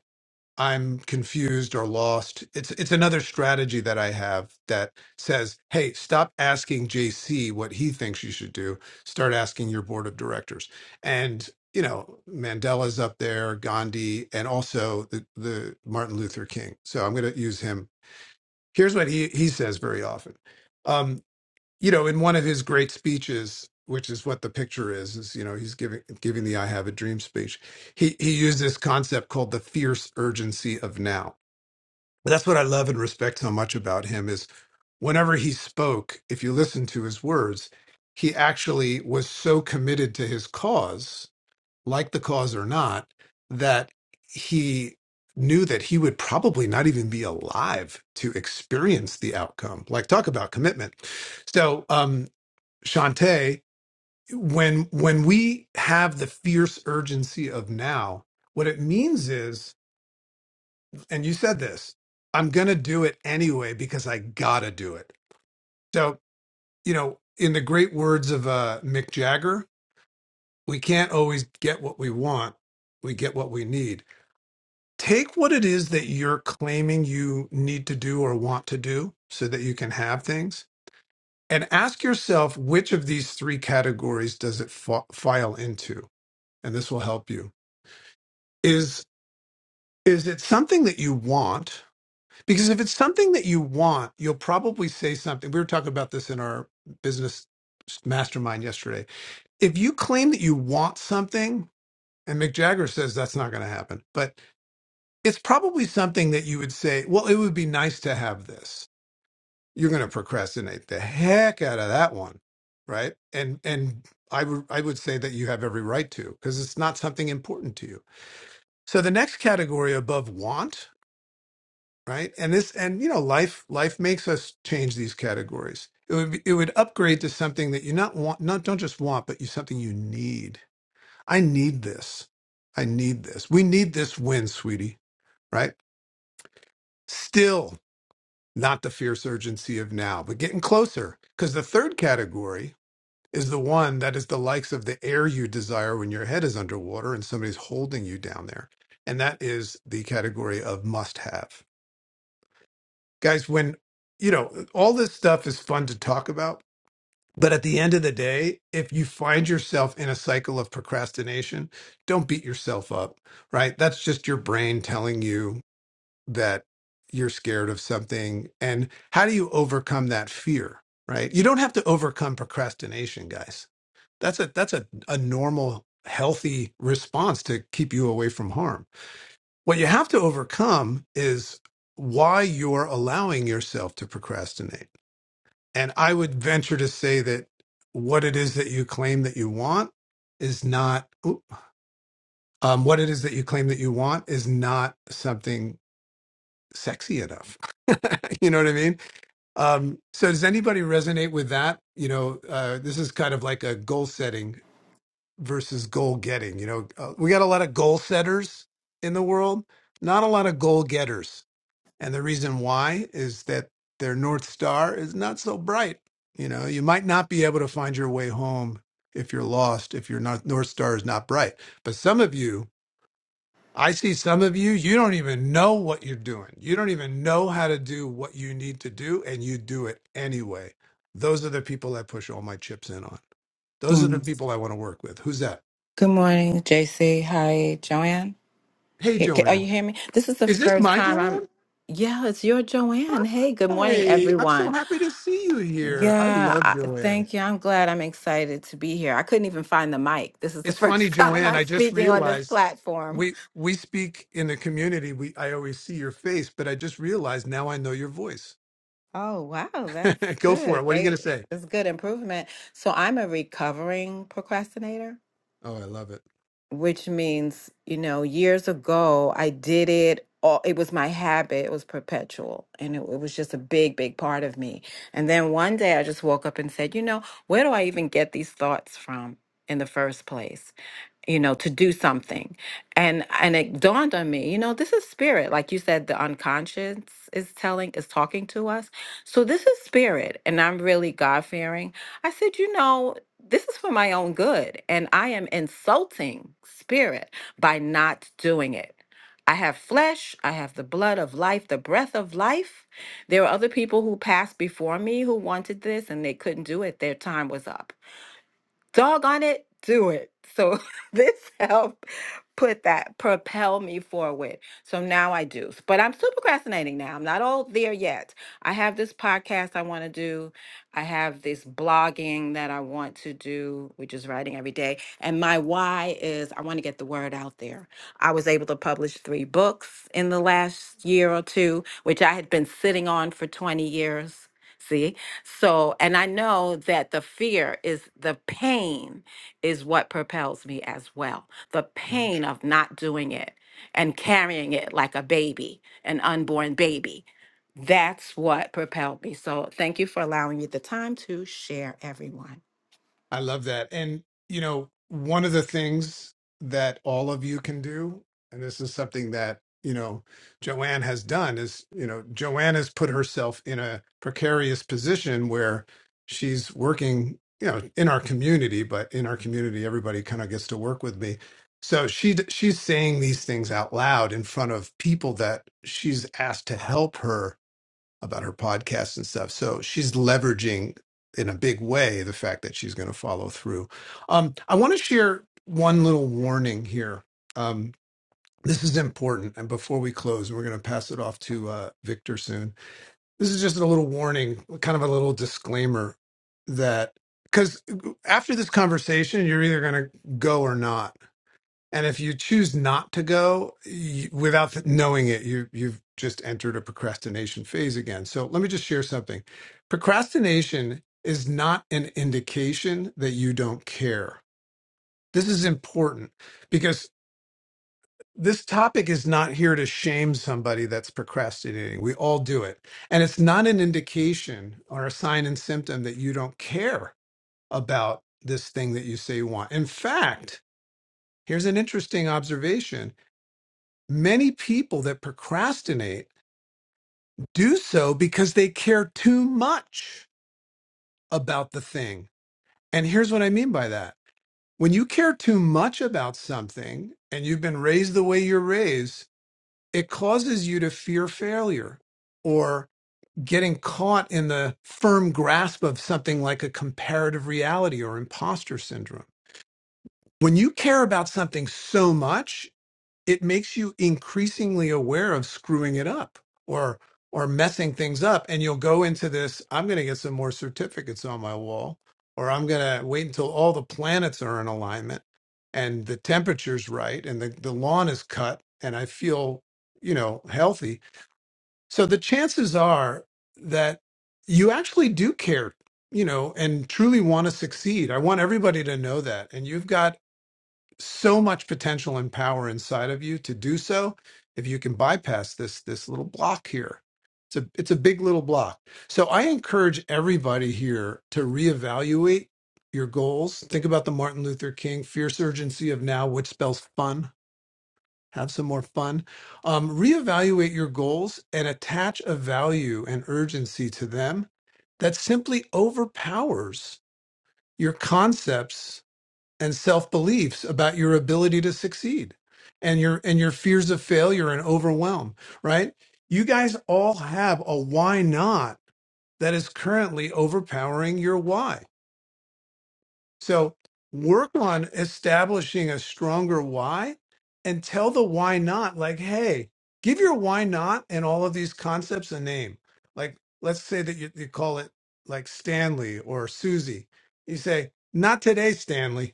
S16: I'm confused or lost. It's it's another strategy that I have that says, "Hey, stop asking JC what he thinks you should do. Start asking your board of directors." And you know, Mandela's up there, Gandhi, and also the, the Martin Luther King. So I'm going to use him. Here's what he he says very often. Um, you know, in one of his great speeches, which is what the picture is, is you know he's giving giving the "I Have a Dream" speech. He he used this concept called the fierce urgency of now. That's what I love and respect so much about him is whenever he spoke, if you listen to his words, he actually was so committed to his cause, like the cause or not, that he knew that he would probably not even be alive to experience the outcome. Like talk about commitment. So, um, Shantae, when when we have the fierce urgency of now, what it means is, and you said this, I'm gonna do it anyway because I gotta do it. So, you know, in the great words of uh, Mick Jagger, we can't always get what we want. We get what we need. Take what it is that you're claiming you need to do or want to do so that you can have things and ask yourself which of these three categories does it fa- file into? and this will help you is is it something that you want because if it's something that you want you'll probably say something we were talking about this in our business mastermind yesterday if you claim that you want something and mick jagger says that's not going to happen but it's probably something that you would say well it would be nice to have this you're going to procrastinate the heck out of that one right and and i would i would say that you have every right to because it's not something important to you So the next category above want, right? And this, and you know, life life makes us change these categories. It would be, it would upgrade to something that you not want, not don't just want, but you something you need. I need this. I need this. We need this win, sweetie. Right? Still not the fierce urgency of now, but getting closer. Because the third category is the one that is the likes of the air you desire when your head is underwater and somebody's holding you down there. And that is the category of must have guys when you know all this stuff is fun to talk about but at the end of the day if you find yourself in a cycle of procrastination don't beat yourself up right that's just your brain telling you that you're scared of something and how do you overcome that fear right you don't have to overcome procrastination guys that's a that's a, a normal healthy response to keep you away from harm what you have to overcome is why you're allowing yourself to procrastinate. And I would venture to say that what it is that you claim that you want is not oop, um, what it is that you claim that you want is not something sexy enough. you know what I mean? Um, so does anybody resonate with that? You know, uh, this is kind of like a goal setting versus goal getting. You know, uh, we got a lot of goal setters in the world, not a lot of goal getters And the reason why is that their North Star is not so bright. You know, you might not be able to find your way home if you're lost, if your North North Star is not bright. But some of you, I see some of you, you don't even know what you're doing. You don't even know how to do what you need to do, and you do it anyway. Those are the people I push all my chips in on. Those are the
S19: Mm.
S16: people I want to work with. Who's that?
S19: Good morning, JC. Hi, Joanne.
S16: Hey,
S19: Here, ca- are you
S16: Joanne.
S19: hearing me? This is the
S16: Is this
S19: first
S16: my
S19: time I'm.
S16: Joanne?
S19: Yeah, it's your Joanne. Hey, good morning,
S16: Hi. I'm so
S19: everyone.
S16: happy to see you here. I
S19: Yeah,
S16: love
S19: I,
S16: Joanne.
S19: thank you. I'm glad. I'm excited to be here. I couldn't even find the mic. This is the
S16: It's funny,
S19: first time
S16: Joanne.
S19: I'm
S16: I just
S19: speaking on this
S16: realized
S19: platform.
S16: we we speak in the community. We I always see your face, but I just realized now I know your voice.
S19: Oh, wow, that's
S16: Go for
S19: good.
S16: it. What are you going
S19: Great.
S16: to say?
S19: It's good improvement. So I'm a recovering procrastinator.
S16: Oh, I love it.
S19: which means, you know, years ago, I did it. All, it was my habit. It was perpetual. And it, it was just a big, big part of me. And then one day I just woke up and said, you know, where do I even get these thoughts from in the first place? you know to do something and and it dawned on me you know this is spirit like you said the unconscious is telling is talking to us so this is spirit and i'm really god fearing i said you know this is for my own good and i am insulting spirit by not doing it I have flesh, I have the blood of life, the breath of life. There were other people who passed before me who wanted this and they couldn't do it. Their time was up doggone it, do it. So this helped put that propel me forward. So now I do. But I'm still procrastinating now. I'm not all there yet. I have this podcast I want to do. I have this blogging that I want to do, which is writing every day. And my why is I want to get the word out there. I was able to publish three books in the last year or two, which I had been sitting on for 20 years. See, so, and I know that the fear is the pain is what propels me as well. The pain of not doing it and carrying it like a baby, an unborn baby. That's what propelled me. So, thank you for allowing me the time to share, everyone.
S16: I love that. And, you know, one of the things that all of you can do, and this is something that, you know, Joanne has done is, you know, Joanne has put herself in a precarious position where she's working, you know, in our community, but in our community, everybody kind of gets to work with me. So she she's saying these things out loud in front of people that she's asked to help her about her podcast and stuff. So she's leveraging in a big way the fact that she's going to follow through. Um, I want to share one little warning here. Um, this is important. And before we close, we're going to pass it off to uh, Victor soon. This is just a little warning, kind of a little disclaimer that because after this conversation, you're either going to go or not and if you choose not to go you, without th- knowing it, you you've just entered a procrastination phase again. So let me just share something. Procrastination is not an indication that you don't care. This is important because this topic is not here to shame somebody that's procrastinating. We all do it. And it's not an indication or a sign and symptom that you don't care about this thing that you say you want. In fact, here's an interesting observation Many people that procrastinate do so because they care too much about the thing. And here's what I mean by that. When you care too much about something and you've been raised the way you're raised, it causes you to fear failure or getting caught in the firm grasp of something like a comparative reality or imposter syndrome. When you care about something so much, it makes you increasingly aware of screwing it up or or messing things up and you'll go into this i'm going to get some more certificates on my wall or i'm going to wait until all the planets are in alignment and the temperature's right and the, the lawn is cut and i feel you know healthy so the chances are that you actually do care you know and truly want to succeed i want everybody to know that and you've got so much potential and power inside of you to do so if you can bypass this this little block here it's a it's a big little block so i encourage everybody here to reevaluate your goals think about the martin luther king fierce urgency of now which spells fun have some more fun um, reevaluate your goals and attach a value and urgency to them that simply overpowers your concepts and self-beliefs about your ability to succeed and your and your fears of failure and overwhelm right you guys all have a why not that is currently overpowering your why so work on establishing a stronger why and tell the why not like hey give your why not and all of these concepts a name like let's say that you, you call it like stanley or susie you say not today stanley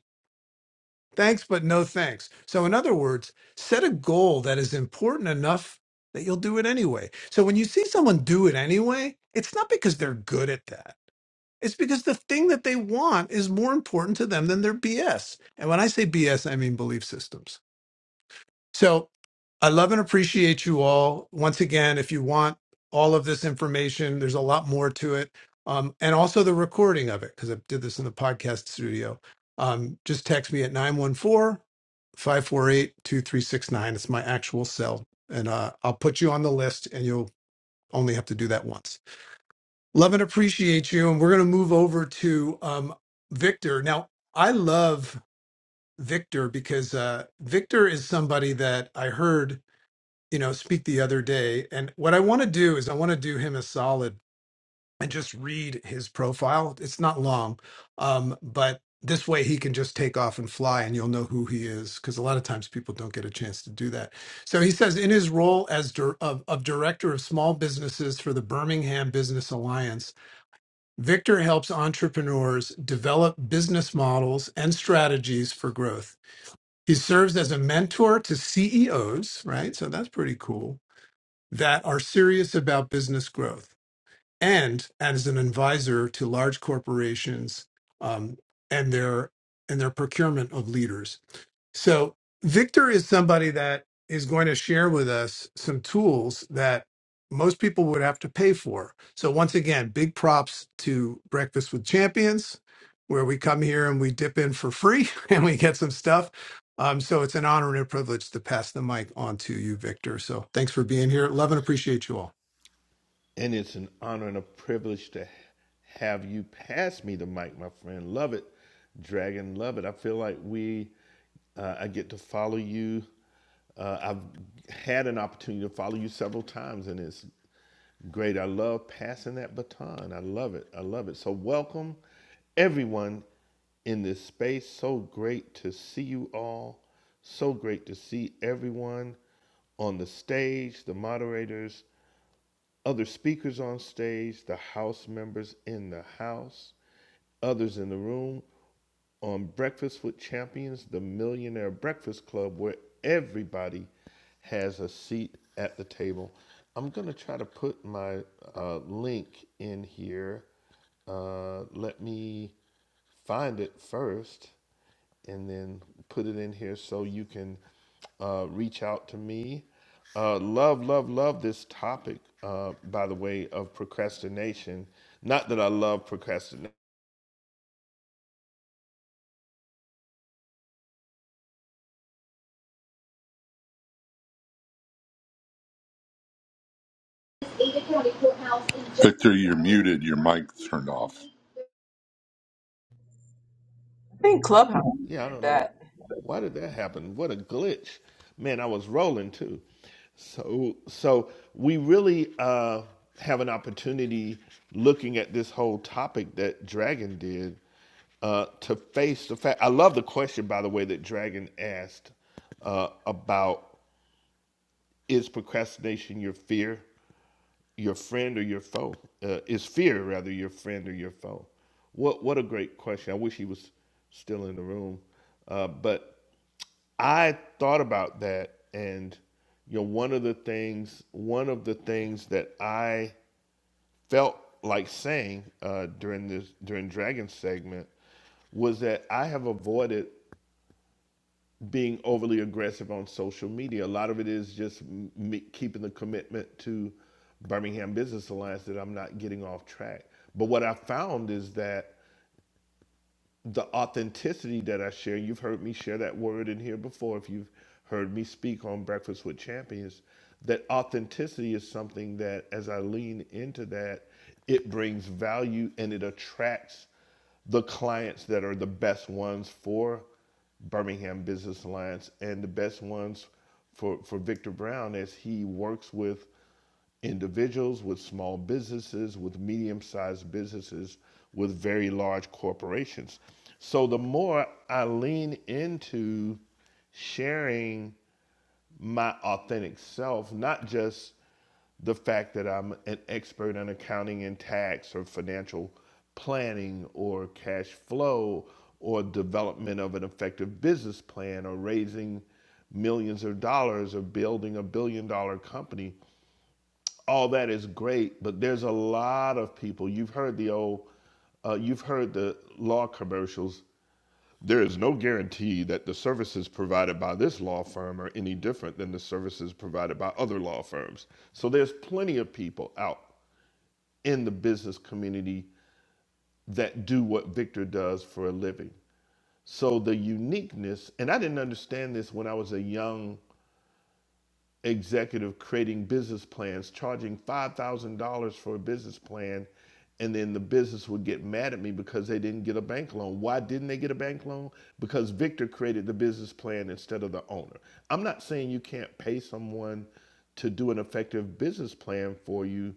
S16: Thanks, but no thanks. So, in other words, set a goal that is important enough that you'll do it anyway. So, when you see someone do it anyway, it's not because they're good at that. It's because the thing that they want is more important to them than their BS. And when I say BS, I mean belief systems. So I love and appreciate you all. Once again, if you want all of this information, there's a lot more to it. Um, and also the recording of it, because I did this in the podcast studio. Um, just text me at 914 548 2369. It's my actual cell. And uh, I'll put you on the list, and you'll only have to do that once. Love and appreciate you. And we're going to move over to um, Victor. Now, I love Victor because uh, Victor is somebody that I heard you know, speak the other day. And what I want to do is I want to do him a solid and just read his profile. It's not long, um, but this way he can just take off and fly and you'll know who he is because a lot of times people don't get a chance to do that. So he says in his role as dir- of, of director of small businesses for the Birmingham Business Alliance, Victor helps entrepreneurs develop business models and strategies for growth. He serves as a mentor to CEOs, right? So that's pretty cool that are serious about business growth and as an advisor to large corporations um, and their and their procurement of leaders so Victor is somebody that is going to share with us some tools that most people would have to pay for. So once again, big props to Breakfast with Champions, where we come here and we dip in for free and we get some stuff. Um, so it's an honor and a privilege to pass the mic on to you, Victor. So thanks for being here. Love and appreciate you all.
S20: And it's an honor and a privilege to have you pass me the mic, my friend. Love it, Dragon. Love it. I feel like we, uh, I get to follow you. Uh, I've had an opportunity to follow you several times, and it's great. I love passing that baton. I love it. I love it. So, welcome everyone in this space. So great to see you all. So great to see everyone on the stage, the moderators, other speakers on stage, the House members in the House, others in the room on Breakfast with Champions, the Millionaire Breakfast Club, where everybody has a seat at the table. I'm going to try to put my uh, link in here. Uh, let me find it first and then put it in here so you can uh, reach out to me. Uh, love, love, love this topic, uh, by the way, of procrastination. Not that I love procrastination.
S21: Victor, you're muted. Your mic turned off.
S18: think Clubhouse
S20: Yeah, I
S18: did
S20: don't
S18: that.
S20: know. Why did that happen? What a glitch. Man, I was rolling too. So so we really uh have an opportunity looking at this whole topic that Dragon did uh to face the fact I love the question by the way that Dragon asked uh about is procrastination your fear, your friend or your foe? Uh, is fear rather your friend or your foe? What what a great question. I wish he was still in the room. Uh, but I thought about that and you know one of the things one of the things that I felt like saying uh, during this during Dragon segment was that I have avoided being overly aggressive on social media. A lot of it is just me keeping the commitment to Birmingham Business Alliance that I'm not getting off track. But what I found is that the authenticity that I share. You've heard me share that word in here before. If you've heard me speak on Breakfast with Champions, that authenticity is something that as I lean into that, it brings value and it attracts the clients that are the best ones for Birmingham Business Alliance and the best ones for, for Victor Brown as he works with individuals, with small businesses, with medium sized businesses, with very large corporations. So the more I lean into sharing my authentic self, not just the fact that I'm an expert in accounting and tax or financial planning or cash flow or development of an effective business plan or raising millions of dollars or building a billion dollar company all that is great, but there's a lot of people. You've heard the old, uh, you've heard the law commercials. There is no guarantee that the services provided by this law firm are any different than the services provided by other law firms. So there's plenty of people out in the business community that do what Victor does for a living. So the uniqueness, and I didn't understand this when I was a young executive creating business plans, charging $5,000 for a business plan, and then the business would get mad at me because they didn't get a bank loan. Why didn't they get a bank loan? Because Victor created the business plan instead of the owner. I'm not saying you can't pay someone to do an effective business plan for you.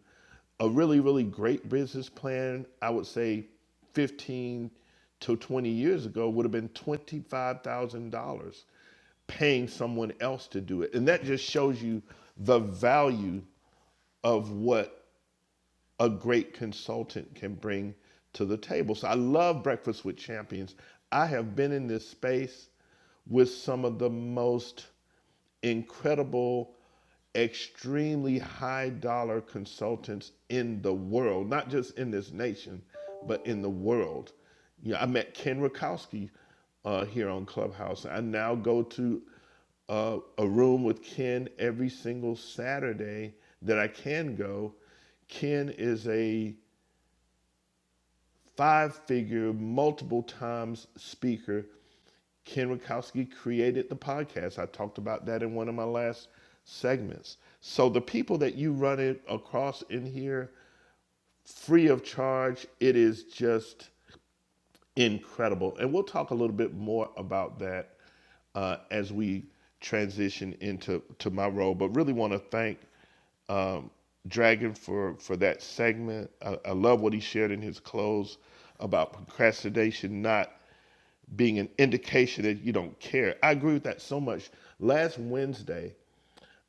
S20: A really, really great business plan, I would say 15 to 20 years ago, would have been $25,000 paying someone else to do it. And that just shows you the value of what a great consultant can bring to the table. So I love Breakfast with Champions. I have been in this space with some of the most incredible, extremely high dollar consultants in the world, not just in this nation, but in the world. You know, I met Ken Rakowski uh, here on Clubhouse. I now go to uh, a room with Ken every single Saturday that I can go. Ken is a five figure, multiple times speaker Ken Rakowski created the podcast. I talked about that in one of my last segments. So the people that you run it across in here, free of charge, it is just incredible. And we'll talk a little bit more about that uh, as we transition into to my role. But really want to thank Dragon for for that segment. I, I love what he shared in his close about procrastination not being an indication that you don't care. I agree with that so much. Last Wednesday,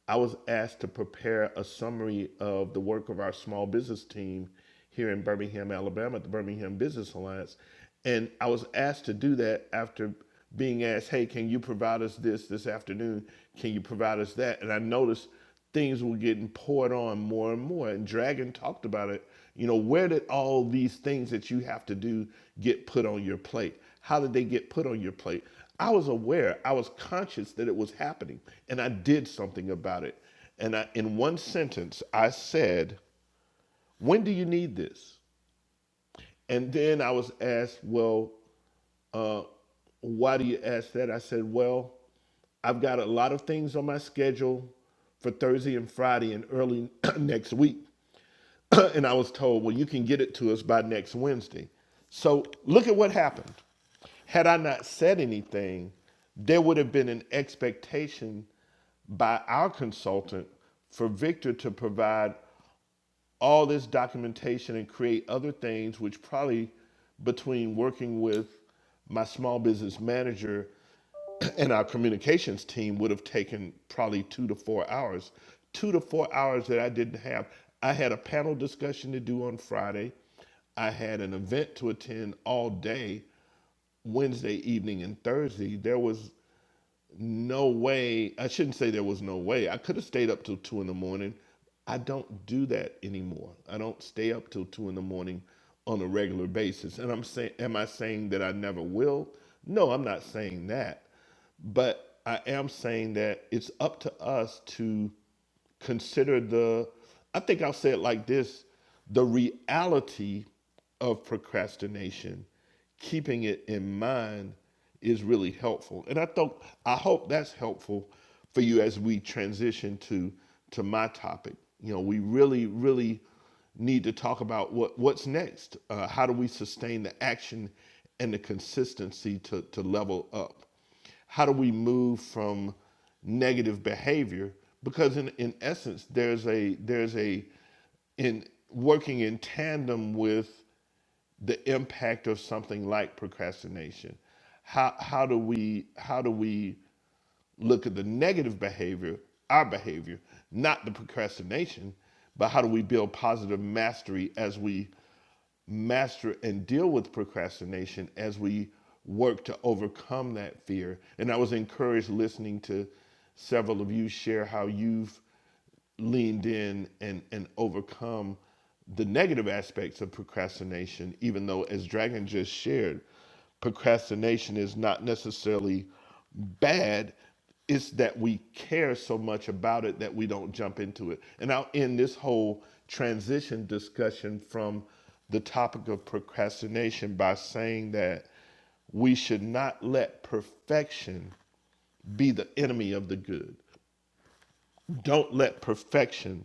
S20: I was asked to prepare a summary of the work of our small business team here in Birmingham, Alabama, at the Birmingham Business Alliance. And I was asked to do that after being asked, hey, can you provide us this this afternoon? Can you provide us that? And I noticed things were getting poured on more and more. And Dragon talked about it. You know, where did all these things that you have to do get put on your plate? How did they get put on your plate? I was aware, I was conscious that it was happening, and I did something about it. And I, in one sentence, I said, When do you need this? And then I was asked, Well, uh, why do you ask that? I said, well, I've got a lot of things on my schedule for Thursday and Friday and early next week. and I was told, well, you can get it to us by next Wednesday. So look at what happened. Had I not said anything, there would have been an expectation by our consultant for Victor to provide all this documentation and create other things, which probably between working with my small business manager and our communications team would have taken probably two to four hours. Two to four hours that I didn't have. I had a panel discussion to do on Friday. I had an event to attend all day, Wednesday evening and Thursday. There was no way. I shouldn't say there was no way. I could have stayed up till two in the morning. I don't do that anymore. I don't stay up till two in the morning on a regular basis. And I'm saying, am I saying that I never will? No, I'm not saying that. But I am saying that it's up to us to consider the i think i'll say it like this the reality of procrastination keeping it in mind is really helpful and i thought i hope that's helpful for you as we transition to to my topic you know we really really need to talk about what what's next uh, how do we sustain the action and the consistency to to level up how do we move from negative behavior because in, in essence there's a there's a in working in tandem with the impact of something like procrastination how how do we how do we look at the negative behavior our behavior not the procrastination but how do we build positive mastery as we master and deal with procrastination as we work to overcome that fear. And I was encouraged listening to several of you share how you've leaned in and, and overcome the negative aspects of procrastination, even though, as Dragon just shared, Procrastination is not necessarily bad. It's that we care so much about it that we don't jump into it. And I'll end this whole transition discussion from the topic of procrastination by saying that we should not let perfection be the enemy of the good. Don't let perfection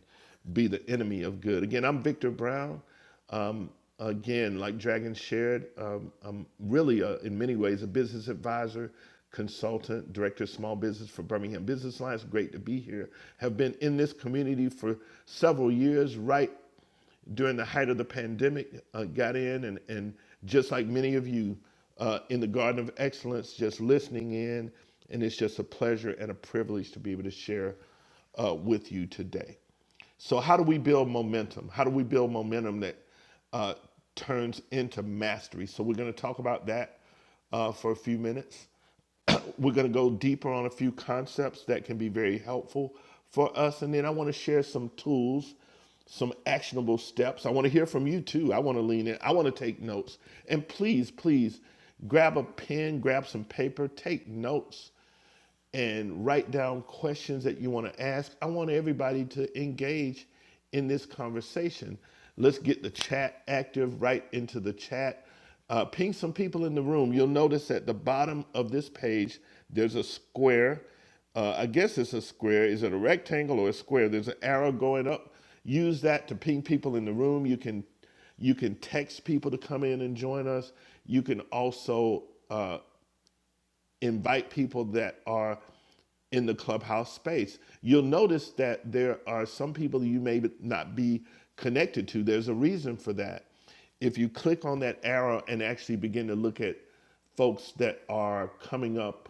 S20: be the enemy of good. Again, I'm Victor Brown. Um, again, like Dragon shared, um, I'm really, a, in many ways, a business advisor, consultant, director of small business for Birmingham Business Alliance. Great to be here. Have been in this community for several years, right during the height of the pandemic, uh, got in and, and just like many of you uh, in the Garden of Excellence, just listening in. And it's just a pleasure and a privilege to be able to share uh, with you today. So, how do we build momentum? How do we build momentum that uh, turns into mastery? So, we're going to talk about that uh, for a few minutes. We're going to go deeper on a few concepts that can be very helpful for us. And then I want to share some tools, some actionable steps. I want to hear from you too. I want to lean in. I want to take notes. And please, please grab a pen, grab some paper, take notes and write down questions that you want to ask. I want everybody to engage in this conversation. Let's get the chat active right into the chat. Uh, ping some people in the room. You'll notice at the bottom of this page, there's a square. Uh, I guess it's a square. Is it a rectangle or a square? There's an arrow going up. Use that to ping people in the room. You can you can text people to come in and join us. You can also uh, invite people that are in the clubhouse space. You'll notice that there are some people you may not be connected to. There's a reason for that. If you click on that arrow and actually begin to look at folks that are coming up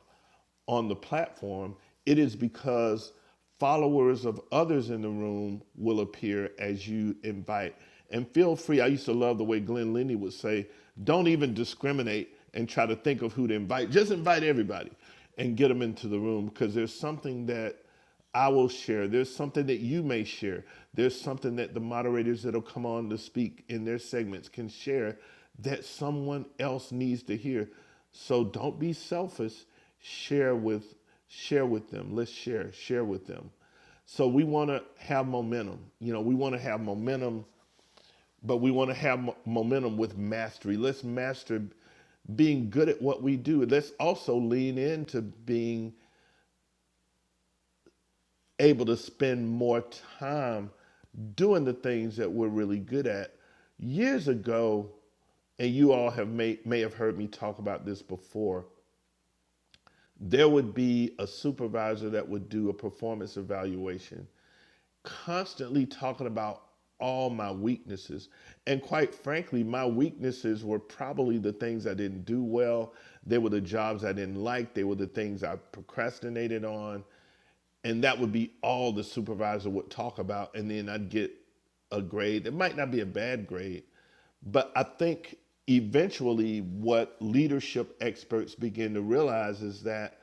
S20: on the platform, it is because followers of others in the room will appear as you invite. And feel free, I used to love the way Glenn Lindy would say, don't even discriminate and try to think of who to invite. Just invite everybody and get them into the room because there's something that I will share. There's something that you may share. There's something that the moderators that'll come on to speak in their segments can share that someone else needs to hear. So don't be selfish. Share with share with them. Let's share. Share with them. So we want to have momentum. You know, we want to have momentum, but we want to have mo- momentum with mastery. Let's master being good at what we do. Let's also lean into being able to spend more time doing the things that we're really good at. Years ago, and you all have may, may have heard me talk about this before, there would be a supervisor that would do a performance evaluation, constantly talking about all my weaknesses. And quite frankly, my weaknesses were probably the things I didn't do well. They were the jobs I didn't like. They were the things I procrastinated on and that would be all the supervisor would talk about and then i'd get a grade it might not be a bad grade but i think eventually what leadership experts begin to realize is that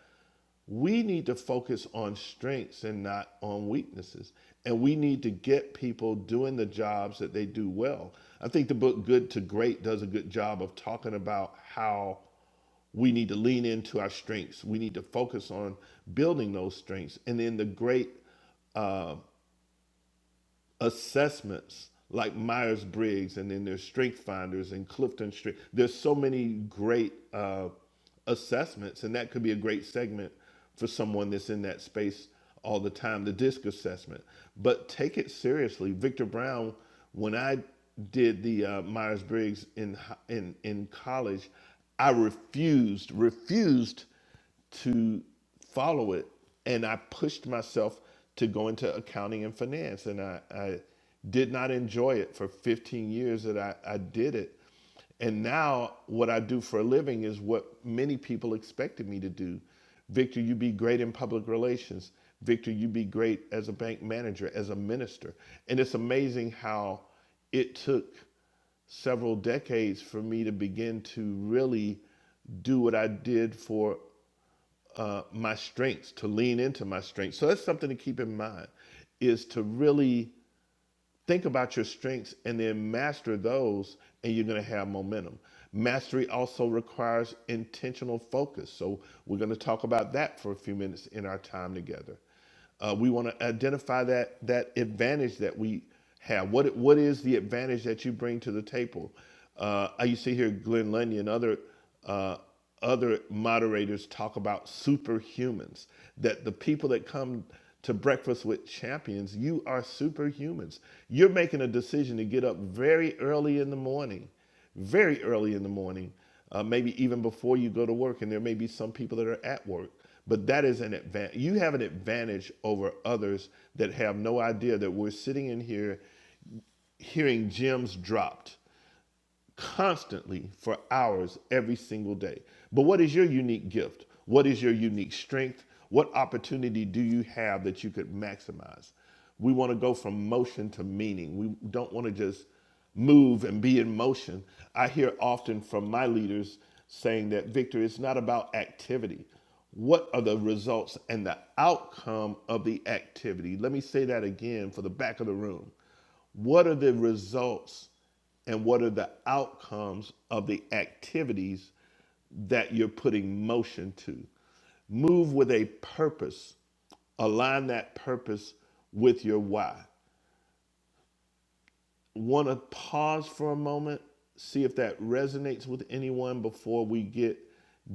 S20: we need to focus on strengths and not on weaknesses and we need to get people doing the jobs that they do well i think the book good to great does a good job of talking about how we need to lean into our strengths. We need to focus on building those strengths. And then the great assessments like Myers Briggs, and then there's Strength Finders and Clifton Strength. There's so many great uh, assessments, and that could be a great segment for someone that's in that space all the time. The DISC assessment, but take it seriously. Victor Brown, when I did the uh, Myers Briggs in in in college, I refused refused to follow it. And I pushed myself to go into accounting and finance. And I, I did not enjoy it for 15 years that I, I did it. And now what I do for a living is what many people expected me to do. Victor, you be great in public relations. Victor, you be great as a bank manager, as a minister. And it's amazing how it took several decades for me to begin to really do what I did for uh, my strengths, to lean into my strengths. So that's something to keep in mind is to really think about your strengths and then master those, and you're going to have momentum. Mastery also requires intentional focus. So we're going to talk about that for a few minutes in our time together. Uh, we want to identify that that advantage that we have. What what is the advantage that you bring to the table? Uh, you see here Glenn Lundy and other uh, other moderators talk about superhumans that the people that come to breakfast with champions you are superhumans you're making a decision to get up very early in the morning very early in the morning uh, maybe even before you go to work and there may be some people that are at work but that is an advantage you have an advantage over others that have no idea that we're sitting in here hearing gems dropped constantly for hours every single day. But what is your unique gift? What is your unique strength? What opportunity do you have that you could maximize? We want to go from motion to meaning. We don't want to just move and be in motion. I hear often from my leaders saying that, Victor, it's not about activity. What are the results and the outcome of the activity? Let me say that again for the back of the room. What are the results and what are the outcomes of the activities that you're putting motion to? Move with a purpose. Align that purpose with your why. Want to pause for a moment, see if that resonates with anyone before we get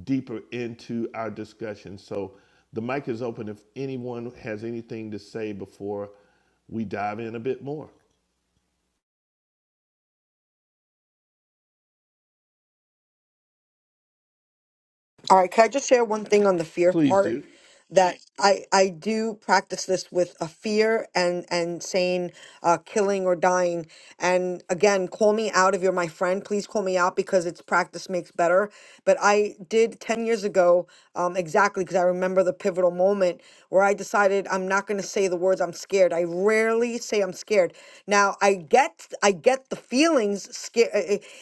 S20: deeper into our discussion. So the mic is open if anyone has anything to say before we dive in a bit more.
S7: All right, can I just share one thing on the fear
S20: Please
S7: part?
S20: do.
S7: that I I do practice this with a fear and and saying uh, killing or dying. And again, call me out if you're my friend. Please call me out because it's practice makes better. But I did ten years ago um, exactly because I remember the pivotal moment where I decided I'm not going to say the words I'm scared. I rarely say I'm scared. Now I get I get the feelings scared.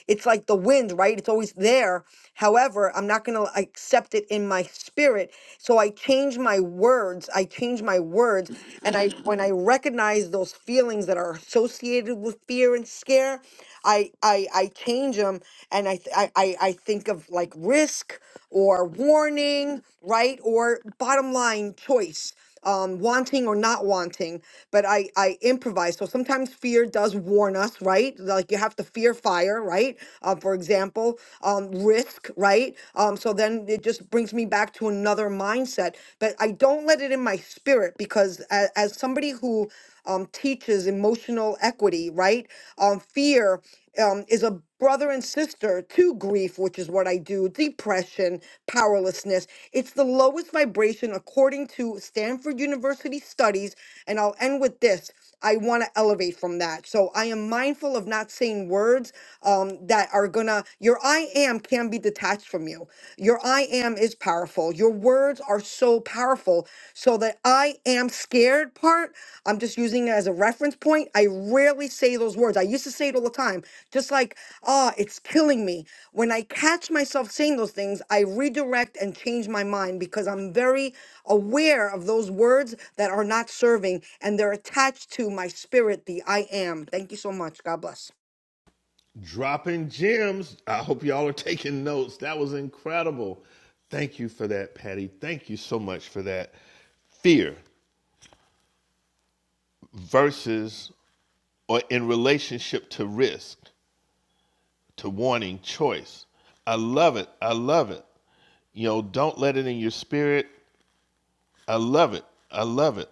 S7: It's like the wind, right? It's always there. However, I'm not going to accept it in my spirit. So I change my words. I change my words. And I when I recognize those feelings that are associated with fear and scare, I I, I change them and I, th- I I I think of like risk or warning, right? Or bottom line choice um, wanting or not wanting, but I, I improvise. So sometimes fear does warn us, right? Like you have to fear fire, right? Uh, for example, um, risk, right? Um, so then it just brings me back to another mindset, but I don't let it in my spirit because as, as somebody who um, teaches emotional equity, right? Um, fear um, is a brother and sister to grief, which is what I do, depression, powerlessness. It's the lowest vibration according to Stanford University studies. And I'll end with this. I want to elevate from that. So I am mindful of not saying words um, that are gonna, your I am can be detached from you. Your I am is powerful. Your words are so so powerful. So that I am scared part, I'm just using it as a reference point. I rarely say those words. I used to say it all the time, just like, ah, it's killing me. When I catch myself saying those things, I redirect and change my mind because I'm very aware of those words that are not serving and they're attached to my spirit, the I am. Thank you so much. God bless.
S20: dropping gems. I hope y'all are taking notes. That was incredible. Thank you for that, Patty. Thank you so much for that. Fear versus or in relationship to risk, to warning, choice. I love it. I love it. You know, don't let it in your spirit. I love it. I love it.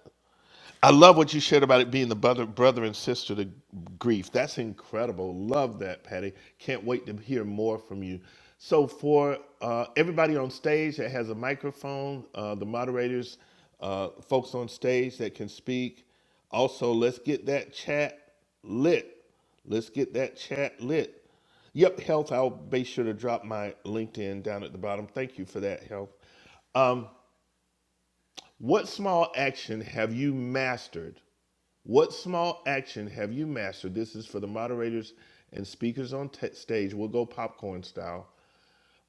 S20: I love what you shared about it being the brother, brother and sister to grief. That's incredible. Love that, Patty. Can't wait to hear more from you. So, for uh, everybody on stage that has a microphone, uh, the moderators, uh, folks on stage that can speak, also let's get that chat lit. Let's get that chat lit. Yep, health. I'll be sure to drop my LinkedIn down at the bottom. Thank you for that, health. What small action have you mastered what small action have you mastered? This is for the moderators and speakers on t- stage. We'll go popcorn style.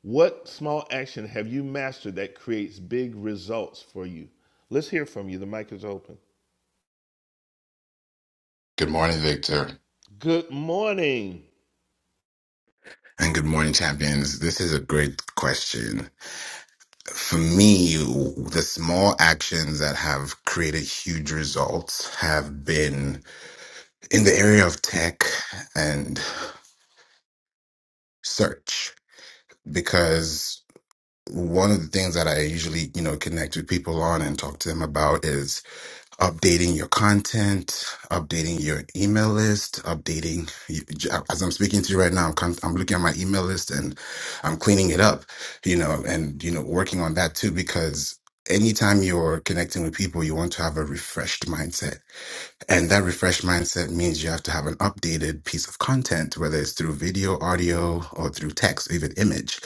S20: What small action have you mastered that creates big results for you? Let's hear from you. The mic is open.
S22: Good morning, Victor.
S20: Good morning.
S22: And good morning, champions. This is a great question. For me, the small actions that have created huge results have been in the area of tech and search because one of the things that I usually, you know, connect with people on and talk to them about is updating your content, updating your email list, updating. As I'm speaking to you right now, I'm, con- I'm looking at my email list and I'm cleaning it up, you know, and, you know, working on that too, because anytime you're connecting with people, you want to have a refreshed mindset. And that refreshed mindset means you have to have an updated piece of content, whether it's through video, audio, or through text, even image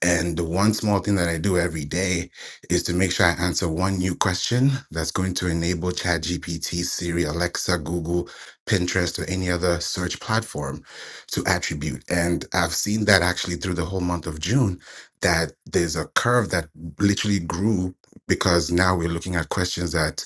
S22: and the one small thing that I do every day is to make sure I answer one new question that's going to enable ChatGPT, Siri, Alexa, Google, Pinterest, or any other search platform to attribute. And I've seen that actually through the whole month of June, that there's a curve that literally grew because now we're looking at questions that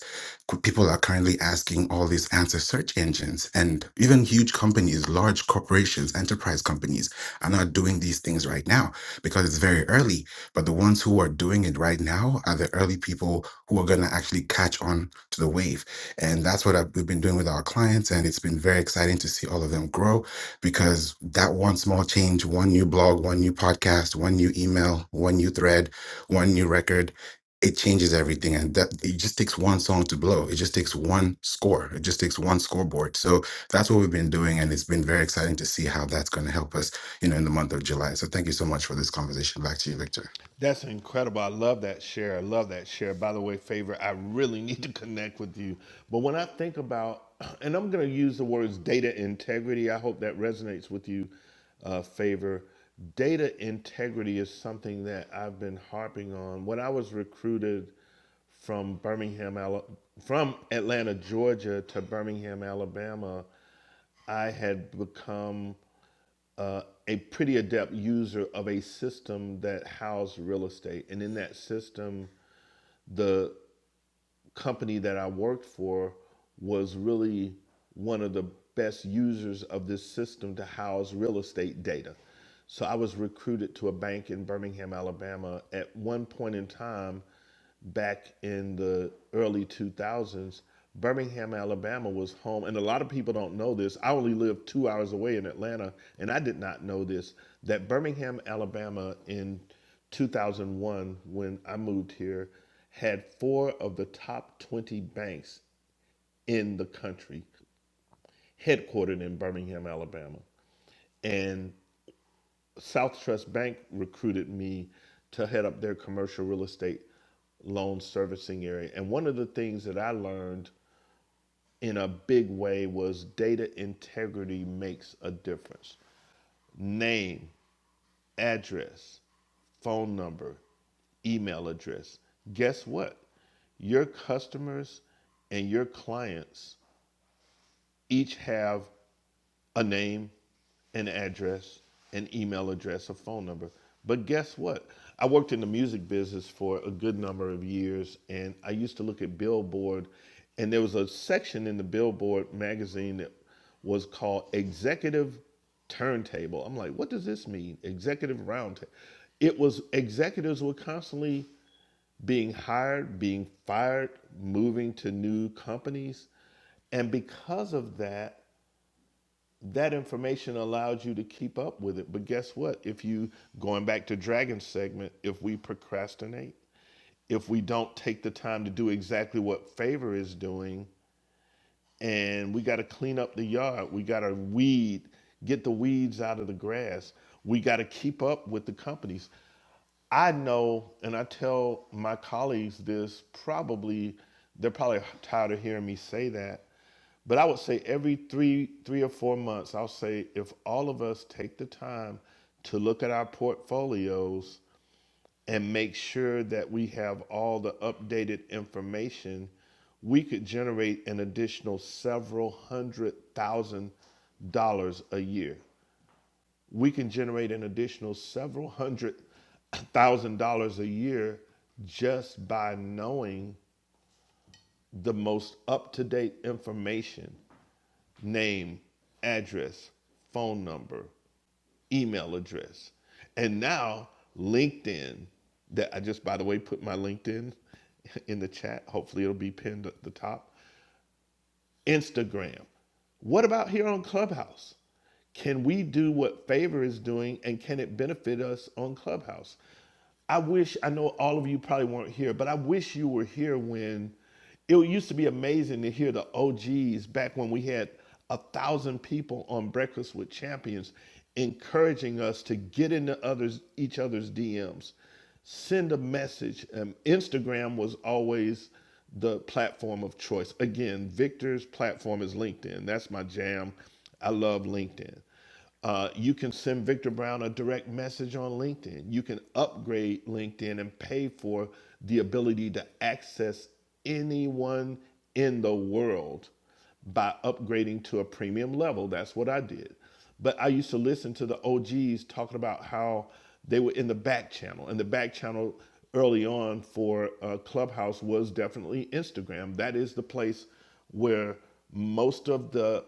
S22: qu- people are currently asking all these answer search engines and even huge companies large corporations enterprise companies are not doing these things right now because it's very early. But the ones who are doing it right now are the early people who are going to actually catch on to the wave. And that's what I've, we've been doing with our clients. And it's been very exciting to see all of them grow because that one small change, one new blog, one new podcast, one new email, one new thread, one new record, it changes everything. And that it just takes one song to blow. It just takes one score. It just takes one scoreboard. So that's what we've been doing. And it's been very exciting to see how that's going to help us you know, in the month of July. So thank you so much for this conversation. Back to you, Victor.
S20: That's incredible. I love that share. I love that share. By the way, favor, I really need to connect with you. But when I think about, and I'm going to use the words data integrity, I hope that resonates with you, uh, favor. Data integrity is something that I've been harping on. When I was recruited from Birmingham, Ala- from Atlanta, Georgia to Birmingham, Alabama, I had become uh, a pretty adept user of a system that housed real estate. And in that system, the company that I worked for was really one of the best users of this system to house real estate data. So I was recruited to a bank in Birmingham, Alabama at one point in time back in the early 2000s. Birmingham, Alabama was home, and a lot of people don't know this. I only lived two hours away in Atlanta, and I did not know this that Birmingham, Alabama in 2001 when I moved here had four of the top 20 banks in the country headquartered in Birmingham, Alabama. And South Trust Bank recruited me to head up their commercial real estate loan servicing area. And one of the things that I learned in a big way was data integrity makes a difference. Name, address, phone number, email address. Guess what? Your customers and your clients each have a name, an address, an email address, a phone number. But guess what? I worked in the music business for a good number of years, and I used to look at Billboard, and there was a section in the Billboard magazine that was called Executive Turntable. I'm like, what does this mean? Executive Roundtable. It was executives were constantly being hired, being fired, moving to new companies. And because of that, that information allows you to keep up with it. But guess what? If you, going back to Dragon's segment, if we procrastinate, if we don't take the time to do exactly what favor is doing, and we got to clean up the yard, we got to weed, get the weeds out of the grass, we got to keep up with the companies. I know, and I tell my colleagues this probably, they're probably tired of hearing me say that but I would say every three, three or four months, I'll say if all of us take the time to look at our portfolios and make sure that we have all the updated information, we could generate an additional several hundred thousand dollars a year. We can generate an additional several hundred thousand dollars a year just by knowing the most up to date information name, address, phone number, email address. And now LinkedIn, that I just, by the way, put my LinkedIn in the chat. Hopefully it'll be pinned at the top. Instagram. What about here on Clubhouse? Can we do what Favor is doing and can it benefit us on Clubhouse? I wish, I know all of you probably weren't here, but I wish you were here when it used to be amazing to hear the OGs back when we had a thousand people on Breakfast with Champions encouraging us to get into others each other's DMs send a message. Um, Instagram was always the platform of choice. Again, Victor's platform is LinkedIn. That's my jam. I love LinkedIn. Uh, you can send Victor Brown a direct message on LinkedIn. You can upgrade LinkedIn and pay for the ability to access anyone in the world by upgrading to a premium level. That's what I did. But I used to listen to the OGs talking about how they were in the back channel, and the back channel early on for uh, Clubhouse was definitely Instagram. That is the place where most of the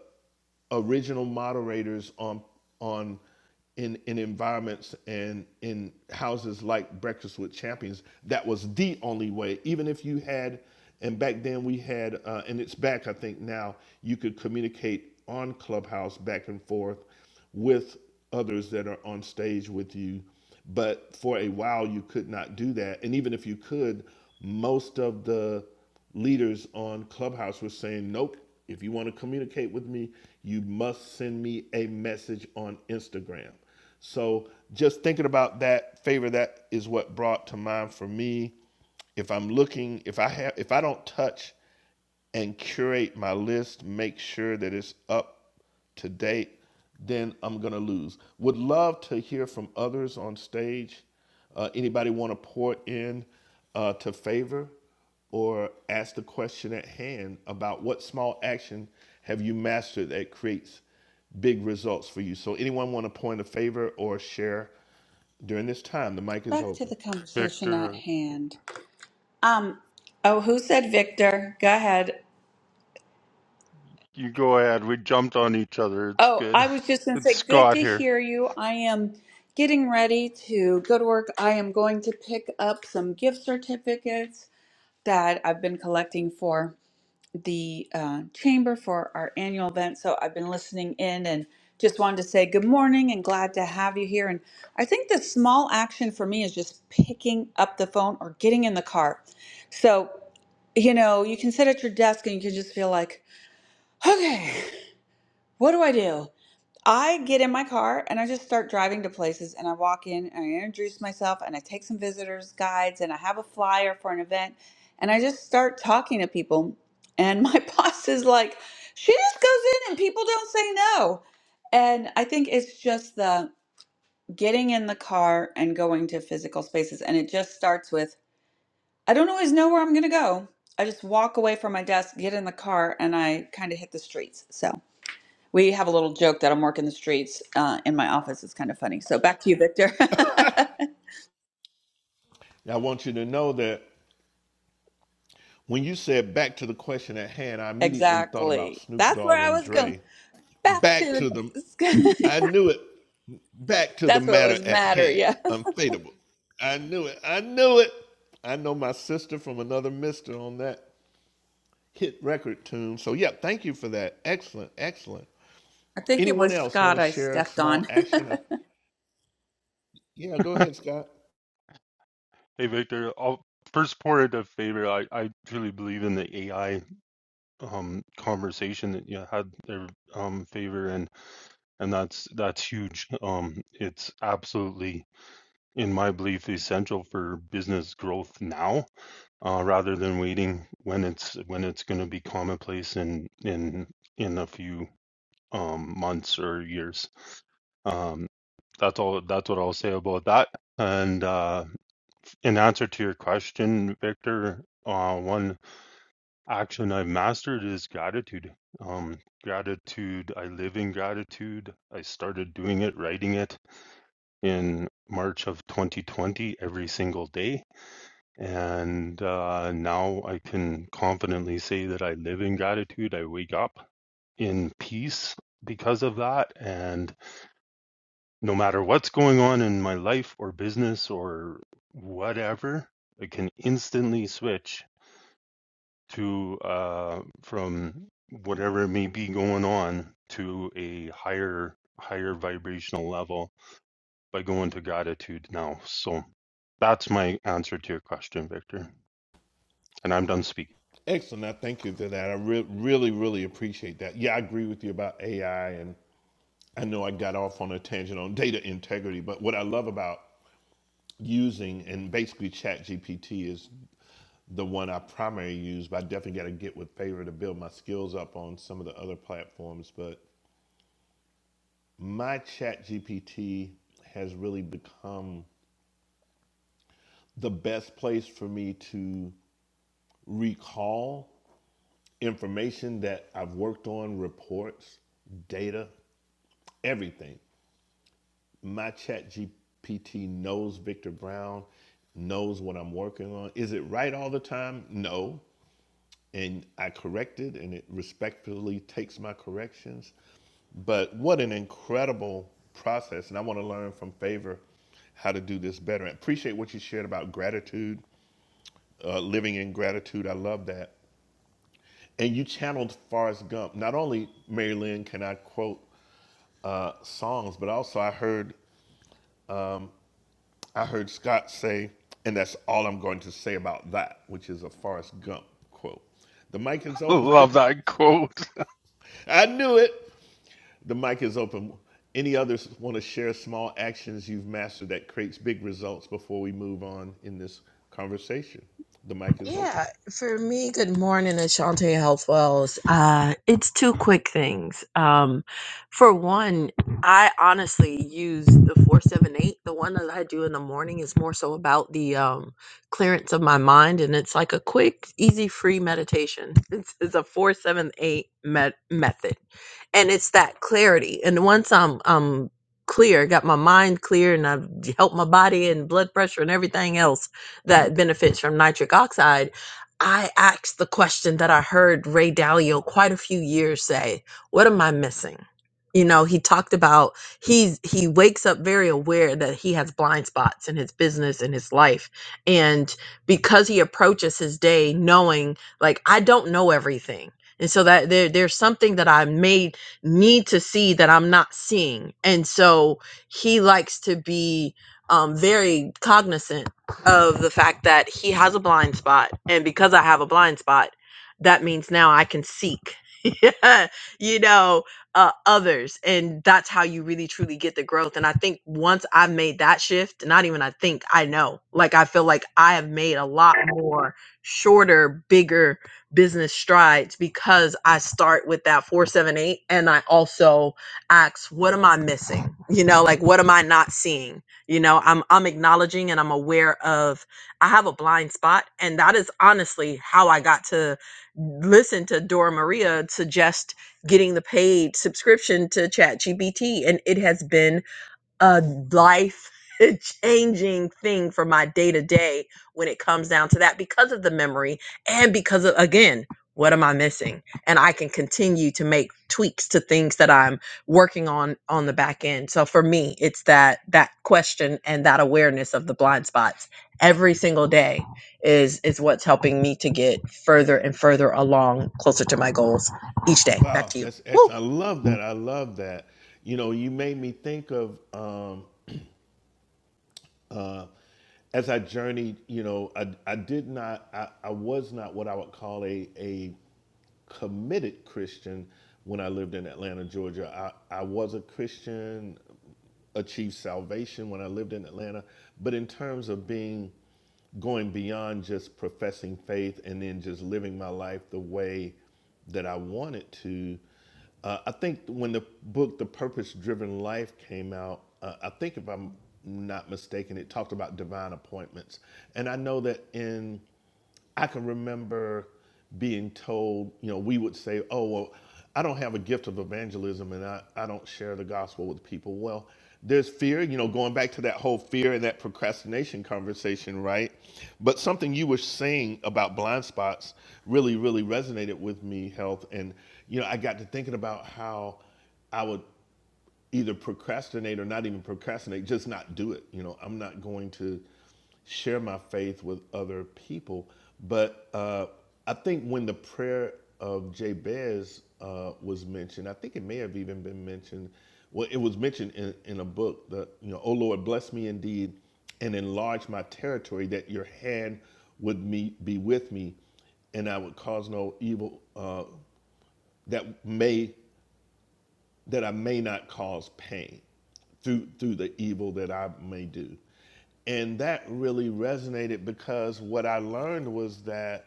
S20: original moderators on on in in environments and in houses like Breakfast with Champions. That was the only way. Even if you had, and back then we had, uh, and it's back I think now. You could communicate on Clubhouse back and forth with others that are on stage with you. But for a while, you could not do that. And even if you could, most of the leaders on Clubhouse were saying, nope, if you want to communicate with me, you must send me a message on Instagram. So just thinking about that favor, that is what brought to mind for me. If I'm looking, if I have, if I don't touch and curate my list, make sure that it's up to date, then I'm going to lose. Would love to hear from others on stage. Uh, anybody want to pour in uh, to favor or ask the question at hand about what small action have you mastered that creates big results for you? So, anyone want to point a favor or share during this time? The mic is
S1: Back to
S20: open.
S1: the conversation at
S23: Victor,
S1: hand. Um, oh, who said Victor? Go ahead.
S23: you go ahead. We jumped on each other. It's
S1: Oh,
S23: good.
S1: I was just going to
S23: It's
S1: say, good
S23: Scott
S1: to
S23: here.
S1: hear you. I am getting ready to go to work. I am going to pick up some gift certificates that I've been collecting for the uh, chamber for our annual event. So I've been listening in and just wanted to say good morning and glad to have you here. And I think the small action for me is just picking up the phone or getting in the car. So, you know, you can sit at your desk and you can just feel like, okay, what do I do? I get in my car and I just start driving to places and I walk in and I introduce myself and I take some visitors guides and I have a flyer for an event and I just start talking to people and my boss is like she just goes in and people don't say no. And I think it's just the getting in the car and going to physical spaces and it just starts with I don't always know where I'm going to go. I just walk away from my desk, get in the car and I kind of hit the streets. So we have a little joke that I'm working the streets uh, in my office. It's kind of funny. So back to you, Victor.
S20: Now, I want you to know that When you said back to the question at hand, I immediately thought about
S1: exactly.
S20: Snoop
S1: That's where
S20: Dogg
S1: I
S20: and
S1: was going.
S20: Dre.
S1: Back
S20: Back
S1: to
S20: to the,
S1: the.
S20: I knew it. Back to the
S1: That's what
S20: matter
S1: was
S20: at
S1: matter.
S20: hand.
S1: Yeah.
S20: Unfadable. I knew it. I knew it. I know my sister from another mister on that hit record tune. So, yeah, thank you for that. Excellent. Excellent.
S1: I think it
S20: Anyone
S1: was
S20: else want
S1: Scott
S20: to
S1: I
S20: share a
S1: stepped
S20: small
S1: on.
S20: action? Yeah, go ahead, Scott.
S23: Hey, Victor. I'll first pour it a favor. I, I truly believe in the AI um conversation that you had there, um favor and and that's that's huge. Um, it's absolutely, in my belief, essential for business growth now uh, rather than waiting when it's when it's going to be commonplace in in in a few um, months or years. um. that's all that's what I'll say about that. And uh, in answer to your question, Victor, uh, one action I've mastered is gratitude. Um, gratitude. I live in gratitude. I started doing it, writing it in March of 2020 every single day. And uh, now I can confidently say that I live in gratitude. I wake up in peace because of that. And no matter what's going on in my life or business or whatever, I can instantly switch to uh, from whatever may be going on to a higher higher vibrational level by going to gratitude now. So that's my answer to your question, Victor. And I'm done speaking.
S20: Excellent. I thank you for that. I re- really, really appreciate that. Yeah, I agree with you about AI and I know I got off on a tangent on data integrity, but what I love about using and basically ChatGPT is the one I primarily use, but I definitely got to get with favor to build my skills up on some of the other platforms. But my ChatGPT has really become the best place for me to recall information that I've worked on, reports, data, everything. my chat GPT knows Victor Brown, knows what I'm working on. Is it right all the time? No. And I correct it and it respectfully takes my corrections. But what an incredible process. And I want to learn from favor how to do this better. I appreciate what you shared about gratitude, uh, living in gratitude. I love that. And you channeled Forrest Gump. Not only, Mary Lynn, can I quote uh, songs, but also I heard I heard Scott say, and that's all I'm going to say about that, which is a Forrest Gump quote. The mic is open.
S23: Love that quote.
S20: I knew it. The mic is open. Any others want to share small actions you've mastered that creates big results before we move on in this conversation? The mic is open.
S18: Yeah, for me, good morning, Ashante Health Wells. Uh, it's two quick things. Um, for one, I honestly use the 478. The one that I do in the morning is more so about the um, clearance of my mind, and it's like a quick, easy, free meditation. It's, it's a 478 met- method, and it's that clarity. And once I'm, I'm clear, got my mind clear, and I've helped my body and blood pressure and everything else that benefits from nitric oxide, I asked the question that I heard Ray Dalio quite a few years say, what am I missing? You know, he talked about he's he wakes up very aware that he has blind spots in his business in his life. And because he approaches his day knowing like I don't know everything. And so that there there's something that I may need to see that I'm not seeing. And so he likes to be um, very cognizant of the fact that he has a blind spot and because i have a blind spot that means now i can seek you know uh, others and that's how you really truly get the growth and i think once i've made that shift not even i think i know like i feel like i have made a lot more shorter bigger business strides because i start with that 478 and i also ask what am i missing you know like what am i not seeing you know i'm i'm acknowledging and i'm aware of i have a blind spot and that is honestly how i got to listen to dora maria suggest getting the paid subscription to ChatGPT, and it has been a life changing thing for my day to day when it comes down to that because of the memory and because of again what am i missing and i can continue to make tweaks to things that i'm working on on the back end so for me it's that that question and that awareness of the blind spots every single day is is what's helping me to get further and further along closer to my goals each day back
S20: Wow,
S18: to you
S20: that's
S18: Woo!
S20: excellent. I love that. I love that. You know, you made me think of um, uh, as I journeyed, you know, I, I did not, I, I was not what I would call a, a committed Christian when I lived in Atlanta, Georgia. I, I was a Christian, achieved salvation when I lived in Atlanta. But in terms of being going beyond just professing faith and then just living my life the way that I wanted to, uh, I think when the book The Purpose Driven Life came out, uh, I think if I'm not mistaken, it talked about divine appointments. And I know that in I can remember being told, you know, we would say, oh, well, I don't have a gift of evangelism and I, I don't share the gospel with people. Well, there's fear, you know, going back to that whole fear and that procrastination conversation, right? But something you were saying about blind spots really, really resonated with me, health. And, you know, I got to thinking about how. I would either procrastinate or not even procrastinate, just not do it. You know, I'm not going to share my faith with other people. But uh, I think when the prayer of Jabez uh, was mentioned, I think it may have even been mentioned. Well, it was mentioned in, in a book that, you know, oh Lord, bless me indeed and enlarge my territory that your hand would me, be with me and I would cause no evil uh, that may that I may not cause pain through through the evil that I may do. And that really resonated because what I learned was that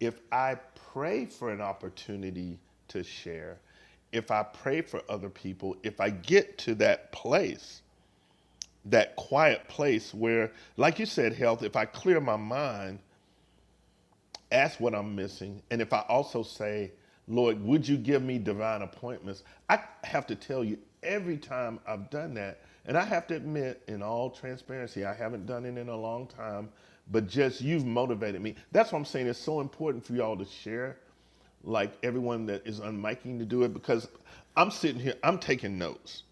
S20: if I pray for an opportunity to share, if I pray for other people, if I get to that place, that quiet place where, like you said, health, if I clear my mind ask what I'm missing. And if I also say, Lord, would you give me divine appointments? I have to tell you, every time I've done that, and I have to admit, in all transparency, I haven't done it in a long time, but just you've motivated me. That's what I'm saying. It's so important for y'all to share, like everyone that is unmiking to do it, because I'm sitting here, I'm taking notes.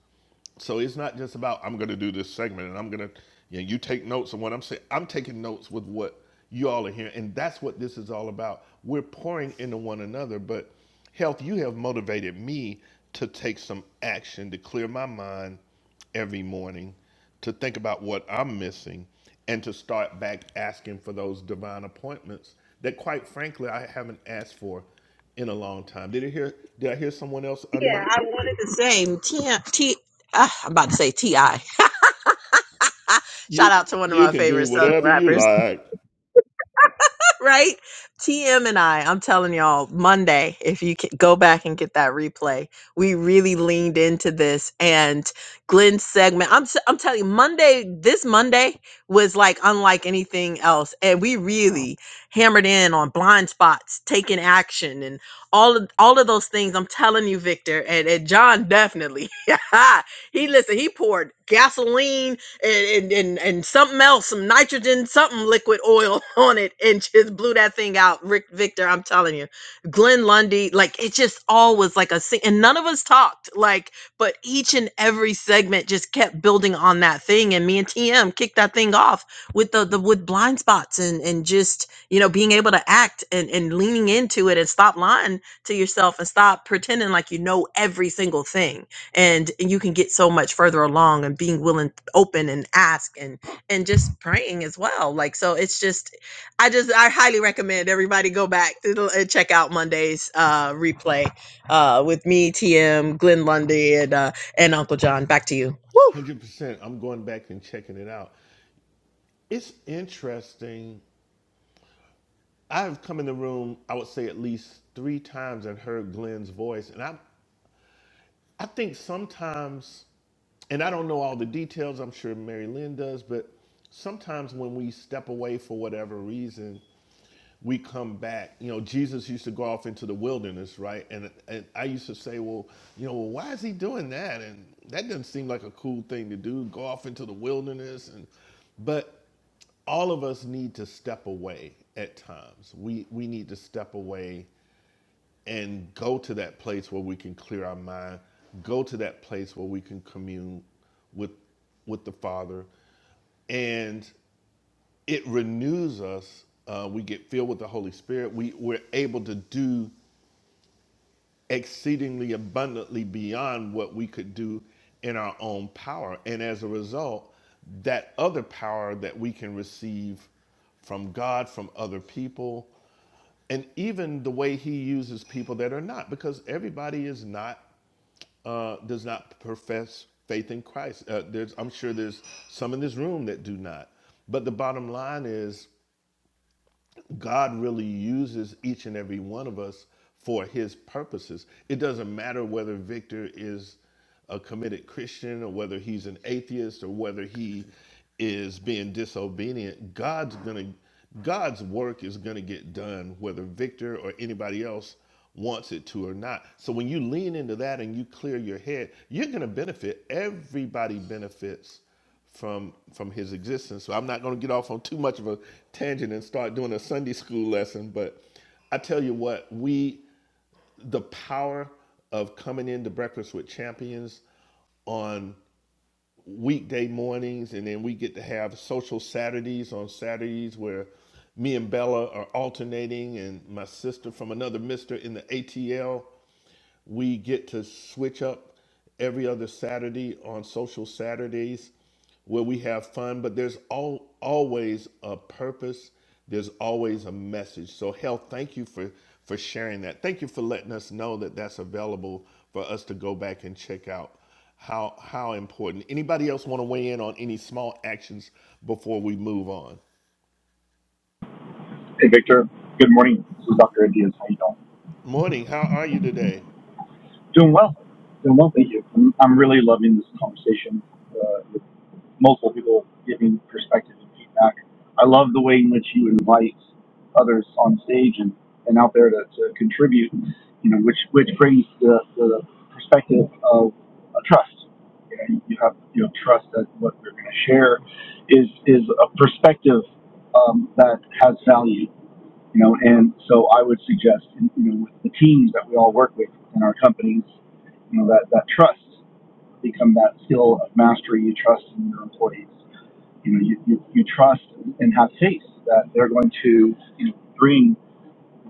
S20: So it's not just about I'm going to do this segment and I'm going to you know, you take notes on what I'm saying. I'm taking notes with what you all are hearing, and that's what this is all about. We're pouring into one another, but health, you have motivated me to take some action to clear my mind every morning, to think about what I'm missing, and to start back asking for those divine appointments that, quite frankly, I haven't asked for in a long time. Did I hear? Did I hear someone else
S18: Yeah,
S20: unmic?
S18: I wanted the same. T, T, ah, I'm about to say T.I.
S20: You
S18: Shout out to one of
S20: you
S18: my
S20: can do
S18: favorite Southern
S20: whatever you
S18: rappers.
S20: like.
S18: right? TM and I, I'm telling y'all, Monday, if you can go back and get that replay, we really leaned into this and Glenn's segment. I'm s- I'm telling you, Monday, this Monday was like unlike anything else, and we really hammered in on blind spots, taking action, and all of all of those things. I'm telling you, Victor, and, and John definitely. he listen, he poured gasoline and, and and and something else, some nitrogen, something liquid oil on it, and just blew that thing out. Rick Victor, I'm telling you, Glenn Lundy, like it just all was like a sing- and none of us talked, like, but each and every segment just kept building on that thing, and me and TM kicked that thing off with the the with blind spots and and just you know being able to act and and leaning into it and stop lying to yourself and stop pretending like you know every single thing and you can get so much further along and being willing open and ask and and just praying as well like so it's just i just i highly recommend everybody go back to the, and check out monday's uh replay uh with me tm glenn lundy and uh and uncle john back to you Woo!
S20: 100%. I'm going back and checking it out. It's interesting. I've come in the room, I would say at least 3 times and heard Glenn's voice and I I think sometimes and I don't know all the details. I'm sure Mary Lynn does, but sometimes when we step away for whatever reason, we come back. You know, Jesus used to go off into the wilderness, right? And, and I used to say, well, you know, well, why is he doing that? And that doesn't seem like a cool thing to do, go off into the wilderness. And but all of us need to step away at times. We we need to step away and go to that place where we can clear our mind, go to that place where we can commune with with the Father, and it renews us. Uh, we get filled with the Holy Spirit. We, we're able to do exceedingly abundantly beyond what we could do in our own power. And as a result, that other power that we can receive from God, from other people, and even the way He uses people that are not, because everybody is not uh, does not profess faith in Christ. Uh, there's, I'm sure there's some in this room that do not. But the bottom line is God really uses each and every one of us for his purposes. It doesn't matter whether Victor is a committed Christian or whether he's an atheist or whether he is being disobedient. God's going to God's work is going to get done whether Victor or anybody else wants it to or not. So when you lean into that and you clear your head, you're going to benefit. Everybody benefits from from his existence. So I'm not going to get off on too much of a tangent and start doing a Sunday school lesson, but I tell you what, we the power of coming into breakfast with champions on weekday mornings and then we get to have social Saturdays on Saturdays where me and Bella are alternating and my sister from another mister in the ATL we get to switch up every other Saturday on social Saturdays where we have fun, but there's all, always a purpose. There's always a message. So, Hell, thank you for, for sharing that. Thank you for letting us know that that's available for us to go back and check out. How, how important. Anybody else want to weigh in on any small actions before we move on?
S24: Hey, Victor. Good morning. This is Dr. Adias. How you doing?
S20: Morning, how are you today?
S24: Doing well. Doing well, thank you. I'm, I'm really loving this conversation uh, with multiple people giving perspective and feedback. I love the way in which you invite others on stage and, and out there to, to contribute, you know, which, which brings the, the perspective of a trust. You, know, you have, you know, trust that what we're going to share is, is a perspective um, that has value you know, and so I would suggest, you know, with the teams that we all work with in our companies, you know, that, that trust become that skill of mastery. You trust in your employees. You know, you, you, you trust and have faith that they're going to you know, bring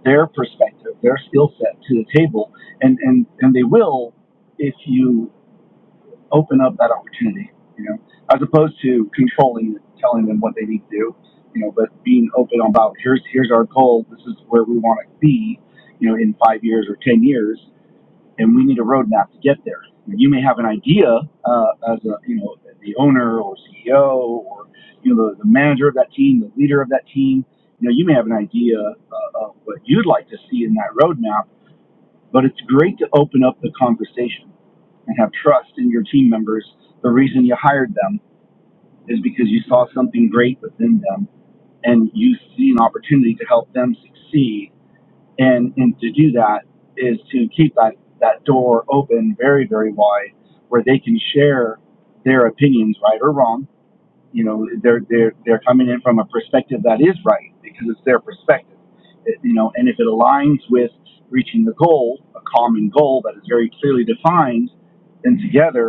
S24: their perspective, their skill set to the table, and, and, and they will if you open up that opportunity, you know, as opposed to controlling it, telling them what they need to do, you know, but being open about here's here's our goal, this is where we want to be, you know, in five years or ten years, and we need a roadmap to get there. You may have an idea uh, as a you know the owner or CEO or you know the, the manager of that team, the leader of that team. You know, you may have an idea uh, of what you'd like to see in that roadmap, but it's great to open up the conversation and have trust in your team members. The reason you hired them is because you saw something great within them and you see an opportunity to help them succeed. And, and to do that is to keep that, that door open very, very wide where they can share their opinions, right or wrong. You know, they're, they're, they're coming in from a perspective that is right because it's their perspective. It- you know, and if it aligns with reaching the goal, a common goal that is very clearly defined, then together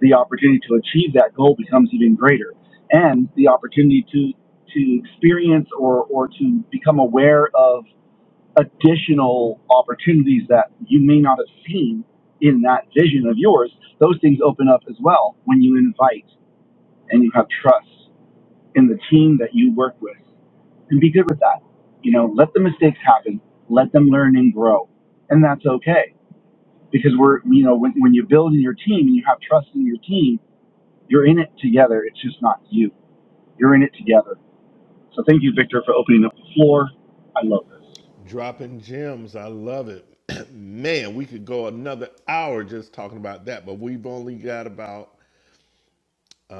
S24: the opportunity to achieve that goal becomes even greater and the opportunity to to experience or or to become aware of additional opportunities that you may not have seen in that vision of yours those things open up as well when you invite and you have trust in the team that you work with and be good with that you know let the mistakes happen let them learn and grow and that's okay because we're you know when, when you build in your team and you have trust in your team you're in it together. It's just not you. You're in it together. So thank you, Victor, for opening up the floor. I love this.
S20: Dropping gems. I love it. Man, we could go another hour just talking about that, but we've only got about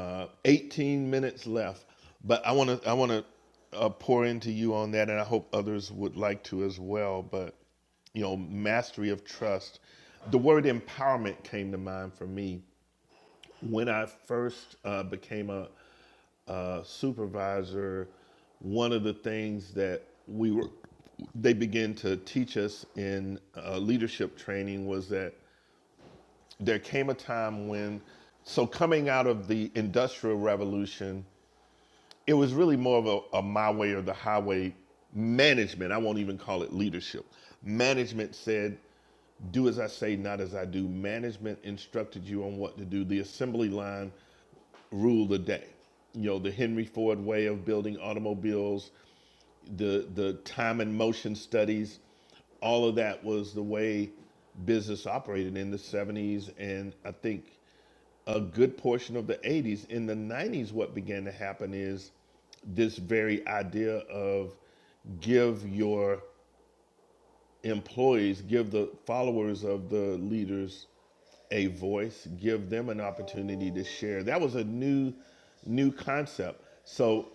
S20: uh, 18 minutes left. But I want to I want to uh, pour into you on that, and I hope others would like to as well. But you know, mastery of trust. The word empowerment came to mind for me when I first uh, became a uh, supervisor, one of the things that we were they began to teach us in uh, leadership training was that there came a time when so coming out of the industrial revolution it was really more of a, a my way or the highway management i won't even call it leadership management said do as i say not as i do management instructed you on what to do the assembly line rule the day. You know, the Henry Ford way of building automobiles, the the time and motion studies, all of that was the way business operated in the 70s and I think a good portion of the 80s. In the 90s what began to happen is this very idea of give your employees, give the followers of the leaders a voice, give them an opportunity to share. That was a new, new concept. So,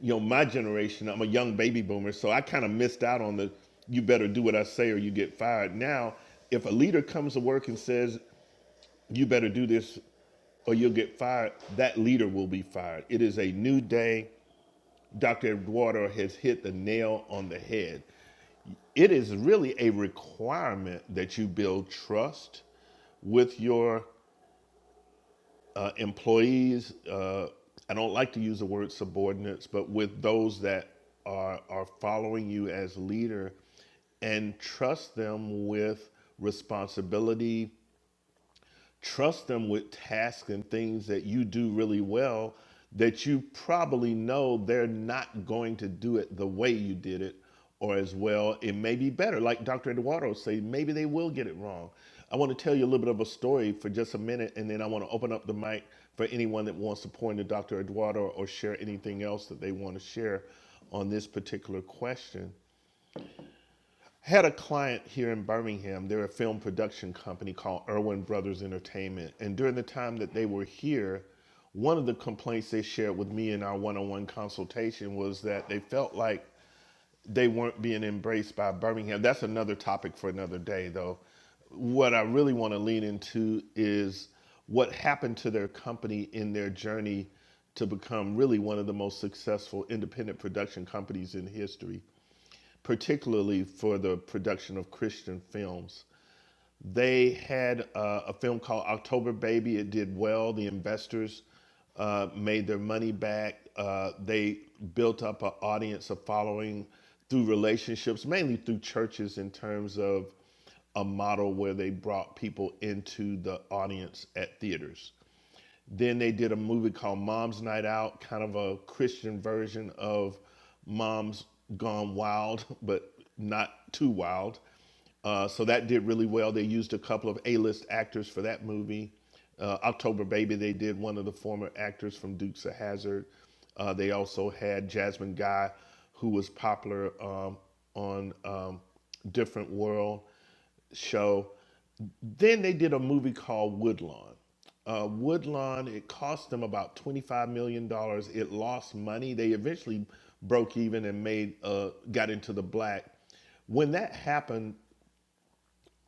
S20: you know, my generation, I'm a young baby boomer, so I kind of missed out on the you better do what I say or you get fired. Now, if a leader comes to work and says, you better do this or you'll get fired, that leader will be fired. It is a new day. Dr. Eduardo has hit the nail on the head it is really a requirement that you build trust with your uh, employees. Uh, I don't like to use the word subordinates, but with those that are are following you as leader, and trust them with responsibility Trust them with tasks and things that you do really well that you probably know they're not going to do it the way you did it or as well. It may be better. Like Dr. Eduardo say, maybe they will get it wrong. I want to tell you a little bit of a story for just a minute, and then I want to open up the mic for anyone that wants to point to Dr. Eduardo or share anything else that they want to share on this particular question. I had a client here in Birmingham. They're a film production company called Irwin Brothers Entertainment. And during the time that they were here, one of the complaints they shared with me in our one on one consultation was that they felt like they weren't being embraced by Birmingham. That's another topic for another day, though. What I really want to lean into is what happened to their company in their journey to become really one of the most successful independent production companies in history particularly for the production of Christian films. They had uh, a film called October Baby. It did well. The investors uh, made their money back. Uh, they built up an audience, a following through relationships, mainly through churches, in terms of a model where they brought people into the audience at theaters. Then they did a movie called Mom's Night Out, kind of a Christian version of Mom's Gone Wild, but not too wild. Uh, so that did really well. They used a couple of A-list actors for that movie. Uh, October Baby, they did one of the former actors from Dukes of Hazard. Uh, they also had Jasmine Guy, who was popular um, on um, Different World show. Then they did a movie called Woodlawn. Uh, Woodlawn, it cost them about $25 million. dollars. It lost money. They eventually broke even and made uh, got into the black. When that happened,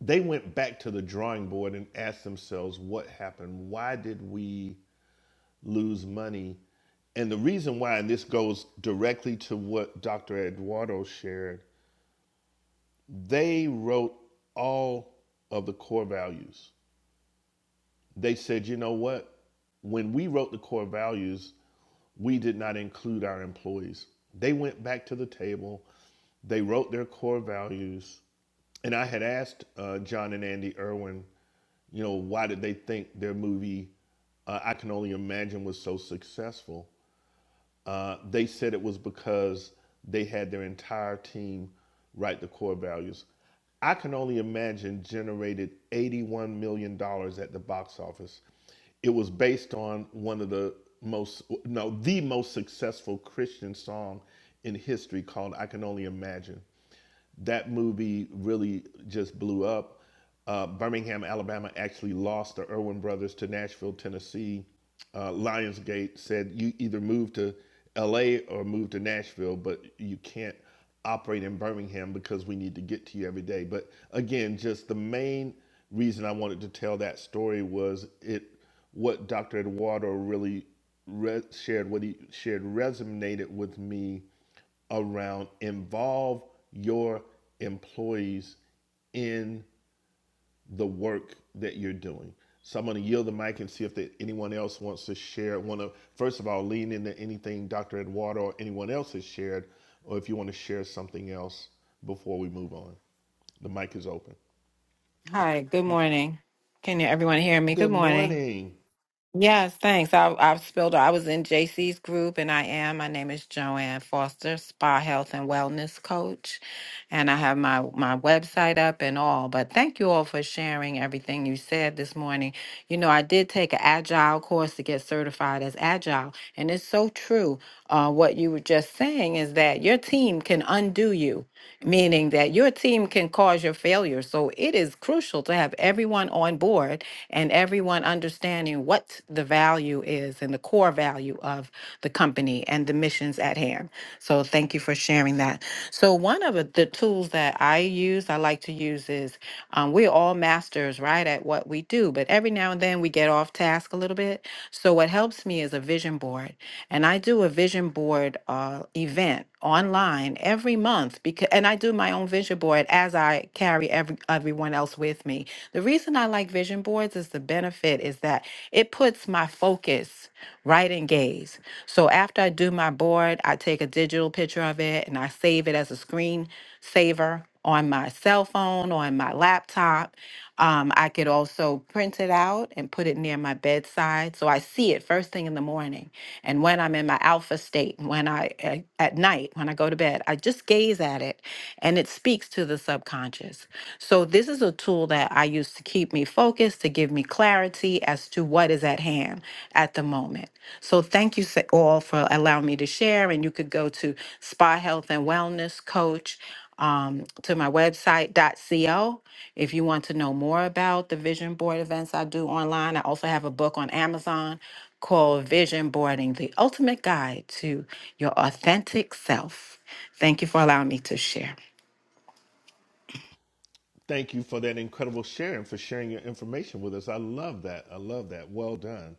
S20: they went back to the drawing board and asked themselves what happened? Why did we lose money? And the reason why, and this goes directly to what Dr. Eduardo shared, they wrote all of the core values They said, you know what? When we wrote the core values, we did not include our employees. They went back to the table, they wrote their core values. And I had asked uh, John and Andy Irwin, you know, why did they think their movie, uh, I Can Only Imagine, was so successful? Uh, they said it was because they had their entire team write the core values. I can only imagine generated $81 million dollars at the box office. It was based on one of the most, no, the most successful Christian song in history called I Can Only Imagine that movie really just blew up. Uh, Birmingham, Alabama actually lost the Irwin brothers to Nashville, Tennessee. Uh, Lionsgate said you either move to LA or move to Nashville, but you can't operate in Birmingham because we need to get to you every day. But again, just the main reason I wanted to tell that story was it what Dr. Eduardo really re- shared, what he shared resonated with me around involve your employees in the work that you're doing. So I'm going to yield the mic and see if there, anyone else wants to share. Want to first of all lean into anything Dr. Eduardo or anyone else has shared, or if you want to share something else before we move on. The mic is open.
S19: Hi, good morning. Can you, everyone hear me? Good
S20: Good
S19: morning.
S20: morning.
S19: Yes, thanks. I, I've spilled. I was in JC's group, and I am. My name is Joanne Foster, Spa Health and Wellness Coach, and I have my my website up and all. But thank you all for sharing everything you said this morning. You know, I did take an agile course to get certified as agile, and it's so true. Uh, what you were just saying is that your team can undo you meaning that your team can cause your failure. So it is crucial to have everyone on board and everyone understanding what the value is and the core value of the company and the missions at hand. So thank you for sharing that. So one of the the tools that I use, I like to use is um, we're all masters, right, at what we do, but every now and then we get off task a little bit. So what helps me is a vision board and I do a vision board uh, event online every month because, and I do my own vision board as I carry every everyone else with me. The reason I like vision boards is the benefit is that it puts my focus right in gaze. So after I do my board, I take a digital picture of it and I save it as a screen saver on my cell phone on my laptop um, I could also print it out and put it near my bedside so I see it first thing in the morning. And when I'm in my alpha state, when I at, at night, when I go to bed, I just gaze at it and it speaks to the subconscious. So this is a tool that I use to keep me focused, to give me clarity as to what is at hand at the moment. So thank you sa- all for allowing me to share and you could go to Spa Health and Wellness Coach um, to my website .co if you want to know more about the vision board events I do online. I also have a book on Amazon called Vision Boarding: The Ultimate Guide to Your Authentic Self. Thank you for allowing me to share.
S20: Thank you for that incredible share and for sharing your information with us. I love that. I love that. Well done.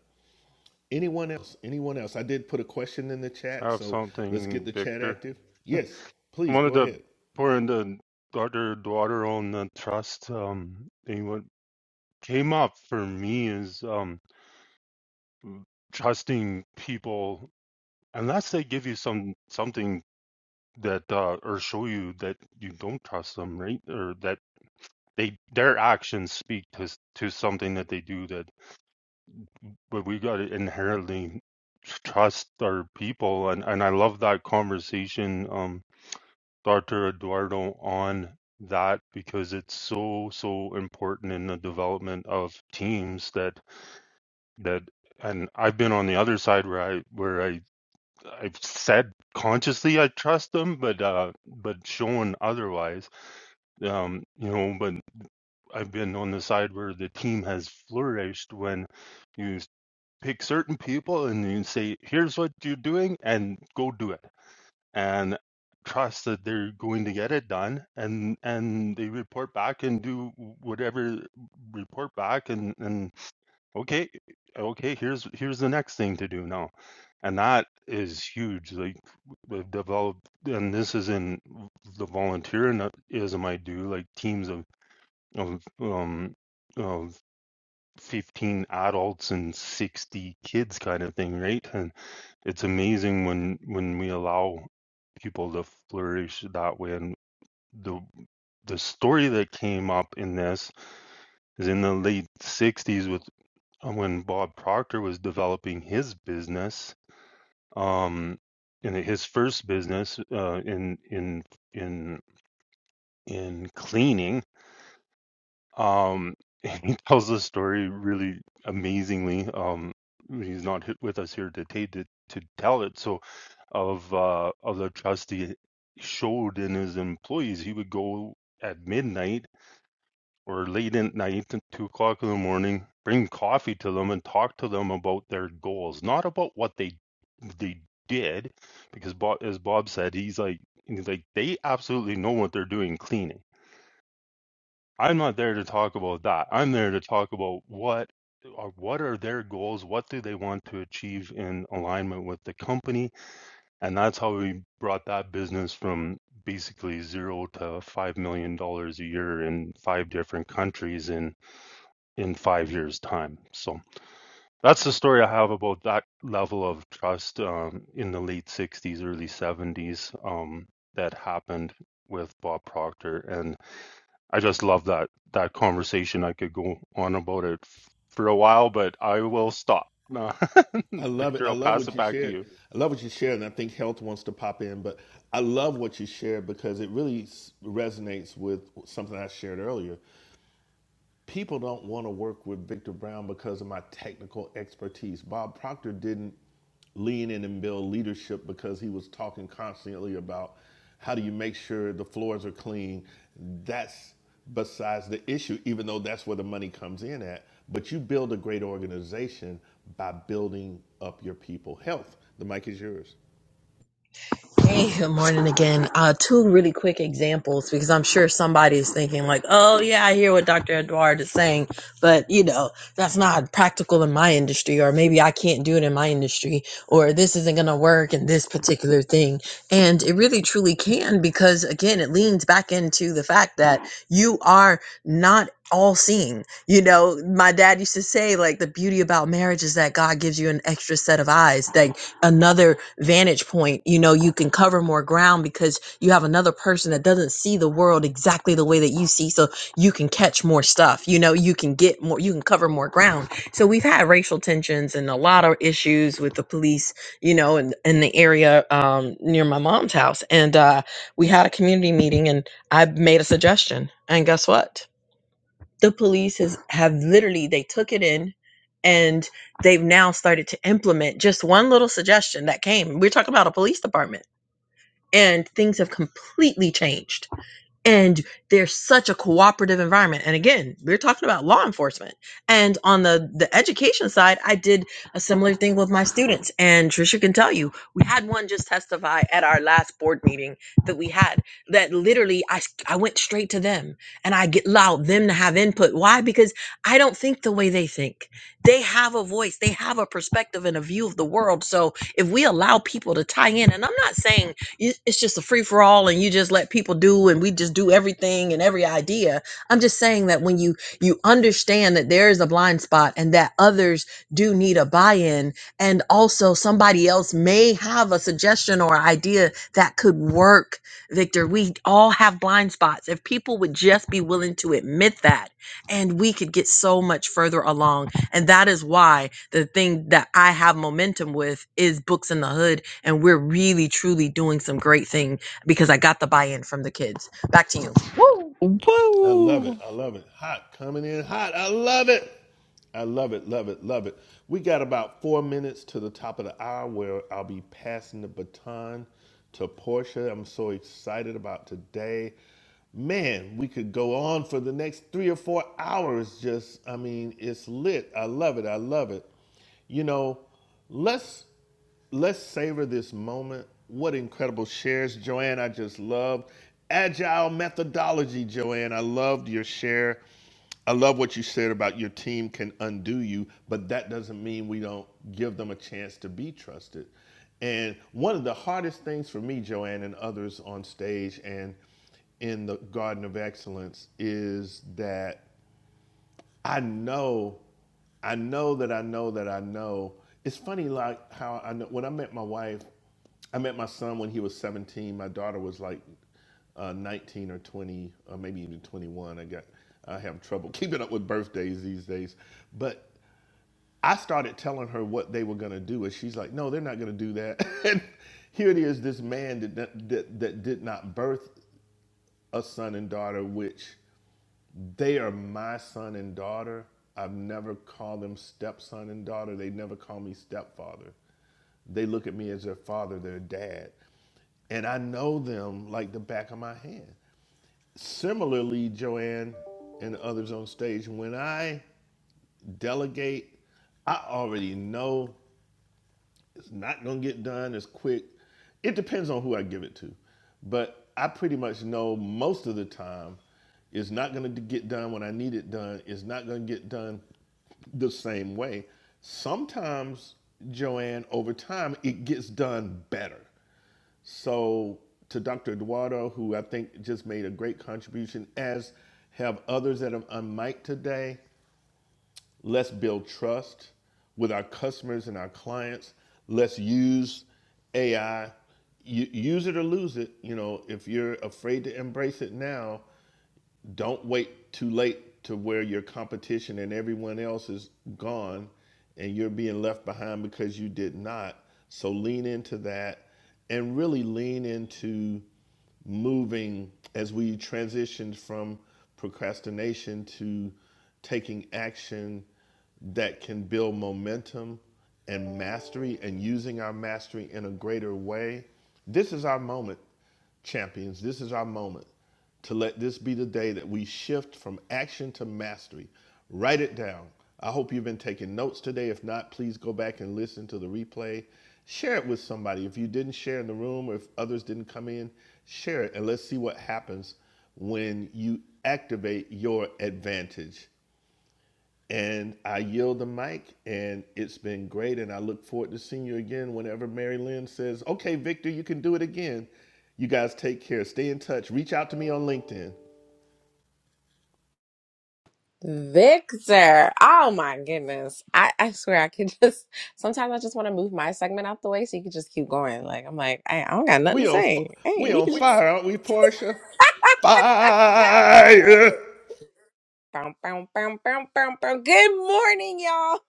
S20: Anyone else? Anyone else? I did put a question in the
S23: I
S20: chat,
S23: have
S20: so let's get
S23: something,
S20: the chat
S23: Victor.
S20: active. Yes,
S23: I
S20: please
S23: wanted
S20: go
S23: to
S20: ahead.
S23: pour into Dr. Daughter on the trust. Um, anyone? came up for me is um, trusting people unless they give you some something that uh, or show you that you don't trust them, right? Or that they their actions speak to s- to something that they do that. But we got to inherently trust our people, and and I love that conversation, um, Doctor Eduardo on that because it's so so important in the development of teams that that and I've been on the other side where I where I I've said consciously I trust them but uh but shown otherwise um you know but I've been on the side where the team has flourished when you pick certain people and you say here's what you're doing and go do it and trust that they're going to get it done and and they report back and do whatever report back and and Okay, okay, here's here's the next thing to do now. And that is huge. Like we've developed, and this is in the volunteerism I do, like teams of of um of 15 adults and 60 kids kind of thing, right? And it's amazing when when we allow people to flourish that way. And the the story that came up in this is in the late 60s with uh, when Bob Proctor was developing his business, um, in his first business uh, in in in in cleaning, um, he tells the story really amazingly. Um, he's not with us here today to to tell it. So, of uh, of the trust he showed in his employees, he would go at midnight or late at night and two o'clock in the morning, bring coffee to them and talk to them about their goals, not about what they they did, because Bob, as Bob said, he's like he's like they absolutely know what they're doing cleaning. I'm not there to talk about that. I'm there to talk about what are what are their goals, what do they want to achieve in alignment with the company, and that's how we brought that business from basically zero to five million dollars a year in five different countries in in five years' time. So that's the story I have about that level of trust um, in the late 60s, early 70s um, that happened with Bob Proctor. And I just love that that conversation. I could go on about it for a while, but I will stop.
S20: I love it.
S23: Victor,
S20: I
S23: I'll
S20: love
S23: pass
S20: what
S23: it
S20: you
S23: back to
S20: shared.
S23: you.
S20: I love what you shared, and I think health wants to pop in, but I love what you shared because it really s- resonates with something I shared earlier. people don't want to work with Victor Brown because of my technical expertise. Bob Proctor didn't lean in and build leadership because he was talking constantly about how do you make sure the floors are clean. That's besides the issue, even though that's where the money comes in at. But you build a great organization by building up your people. Health. The mic is yours.
S18: Hey, good morning again. Uh, two really quick examples because I'm sure somebody is thinking like, "Oh yeah, I hear what Dr. Edward is saying," but you know that's not practical in my industry, or maybe I can't do it in my industry, or this isn't going to work in this particular thing. And it really truly can because again, it leans back into the fact that you are not all seeing. You know, my dad used to say like the beauty about marriage is that God gives you an extra set of eyes. Like another vantage point you know you can cover more ground because you have another person that doesn't see the world exactly the way that you see so you can catch more stuff you know you can get more you can cover more ground so we've had racial tensions and a lot of issues with the police you know in, in the area um, near my mom's house and uh, we had a community meeting and i made a suggestion and guess what the police has have literally they took it in and they've now started to implement just one little suggestion that came we're talking about a police department and things have completely changed and there's such a cooperative environment and again we're talking about law enforcement and on the the education side i did a similar thing with my students and trisha can tell you we had one just testify at our last board meeting that we had that literally i s- i went straight to them and i get allowed them to have input why because i don't think the way they think they have a voice they have a perspective and a view of the world so if we allow people to tie in and i'm not saying you, it's just a free for all and you just let people do and we just do everything and every idea. I'm just saying that when you you understand that there is a blind spot and that others do need a buy-in and also somebody else may have a suggestion or idea that could work. Victor, we all have blind spots. If people would just be willing to admit that and we could get so much further along and that is why the thing that I have momentum with is Books in the Hood. And we're really, truly doing some great thing because I got the buy in from the kids. Back to you.
S20: I love
S3: Woo!
S20: it. I love it. Hot coming in hot. I love it. I love it, love it, love it. We got about four minutes to the top of the hour where I'll be passing the baton to Portia. I'm so excited about today. Man, we could go on for the next three or four hours. Just, I mean, it's lit. I love it. I love it. You know, let's Let's savor this moment. What incredible shares, Joanne. I just love agile methodology, Joanne. I loved your share. I love what you said about your team can undo you, but that doesn't mean we don't give them a chance to be trusted. And one of the hardest things for me, Joanne, and others on stage and in the Garden of Excellence is that I know, I know that I know that I know. It's funny, like how I know when I met my wife, I met my son when he was 17. My daughter was like uh, 19 or 20, or maybe even 21. I got, I have trouble keeping up with birthdays these days. But I started telling her what they were gonna do, and she's like, "No, they're not gonna do that." and here it is, this man that that, that that did not birth a son and daughter, which they are my son and daughter. I've never called them stepson and daughter. They never call me stepfather. They look at me as their father, their dad. And I know them like the back of my hand. Similarly, Joanne and others on stage, when I delegate, I already know it's not gonna get done as quick. It depends on who I give it to, but I pretty much know most of the time it's not gonna get done when I need it done. It's not gonna get done the same way. Sometimes, Joanne, over time, it gets done better. So, to Dr. Eduardo, who I think just made a great contribution, as have others that have on mic today, Let's build trust with our customers and our clients. Let's use AI. U- use it or lose it. You know, if you're afraid to embrace it now, don't wait too late to where your competition and everyone else is gone and you're being left behind because you did not. So lean into that and really lean into moving as we transition from procrastination to taking action that can build momentum and mastery and using our mastery in a greater way. This is our moment champions, this is our moment to let this be the day that we shift from action to mastery. Write it down. I hope you've been taking notes today. If not, please go back and listen to the replay. Share it with somebody. If you didn't share in the room or if others didn't come in, share it and let's see what happens when you activate your advantage. And I yield the mic, and it's been great. And I look forward to seeing you again whenever Mary Lynn says, Okay, Victor, you can do it again. You guys take care. Stay in touch. Reach out to me on LinkedIn.
S25: Victor. Oh my goodness. I, I swear I could just sometimes I just want to move my segment out the way so you could just keep going. Like I'm like, I, I don't got nothing
S20: We
S25: to
S20: on, f-
S25: say. Hey,
S20: we
S25: we
S20: on
S25: can just
S20: fire, aren't we, Portia?
S25: that
S20: Fire!
S25: part. Bow, bow, bow, bow, bow, bow. Good morning, y'all.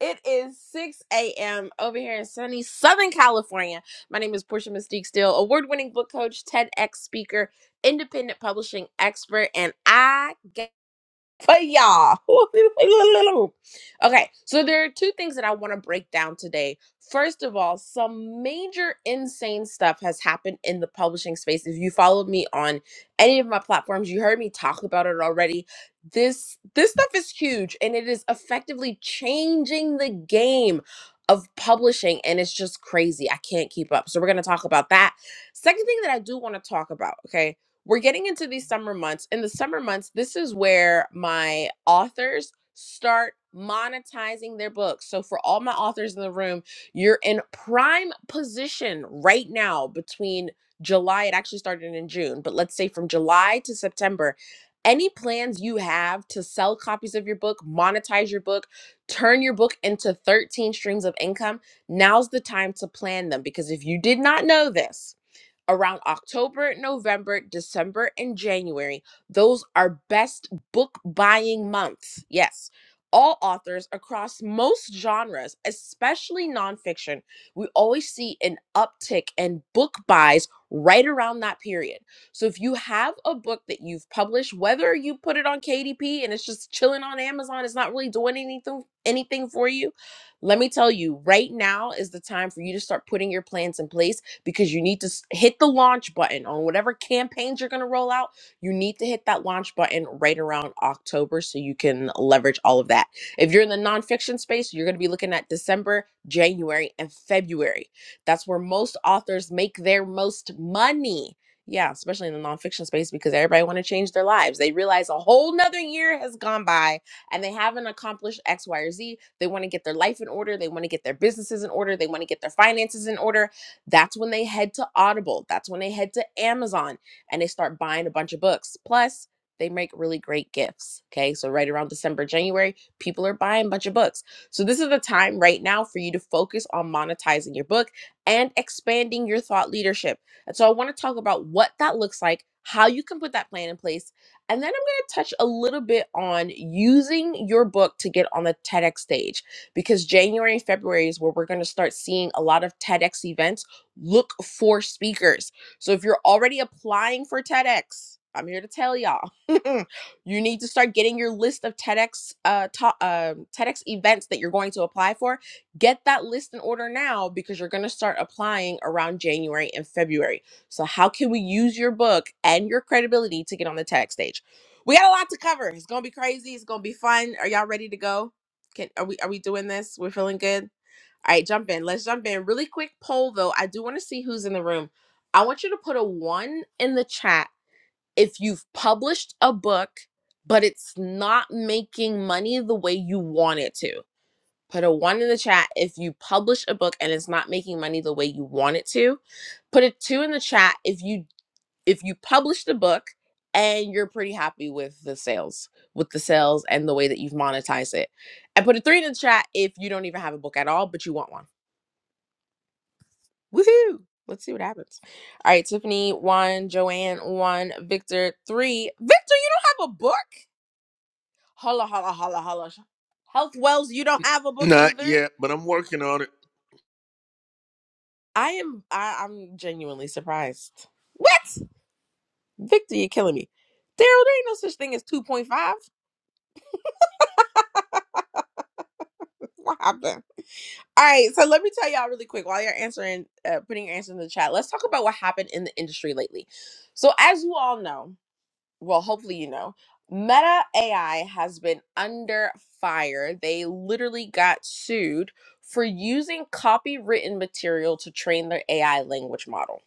S25: It is 6 a.m. over here in sunny Southern California. My name is Portia Mystique Steele, award winning book coach, TEDx speaker, independent publishing expert, and I for y'all. okay, so there are two things that I want to break down today. First of all, some major insane stuff has happened in the publishing space. If you followed me on any of my platforms, you heard me talk about it already. This this stuff is huge and it is effectively changing the game of publishing and it's just crazy. I can't keep up. So we're going to talk about that. Second thing that I do want to talk about, okay? we're getting into these summer months. In the summer months, this is where my authors start monetizing their books. So, for all my authors in the room, you're in prime position right now between July, it actually started in June, but let's say from July to September. Any plans you have to sell copies of your book, monetize your book, turn your book into 13 streams of income, now's the time to plan them. Because if you did not know this, around October, November, December, and January. Those are best book buying months. Yes. All authors across most genres, especially nonfiction, we always see an uptick in book buys right around that period. So if you have a book that you've published, whether you put it on KDP and it's just chilling on Amazon, it's not really doing anything anything for you, let me tell you, right now is the time for you to start putting your plans in place because you need to s- hit the launch button on whatever campaigns you're going to roll out. You need to hit that launch button right around October so you can leverage all of that. If you're in the nonfiction space, you're going to be looking at December, January, and February. That's where most authors make their most money. Yeah, especially in the nonfiction space because everybody want to change their lives. They realize a whole nother year has gone by and they haven't accomplished X, Y, or Z. They want to get their life in order. They want to get their businesses in order. They want to get their finances in order that's when they head to Audible. That's when they head to Amazon and they start buying a bunch of books. Plus, they make really great gifts. Okay. So, right around December, January, people are buying a bunch of books. So, this is the time right now for you to focus on monetizing your book and expanding your thought leadership. And so, I want to talk about what that looks like, how you can put that plan in place. And then I'm going to touch a little bit on using your book to get on the TEDx stage because January and February is where we're going to start seeing a lot of TEDx events Look for speakers. So if you're already applying for TEDx, I'm here to tell y'all, you need to start getting your list of TEDx uh, ta- um, TEDx events that you're going to apply for. Get that list in order now because you're going to start applying around January and February. So how can we use your book and your credibility to get on the TEDx stage? We got a lot to cover. It's gonna be crazy. It's gonna be fun. Are y'all ready to go? Can are we are we doing this? We're feeling good. All right, jump in. Let's jump in. Really quick poll though. I do want to see who's in the room. I want you to put a one in the chat if you've published a book, but it's not making money the way you want it to. Put a one in the chat if you publish a book and it's not making money the way you want it to. Put a two in the chat if you if you published a book and you're pretty happy with the sales, with the sales and the way that you've monetized it. And put a three in the chat if you don't even have a book at all, but you want one. Woohoo! Let's see what happens. All right, Tiffany, one, Joanne, one, Victor, three. Victor, you don't have a book? Holla, holla, holla, holla. Health Wells, you don't have a book
S20: Not
S25: either?
S20: yet, but I'm working on it.
S25: I am, I, I'm genuinely surprised. What? Victor, you're killing me. Daryl, there ain't no such thing as 2.5. What happened? All right, so let me tell y'all really quick while you're answering, uh, putting your answer in the chat, let's talk about what happened in the industry lately. So, as you all know, well, hopefully you know, Meta AI has been under fire. They literally got sued for using copywritten material to train their AI language model.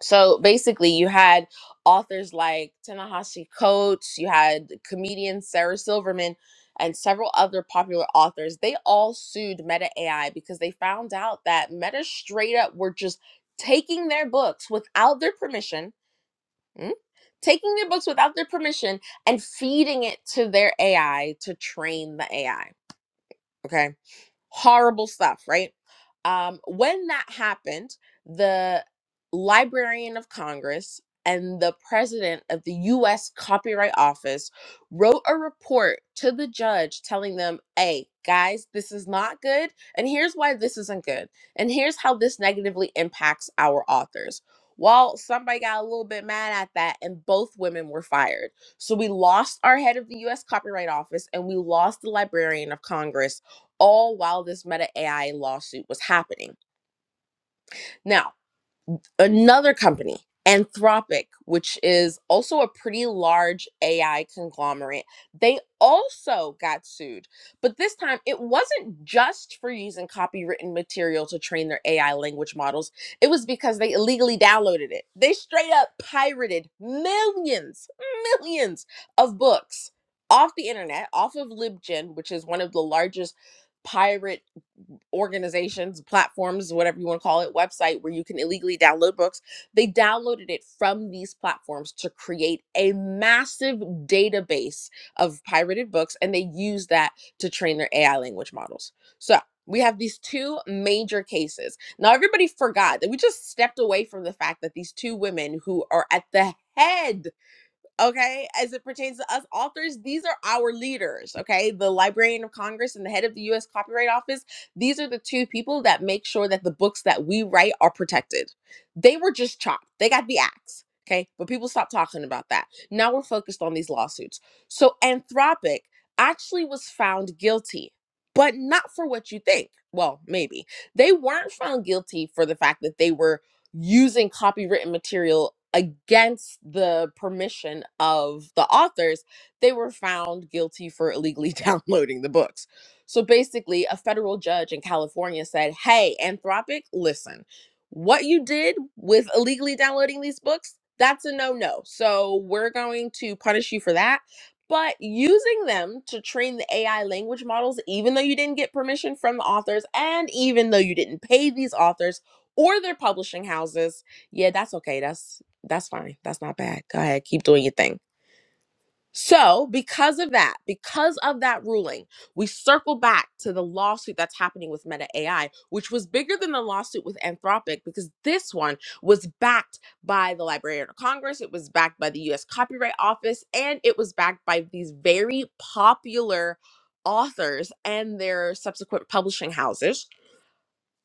S25: So basically, you had authors like Tanahashi Coates, you had comedian Sarah Silverman, and several other popular authors. They all sued Meta AI because they found out that Meta straight up were just taking their books without their permission Mm? Taking their books without their permission and feeding it to their AI to train the AI. Okay horrible stuff, right? Um, when that happened, the Librarian of Congress and the president of the US Copyright Office wrote a report to the judge telling them, hey, guys, this is not good. And here's why this isn't good. And here's how this negatively impacts our authors. Well, somebody got a little bit mad at that, and both women were fired. So we lost our head of the US Copyright Office and we lost the Librarian of Congress all while this Meta AI lawsuit was happening. Now, another company, Anthropic, which is also a pretty large AI conglomerate, they also got sued. But this time, it wasn't just for using copywritten material to train their AI language models, it was because they illegally downloaded it. They straight up pirated millions, millions of books off the internet, off of LibGen, which is one of the largest pirate organizations, platforms, whatever you want to call it, website where you can illegally download books. They downloaded it from these platforms to create a massive database of pirated books, and they use that to train their AI language models. So we have these two major cases. Now, everybody forgot that we just stepped away from the fact that these two women who are at the head okay as it pertains to us authors these are our leaders okay the librarian of congress and the head of the us copyright office these are the two people that make sure that the books that we write are protected they were just chopped they got the axe okay but people stopped talking about that now we're focused on these lawsuits so anthropic actually was found guilty but not for what you think well maybe they weren't found guilty for the fact that they were using copywritten material against the permission of the authors, they were found guilty for illegally downloading the books. So basically, a federal judge in California said, Hey, Anthropic, listen, what you did with illegally downloading these books, that's a no no. So we're going to punish you for that. But using them to train the AI language models, even though you didn't get permission from the authors, and even though you didn't pay these authors, or their publishing houses. Yeah, that's okay. That's that's fine. That's not bad. Go ahead, keep doing your thing. So, because of that, because of that ruling, we circle back to the lawsuit that's happening with Meta AI, which was bigger than the lawsuit with Anthropic because this one was backed by the Librarian of Congress, it was backed by the US Copyright Office, and it was backed by these very popular authors and their subsequent publishing houses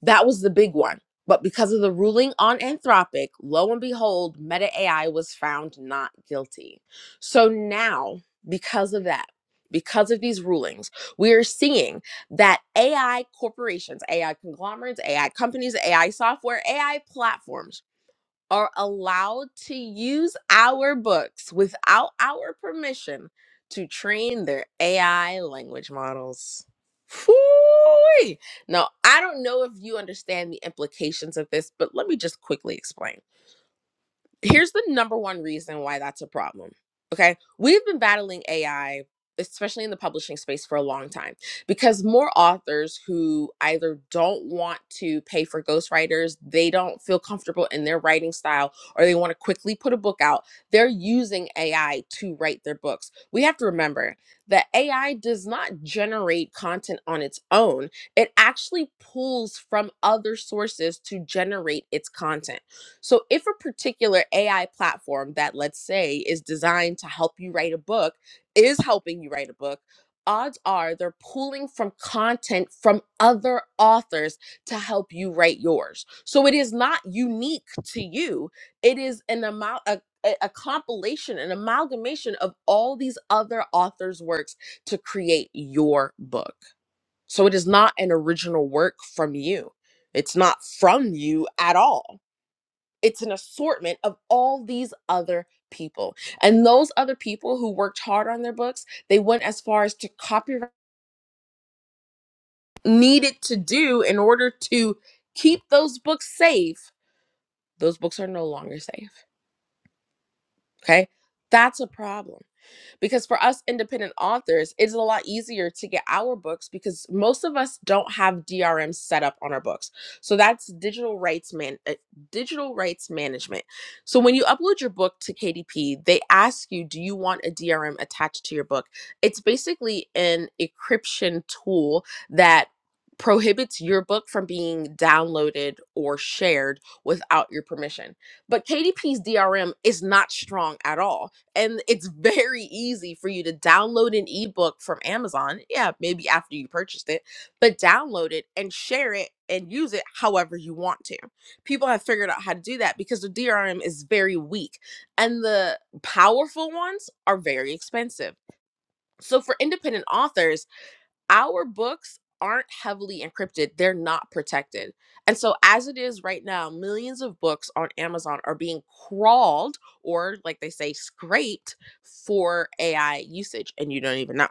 S25: that was the big one. But because of the ruling on Anthropic, lo and behold, Meta AI was found not guilty. So now, because of that, because of these rulings, we are seeing that AI corporations, AI conglomerates, AI companies, AI software, AI platforms are allowed to use our books without our permission to train their AI language models. Phooey. Now, I don't know if you understand the implications of this, but let me just quickly explain here's the number one reason why that's a problem. Okay. We've been battling AI, especially in the publishing space, for a long time because more authors who either don't want to pay for ghostwriters, they don't feel comfortable in their writing style, or they want to quickly put a book out, they're using AI to write their books. We have to remember that AI does not generate content on its own, it actually pulls from other sources to generate its content. So, if a particular AI platform that, let's say, is designed to help you write a book is helping you write a book, odds are they're pulling from content from other authors to help you write yours. So, it is not unique to you, it is an amount, a a a compilation, an amalgamation of all these other authors' works to create your book. So it is not an original work from you. It's not from you at all it's an assortment of all these other people. And those other people who worked hard on their books, they went as far as to copyright needed to do in order to keep those books safe. Those books are no longer safe. Okay. That's a problem. because for us independent authors it's a lot easier to get our books because most of us don't have drm set up on our books so that's digital rights man uh, digital rights management so when you upload your book to kdp they ask you do you want a drm attached to your book it's basically an encryption tool that prohibits your book from being downloaded or shared without your permission but kdp's drm is not strong at all and it's very easy for you to download an ebook from Amazon. Yeah, maybe after you purchased it, but download it and share it and use it however you want to. People have figured out how to do that because the DRM is very weak and the powerful ones are very expensive. So for independent authors, our books aren't heavily encrypted they're not protected and so as it is right now millions of books on amazon are being crawled or like they say scraped for ai usage and you don't even know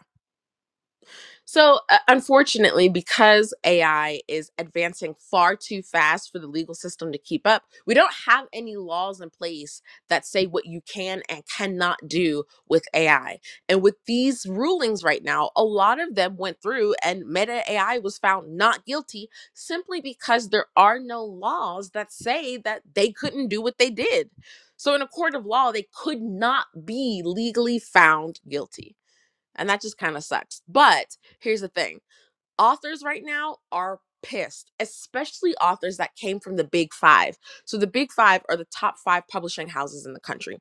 S25: so, uh, unfortunately, because AI is advancing far too fast for the legal system to keep up, we don't have any laws in place that say what you can and cannot do with AI. And with these rulings right now, a lot of them went through and Meta AI was found not guilty simply because there are no laws that say that they couldn't do what they did. So, in a court of law, they could not be legally found guilty. And that just kind of sucks. But here's the thing authors right now are pissed, especially authors that came from the big five. So the big five are the top five publishing houses in the country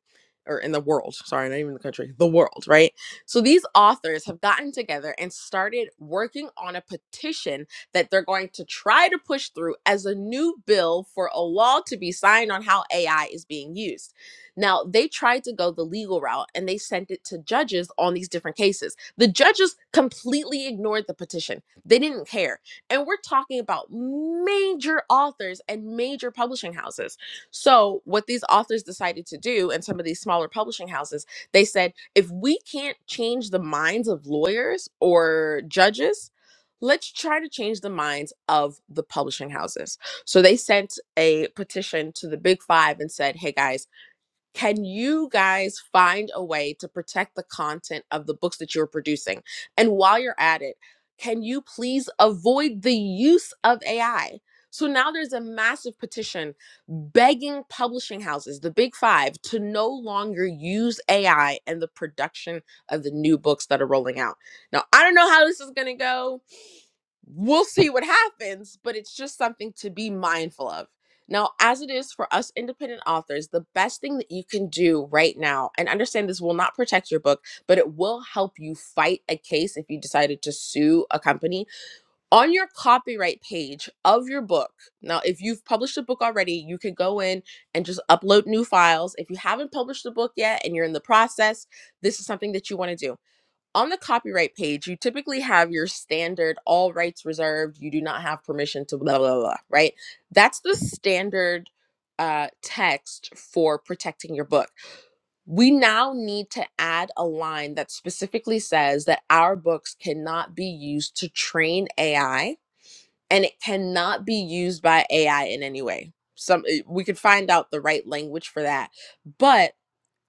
S25: or in the world. Sorry, not even the country, the world, right? So these authors have gotten together and started working on a petition that they're going to try to push through as a new bill for a law to be signed on how AI is being used. Now, they tried to go the legal route and they sent it to judges on these different cases. The judges completely ignored the petition they didn't care. And we're talking about major authors and major publishing houses. So, what these authors decided to do, and some of these smaller publishing houses, they said, if we can't change the minds of lawyers or judges, let's try to change the minds of the publishing houses. So, they sent a petition to the big five and said, hey guys, can you guys find a way to protect the content of the books that you're producing? And while you're at it, can you please avoid the use of AI? So now there's a massive petition begging publishing houses, the big five, to no longer use AI in the production of the new books that are rolling out. Now, I don't know how this is going to go we'll see what happens, but it's just something to be mindful of. Now, as it is for us independent authors, the best thing that you can do right now, and understand this will not protect your book, but it will help you fight a case if you decided to sue a company on your copyright page of your book. Now, if you've published a book already, you can go in and just upload new files. If you haven't published the book yet and you're in the process, this is something that you want to do on the copyright page, you typically have your standard all rights reserved, you do not have permission to blah, blah, blah, right? That's the standard uh, text for protecting your book. We now need to add a line that specifically says that our books cannot be used to train AI and it cannot be used by AI in any way. Some eh, we could find out the right language for that. But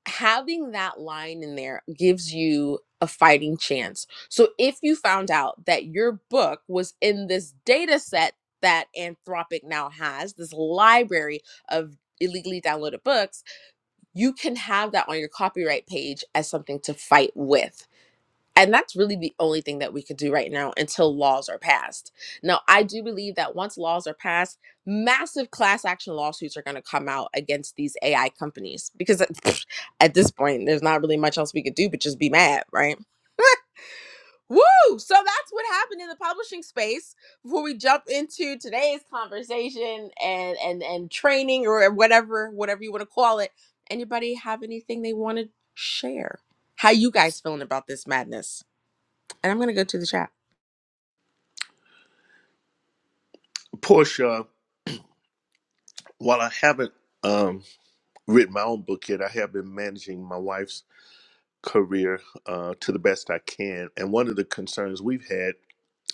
S25: having that line in there gives you a fighting chance. So if you found out that your book was in this data set that Anthropic now has, this library of illegally downloaded books, you can have that on your copyright page as something to fight with. And that's really the only thing that we could do right now until laws are passed. Now, I do believe that once laws are passed, massive class action lawsuits are going to come out against these AI companies because at at this point, there's not really much else we could do but just be mad, right? Woo! So that's what happened in the publishing space before we jump into today's conversation and and and training or whatever whatever you want to call it. Anybody have anything they want to share? How you guys feeling about this madness? And I'm going to go to the chat.
S20: Portia, while I haven't um, written my own book yet, I have been managing my wife's career uh, to the best I can. And one of the concerns we've had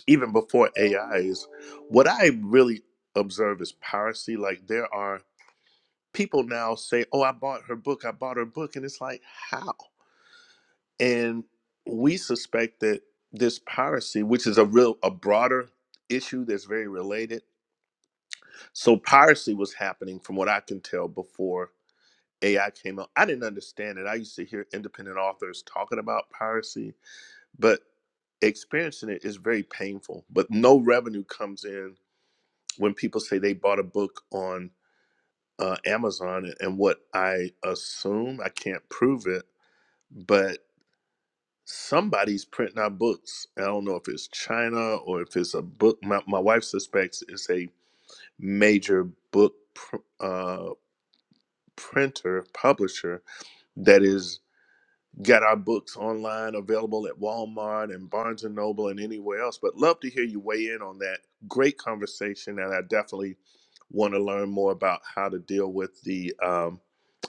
S20: even before AI is what I really observe is piracy. Like there are people now say, "Oh, I bought her book. I bought her book," and it's like, how? And we suspect that this piracy, which is a real a broader issue that's very related. So piracy was happening from what I can tell before AI came out. I didn't understand it. I used to hear independent authors talking about piracy, but experiencing it is very painful. But no revenue comes in when people say they bought a book on uh, Amazon, and what I assume, I can't prove it, but somebody's printing out books. I don't know if it's China or if it's a book. My, my wife suspects it's a major book pr- uh, printer, publisher that is Got our books online available at Walmart and Barnes and Noble and anywhere else. But love to hear you weigh in on that great conversation. And I definitely want to learn more about how to deal with the um,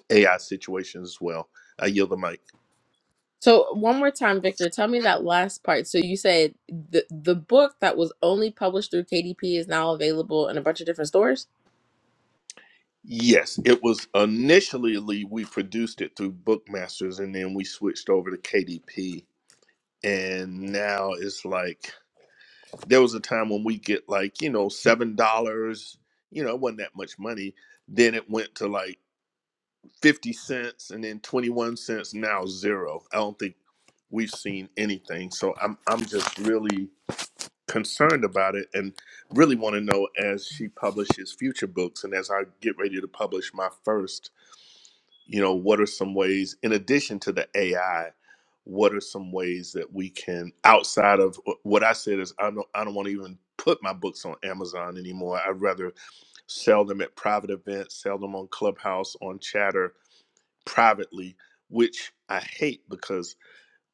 S20: AI situation as well. I yield the mic.
S25: So one more time, Victor, tell me that last part. So you said the the book that was only published through KDP is now available in a bunch of different stores.
S20: Yes, it was initially we produced it through Bookmasters and then we switched over to KDP. And now it's like there was a time when we get like, you know, $7, you know, it wasn't that much money. Then it went to like 50 cents and then 21 cents now zero i don't think we've seen anything so i'm i'm just really concerned about it and really want to know as she publishes future books and as i get ready to publish my first you know what are some ways in addition to the ai what are some ways that we can outside of what i said is i don't i don't want to even put my books on amazon anymore i'd rather sell them at private events sell them on clubhouse on chatter privately, which I hate because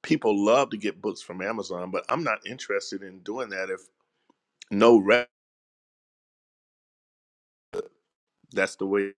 S20: people love to get books from Amazon, but I'm not interested in doing that if no rep. That's the way.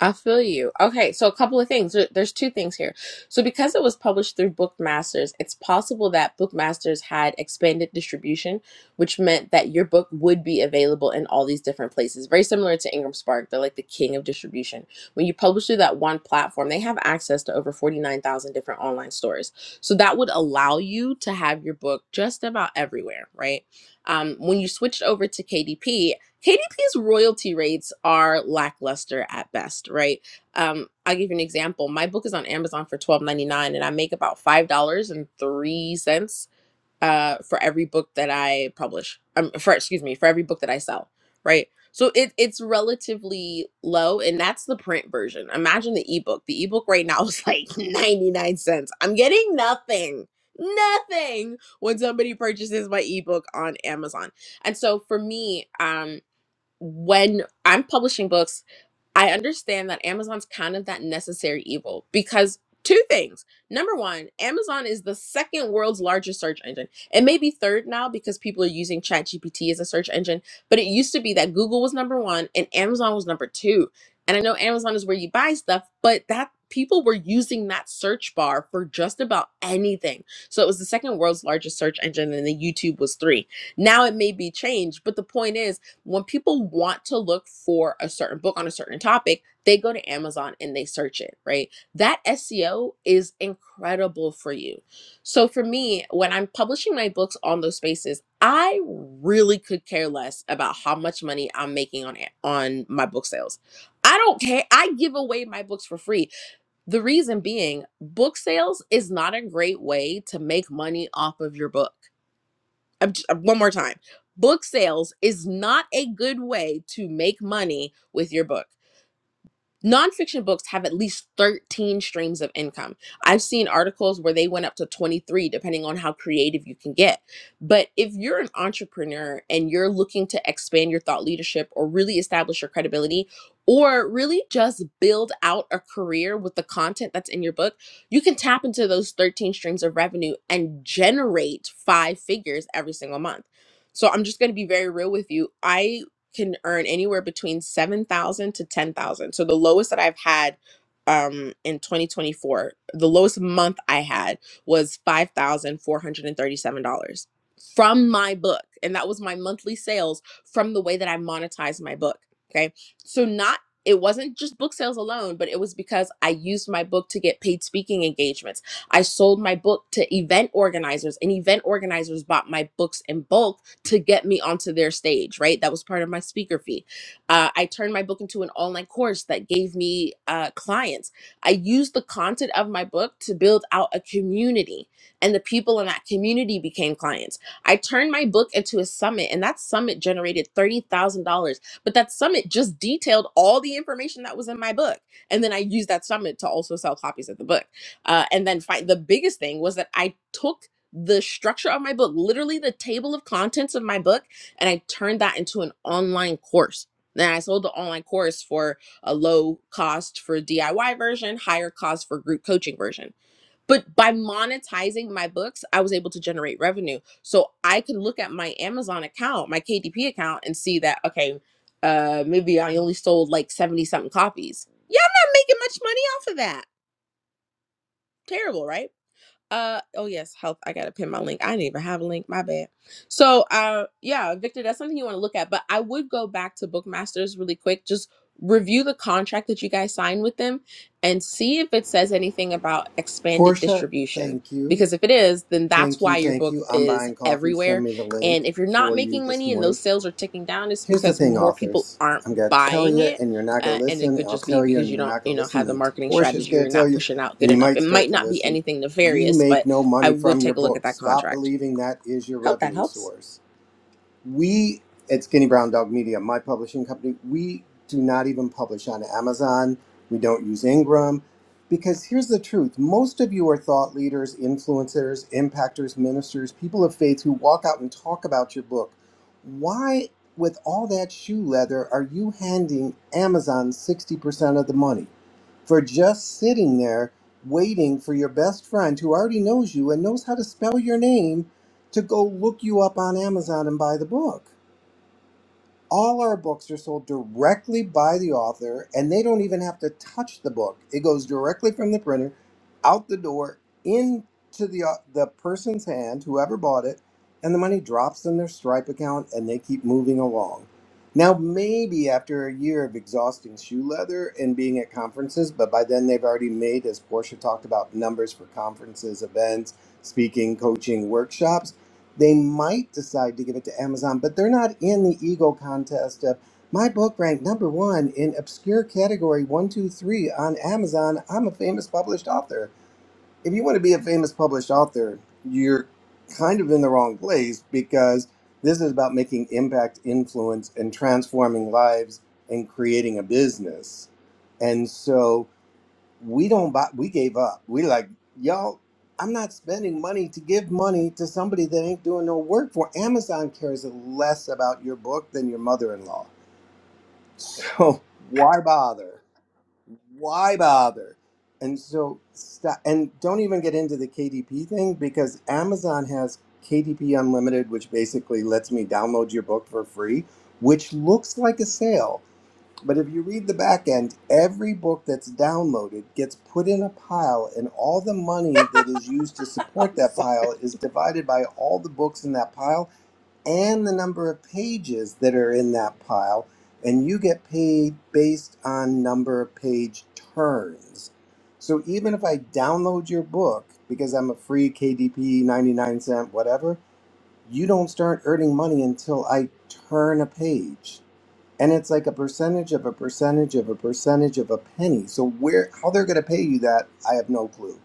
S25: I feel you. Okay, so a couple of things. There- There's two things here. So because it was published through Bookmasters, it's possible that Bookmasters had expanded distribution, which meant that your book would be available in all these different places. Very similar to Ingram Spark, they're like the king of distribution. When you publish through that one platform, they have access to over 49,000 different online stores. So that would allow you to have your book just about everywhere, right? Um, when you switched over to KDP KDP's royalty rates are lackluster at best, right? Um, I'll give you an example. My book is on Amazon for twelve ninety nine, and I make about five dollars and three cents uh, for every book that I publish. Um, for excuse me, for every book that I sell, right? So it it's relatively low, and that's the print version. Imagine the ebook. The ebook right now is like ninety nine cents. I'm getting nothing, nothing when somebody purchases my ebook on Amazon. And so for me, um, when I'm publishing books, I understand that Amazon's kind of that necessary evil because two things. Number one, Amazon is the second world's largest search engine. It may be third now because people are using ChatGPT as a search engine, but it used to be that Google was number one and Amazon was number two. And I know Amazon is where you buy stuff, but that people were using that search bar for just about anything. So it was the second world's largest search engine and then YouTube was three. Now it may be changed, but the point is when people want to look for a certain book on a certain topic, they go to Amazon and they search it, right? That SEO is incredible for you. So for me, when I'm publishing my books on those spaces, I really could care less about how much money I'm making on it, on my book sales. I don't care. I give away my books for free. The reason being, book sales is not a great way to make money off of your book I'm j- uh, one more time. Book sales is not a good way to make money with your book nonfiction books have at least 13 streams of income. I've seen articles where they went up to 23, depending on how creative you can get. But if you're an entrepreneur and you're looking to expand your thought leadership or really establish your credibility, or really just build out a career with the content that's in your book, you can tap into those 13 streams of revenue and generate five figures every single month. So I'm just going to be very real with you. I can earn anywhere between 7,000 to 10,000. So the lowest that I've had um in 2024, the lowest month I had was $5,437 from my book and that was my monthly sales from the way that I monetized my book, okay? So not it wasn't just book sales alone, but it was because I used my book to get paid speaking engagements. I sold my book to event organizers, and event organizers bought my books in bulk to get me onto their stage, right? That was part of my speaker fee. Uh, I turned my book into an online course that gave me uh, clients. I used the content of my book to build out a community, and the people in that community became clients. I turned my book into a summit, and that summit generated $30,000. But that summit just detailed all the information that was in my book. And then I used that summit to also sell copies of the book. Uh, and then fi- the biggest thing was that I took the structure of my book, literally the table of contents of my book, and I turned that into an online course. Then I sold the online course for a low cost for DIY version, higher cost for group coaching version. But by monetizing my books, I was able to generate revenue. So I could look at my Amazon account, my KDP account, and see that, okay, uh, maybe I only sold like 70 something copies. Yeah, I'm not making much money off of that. Terrible, right? Uh oh yes, health. I gotta pin my link. I didn't even have a link. My bad. So uh yeah, Victor, that's something you want to look at. But I would go back to Bookmasters really quick. Just review the contract that you guys signed with them and see if it says anything about expanded
S26: Portia,
S25: distribution.
S26: thank you.
S25: Because if it is, then that's
S26: Thank you,
S25: why your
S26: thank
S25: book
S26: you. I'm
S25: is
S26: buying coffee. Send
S25: everywhere.
S26: me the
S25: And
S26: link
S25: if you're not
S26: for you
S25: making
S26: this
S25: money and
S26: morning.
S25: those sales are ticking down, it's
S26: Here's the
S25: because
S26: thing,
S25: more people
S26: authors. I'm
S25: aren't
S26: going to tell
S25: buying
S26: you,
S25: it
S26: and you're not going
S25: uh,
S26: to
S25: and it
S26: listen.
S25: could
S26: I'll
S25: just be
S26: tell you,
S25: because
S26: and
S25: you
S26: you're
S25: don't
S26: not
S25: you
S26: going to
S25: know
S26: listen.
S25: have the
S26: Then
S25: marketing
S26: Portia's
S25: strategy
S26: going
S25: you're
S26: to tell
S25: not
S26: you,
S25: pushing out good
S26: and you
S25: enough
S26: might
S25: it
S26: start
S25: might
S26: to
S25: not be
S26: listen.
S25: anything
S26: You
S25: nefarious
S26: make
S25: but
S26: no
S25: i
S26: money
S25: would
S26: from your
S25: take a look at
S26: books.
S25: that
S26: Stop
S25: contract
S26: believing that is your
S25: hope that
S26: revenue
S25: helps
S26: source we at Skinny Brown Dog Media, my publishing company, we do not even publish on Amazon. We don't use Ingram. Because here's the truth most of you are thought leaders, influencers, impactors, ministers, people of faith who walk out and talk about your book. Why, with all that shoe leather, are you handing Amazon 60% of the money for just sitting there waiting for your best friend who already knows you and knows how to spell your name? to go look you up on Amazon and buy the book. All our books are sold directly by the author, and they don't even have to touch the book. It goes directly from the printer out the door into the uh, the person's hand, whoever bought it, and the money drops in their Stripe account, and they keep moving along. Now, maybe after a year of exhausting shoe leather and being at conferences, but by then they've already made, as Portia talked about, numbers for conferences, events, speaking, coaching, workshops they might decide to give it to Amazon, but they're not in the ego contest of my book ranked number one in obscure category one, two, three on Amazon. I'm a famous published author. If you want to be a famous published author, you're kind of in the wrong place because this is about making impact, influence, and transforming lives and creating a business. And so we don't buy we gave up we like y'all i'm not spending money to give money to somebody that ain't doing no work for amazon cares less about your book than your mother-in-law so why bother why bother and so stop and don't even get into the kdp thing because amazon has kdp unlimited which basically lets me download your book for free which looks like a sale but if you read the back end, every book that's downloaded gets put in a pile, and all the money that is used to
S25: I'm
S26: support that
S25: sorry.
S26: pile is divided by all the books in that pile and the number of pages that are in that pile. And you get paid based on number of page turns. So even if I download your book because I'm a free KDP, 99 cent, whatever, you don't start earning money until I turn a page and it's like a percentage of a percentage of a percentage of a penny so where how they're going to pay you that i have no clue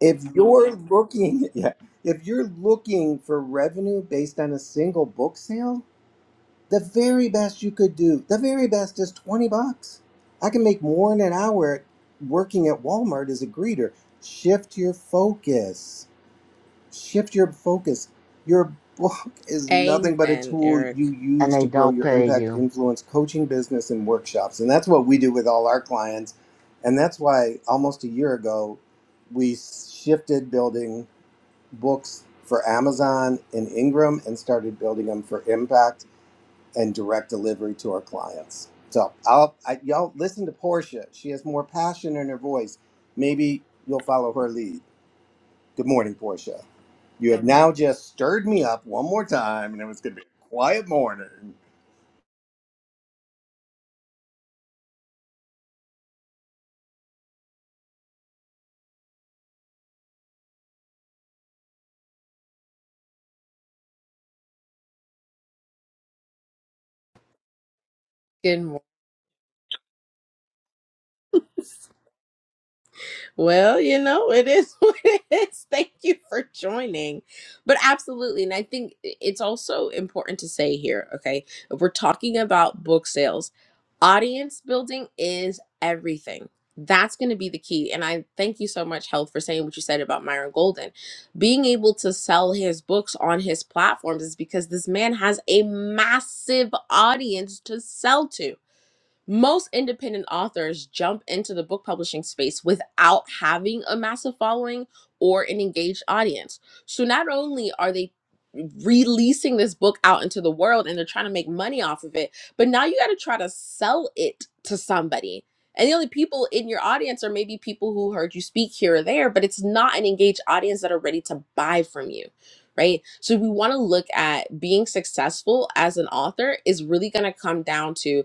S26: if you're looking yeah, if you're looking for revenue based on a single book sale the very best you could do the very best is 20 bucks i can make more in an hour working at walmart as a greeter shift your focus shift your focus. Your book is nothing but a
S25: amen
S26: tool
S25: eric
S26: you
S27: and
S26: use
S27: they
S26: to grow
S27: don't
S26: your
S27: pay
S26: impact,
S27: you.
S26: influence, coaching, business, and workshops. And that's what we do with all our clients. And that's why almost a year ago, we shifted building books for Amazon and Ingram and started building them for impact and direct delivery to our clients. So I'll, I, y'all listen to Portia. She has more passion in her voice. Maybe you'll follow her lead. Good morning, Portia. You have now just stirred me up one more time, and it was going to be a quiet morning.
S25: good Well, you know, it is what it is. Thank you for joining. But absolutely. And I think it's also important to say here, okay, if we're talking about book sales, audience building is everything. That's going to be the key. And I thank you so much, Health, for saying what you said about Myron Golden. Being able to sell his books on his platforms is because this man has a massive audience to sell to most independent authors jump into the book publishing space without having a massive following or an engaged audience. So not only are they releasing this book out into the world and they're trying to make money off of it, but now you got to try to sell it to somebody. And the only people in your audience are maybe people who heard you speak here or there, but it's not an engaged audience that are ready to buy from you. Right. So we want to look at being successful as an author is really going to come down to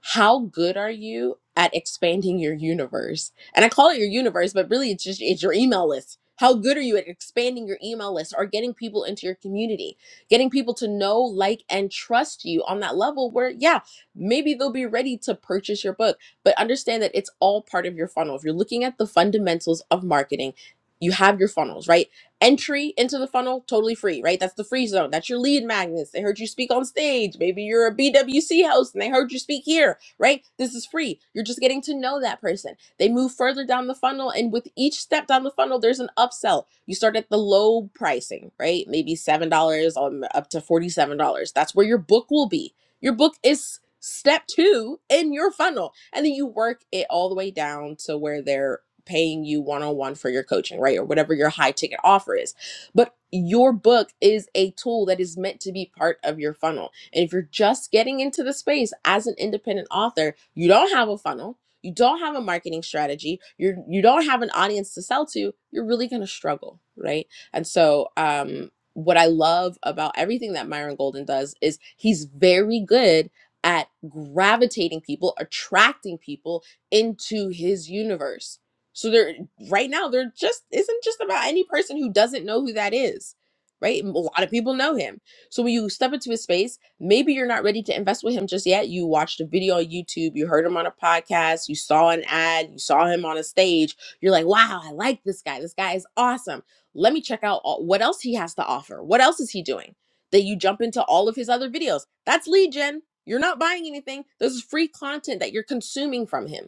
S25: how good are you at expanding your universe? And I call it your universe, but really it's just it's your email list. How good are you at expanding your email list or getting people into your community, getting people to know, like, and trust you on that level where, yeah, maybe they'll be ready to purchase your book. But understand that it's all part of your funnel. If you're looking at the fundamentals of marketing, you have your funnels, right? entry into the funnel totally free right that's the free zone that's your lead magnets they heard you speak on stage maybe you're a bwc host and they heard you speak here right this is free you're just getting to know that person they move further down the funnel and with each step down the funnel there's an upsell you start at the low pricing right maybe seven dollars on up to forty seven dollars that's where your book will be your book is step two in your funnel and then you work it all the way down to where they're paying you one on one for your coaching, right? Or whatever your high ticket offer is. But your book is a tool that is meant to be part of your funnel. And if you're just getting into the space as an independent author, you don't have a funnel, you don't have a marketing strategy, you're you don't have an audience to sell to, you're really gonna struggle, right? And so um what I love about everything that Myron Golden does is he's very good at gravitating people, attracting people into his universe so there right now there just isn't just about any person who doesn't know who that is. Right? A lot of people know him. So when you step into his space, maybe you're not ready to invest with him just yet. You watched a video on YouTube, you heard him on a podcast, you saw an ad, you saw him on a stage. You're like, wow, I like this guy. This guy is awesome. Let me check out all, what else he has to offer. What else is he doing? Then you jump into all of his other videos. That's legion. You're not buying anything. This is free content that you're consuming from him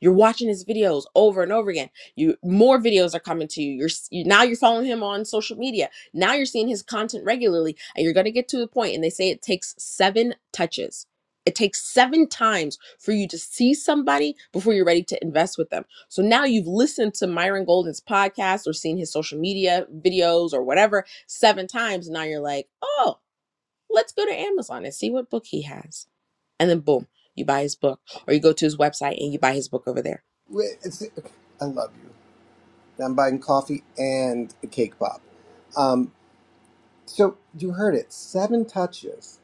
S25: you're watching his videos over and over again. You more videos are coming to you. You're s- you, now you're following him on social media. Now you're seeing his content regularly, and you're gonna get to the point, point. And they say it takes seven touches. It takes seven times for you to see somebody before you're ready to invest with them. So now you've listened to Myron Golden's podcast or seen his social media videos or whatever seven times. Now you're like, oh, let's go to Amazon and see what book he has and then boom, you buy his book, or you go to his website and you buy his book over there.
S26: Wait, It's, I love you. I'm buying coffee and a cake pop. Um, so you heard it, seven touches.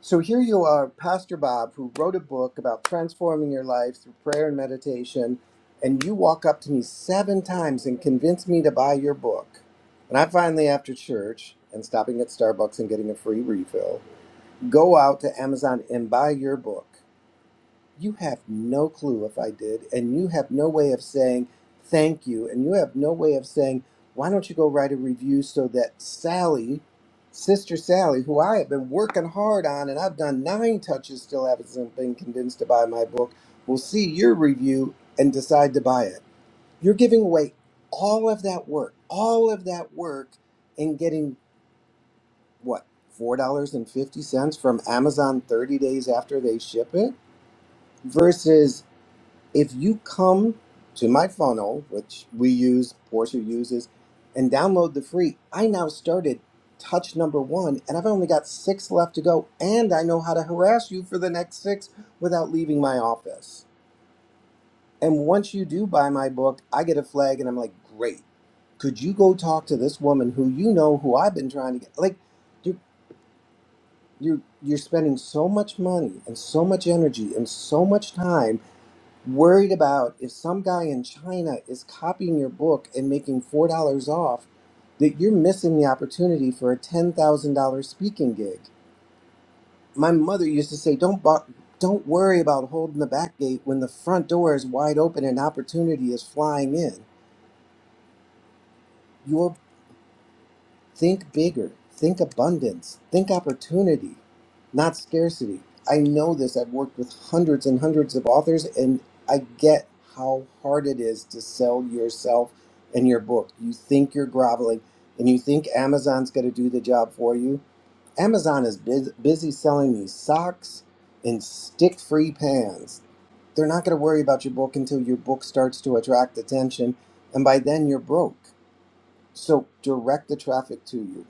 S26: So here you are, Pastor Bob, who wrote a book about transforming your life through prayer and meditation, and you walk up to me seven times and convince me to buy your book. And I finally, after church and stopping at Starbucks and getting a free refill, go out to Amazon and buy your book. You have no clue if I did, and you have no way of saying thank you, and you have no way of saying, why don't you go write a review so that Sally, Sister Sally, who I have been working hard on, and I've done nine touches, still haven't been convinced to buy my book, will see your review and decide to buy it. You're giving away all of that work, all of that work, and getting what? $4.50 from Amazon 30 days after they ship it? versus if you come to my funnel, which we use, Portia uses, and download the free, I now started touch number one, and I've only got six left to go, and I know how to harass you for the next six without leaving my office. And once you do buy my book, I get a flag, and I'm like, great. Could you go talk to this woman who you know who I've been trying to get? Like, you're you're you're spending so much money and so much energy and so much time worried about if some guy in China is copying your book and making four dollars off, that you're missing the opportunity for a ten thousand dollar speaking gig. My mother used to say, "Don't bo- don't worry about holding the back gate when the front door is wide open and opportunity is flying in." Your Think bigger. Think abundance. Think opportunity, not scarcity. I know this. I've worked with hundreds and hundreds of authors, and I get how hard it is to sell yourself and your book. You think you're groveling and you think Amazon's going to do the job for you. Amazon is bus busy selling these socks and stick free pans. They're not going to worry about your book until your book starts to attract attention, and by then you're broke. So direct the traffic to you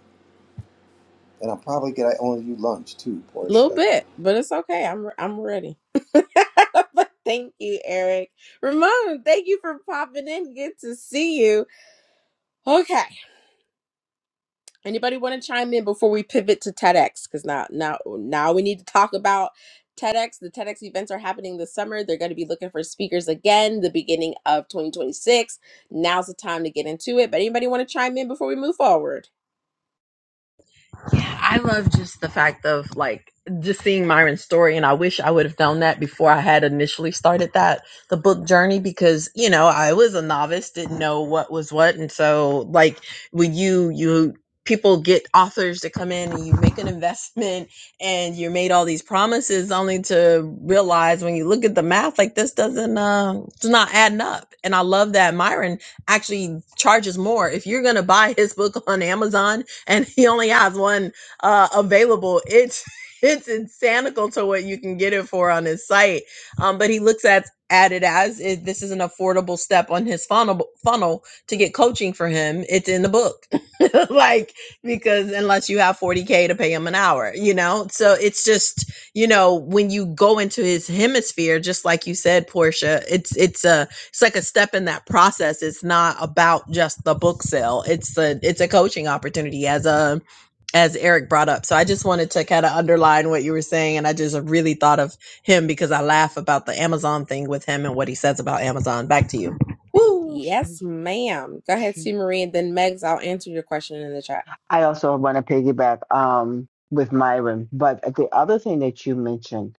S26: and I'm probably gonna owe you lunch too,
S25: A little
S26: Portia.
S25: bit, but it's okay. I'm I'm ready. but thank you, Eric. Ramon, thank you for popping in. Good to see you. Okay. Anybody want to chime in before we pivot to TEDx? Because now, now, now we need to talk about TEDx. The TEDx events are happening this summer. They're going to be looking for speakers again the beginning of 2026. Now's the time to get into it. But anybody want to chime in before we move forward?
S18: Yeah, I love just the fact of like just seeing Myron's story, and I wish I would have done that before I had initially started that the book journey because you know I was a novice, didn't know what was what, and so like when you you people get authors to come in and you make an investment and you're made all these promises only to realize when you look at the math like this doesn't uh it's not adding up and i love that myron actually charges more if you're gonna buy his book on amazon and he only has one uh, available. It's it's insanical to what you can get it for on his site. Um, but he looks at at it as it, this is an affordable step on his funnel funnel to get coaching for him. It's in the book, like because unless you have forty k to pay him an hour, you know. So it's just you know when you go into his hemisphere, just like you said, Portia, it's it's a it's like a step in that process it's not about just the book sale it's a it's a coaching opportunity as a as eric brought up so i just wanted to kind of underline what you were saying and i just really thought of him because i laugh about the amazon thing with him and what he says about amazon back to you Woo!
S25: Yes, ma'am. Go ahead, see Marie, and then Megs, I'll answer your question in the chat.
S27: I also want to piggyback um, with Myron, but the other thing that you mentioned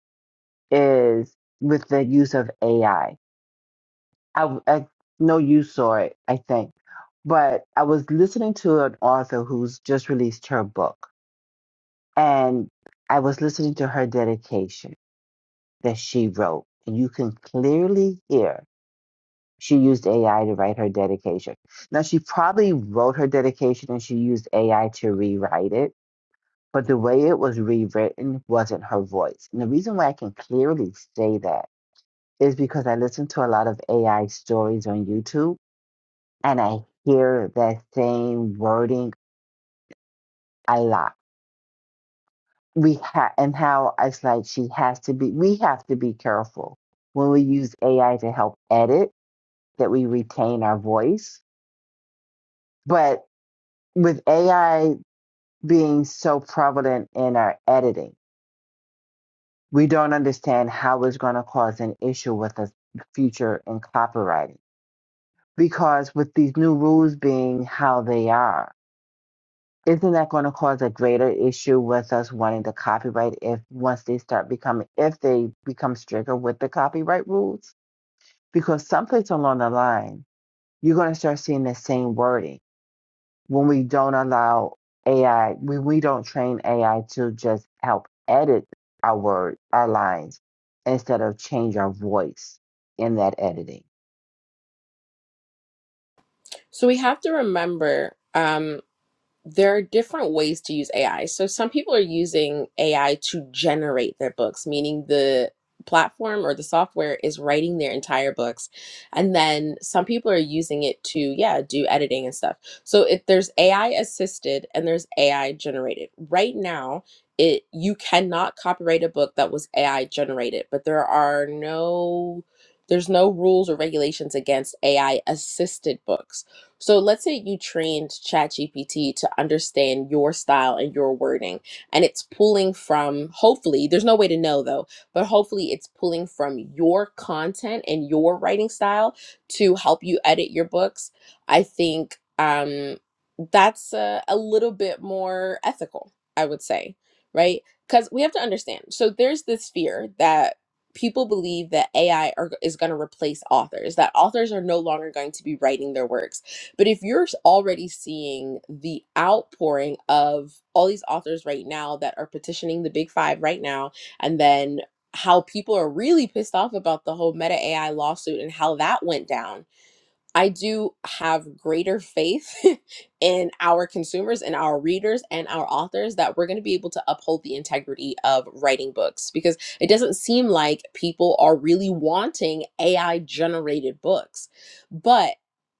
S27: is with the use of AI. I I, I know you saw it, I think, but I was listening to an author who's just released her book, and I was listening to her dedication that she wrote, and you can clearly hear She used AI to write her dedication. Now, she probably wrote her dedication and she used AI to rewrite it, but the way it was rewritten wasn't her voice. And the reason why I can clearly say that is because I listen to a lot of AI stories on YouTube and I hear that same wording a lot. We ha- and how it's like she has to be, we have to be careful when we use AI to help edit that we retain our voice. But with AI being so prevalent in our editing. We don't understand how it's going to cause an issue with us future in copywriting because with these new rules being how they are, isn't that going to cause a greater issue with us wanting to copyright if once they start becoming if they become stricter with the copyright rules? Because someplace along the line, you're going to start seeing the same wording when we don't allow AI, when we don't train AI to just help edit our words, our lines, instead of change our voice in that editing.
S25: So we have to remember, um, there are different ways to use AI. So some people are using AI to generate their books, meaning the platform or the software is writing their entire books. And then some people are using it to, yeah, do editing and stuff. So if there's AI assisted and there's AI generated. Right now, it you cannot copyright a book that was AI generated, but there are no there's no rules or regulations against AI assisted books. So let's say you trained ChatGPT to understand your style and your wording, and it's pulling from, hopefully, there's no way to know though, but hopefully it's pulling from your content and your writing style to help you edit your books. I think um, that's a, a little bit more ethical, I would say, right? Because we have to understand. So there's this fear that people believe that AI are, is going to replace authors, that authors are no longer going to be writing their works but if you're already seeing the outpouring of all these authors right now that are petitioning the big five right now, and then how people are really pissed off about the whole Meta AI lawsuit and how that went down, I do have greater faith in our consumers and our readers and our authors that we're going to be able to uphold the integrity of writing books because it doesn't seem like people are really wanting AI generated books. But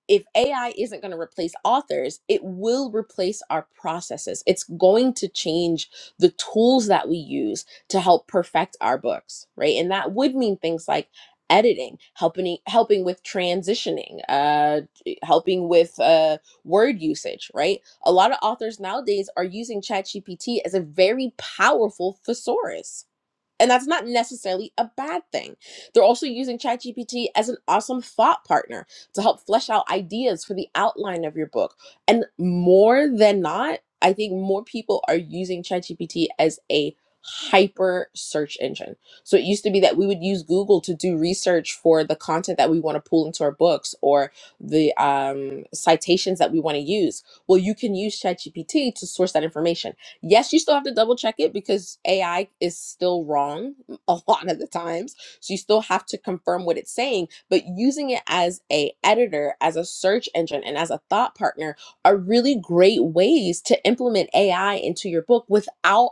S25: if AI isn't going to replace authors, it will replace our processes. It's going to change the tools that we use to help perfect our books, right? And that would mean things like editing, helping e, helping with transitioning, uh, helping with uh, word usage, right? A lot of authors nowadays are using ChatGPT as a very powerful thesaurus and that's not necessarily a bad thing. They're also using ChatGPT as an awesome thought partner to help flesh out ideas for the outline of your book. And more than not, I think more people are using ChatGPT as a hyper search engine. So it used to be that we would use Google to do research for the content that we want to pull into our books or the um, citations that we want to use. Well, you can use ChatGPT to source that information Yes, you still have to double check it because AI is still wrong a lot of the times. So you still have to confirm what it's saying, but using it as a editor, as a search engine and as a thought partner are really great ways to implement AI into your book without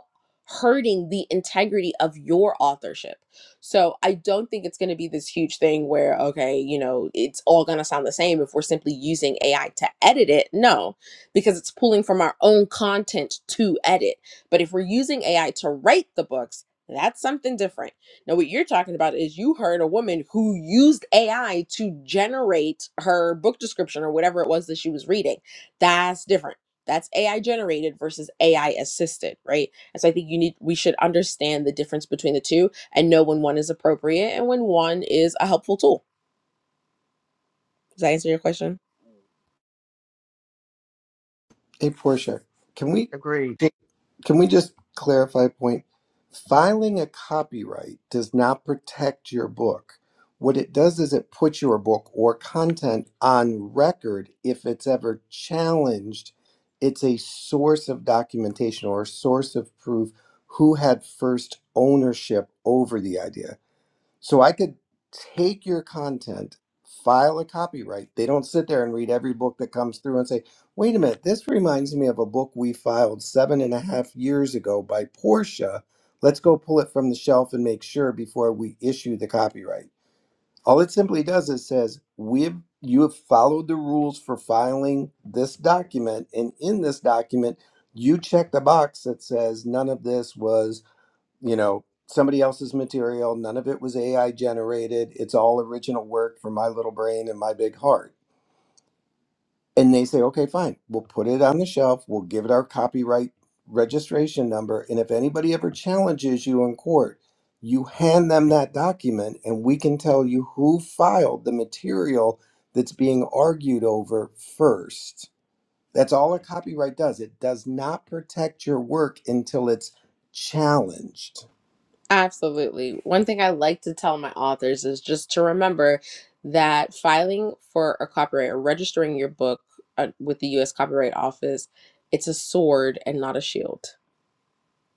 S25: hurting the integrity of your authorship. So I don't think it's going to be this huge thing where okay, you know, it's all going to sound the same if we're simply using AI to edit it. No because it's pulling from our own content to edit. But if we're using AI to write the books, that's something different. Now, what you're talking about is you heard a woman who used AI to generate her book description or whatever it was that she was reading. That's different. That's AI generated versus AI assisted, right? And so I think you need we should understand the difference between the two and know when one is appropriate and when one is a helpful tool. Does that answer your question?
S26: Hey, Portia, can we
S27: Agreed.
S26: can we just clarify a point? Filing a copyright does not protect your book. What it does is it puts your book or content on record if it's ever challenged. It's a source of documentation or a source of proof who had first ownership over the idea. So I could take your content, file a copyright. They don't sit there and read every book that comes through and say, wait a minute, this reminds me of a book we filed seven and a half years ago by Portia. Let's go pull it from the shelf and make sure before we issue the copyright. All it simply does is says, we've you have followed the rules for filing this document, and in this document, you check the box that says none of this was you know somebody else's material none of it was ai generated it's all original work from my little brain and my big heart and they say okay fine we'll put it on the shelf we'll give it our copyright registration number and if anybody ever challenges you in court you hand them that document and we can tell you who filed the material that's being argued over first that's all a copyright does it does not protect your work until it's challenged
S25: Absolutely. One thing I like to tell my authors is just to remember that filing for a copyright or registering your book uh, with the US Copyright Office, it's a sword and not a shield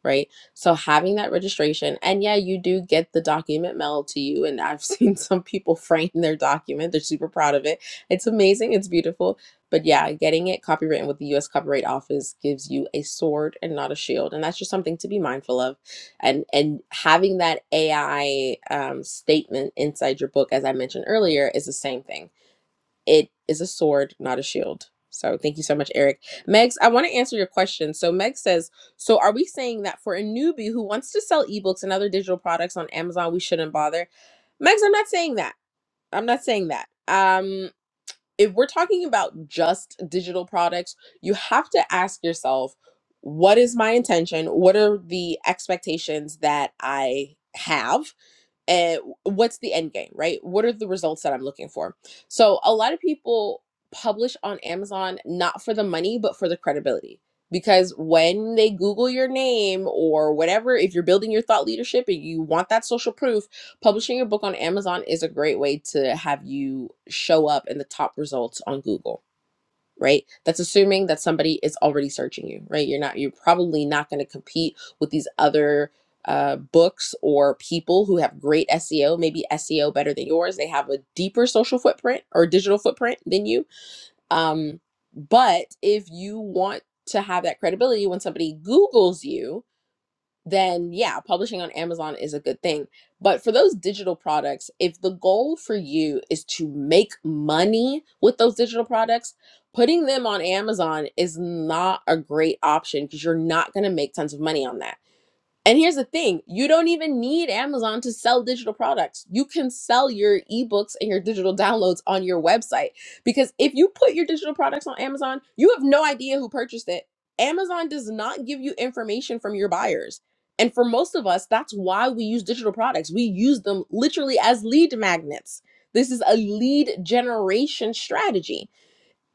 S25: right? So having that registration, and yeah, you do get the document mailed to you. And I've seen some people frame their document, they're super proud of it. It's amazing, it's beautiful. But yeah, getting it copywritten with the US Copyright Office gives you a sword and not a shield. And that's just something to be mindful of. And and having that AI um, statement inside your book, as I mentioned earlier, is the same thing it is a sword, not a shield. So thank you so much, Eric. Megs, I want to answer your question. So Meg says, so are we saying that for a newbie who wants to sell ebooks and other digital products on Amazon, we shouldn't bother? Megs, I'm not saying that. I'm not saying that. Um, if we're talking about just digital products, you have to ask yourself, what is my intention? What are the expectations that I have? and what's the end game right what are the results that i'm looking for so a lot of people publish on amazon not for the money but for the credibility because when they google your name or whatever if you're building your thought leadership and you want that social proof publishing your book on amazon is a great way to have you show up in the top results on google right that's assuming that somebody is already searching you right you're not you're probably not going to compete with these other uh, books or people who have great seo maybe seo better than yours they have a deeper social footprint or digital footprint than you um, but if you want to have that credibility when somebody googles you then yeah, publishing on Amazon is a good thing. But for those digital products, if the goal for you is to make money with those digital products, putting them on Amazon is not a great option because you're not going to make tons of money on that and here's the thing you don't even need Amazon to sell digital products. You can sell your ebooks and your digital downloads on your website because if you put your digital products on Amazon, you have no idea who purchased it. Amazon does not give you information from your buyers. And for most of us, that's why we use digital products. We use them literally as lead magnets. This is a lead generation strategy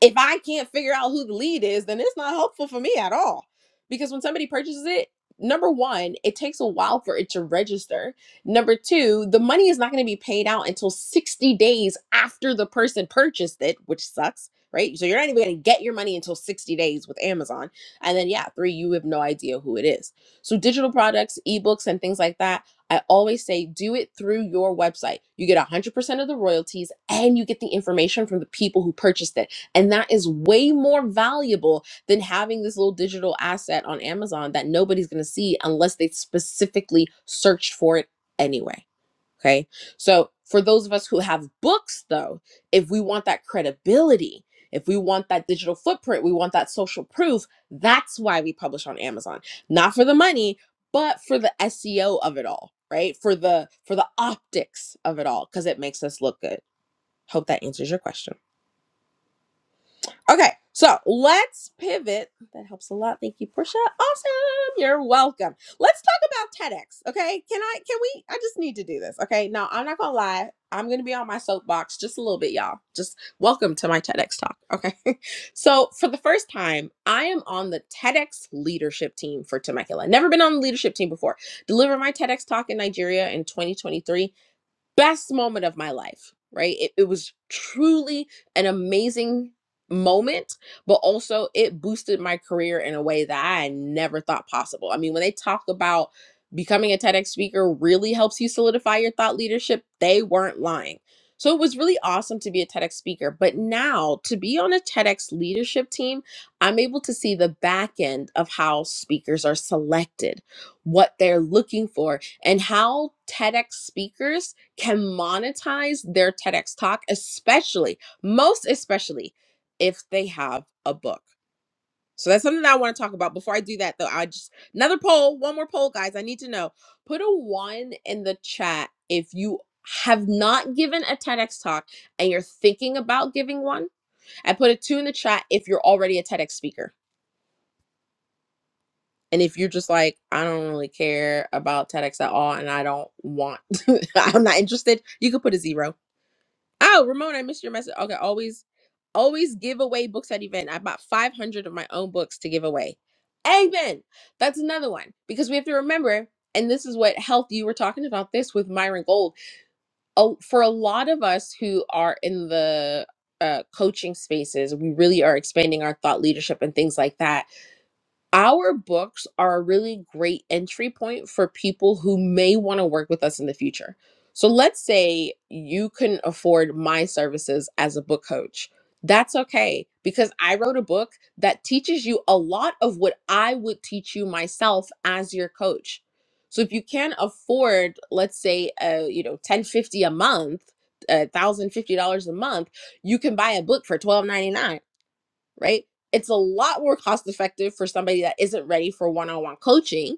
S25: if I can't figure out who the lead is, then it's not helpful for me at all. Because when somebody purchases it, number one, it takes a while for it to register. Number two, the money is not going to be paid out until 60 days after the person purchased it, which sucks, right? So you're not even going to get your money until 60 days with Amazon. And then, yeah, three, you have no idea who it is. So digital products, ebooks, and things like that. I always say do it through your website. You get 100% of the royalties and you get the information from the people who purchased it and that is way more valuable than having this little digital asset on Amazon that nobody's going to see unless they specifically searched for it anyway. Okay. So, for those of us who have books, though, if we want that credibility, if we want that digital footprint, we want that social proof, that's why we publish on Amazon. Not for the money, but for the SEO of it all, right? For the for the optics of it all cuz it makes us look good. Hope that answers your question. Okay, so let's pivot. That helps a lot. Thank you, Portia. Awesome. You're welcome. Let's talk about TEDx. Okay. Can I can we I just need to do this. Okay. Now I'm not gonna lie. I'm gonna be on my soapbox just a little bit, y'all. Just welcome to my TEDx talk. Okay. so for the first time, I am on the TEDx leadership team for Temecula. Never been on the leadership team before. Delivered my TEDx talk in Nigeria in 2023 best moment of my life, right? It, it was truly an amazing moment, but also it boosted my career in a way that I never thought possible. I mean, when they talk about becoming a TEDx speaker really helps you solidify your thought leadership, they weren't lying. So it was really awesome to be a TEDx speaker, but now to be on a TEDx leadership team, I'm able to see the back end of how speakers are selected, what they're looking for, and how TEDx speakers can monetize their TEDx talk, especially, most especially if they have a book. So that's something that I want to talk about. Before I do that, though, I just another poll, one more poll, guys. I need to know. Put a one in the chat if you have not given a TEDx talk and you're thinking about giving one. I put a two in the chat if you're already a TEDx speaker. And if you're just like, I don't really care about TEDx at all and I don't want, I'm not interested, you could put a zero Oh, Ramon, I missed your message. Okay, always, always give away books at event. I bought 500 of my own books to give away. Amen. That's another one because we have to remember, and this is what health you were talking about this with Myron Gold. Oh, for a lot of us who are in the uh, coaching spaces, we really are expanding our thought leadership and things like that our books are a really great entry point for people who may want to work with us in the future. So let's say you couldn't afford my services as a book coach. That's okay because I wrote a book that teaches you a lot of what I would teach you myself as your coach. So if you can't afford, let's say, uh, you know, ten fifty a month, uh, one thousand fifty dollars a month, you can buy a book for twelve ninety nine right? It's a lot more cost effective for somebody that isn't ready for one on one coaching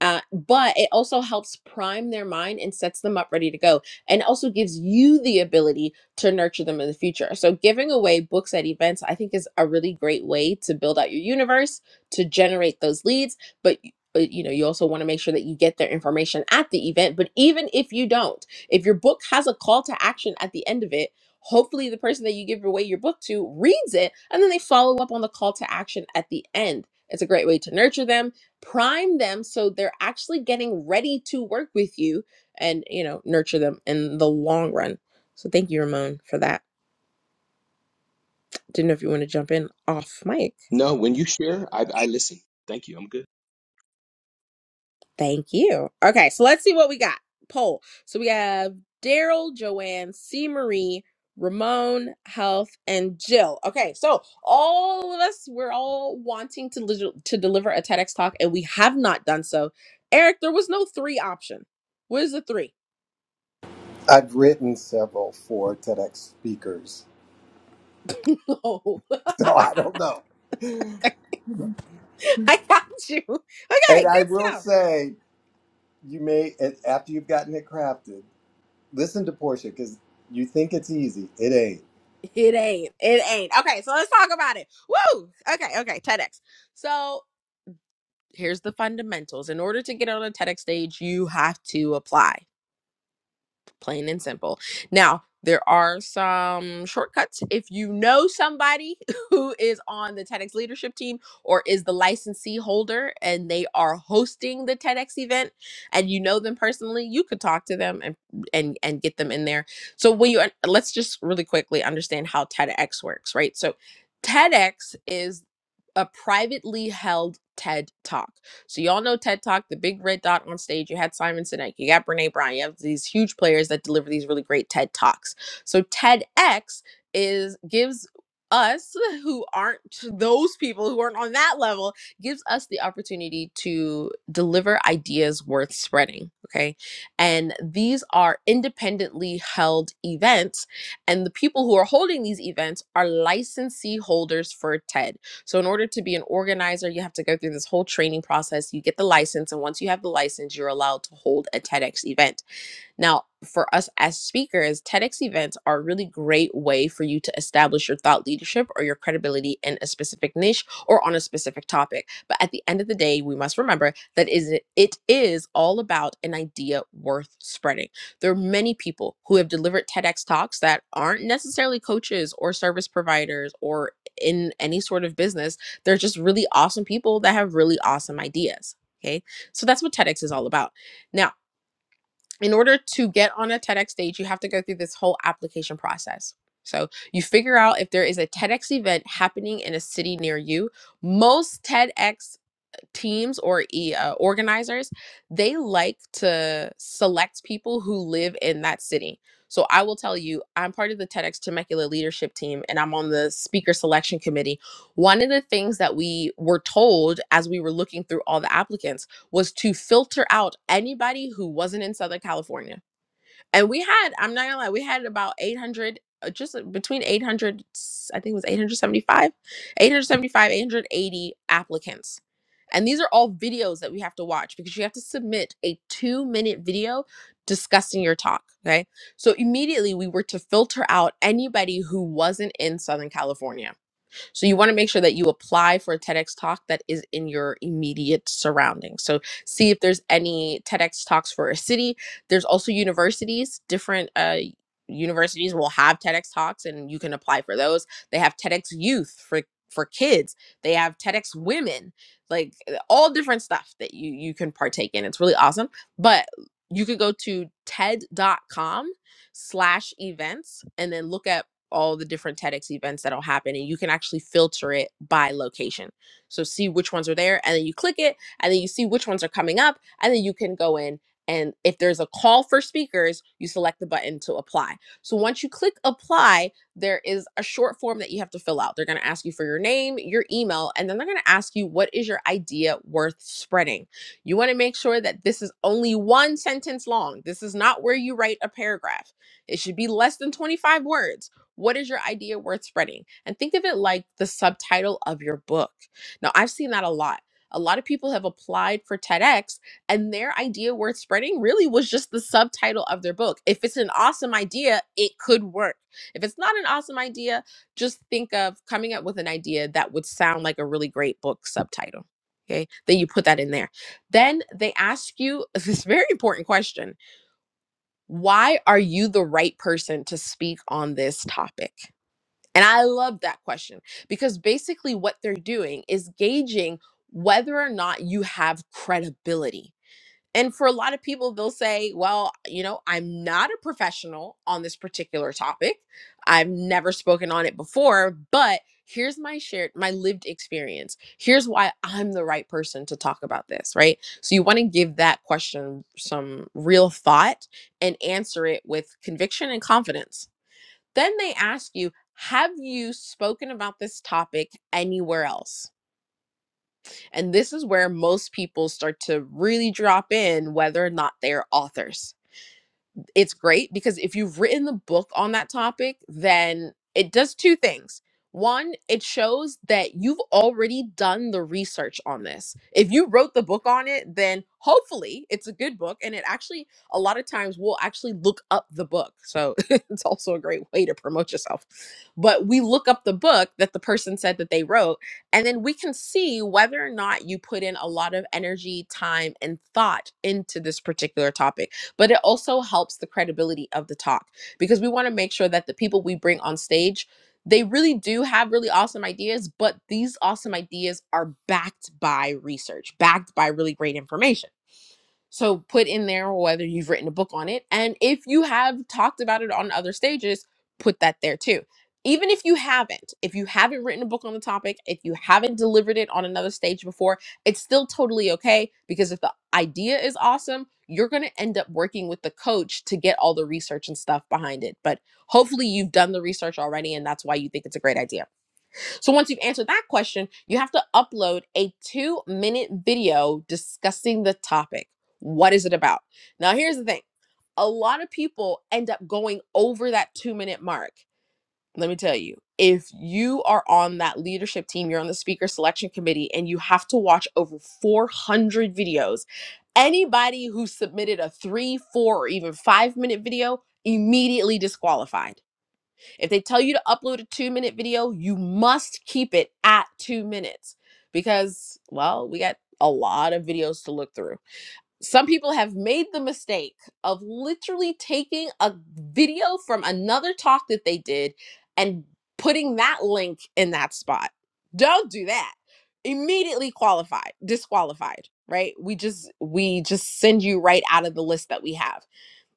S25: uh, but it also helps prime their mind and sets them up ready to go and also gives you the ability to nurture them in the future so giving away books at events i think is a really great way to build out your universe to generate those leads but y- but, you know you also want to make sure that you get their information at the event but even if you don't if your book has a call to action at the end of it hopefully the person that you give away your book to reads it and then they follow up on the call to action at the end it's a great way to nurture them prime them so they're actually getting ready to work with you and you know nurture them in the long run so thank you ramon for that didn't know if you want to jump in off mic
S28: No, when you share, I, I listen. Thank you. I'm good.
S25: thank you okay so let's see what we got poll so we have daryl joanne c marie ramon health and jill okay so all of us we're all wanting to lig- to deliver a tedx talk and we have not done so eric there was no three option what is the three
S26: I've written several for TEDx speakers,
S25: no.
S26: so I don't know. And
S25: I got you. Okay,
S26: I
S25: good
S26: will
S25: stuff.
S26: say, you may and after you've gotten it crafted, listen to Portia because you think it's easy. It ain't.
S25: It ain't. It ain't. Okay, so let's talk about it. Woo! Okay, okay, TEDx. So here's the fundamentals. In order to get on a TEDx stage, you have to apply. plain and simple. Now, there are some shortcuts. If you know somebody who is on the TEDx leadership team or is the licensee holder and they are hosting the TEDx event and you know them personally, you could talk to them and and and get them in there. So when you let's just really quickly understand how TEDx works, right? So TEDx is a privately held TED Talk. So y'all know TED Talk, the big red dot on stage. You had Simon Sinek, you got Brene Brown, you have these huge players that deliver these really great TED Talks. So TEDx is gives us who aren't those people who aren't on that level gives us the opportunity to deliver ideas worth spreading okay and these are independently held events and the people who are holding these events are licensee holders for ted so, in order to be an organizer, you have to go through this whole training process. You get the license, and once you have the license, you're allowed to hold a TEDx event. Now, for us as speakers, TEDx events are a really great way for you to establish your thought leadership or your credibility in a specific niche or on a specific topic. But at the end of the day, we must remember that is it is all about an idea worth spreading. There are many people who have delivered TEDx talks that aren't necessarily coaches or service providers or in any sort of business. They're just really awesome people that have really awesome ideas. Okay. So that's what TEDx is all about. Now, in order to get on a TEDx stage, you have to go through this whole application process. So you figure out if there is a TEDx event happening in a city near you. Most TEDx teams or e- uh, organizers, they like to select people who live in that city. So I will tell you, I'm part of the TEDx Temecula leadership team and I'm on the speaker selection committee. One of the things that we were told as we were looking through all the applicants was to filter out anybody who wasn't in Southern California and we had i'm not gonna lie we had about 800 uh, just uh, between 800, i think it was 875 875 880 applicants and these are all videos that we have to watch because you have to submit a two minute video discussing your talk okay so immediately we were to filter out anybody who wasn't in southern california so you want to make sure that you apply for a TEDx talk that is in your immediate surroundings. So see if there's any TEDx talks for a city. There's also universities, different uh, universities will have TEDx talks and you can apply for those. They have TEDx youth for for kids. They have TEDx women, like uh, all different stuff that you you can partake in. It's really awesome. But you could go to TED dot com slash events and then look at all the different TEDx events that'll happen, and you can actually filter it by location. So see which ones are there, and then you click it, and then you see which ones are coming up, and then you can go in. And if there's a call for speakers, you select the button to apply. So once you click apply, there is a short form that you have to fill out. They're gonna ask you for your name, your email, and then they're gonna ask you what is your idea worth spreading. You wanna make sure that this is only one sentence long. This is not where you write a paragraph. It should be less than 25 words what is your idea worth spreading? And think of it like the subtitle of your book. Now, I've seen that a lot. A lot of people have applied for TEDx, and their idea worth spreading really was just the subtitle of their book. If it's an awesome idea, it could work. If it's not an awesome idea, just think of coming up with an idea that would sound like a really great book subtitle. Okay, then you put that in there. Then they ask you this very important question Why are you the right person to speak on this topic? And I love that question because basically what they're doing is gauging whether or not you have credibility. And for a lot of people, they'll say, well, you know, I'm not a professional on this particular topic. I've never spoken on it before, but here's my shared, my lived experience. Here's why I'm the right person to talk about this, right? So you want to give that question some real thought and answer it with conviction and confidence then they ask you, have you spoken about this topic anywhere else? And this is where most people start to really drop in whether or not they're authors it's great because if you've written the book on that topic, then it does two things. One, it shows that you've already done the research on this. If you wrote the book on it, then hopefully it's a good book. And it actually, a lot of times, we'll actually look up the book. So it's also a great way to promote yourself. But we look up the book that the person said that they wrote, and then we can see whether or not you put in a lot of energy, time, and thought into this particular topic but it also helps the credibility of the talk because we want to make sure that the people we bring on stage they really do have really awesome ideas but these awesome ideas are backed by research backed by really great information so put in there whether you've written a book on it. And if you have talked about it on other stages, put that there too. Even if you haven't, if you haven't written a book on the topic, if you haven't delivered it on another stage before, it's still totally okay because if the idea is awesome, you're going to end up working with the coach to get all the research and stuff behind it. But hopefully you've done the research already and that's why you think it's a great idea. So once you've answered that question, you have to upload a two minute video discussing the topic. What is it about? Now, here's the thing a lot of people end up going over that two minute mark. Let me tell you, if you are on that leadership team, you're on the speaker selection committee, and you have to watch over 400 videos, anybody who submitted a three, four, or even five minute video immediately disqualified if they tell you to upload a two minute video, you must keep it at two minutes because, well, we got a lot of videos to look through. Some people have made the mistake of literally taking a video from another talk that they did and putting that link in that spot. Don't do that. Immediately qualified, disqualified, right? We just we just send you right out of the list that we have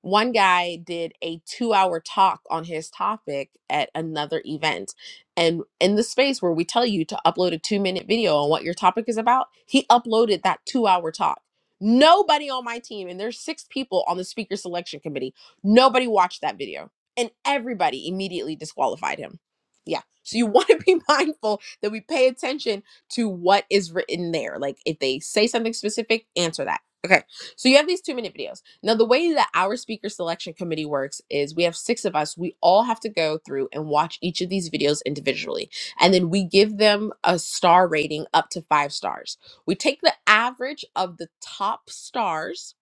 S25: one guy did a two hour talk on his topic at another event. And in the space where we tell you to upload a two minute video on what your topic is about, he uploaded that two hour talk. Nobody on my team, and there's six people on the speaker selection committee, nobody watched that video. And everybody immediately disqualified him. Yeah. So you want to be mindful that we pay attention to what is written there. Like if they say something specific, answer that. Okay. So you have these two minute videos. Now, the way that our speaker selection committee works is we have six of us. We all have to go through and watch each of these videos individually. And then we give them a star rating up to five stars. We take the average of the top stars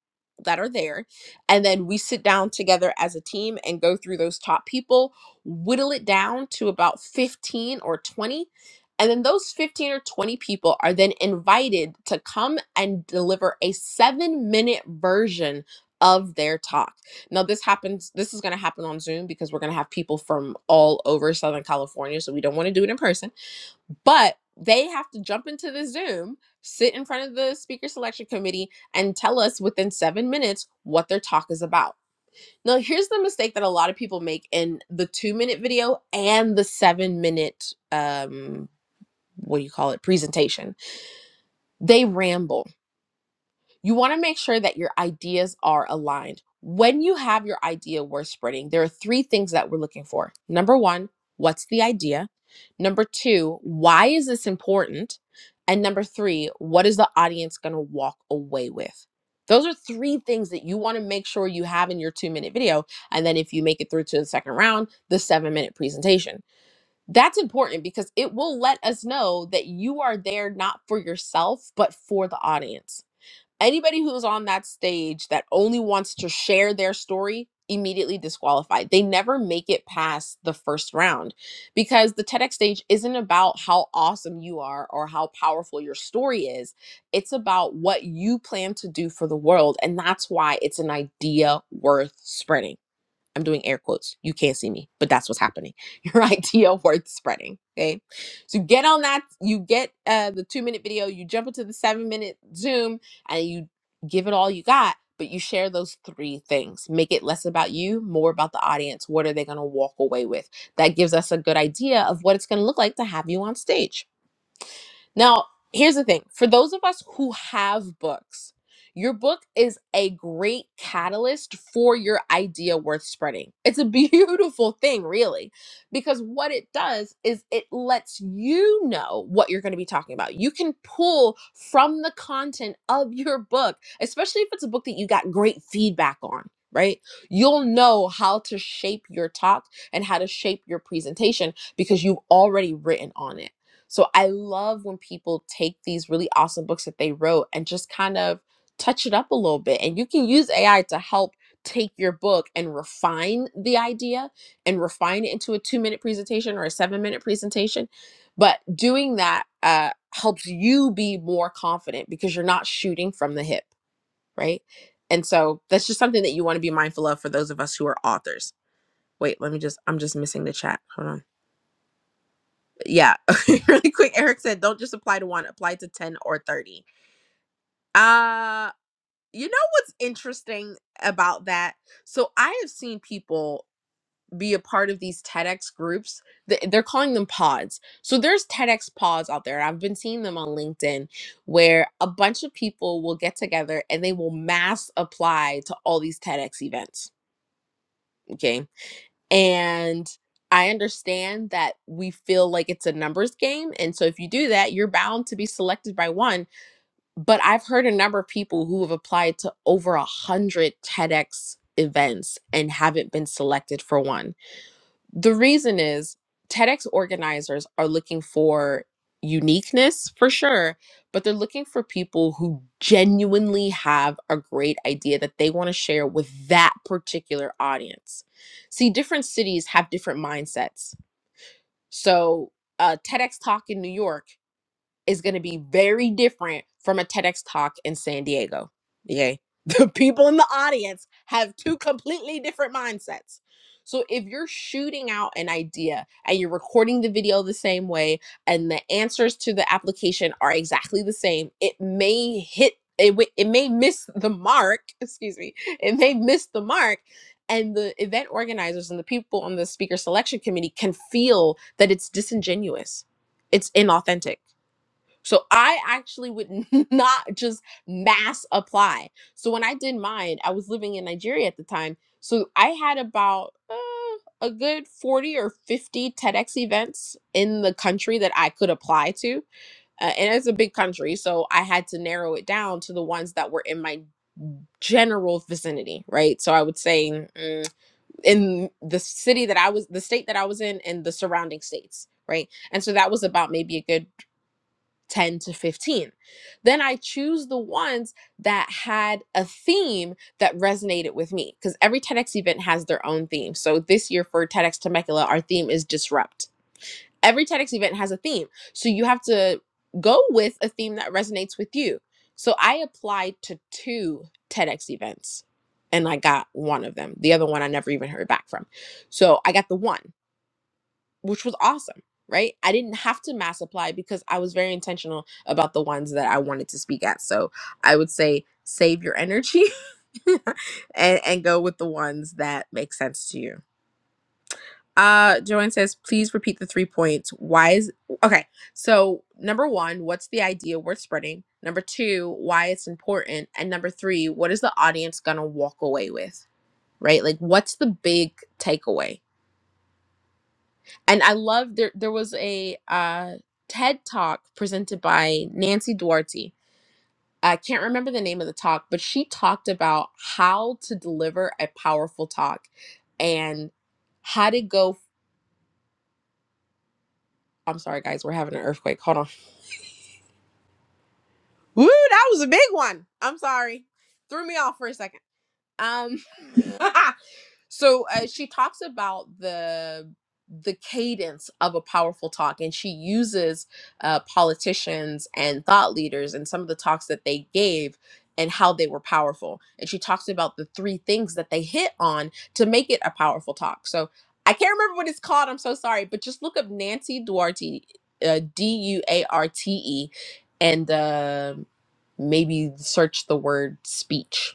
S25: that are there. And then we sit down together as a team and go through those top people, whittle it down to about 15 or 20. And then those 15 or 20 people are then invited to come and deliver a seven minute version of their talk. Now this happens this is going to happen on Zoom because we're going to have people from all over Southern California so we don't want to do it in person. But they have to jump into the Zoom, sit in front of the speaker selection committee and tell us within 7 minutes what their talk is about. Now here's the mistake that a lot of people make in the 2 minute video and the 7 minute um what do you call it presentation. They ramble You want to make sure that your ideas are aligned. When you have your idea worth spreading, there are three things that we're looking for. Number one, what's the idea? Number two, why is this important? And number three, what is the audience going to walk away with? Those are three things that you want to make sure you have in your two minute video. And then if you make it through to the second round, the seven minute presentation. That's important because it will let us know that you are there not for yourself, but for the audience Anybody who's on that stage that only wants to share their story immediately disqualified. They never make it past the first round because the TEDx stage isn't about how awesome you are or how powerful your story is. It's about what you plan to do for the world and that's why it's an idea worth spreading. I'm doing air quotes. You can't see me, but that's what's happening. Your idea worth spreading. Okay. So get on that. You get uh, the two minute video, you jump into the seven minute Zoom, and you give it all you got, but you share those three things. Make it less about you, more about the audience. What are they going to walk away with? That gives us a good idea of what it's going to look like to have you on stage. Now, here's the thing for those of us who have books, your book is a great catalyst for your idea worth spreading. It's a beautiful thing, really, because what it does is it lets you know what you're going to be talking about. You can pull from the content of your book, especially if it's a book that you got great feedback on, right? You'll know how to shape your talk and how to shape your presentation because you've already written on it. So I love when people take these really awesome books that they wrote and just kind of touch it up a little bit. And you can use AI to help take your book and refine the idea and refine it into a two minute presentation or a seven minute presentation. But doing that uh, helps you be more confident because you're not shooting from the hip, right? And so that's just something that you want to be mindful of for those of us who are authors. Wait, let me just, I'm just missing the chat. Hold on yeah really quick eric said don't just apply to one apply to 10 or 30 uh you know what's interesting about that so i have seen people be a part of these tedx groups Th- they're calling them pods so there's tedx pods out there i've been seeing them on linkedin where a bunch of people will get together and they will mass apply to all these tedx events Okay. And I understand that we feel like it's a numbers game. And so if you do that, you're bound to be selected by one. But I've heard a number of people who have applied to over a hundred TEDx events and haven't been selected for one the reason is TEDx organizers are looking for uniqueness for sure, but they're looking for people who genuinely have a great idea that they want to share with that particular audience. See, different cities have different mindsets. So, a TEDx talk in New York is going to be very different from a TEDx talk in San Diego. Okay. The people in the audience have two completely different mindsets. So if you're shooting out an idea and you're recording the video the same way and the answers to the application are exactly the same, it may hit it, wi- it may miss the mark, excuse me. It may miss the mark and the event organizers and the people on the speaker selection committee can feel that it's disingenuous. It's inauthentic so I actually would not just mass apply. So when I did mine, I was living in Nigeria at the time. So I had about uh, a good 40 or 50 TEDx events in the country that I could apply to. Uh, and it's a big country. So I had to narrow it down to the ones that were in my general vicinity, right? So I would say mm, in the city that I was, the state that I was in, and the surrounding states, right? And so that was about maybe a good 10 to 15. Then I choose the ones that had a theme that resonated with me because every TEDx event has their own theme. So this year for TEDx Temecula, our theme is disrupt. Every TEDx event has a theme. So you have to go with a theme that resonates with you. So I applied to two TEDx events and I got one of them. The other one I never even heard back from. So I got the one which was awesome, right? I didn't have to mass apply because I was very intentional about the ones that I wanted to speak at. So I would say save your energy and, and go with the ones that make sense to you. Uh, Joanne says, please repeat the three points. Why is okay? So number one, what's the idea worth spreading? Number two, why it's important, and number three, what is the audience gonna walk away with? Right? Like, what's the big takeaway? and I love there. There was a uh, TED talk presented by Nancy Duarte. I can't remember the name of the talk, but she talked about how to deliver a powerful talk and how to go. I'm sorry, guys, we're having an earthquake. Hold on. Woo, that was a big one. I'm sorry, threw me off for a second. Um, so uh, she talks about the the cadence of a powerful talk and she uses uh, politicians and thought leaders and some of the talks that they gave and how they were powerful and she talks about the three things that they hit on to make it a powerful talk so i can't remember what it's called i'm so sorry but just look up nancy duarte uh, d-u-a-r-t-e and uh, maybe search the word speech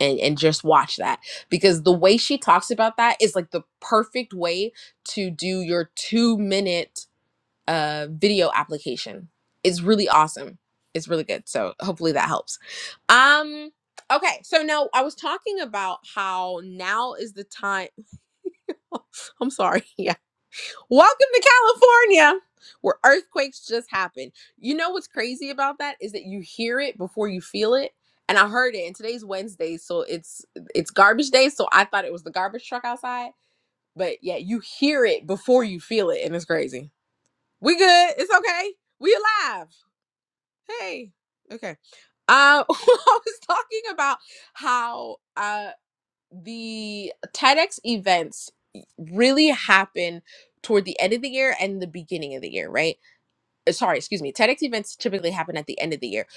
S25: and and just watch that because the way she talks about that is like the perfect way to do your 2 minute uh video application. It's really awesome. It's really good. So hopefully that helps. Um okay, so now I was talking about how now is the time I'm sorry. Yeah. Welcome to California, where earthquakes just happen. You know what's crazy about that is that you hear it before you feel it. And I heard it. And today's Wednesday, so it's it's garbage day. So I thought it was the garbage truck outside. But yeah, you hear it before you feel it, and it's crazy. We good. It's okay. We alive. Hey. Okay. Uh, I was talking about how uh the TEDx events really happen toward the end of the year and the beginning of the year, right? Uh, Sorry, excuse me. TEDx events typically happen at the end of the year,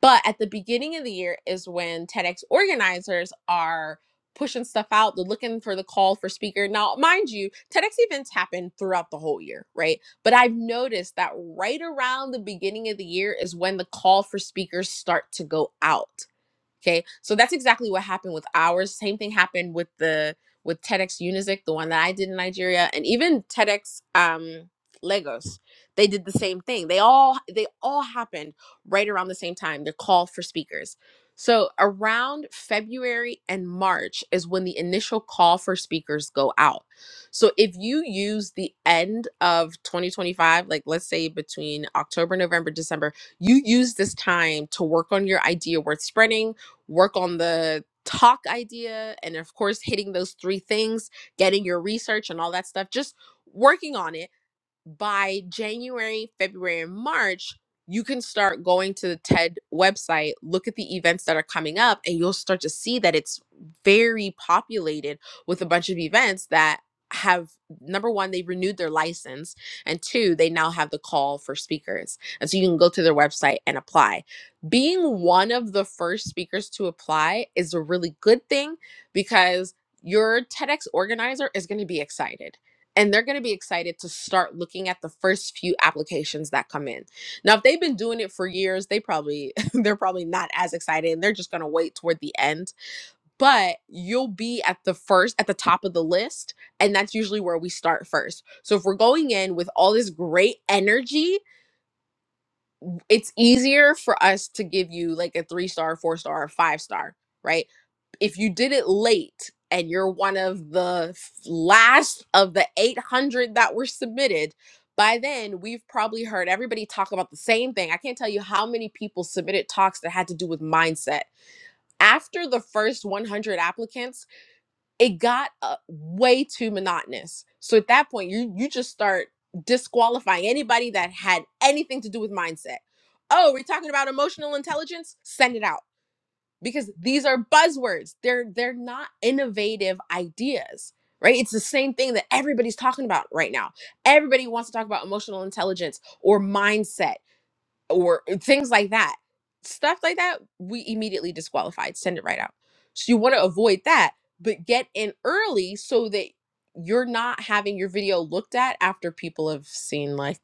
S25: but at the beginning of the year is when TEDx organizers are pushing stuff out, they're looking for the call for speaker. Now, mind you, TEDx events happen throughout the whole year, right? But I've noticed that right around the beginning of the year is when the call for speakers start to go out Okay, so that's exactly what happened with ours. Same thing happened with the with TEDx Unizik, the one that I did in Nigeria, and even TEDx um, Lagos. They did the same thing. They all they all happened right around the same time. The call for speakers. So around February and March is when the initial call for speakers go out. So if you use the end of 2025, like let's say between October, November, December, you use this time to work on your idea worth spreading work on the talk idea and of course hitting those three things getting your research and all that stuff just working on it by January, February, and March, you can start going to the TED website, look at the events that are coming up, and you'll start to see that it's very populated with a bunch of events that have number one, they renewed their license, and two, they now have the call for speakers. And so you can go to their website and apply. Being one of the first speakers to apply is a really good thing because your TEDx organizer is going to be excited and they're going to be excited to start looking at the first few applications that come in. Now, if they've been doing it for years, they probably they're probably not as excited and they're just going to wait toward the end. But you'll be at the first at the top of the list, and that's usually where we start first. So if we're going in with all this great energy, it's easier for us to give you like a 3-star, 4-star, or 5-star, right? if you did it late and you're one of the last of the 800 that were submitted, by then we've probably heard everybody talk about the same thing. I can't tell you how many people submitted talks that had to do with mindset. After the first 100 applicants, it got uh, way too monotonous. So at that point, you you just start disqualifying anybody that had anything to do with mindset. Oh, we're talking about emotional intelligence? Send it out because these are buzzwords. They're they're not innovative ideas, right? It's the same thing that everybody's talking about right now. Everybody wants to talk about emotional intelligence or mindset or things like that. Stuff like that, we immediately disqualified. Send it right out. So you want to avoid that, but get in early so that you're not having your video looked at after people have seen like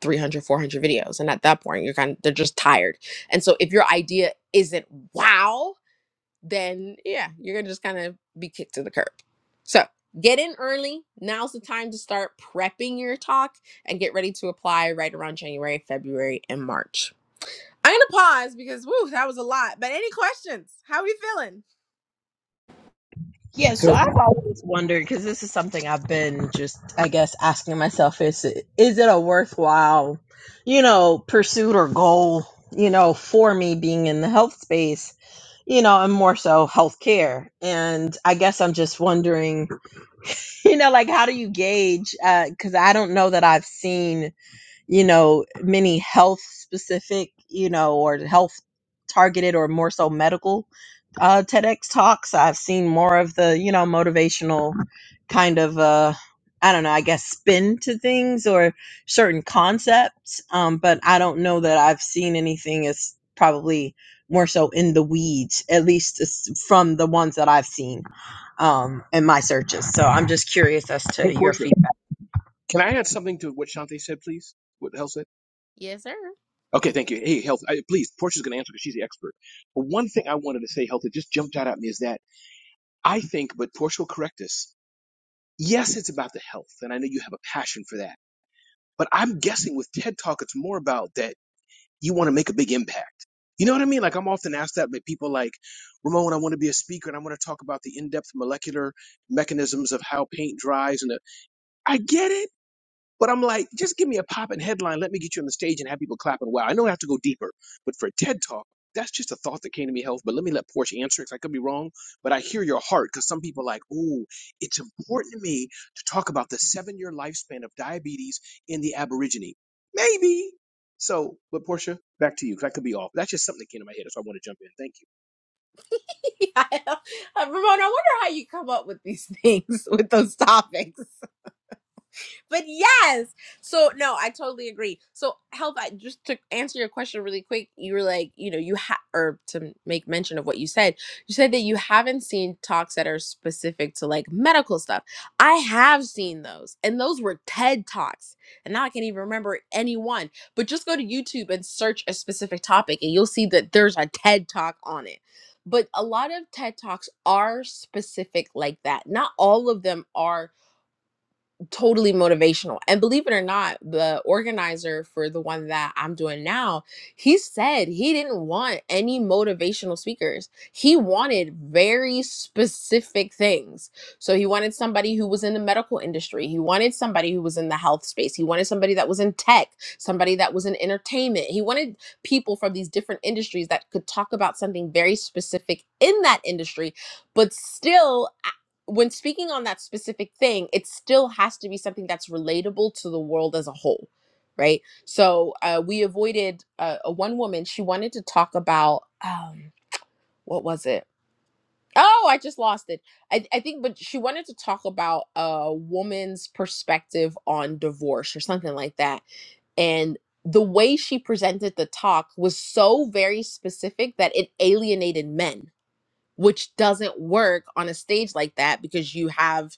S25: 300, 400 videos and at that point you're kind of they're just tired and so if your idea isn't wow then yeah, you're gonna just kind of be kicked to the curb. So get in early. Now's the time to start prepping your talk and get ready to apply right around January, February, and March. I'm gonna pause because woo, that was a lot. But any questions? How are we feeling?
S18: Yeah, so
S26: So,
S18: I've always wondered because this is something I've been just, I guess, asking myself: is it, is it a worthwhile, you know, pursuit or goal, you know, for me being in the health space, you know, and more so healthcare? And I guess I'm just wondering, you know, like how do you gauge? Because I don't know that I've seen you know, many health specific, you know, or health targeted or more so medical uh, TEDx talks. I've seen more of the, you know, motivational kind of, uh, I don't know, I guess spin to things or certain concepts. Um, but I don't know that I've seen anything as probably more so in the weeds, at least as from the ones that I've seen um, in my searches. So I'm just curious as
S28: Hey,
S18: to your
S28: Portia,
S18: feedback.
S28: can I add something to what Shantae said, please? What Health said?
S25: Yes, sir.
S28: Okay, thank you. Hey, Health, I, please, Portia's going to answer because she's the expert. But one thing I wanted to say, Health, that just jumped out at me is that I think, but Portia will correct us, yes, it's about the health, and I know you have a passion for that. But I'm guessing with TED Talk, it's more about that you want to make a big impact. You know what I mean? Like, I'm often asked that by people like, Ramon, I want to be a speaker and I want to talk about the in depth molecular mechanisms of how paint dries. And the, I get it But I'm like, just give me a popping headline. Let me get you on the stage and have people clapping. Wow, I know I have to go deeper, but for a TED Talk, that's just a thought that came to me, health. But let me let Portia answer because I could be wrong. But I hear your heart because some people are like, ooh, it's important to me to talk about the seven year lifespan of diabetes in the Aborigine. Maybe. So, but Portia, back to you because I could be off. That's just something that came to my head, so I want to jump in. Thank you.
S25: Yeah, Ramona, I wonder how you come up with these things with those topics. but yes. So no, I totally agree. So health, I just to answer your question really quick, you were like, you know, you have or to make mention of what you said, you said that you haven't seen talks that are specific to like medical stuff. I have seen those, and those were TED talks, and now I can't even remember any one. But just go to YouTube and search a specific topic, and you'll see that there's a TED talk on it. But a lot of TED talks are specific like that. Not all of them are totally motivational. And believe it or not, the organizer for the one that I'm doing now, he said he didn't want any motivational speakers. He wanted very specific things. So he wanted somebody who was in the medical industry, he wanted somebody who was in the health space, he wanted somebody that was in tech, somebody that was in entertainment. He wanted people from these different industries that could talk about something very specific in that industry, but still when speaking on that specific thing, it still has to be something that's relatable to the world as a whole, right? So uh, we avoided uh, a one woman. She wanted to talk about um, what was it? Oh, I just lost it. I, I think, but she wanted to talk about a woman's perspective on divorce or something like that. And the way she presented the talk was so very specific that it alienated men, which doesn't work on a stage like that because you have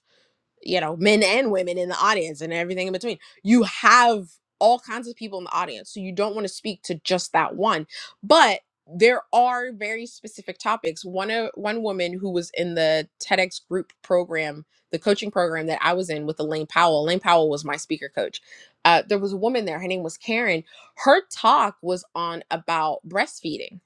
S25: you know, men and women in the audience and everything in between. You have all kinds of people in the audience. So you don't want to speak to just that one. But there are very specific topics. One uh, one woman who was in the TEDx group program, the coaching program that I was in with Elaine Powell. Elaine Powell was my speaker coach. Uh, there was a woman there. Her name was Karen. Her talk was on about breastfeeding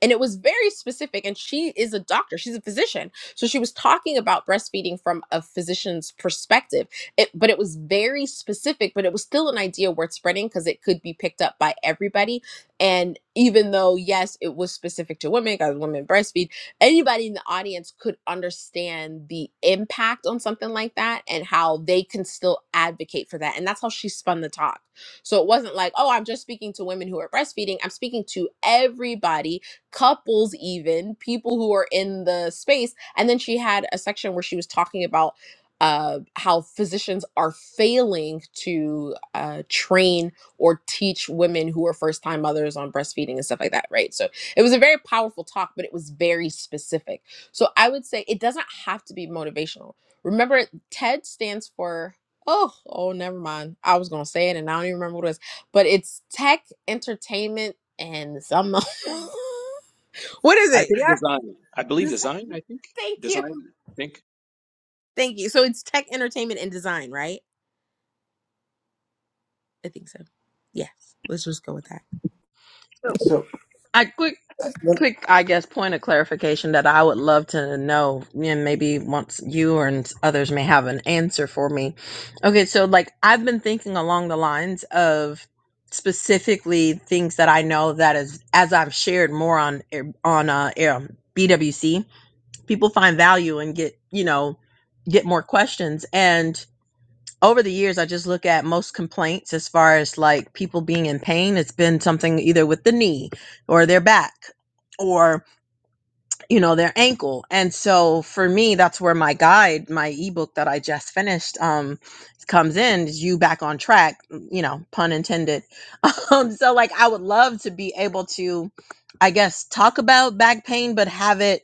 S25: and it was very specific and she is a doctor she's a physician so she was talking about breastfeeding from a physician's perspective it, but it was very specific but it was still an idea worth spreading because it could be picked up by everybody and even though yes it was specific to women because women breastfeed anybody in the audience could understand the impact on something like that and how they can still advocate for that and that's how she spun the talk so it wasn't like oh i'm just speaking to women who are breastfeeding i'm speaking to everybody couples, even people who are in the space. And then she had a section where she was talking about uh, how physicians are failing to uh, train or teach women who are first time mothers on breastfeeding and stuff like that, right? So it was a very powerful talk, but it was very specific. So I would say it doesn't have to be motivational. Remember, TED stands for oh oh never mind. I was gonna say it and I don't even remember what it was, but it's tech, entertainment, and some. What is
S28: I
S25: it?
S28: think
S25: Yeah.
S28: design. I believe
S25: This,
S28: design. I think
S25: thank you.
S28: design. I think.
S25: Thank you. So it's tech, entertainment, and design, right? I think so. Yes. Let's just go with that.
S18: So,
S26: so
S18: I quick,
S26: I- lem-
S18: quick, I guess, point of clarification that I would love to know, and maybe once you or and others may have an answer for me. Okay, so like I've been thinking along the lines of specifically things that I know that is as I've shared more on er, on uh, BWC people find value and get you know get more questions and over the years i just look at most complaints as far as like people being in pain it's been something either with the knee or their back or you know their ankle and so for me that's where my guide my ebook that i just finished um comes in is you back on track you know pun intended um so like i would love to be able to i guess talk about back pain but have it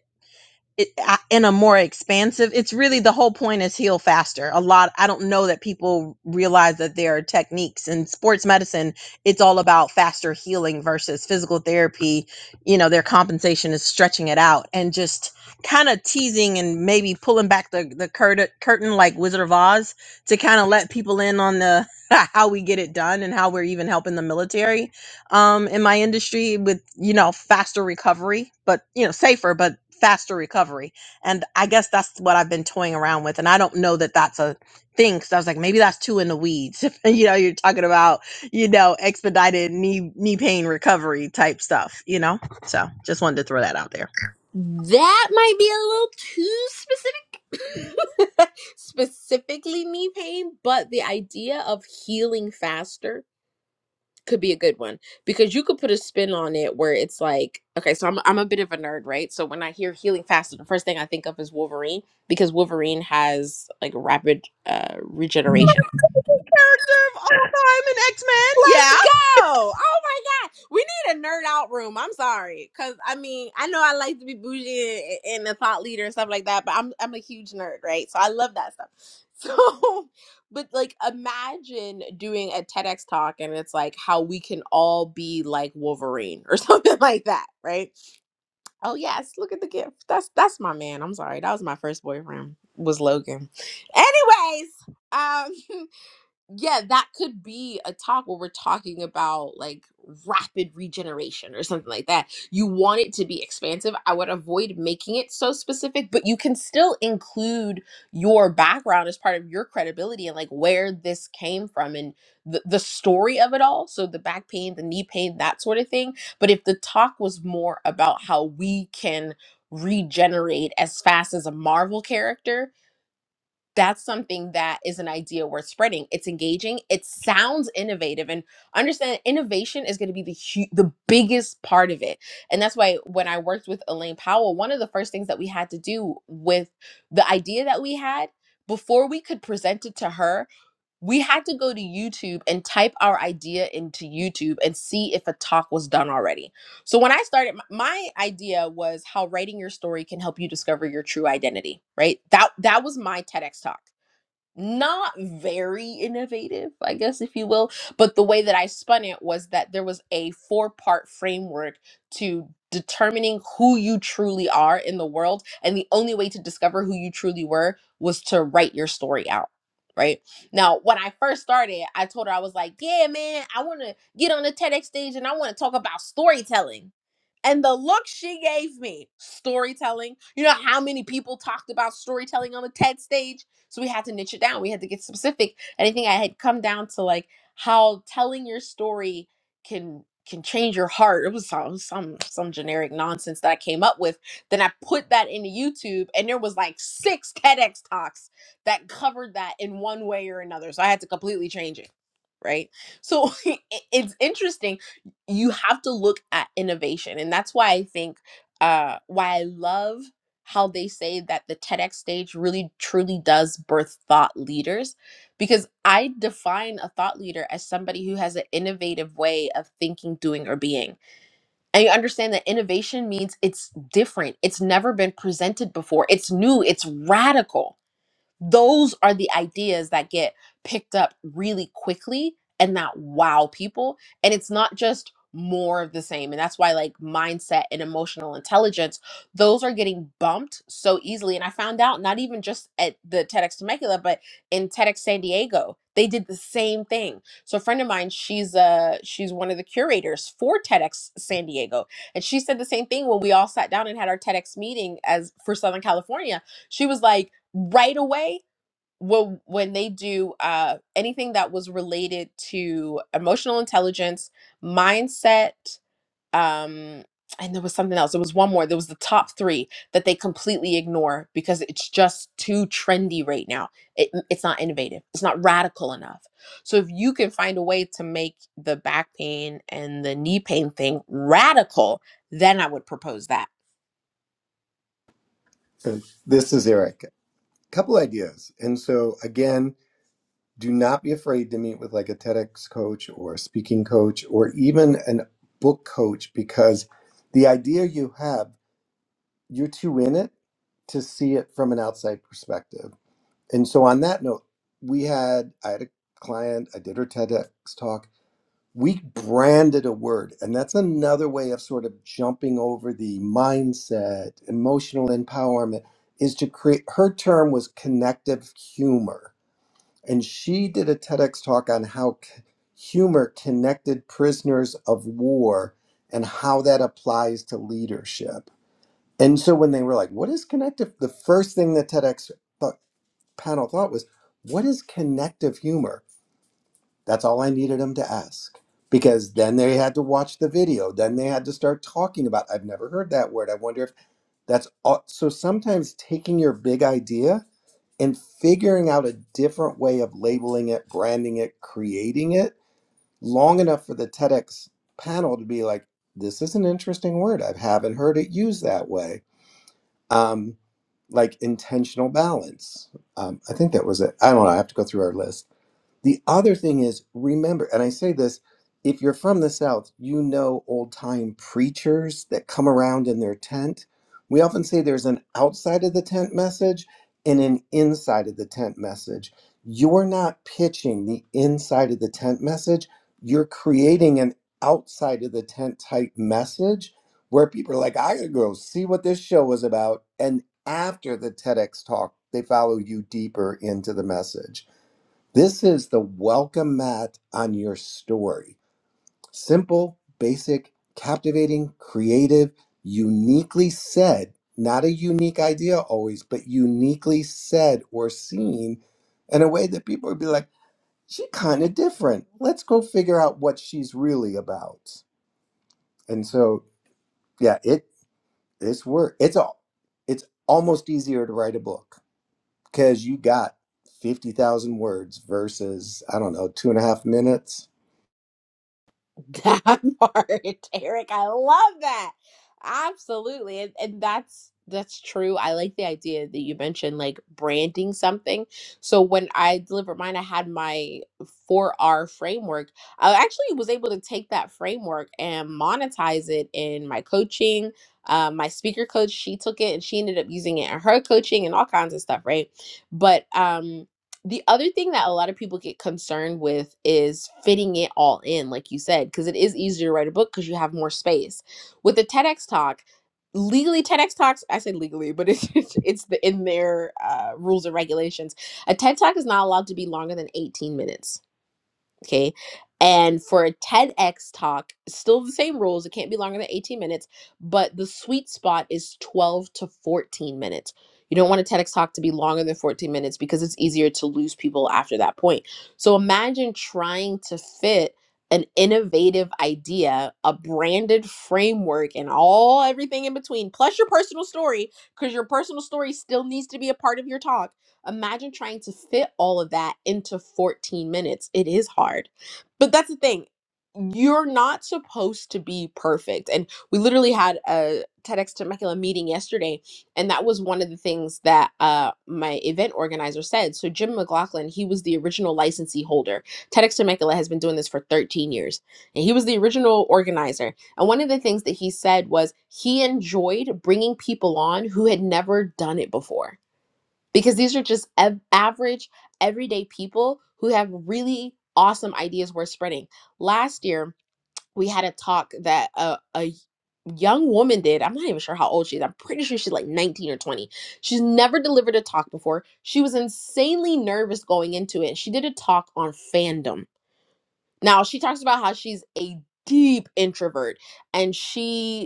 S18: it, I- in a more expansive it's really the whole point is heal faster a lot i don't know that people realize that there are techniques in sports medicine it's all about faster healing versus physical therapy you know their compensation is stretching it out and just kind of teasing and maybe pulling back the, the cur- curtain like wizard of oz to kind of let people in on the how we get it done and how we're even helping the military um, in my industry with you know faster recovery, but you know safer, but faster recovery. And I guess that's what I've been toying around with. And I don't know that that's a thing because I was like, maybe that's too in the weeds. you know, you're talking about you know expedited knee knee pain recovery type stuff. You know. So just wanted to throw that out there.
S25: That might be a little too specific. Specifically knee pain, but the idea of healing faster could be a good one because you could put a spin on it where it's like, okay, so I'm I'm a bit of a nerd, right? So when I hear healing faster, the first thing I think of is Wolverine because Wolverine has like rapid uh regeneration.
S18: Character of all time in X Men. Yeah,
S25: Let's go. Oh my God. We need a nerd out room. I'm sorry. Cause I mean, I know I like to be bougie and, and a thought leader and stuff like that, but I'm I'm a huge nerd, right? So I love that stuff. So but like imagine doing a TEDx talk and it's like how we can all be like Wolverine or something like that, right? Oh yes, look at the gift. That's that's my man. I'm sorry. That was my first boyfriend was Logan. Anyways, um yeah, that could be a talk where we're talking about like rapid regeneration or something like that. You want it to be expansive. I would avoid making it so specific, but you can still include your background as part of your credibility and like where this came from and the, the story of it all. So the back pain, the knee pain, that sort of thing. But if the talk was more about how we can regenerate as fast as a Marvel character, that's something that is an idea worth spreading. It's engaging. It sounds innovative, and understand innovation is going to be the hu- the biggest part of it. And that's why when I worked with Elaine Powell, one of the first things that we had to do with the idea that we had before we could present it to her, we had to go to YouTube and type our idea into YouTube and see if a talk was done already. So when I started, m- my idea was how writing your story can help you discover your true identity. Right? That that was my TEDx talk not very innovative, I guess, if you will. But the way that I spun it was that there was a four part framework to determining who you truly are in the world. And the only way to discover who you truly were was to write your story out. Right now, when I first started, I told her, I was like, Yeah, man, I want to get on the TEDx stage and I want to talk about storytelling and the look she gave me, storytelling. You know how many people talked about storytelling on the TED stage? So we had to niche it down. We had to get specific. And I think I had come down to like how telling your story can can change your heart. It was some some some generic nonsense that I came up with. Then I put that into YouTube and there was like six TEDx talks that covered that in one way or another. So I had to completely change it. Right. So it- it's interesting you have to look at innovation and that's why i think uh why i love how they say that the TEDx stage really truly does birth thought leaders because i define a thought leader as somebody who has an innovative way of thinking doing or being and you understand that innovation means it's different it's never been presented before it's new it's radical those are the ideas that get picked up really quickly and that wow people and it's not just more of the same and that's why like mindset and emotional intelligence those are getting bumped so easily and i found out not even just at the tedx temecula but in tedx san diego they did the same thing so a friend of mine she's uh she's one of the curators for tedx san diego and she said the same thing when we all sat down and had our tedx meeting as for southern california she was like, right away, well, when they do uh, anything that was related to emotional intelligence, mindset, um, and there was something else. There was one more. There was the top three that they completely ignore because it's just too trendy right now. It, mm, it's not innovative. It's not radical enough. So if you can find a way to make the back pain and the knee pain thing radical, then I would propose that
S26: uh, this is Eric. Couple ideas, and so again, do not be afraid to meet with like a TEDx coach or a speaking coach or even an book coach because the idea you have, you're too in it to see it from an outside perspective And so on that note, we had I had a client, I did her TEDx talk. We branded a word, and that's another way of sort of jumping over the mindset, emotional empowerment is to create her term was connective humor. And she did a TEDx talk on how c- humor connected prisoners of war and how that applies to leadership. And so when they were like, what is connective? The first thing that TEDx thought, panel thought was, what is connective humor? That's all I needed them to ask. Because then they had to watch the video. Then they had to start talking about, I've never heard that word. I wonder if that's all. So sometimes taking your big idea and figuring out a different way of labeling it, branding it, creating it, long enough for the TEDx panel to be like, this is an interesting word. I haven't heard it used that way. Um, like intentional balance. Um, I think that was it. I don't know. I have to go through our list. The other thing is, remember, and I say this if you're from the South, you know old time preachers that come around in their tent. We often say there's an outside of the tent message and an inside of the tent message. You're not pitching the inside of the tent message, you're creating an outside of the tent type message where people are like, I gotta go see what this show was about. And after the TEDx talk, they follow you deeper into the message this is the welcome mat on your story. Simple, basic, captivating, creative, uniquely said, not a unique idea always, but uniquely said or seen in a way that people would be like, she kind of different. Let's go figure out what she's really about. And so, yeah, it it's work. It's all. It's almost easier to write a book because you got fifty thousand words versus I don't know two and a half minutes
S25: That part, Eric, I love that. Absolutely. And, and that's that's true. I like the idea that you mentioned like branding something. So when I delivered mine, I had my 4R framework. I actually was able to take that framework and monetize it in my coaching. Um, my speaker coach, she took it and she ended up using it in her coaching and all kinds of stuff, right? But um the other thing that a lot of people get concerned with is fitting it all in, like you said, because it is easier to write a book because you have more space. With a TEDx talk, legally TEDx talks, I say legally, but it's it's it's the in their uh, rules and regulations. A TED talk is not allowed to be longer than 18 minutes Okay. And for a TEDx talk, still the same rules. It can't be longer than 18 minutes, but the sweet spot is 12 to 14 minutes. You don't want a TEDx talk to be longer than 14 minutes because it's easier to lose people after that point. So imagine trying to fit an innovative idea, a branded framework, and all everything in between, plus your personal story, because your personal story still needs to be a part of your talk Imagine trying to fit all of that into 14 minutes. It is hard. But that's the thing. You're not supposed to be perfect. And we literally had a TEDx Temecula meeting yesterday, and that was one of the things that uh, my event organizer said. So, Jim McLaughlin, he was the original licensee holder. TEDx Temecula has been doing this for 13 years, and he was the original organizer. And one of the things that he said was he enjoyed bringing people on who had never done it before because these are just ev- average, everyday people who have really awesome ideas worth spreading. Last year, we had a talk that a, a young woman did. I'm not even sure how old she is. I'm pretty sure she's like 19 or 20. She's never delivered a talk before. She was insanely nervous going into it. She did a talk on fandom. Now, she talks about how she's a deep introvert and she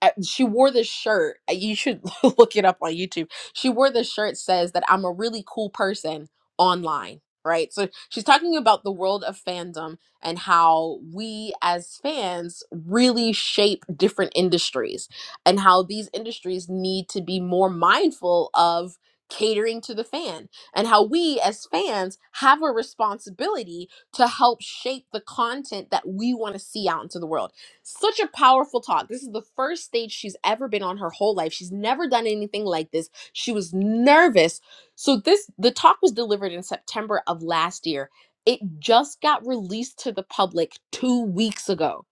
S25: I- she wore this shirt. uh, You should look it up on YouTube. She wore this shirt says that I'm a really cool person online, right? So she's talking about the world of fandom and how we as fans really shape different industries and how these industries need to be more mindful of catering to the fan and how we as fans have a responsibility to help shape the content that we want to see out into the world such a powerful talk. This is the first stage she's ever been on her whole life. She's never done anything like this. She was nervous. So this the talk was delivered in September of last year. It just got released to the public 2 weeks ago.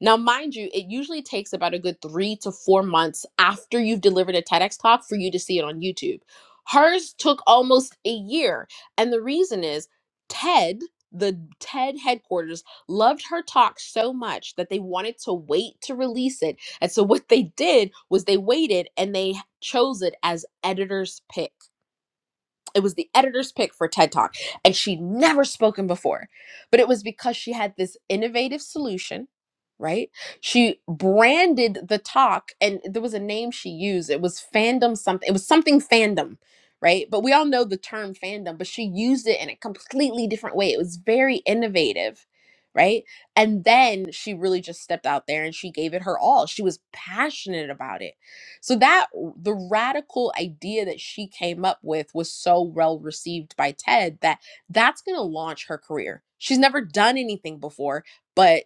S25: Now, mind you, it usually takes about a good 3 to 4 months after you've delivered a TEDx talk for you to see it on YouTube. Hers took almost a year, and the reason is TED the TED headquarters loved her talk so much that they wanted to wait to release it. And so what they did was they waited and they chose it as editor's pick it was the editor's pick for TED Talk, and she'd never spoken before. But it was because she had this innovative solution, right? She branded the talk, and there was a name she used. It was fandom something, it was something fandom, right? But we all know the term fandom, but she used it in a completely different way. It was very innovative. Right. And then she really just stepped out there and she gave it her all. She was passionate about it so that the radical idea that she came up with was so well received by Ted that that's going to launch her career. She's never done anything before, but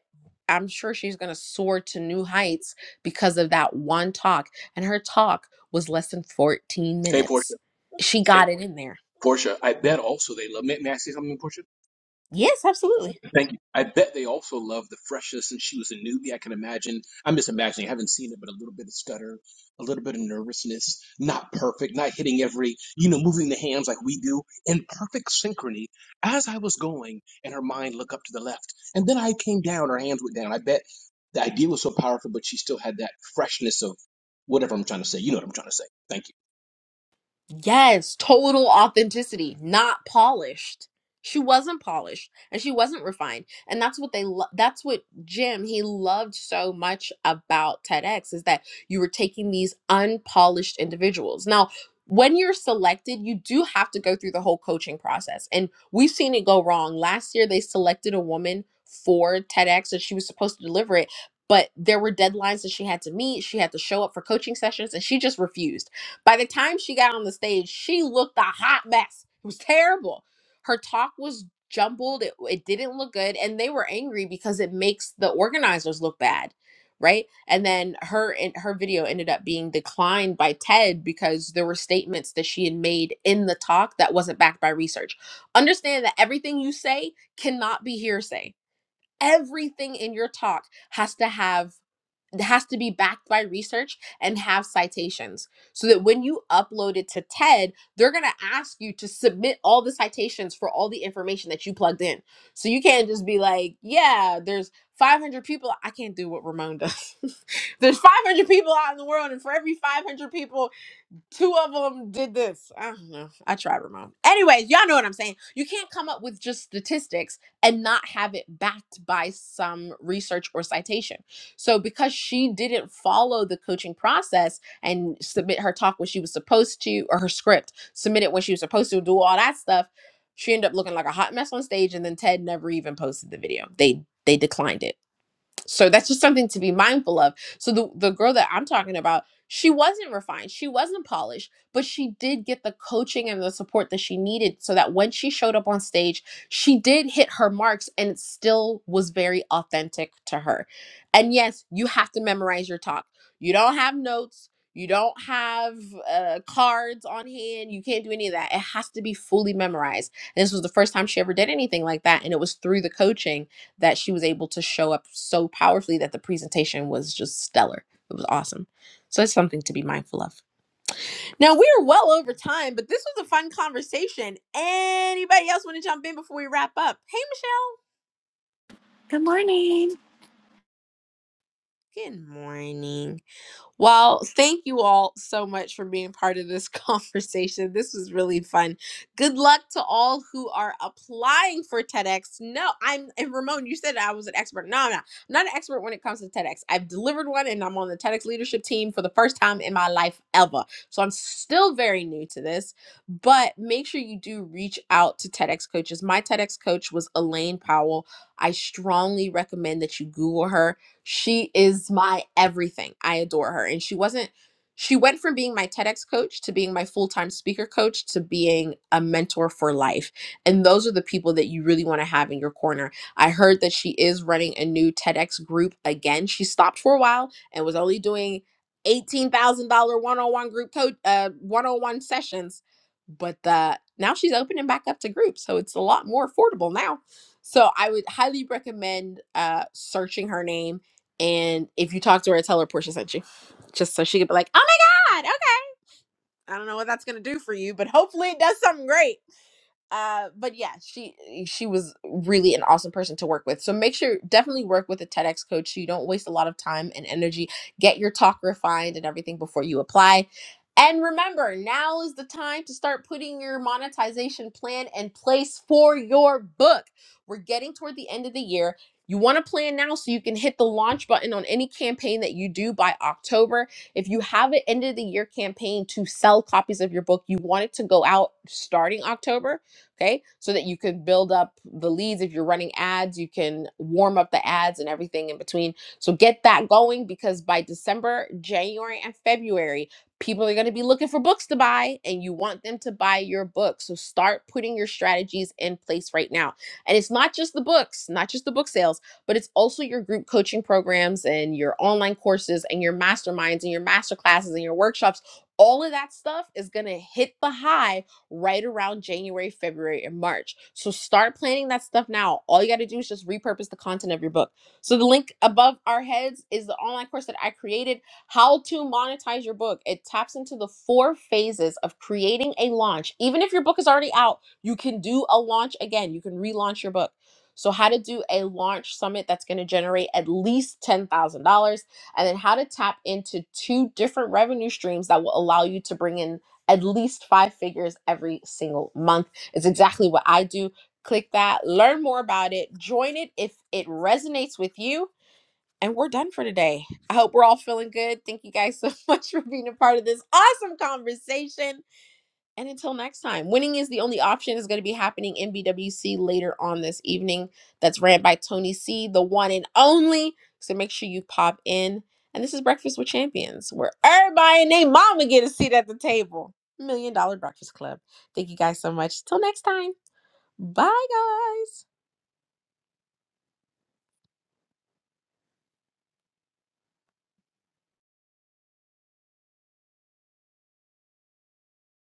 S25: I'm sure she's going to soar to new heights because of that one talk. And her talk was less than 14
S28: Hey, Portia.
S25: minutes. She got it in there.
S28: Portia. I bet also they love. May, may I say something, Portia?
S25: Yes, absolutely.
S28: Thank you. I bet they also love the freshness, and she was a newbie. I can imagine. I'm just imagining. I haven't seen it, but a little bit of stutter, a little bit of nervousness, not perfect, not hitting every, you know, moving the hands like we do in perfect synchrony. As I was going, and her mind looked up to the left, and then I came down. Her hands went down. I bet the idea was so powerful, but she still had that freshness of whatever I'm trying to say. You know what I'm trying to say. Thank you.
S25: Yes, total authenticity, not polished. She wasn't polished and she wasn't refined. And that's what they lo- that's what Jim he loved so much about TEDx is that you were taking these unpolished individuals. Now, when you're selected, you do have to go through the whole coaching process. And we've seen it go wrong. Last year they selected a woman for TEDx and she was supposed to deliver it, but there were deadlines that she had to meet. She had to show up for coaching sessions and she just refused by the time she got on the stage, she looked a hot mess. It was terrible. Her talk was jumbled. It, it didn't look good. And they were angry because it makes the organizers look bad. Right. And then her and her video ended up being declined by TED because there were statements that she had made in the talk that wasn't backed by research. Understand that everything you say cannot be hearsay. Everything in your talk has to have it has to be backed by research and have citations so that when you upload it to TED, they're going to ask you to submit all the citations for all the information that you plugged in. So you can't just be like, yeah, there's 500 people. I can't do what Ramon does. there's 500 people out in the world, and for every 500 people, two of them did this. I don't know. I tried Ramon. Anyways, y'all know what I'm saying. You can't come up with just statistics and not have it backed by some research or citation. So because she didn't follow the coaching process and submit her talk when she was supposed to, or her script, submit it when she was supposed to, do all that stuff, she ended up looking like a hot mess on stage. And then Ted never even posted the video. They they declined it. So that's just something to be mindful of. So the the girl that I'm talking about, she wasn't refined, she wasn't polished, but she did get the coaching and the support that she needed so that when she showed up on stage, she did hit her marks and it still was very authentic to her. And yes, you have to memorize your talk. You don't have notes, you don't have uh, cards on hand, you can't do any of that. It has to be fully memorized. And this was the first time she ever did anything like that and it was through the coaching that she was able to show up so powerfully that the presentation was just stellar. It was awesome. So that's something to be mindful of. Now we are well over time, but this was a fun conversation. Anybody else want to jump in before we wrap up? Hey, Michelle.
S29: Good morning.
S25: Good morning. Well, thank you all so much for being part of this conversation. This was really fun. Good luck to all who are applying for TEDx. No, I'm and Ramon, you said I was an expert. No, no, I'm not an expert when it comes to TEDx. I've delivered one and I'm on the TEDx leadership team for the first time in my life ever. So I'm still very new to this, but make sure you do reach out to TEDx coaches. My TEDx coach was Elaine Powell. I strongly recommend that you Google her she is my everything. I adore her. And she wasn't, she went from being my TEDx coach to being my full time speaker coach to being a mentor for life. And those are the people that you really want to have in your corner. I heard that she is running a new TEDx group again. She stopped for a while and was only doing $18,000 one on one group coach, uh, one on one sessions. But the, now she's opening back up to groups. So it's a lot more affordable now. So I would highly recommend uh, searching her name and if you talk to her, tell her Portia sent you. Just so she could be like, oh my God, okay. I don't know what that's going to do for you, but hopefully it does something great uh but yeah she eh, she was really an awesome person to work with so make sure definitely work with a tedx coach so you don't waste a lot of time and energy get your talk refined and everything before you apply and remember now is the time to start putting your monetization plan in place for your book we're getting toward the end of the year you want to plan now so you can hit the launch button on any campaign that you do by October. If you have an end of the year campaign to sell copies of your book, you want it to go out starting October Okay. So that you can build up the leads. If you're running ads, you can warm up the ads and everything in between. So get that going because by December, January, and February, people are going to be looking for books to buy and you want them to buy your book. So start putting your strategies in place right now. And it's not just the books, not just the book sales, but it's also your group coaching programs and your online courses and your masterminds and your master classes and your workshops all of that stuff is going to hit the hive right around January, February, and March. So start planning that stuff now. All you got to do is just repurpose the content of your book. So the link above our heads is the online course that I created, How to Monetize Your Book. It taps into the four phases of creating a launch. Even if your book is already out, you can do a launch again. You can relaunch your book. So, how to do a launch summit that's going to generate at least $10,000 and then how to tap into two different revenue streams that will allow you to bring in at least five figures every single month. It's exactly what I do. Click that, learn more about it, join it if it resonates with you. And we're done for today. I hope we're all feeling good. Thank you guys so much for being a part of this awesome conversation. And until next time, winning is the only option is going to be happening in BWC later on this evening. That's ran by Tony C, the one and only. So make sure you pop in. And this is Breakfast with Champions, where everybody and their mama get a seat at the table. Million Dollar Breakfast Club. Thank you guys so much. Till next time. Bye, guys.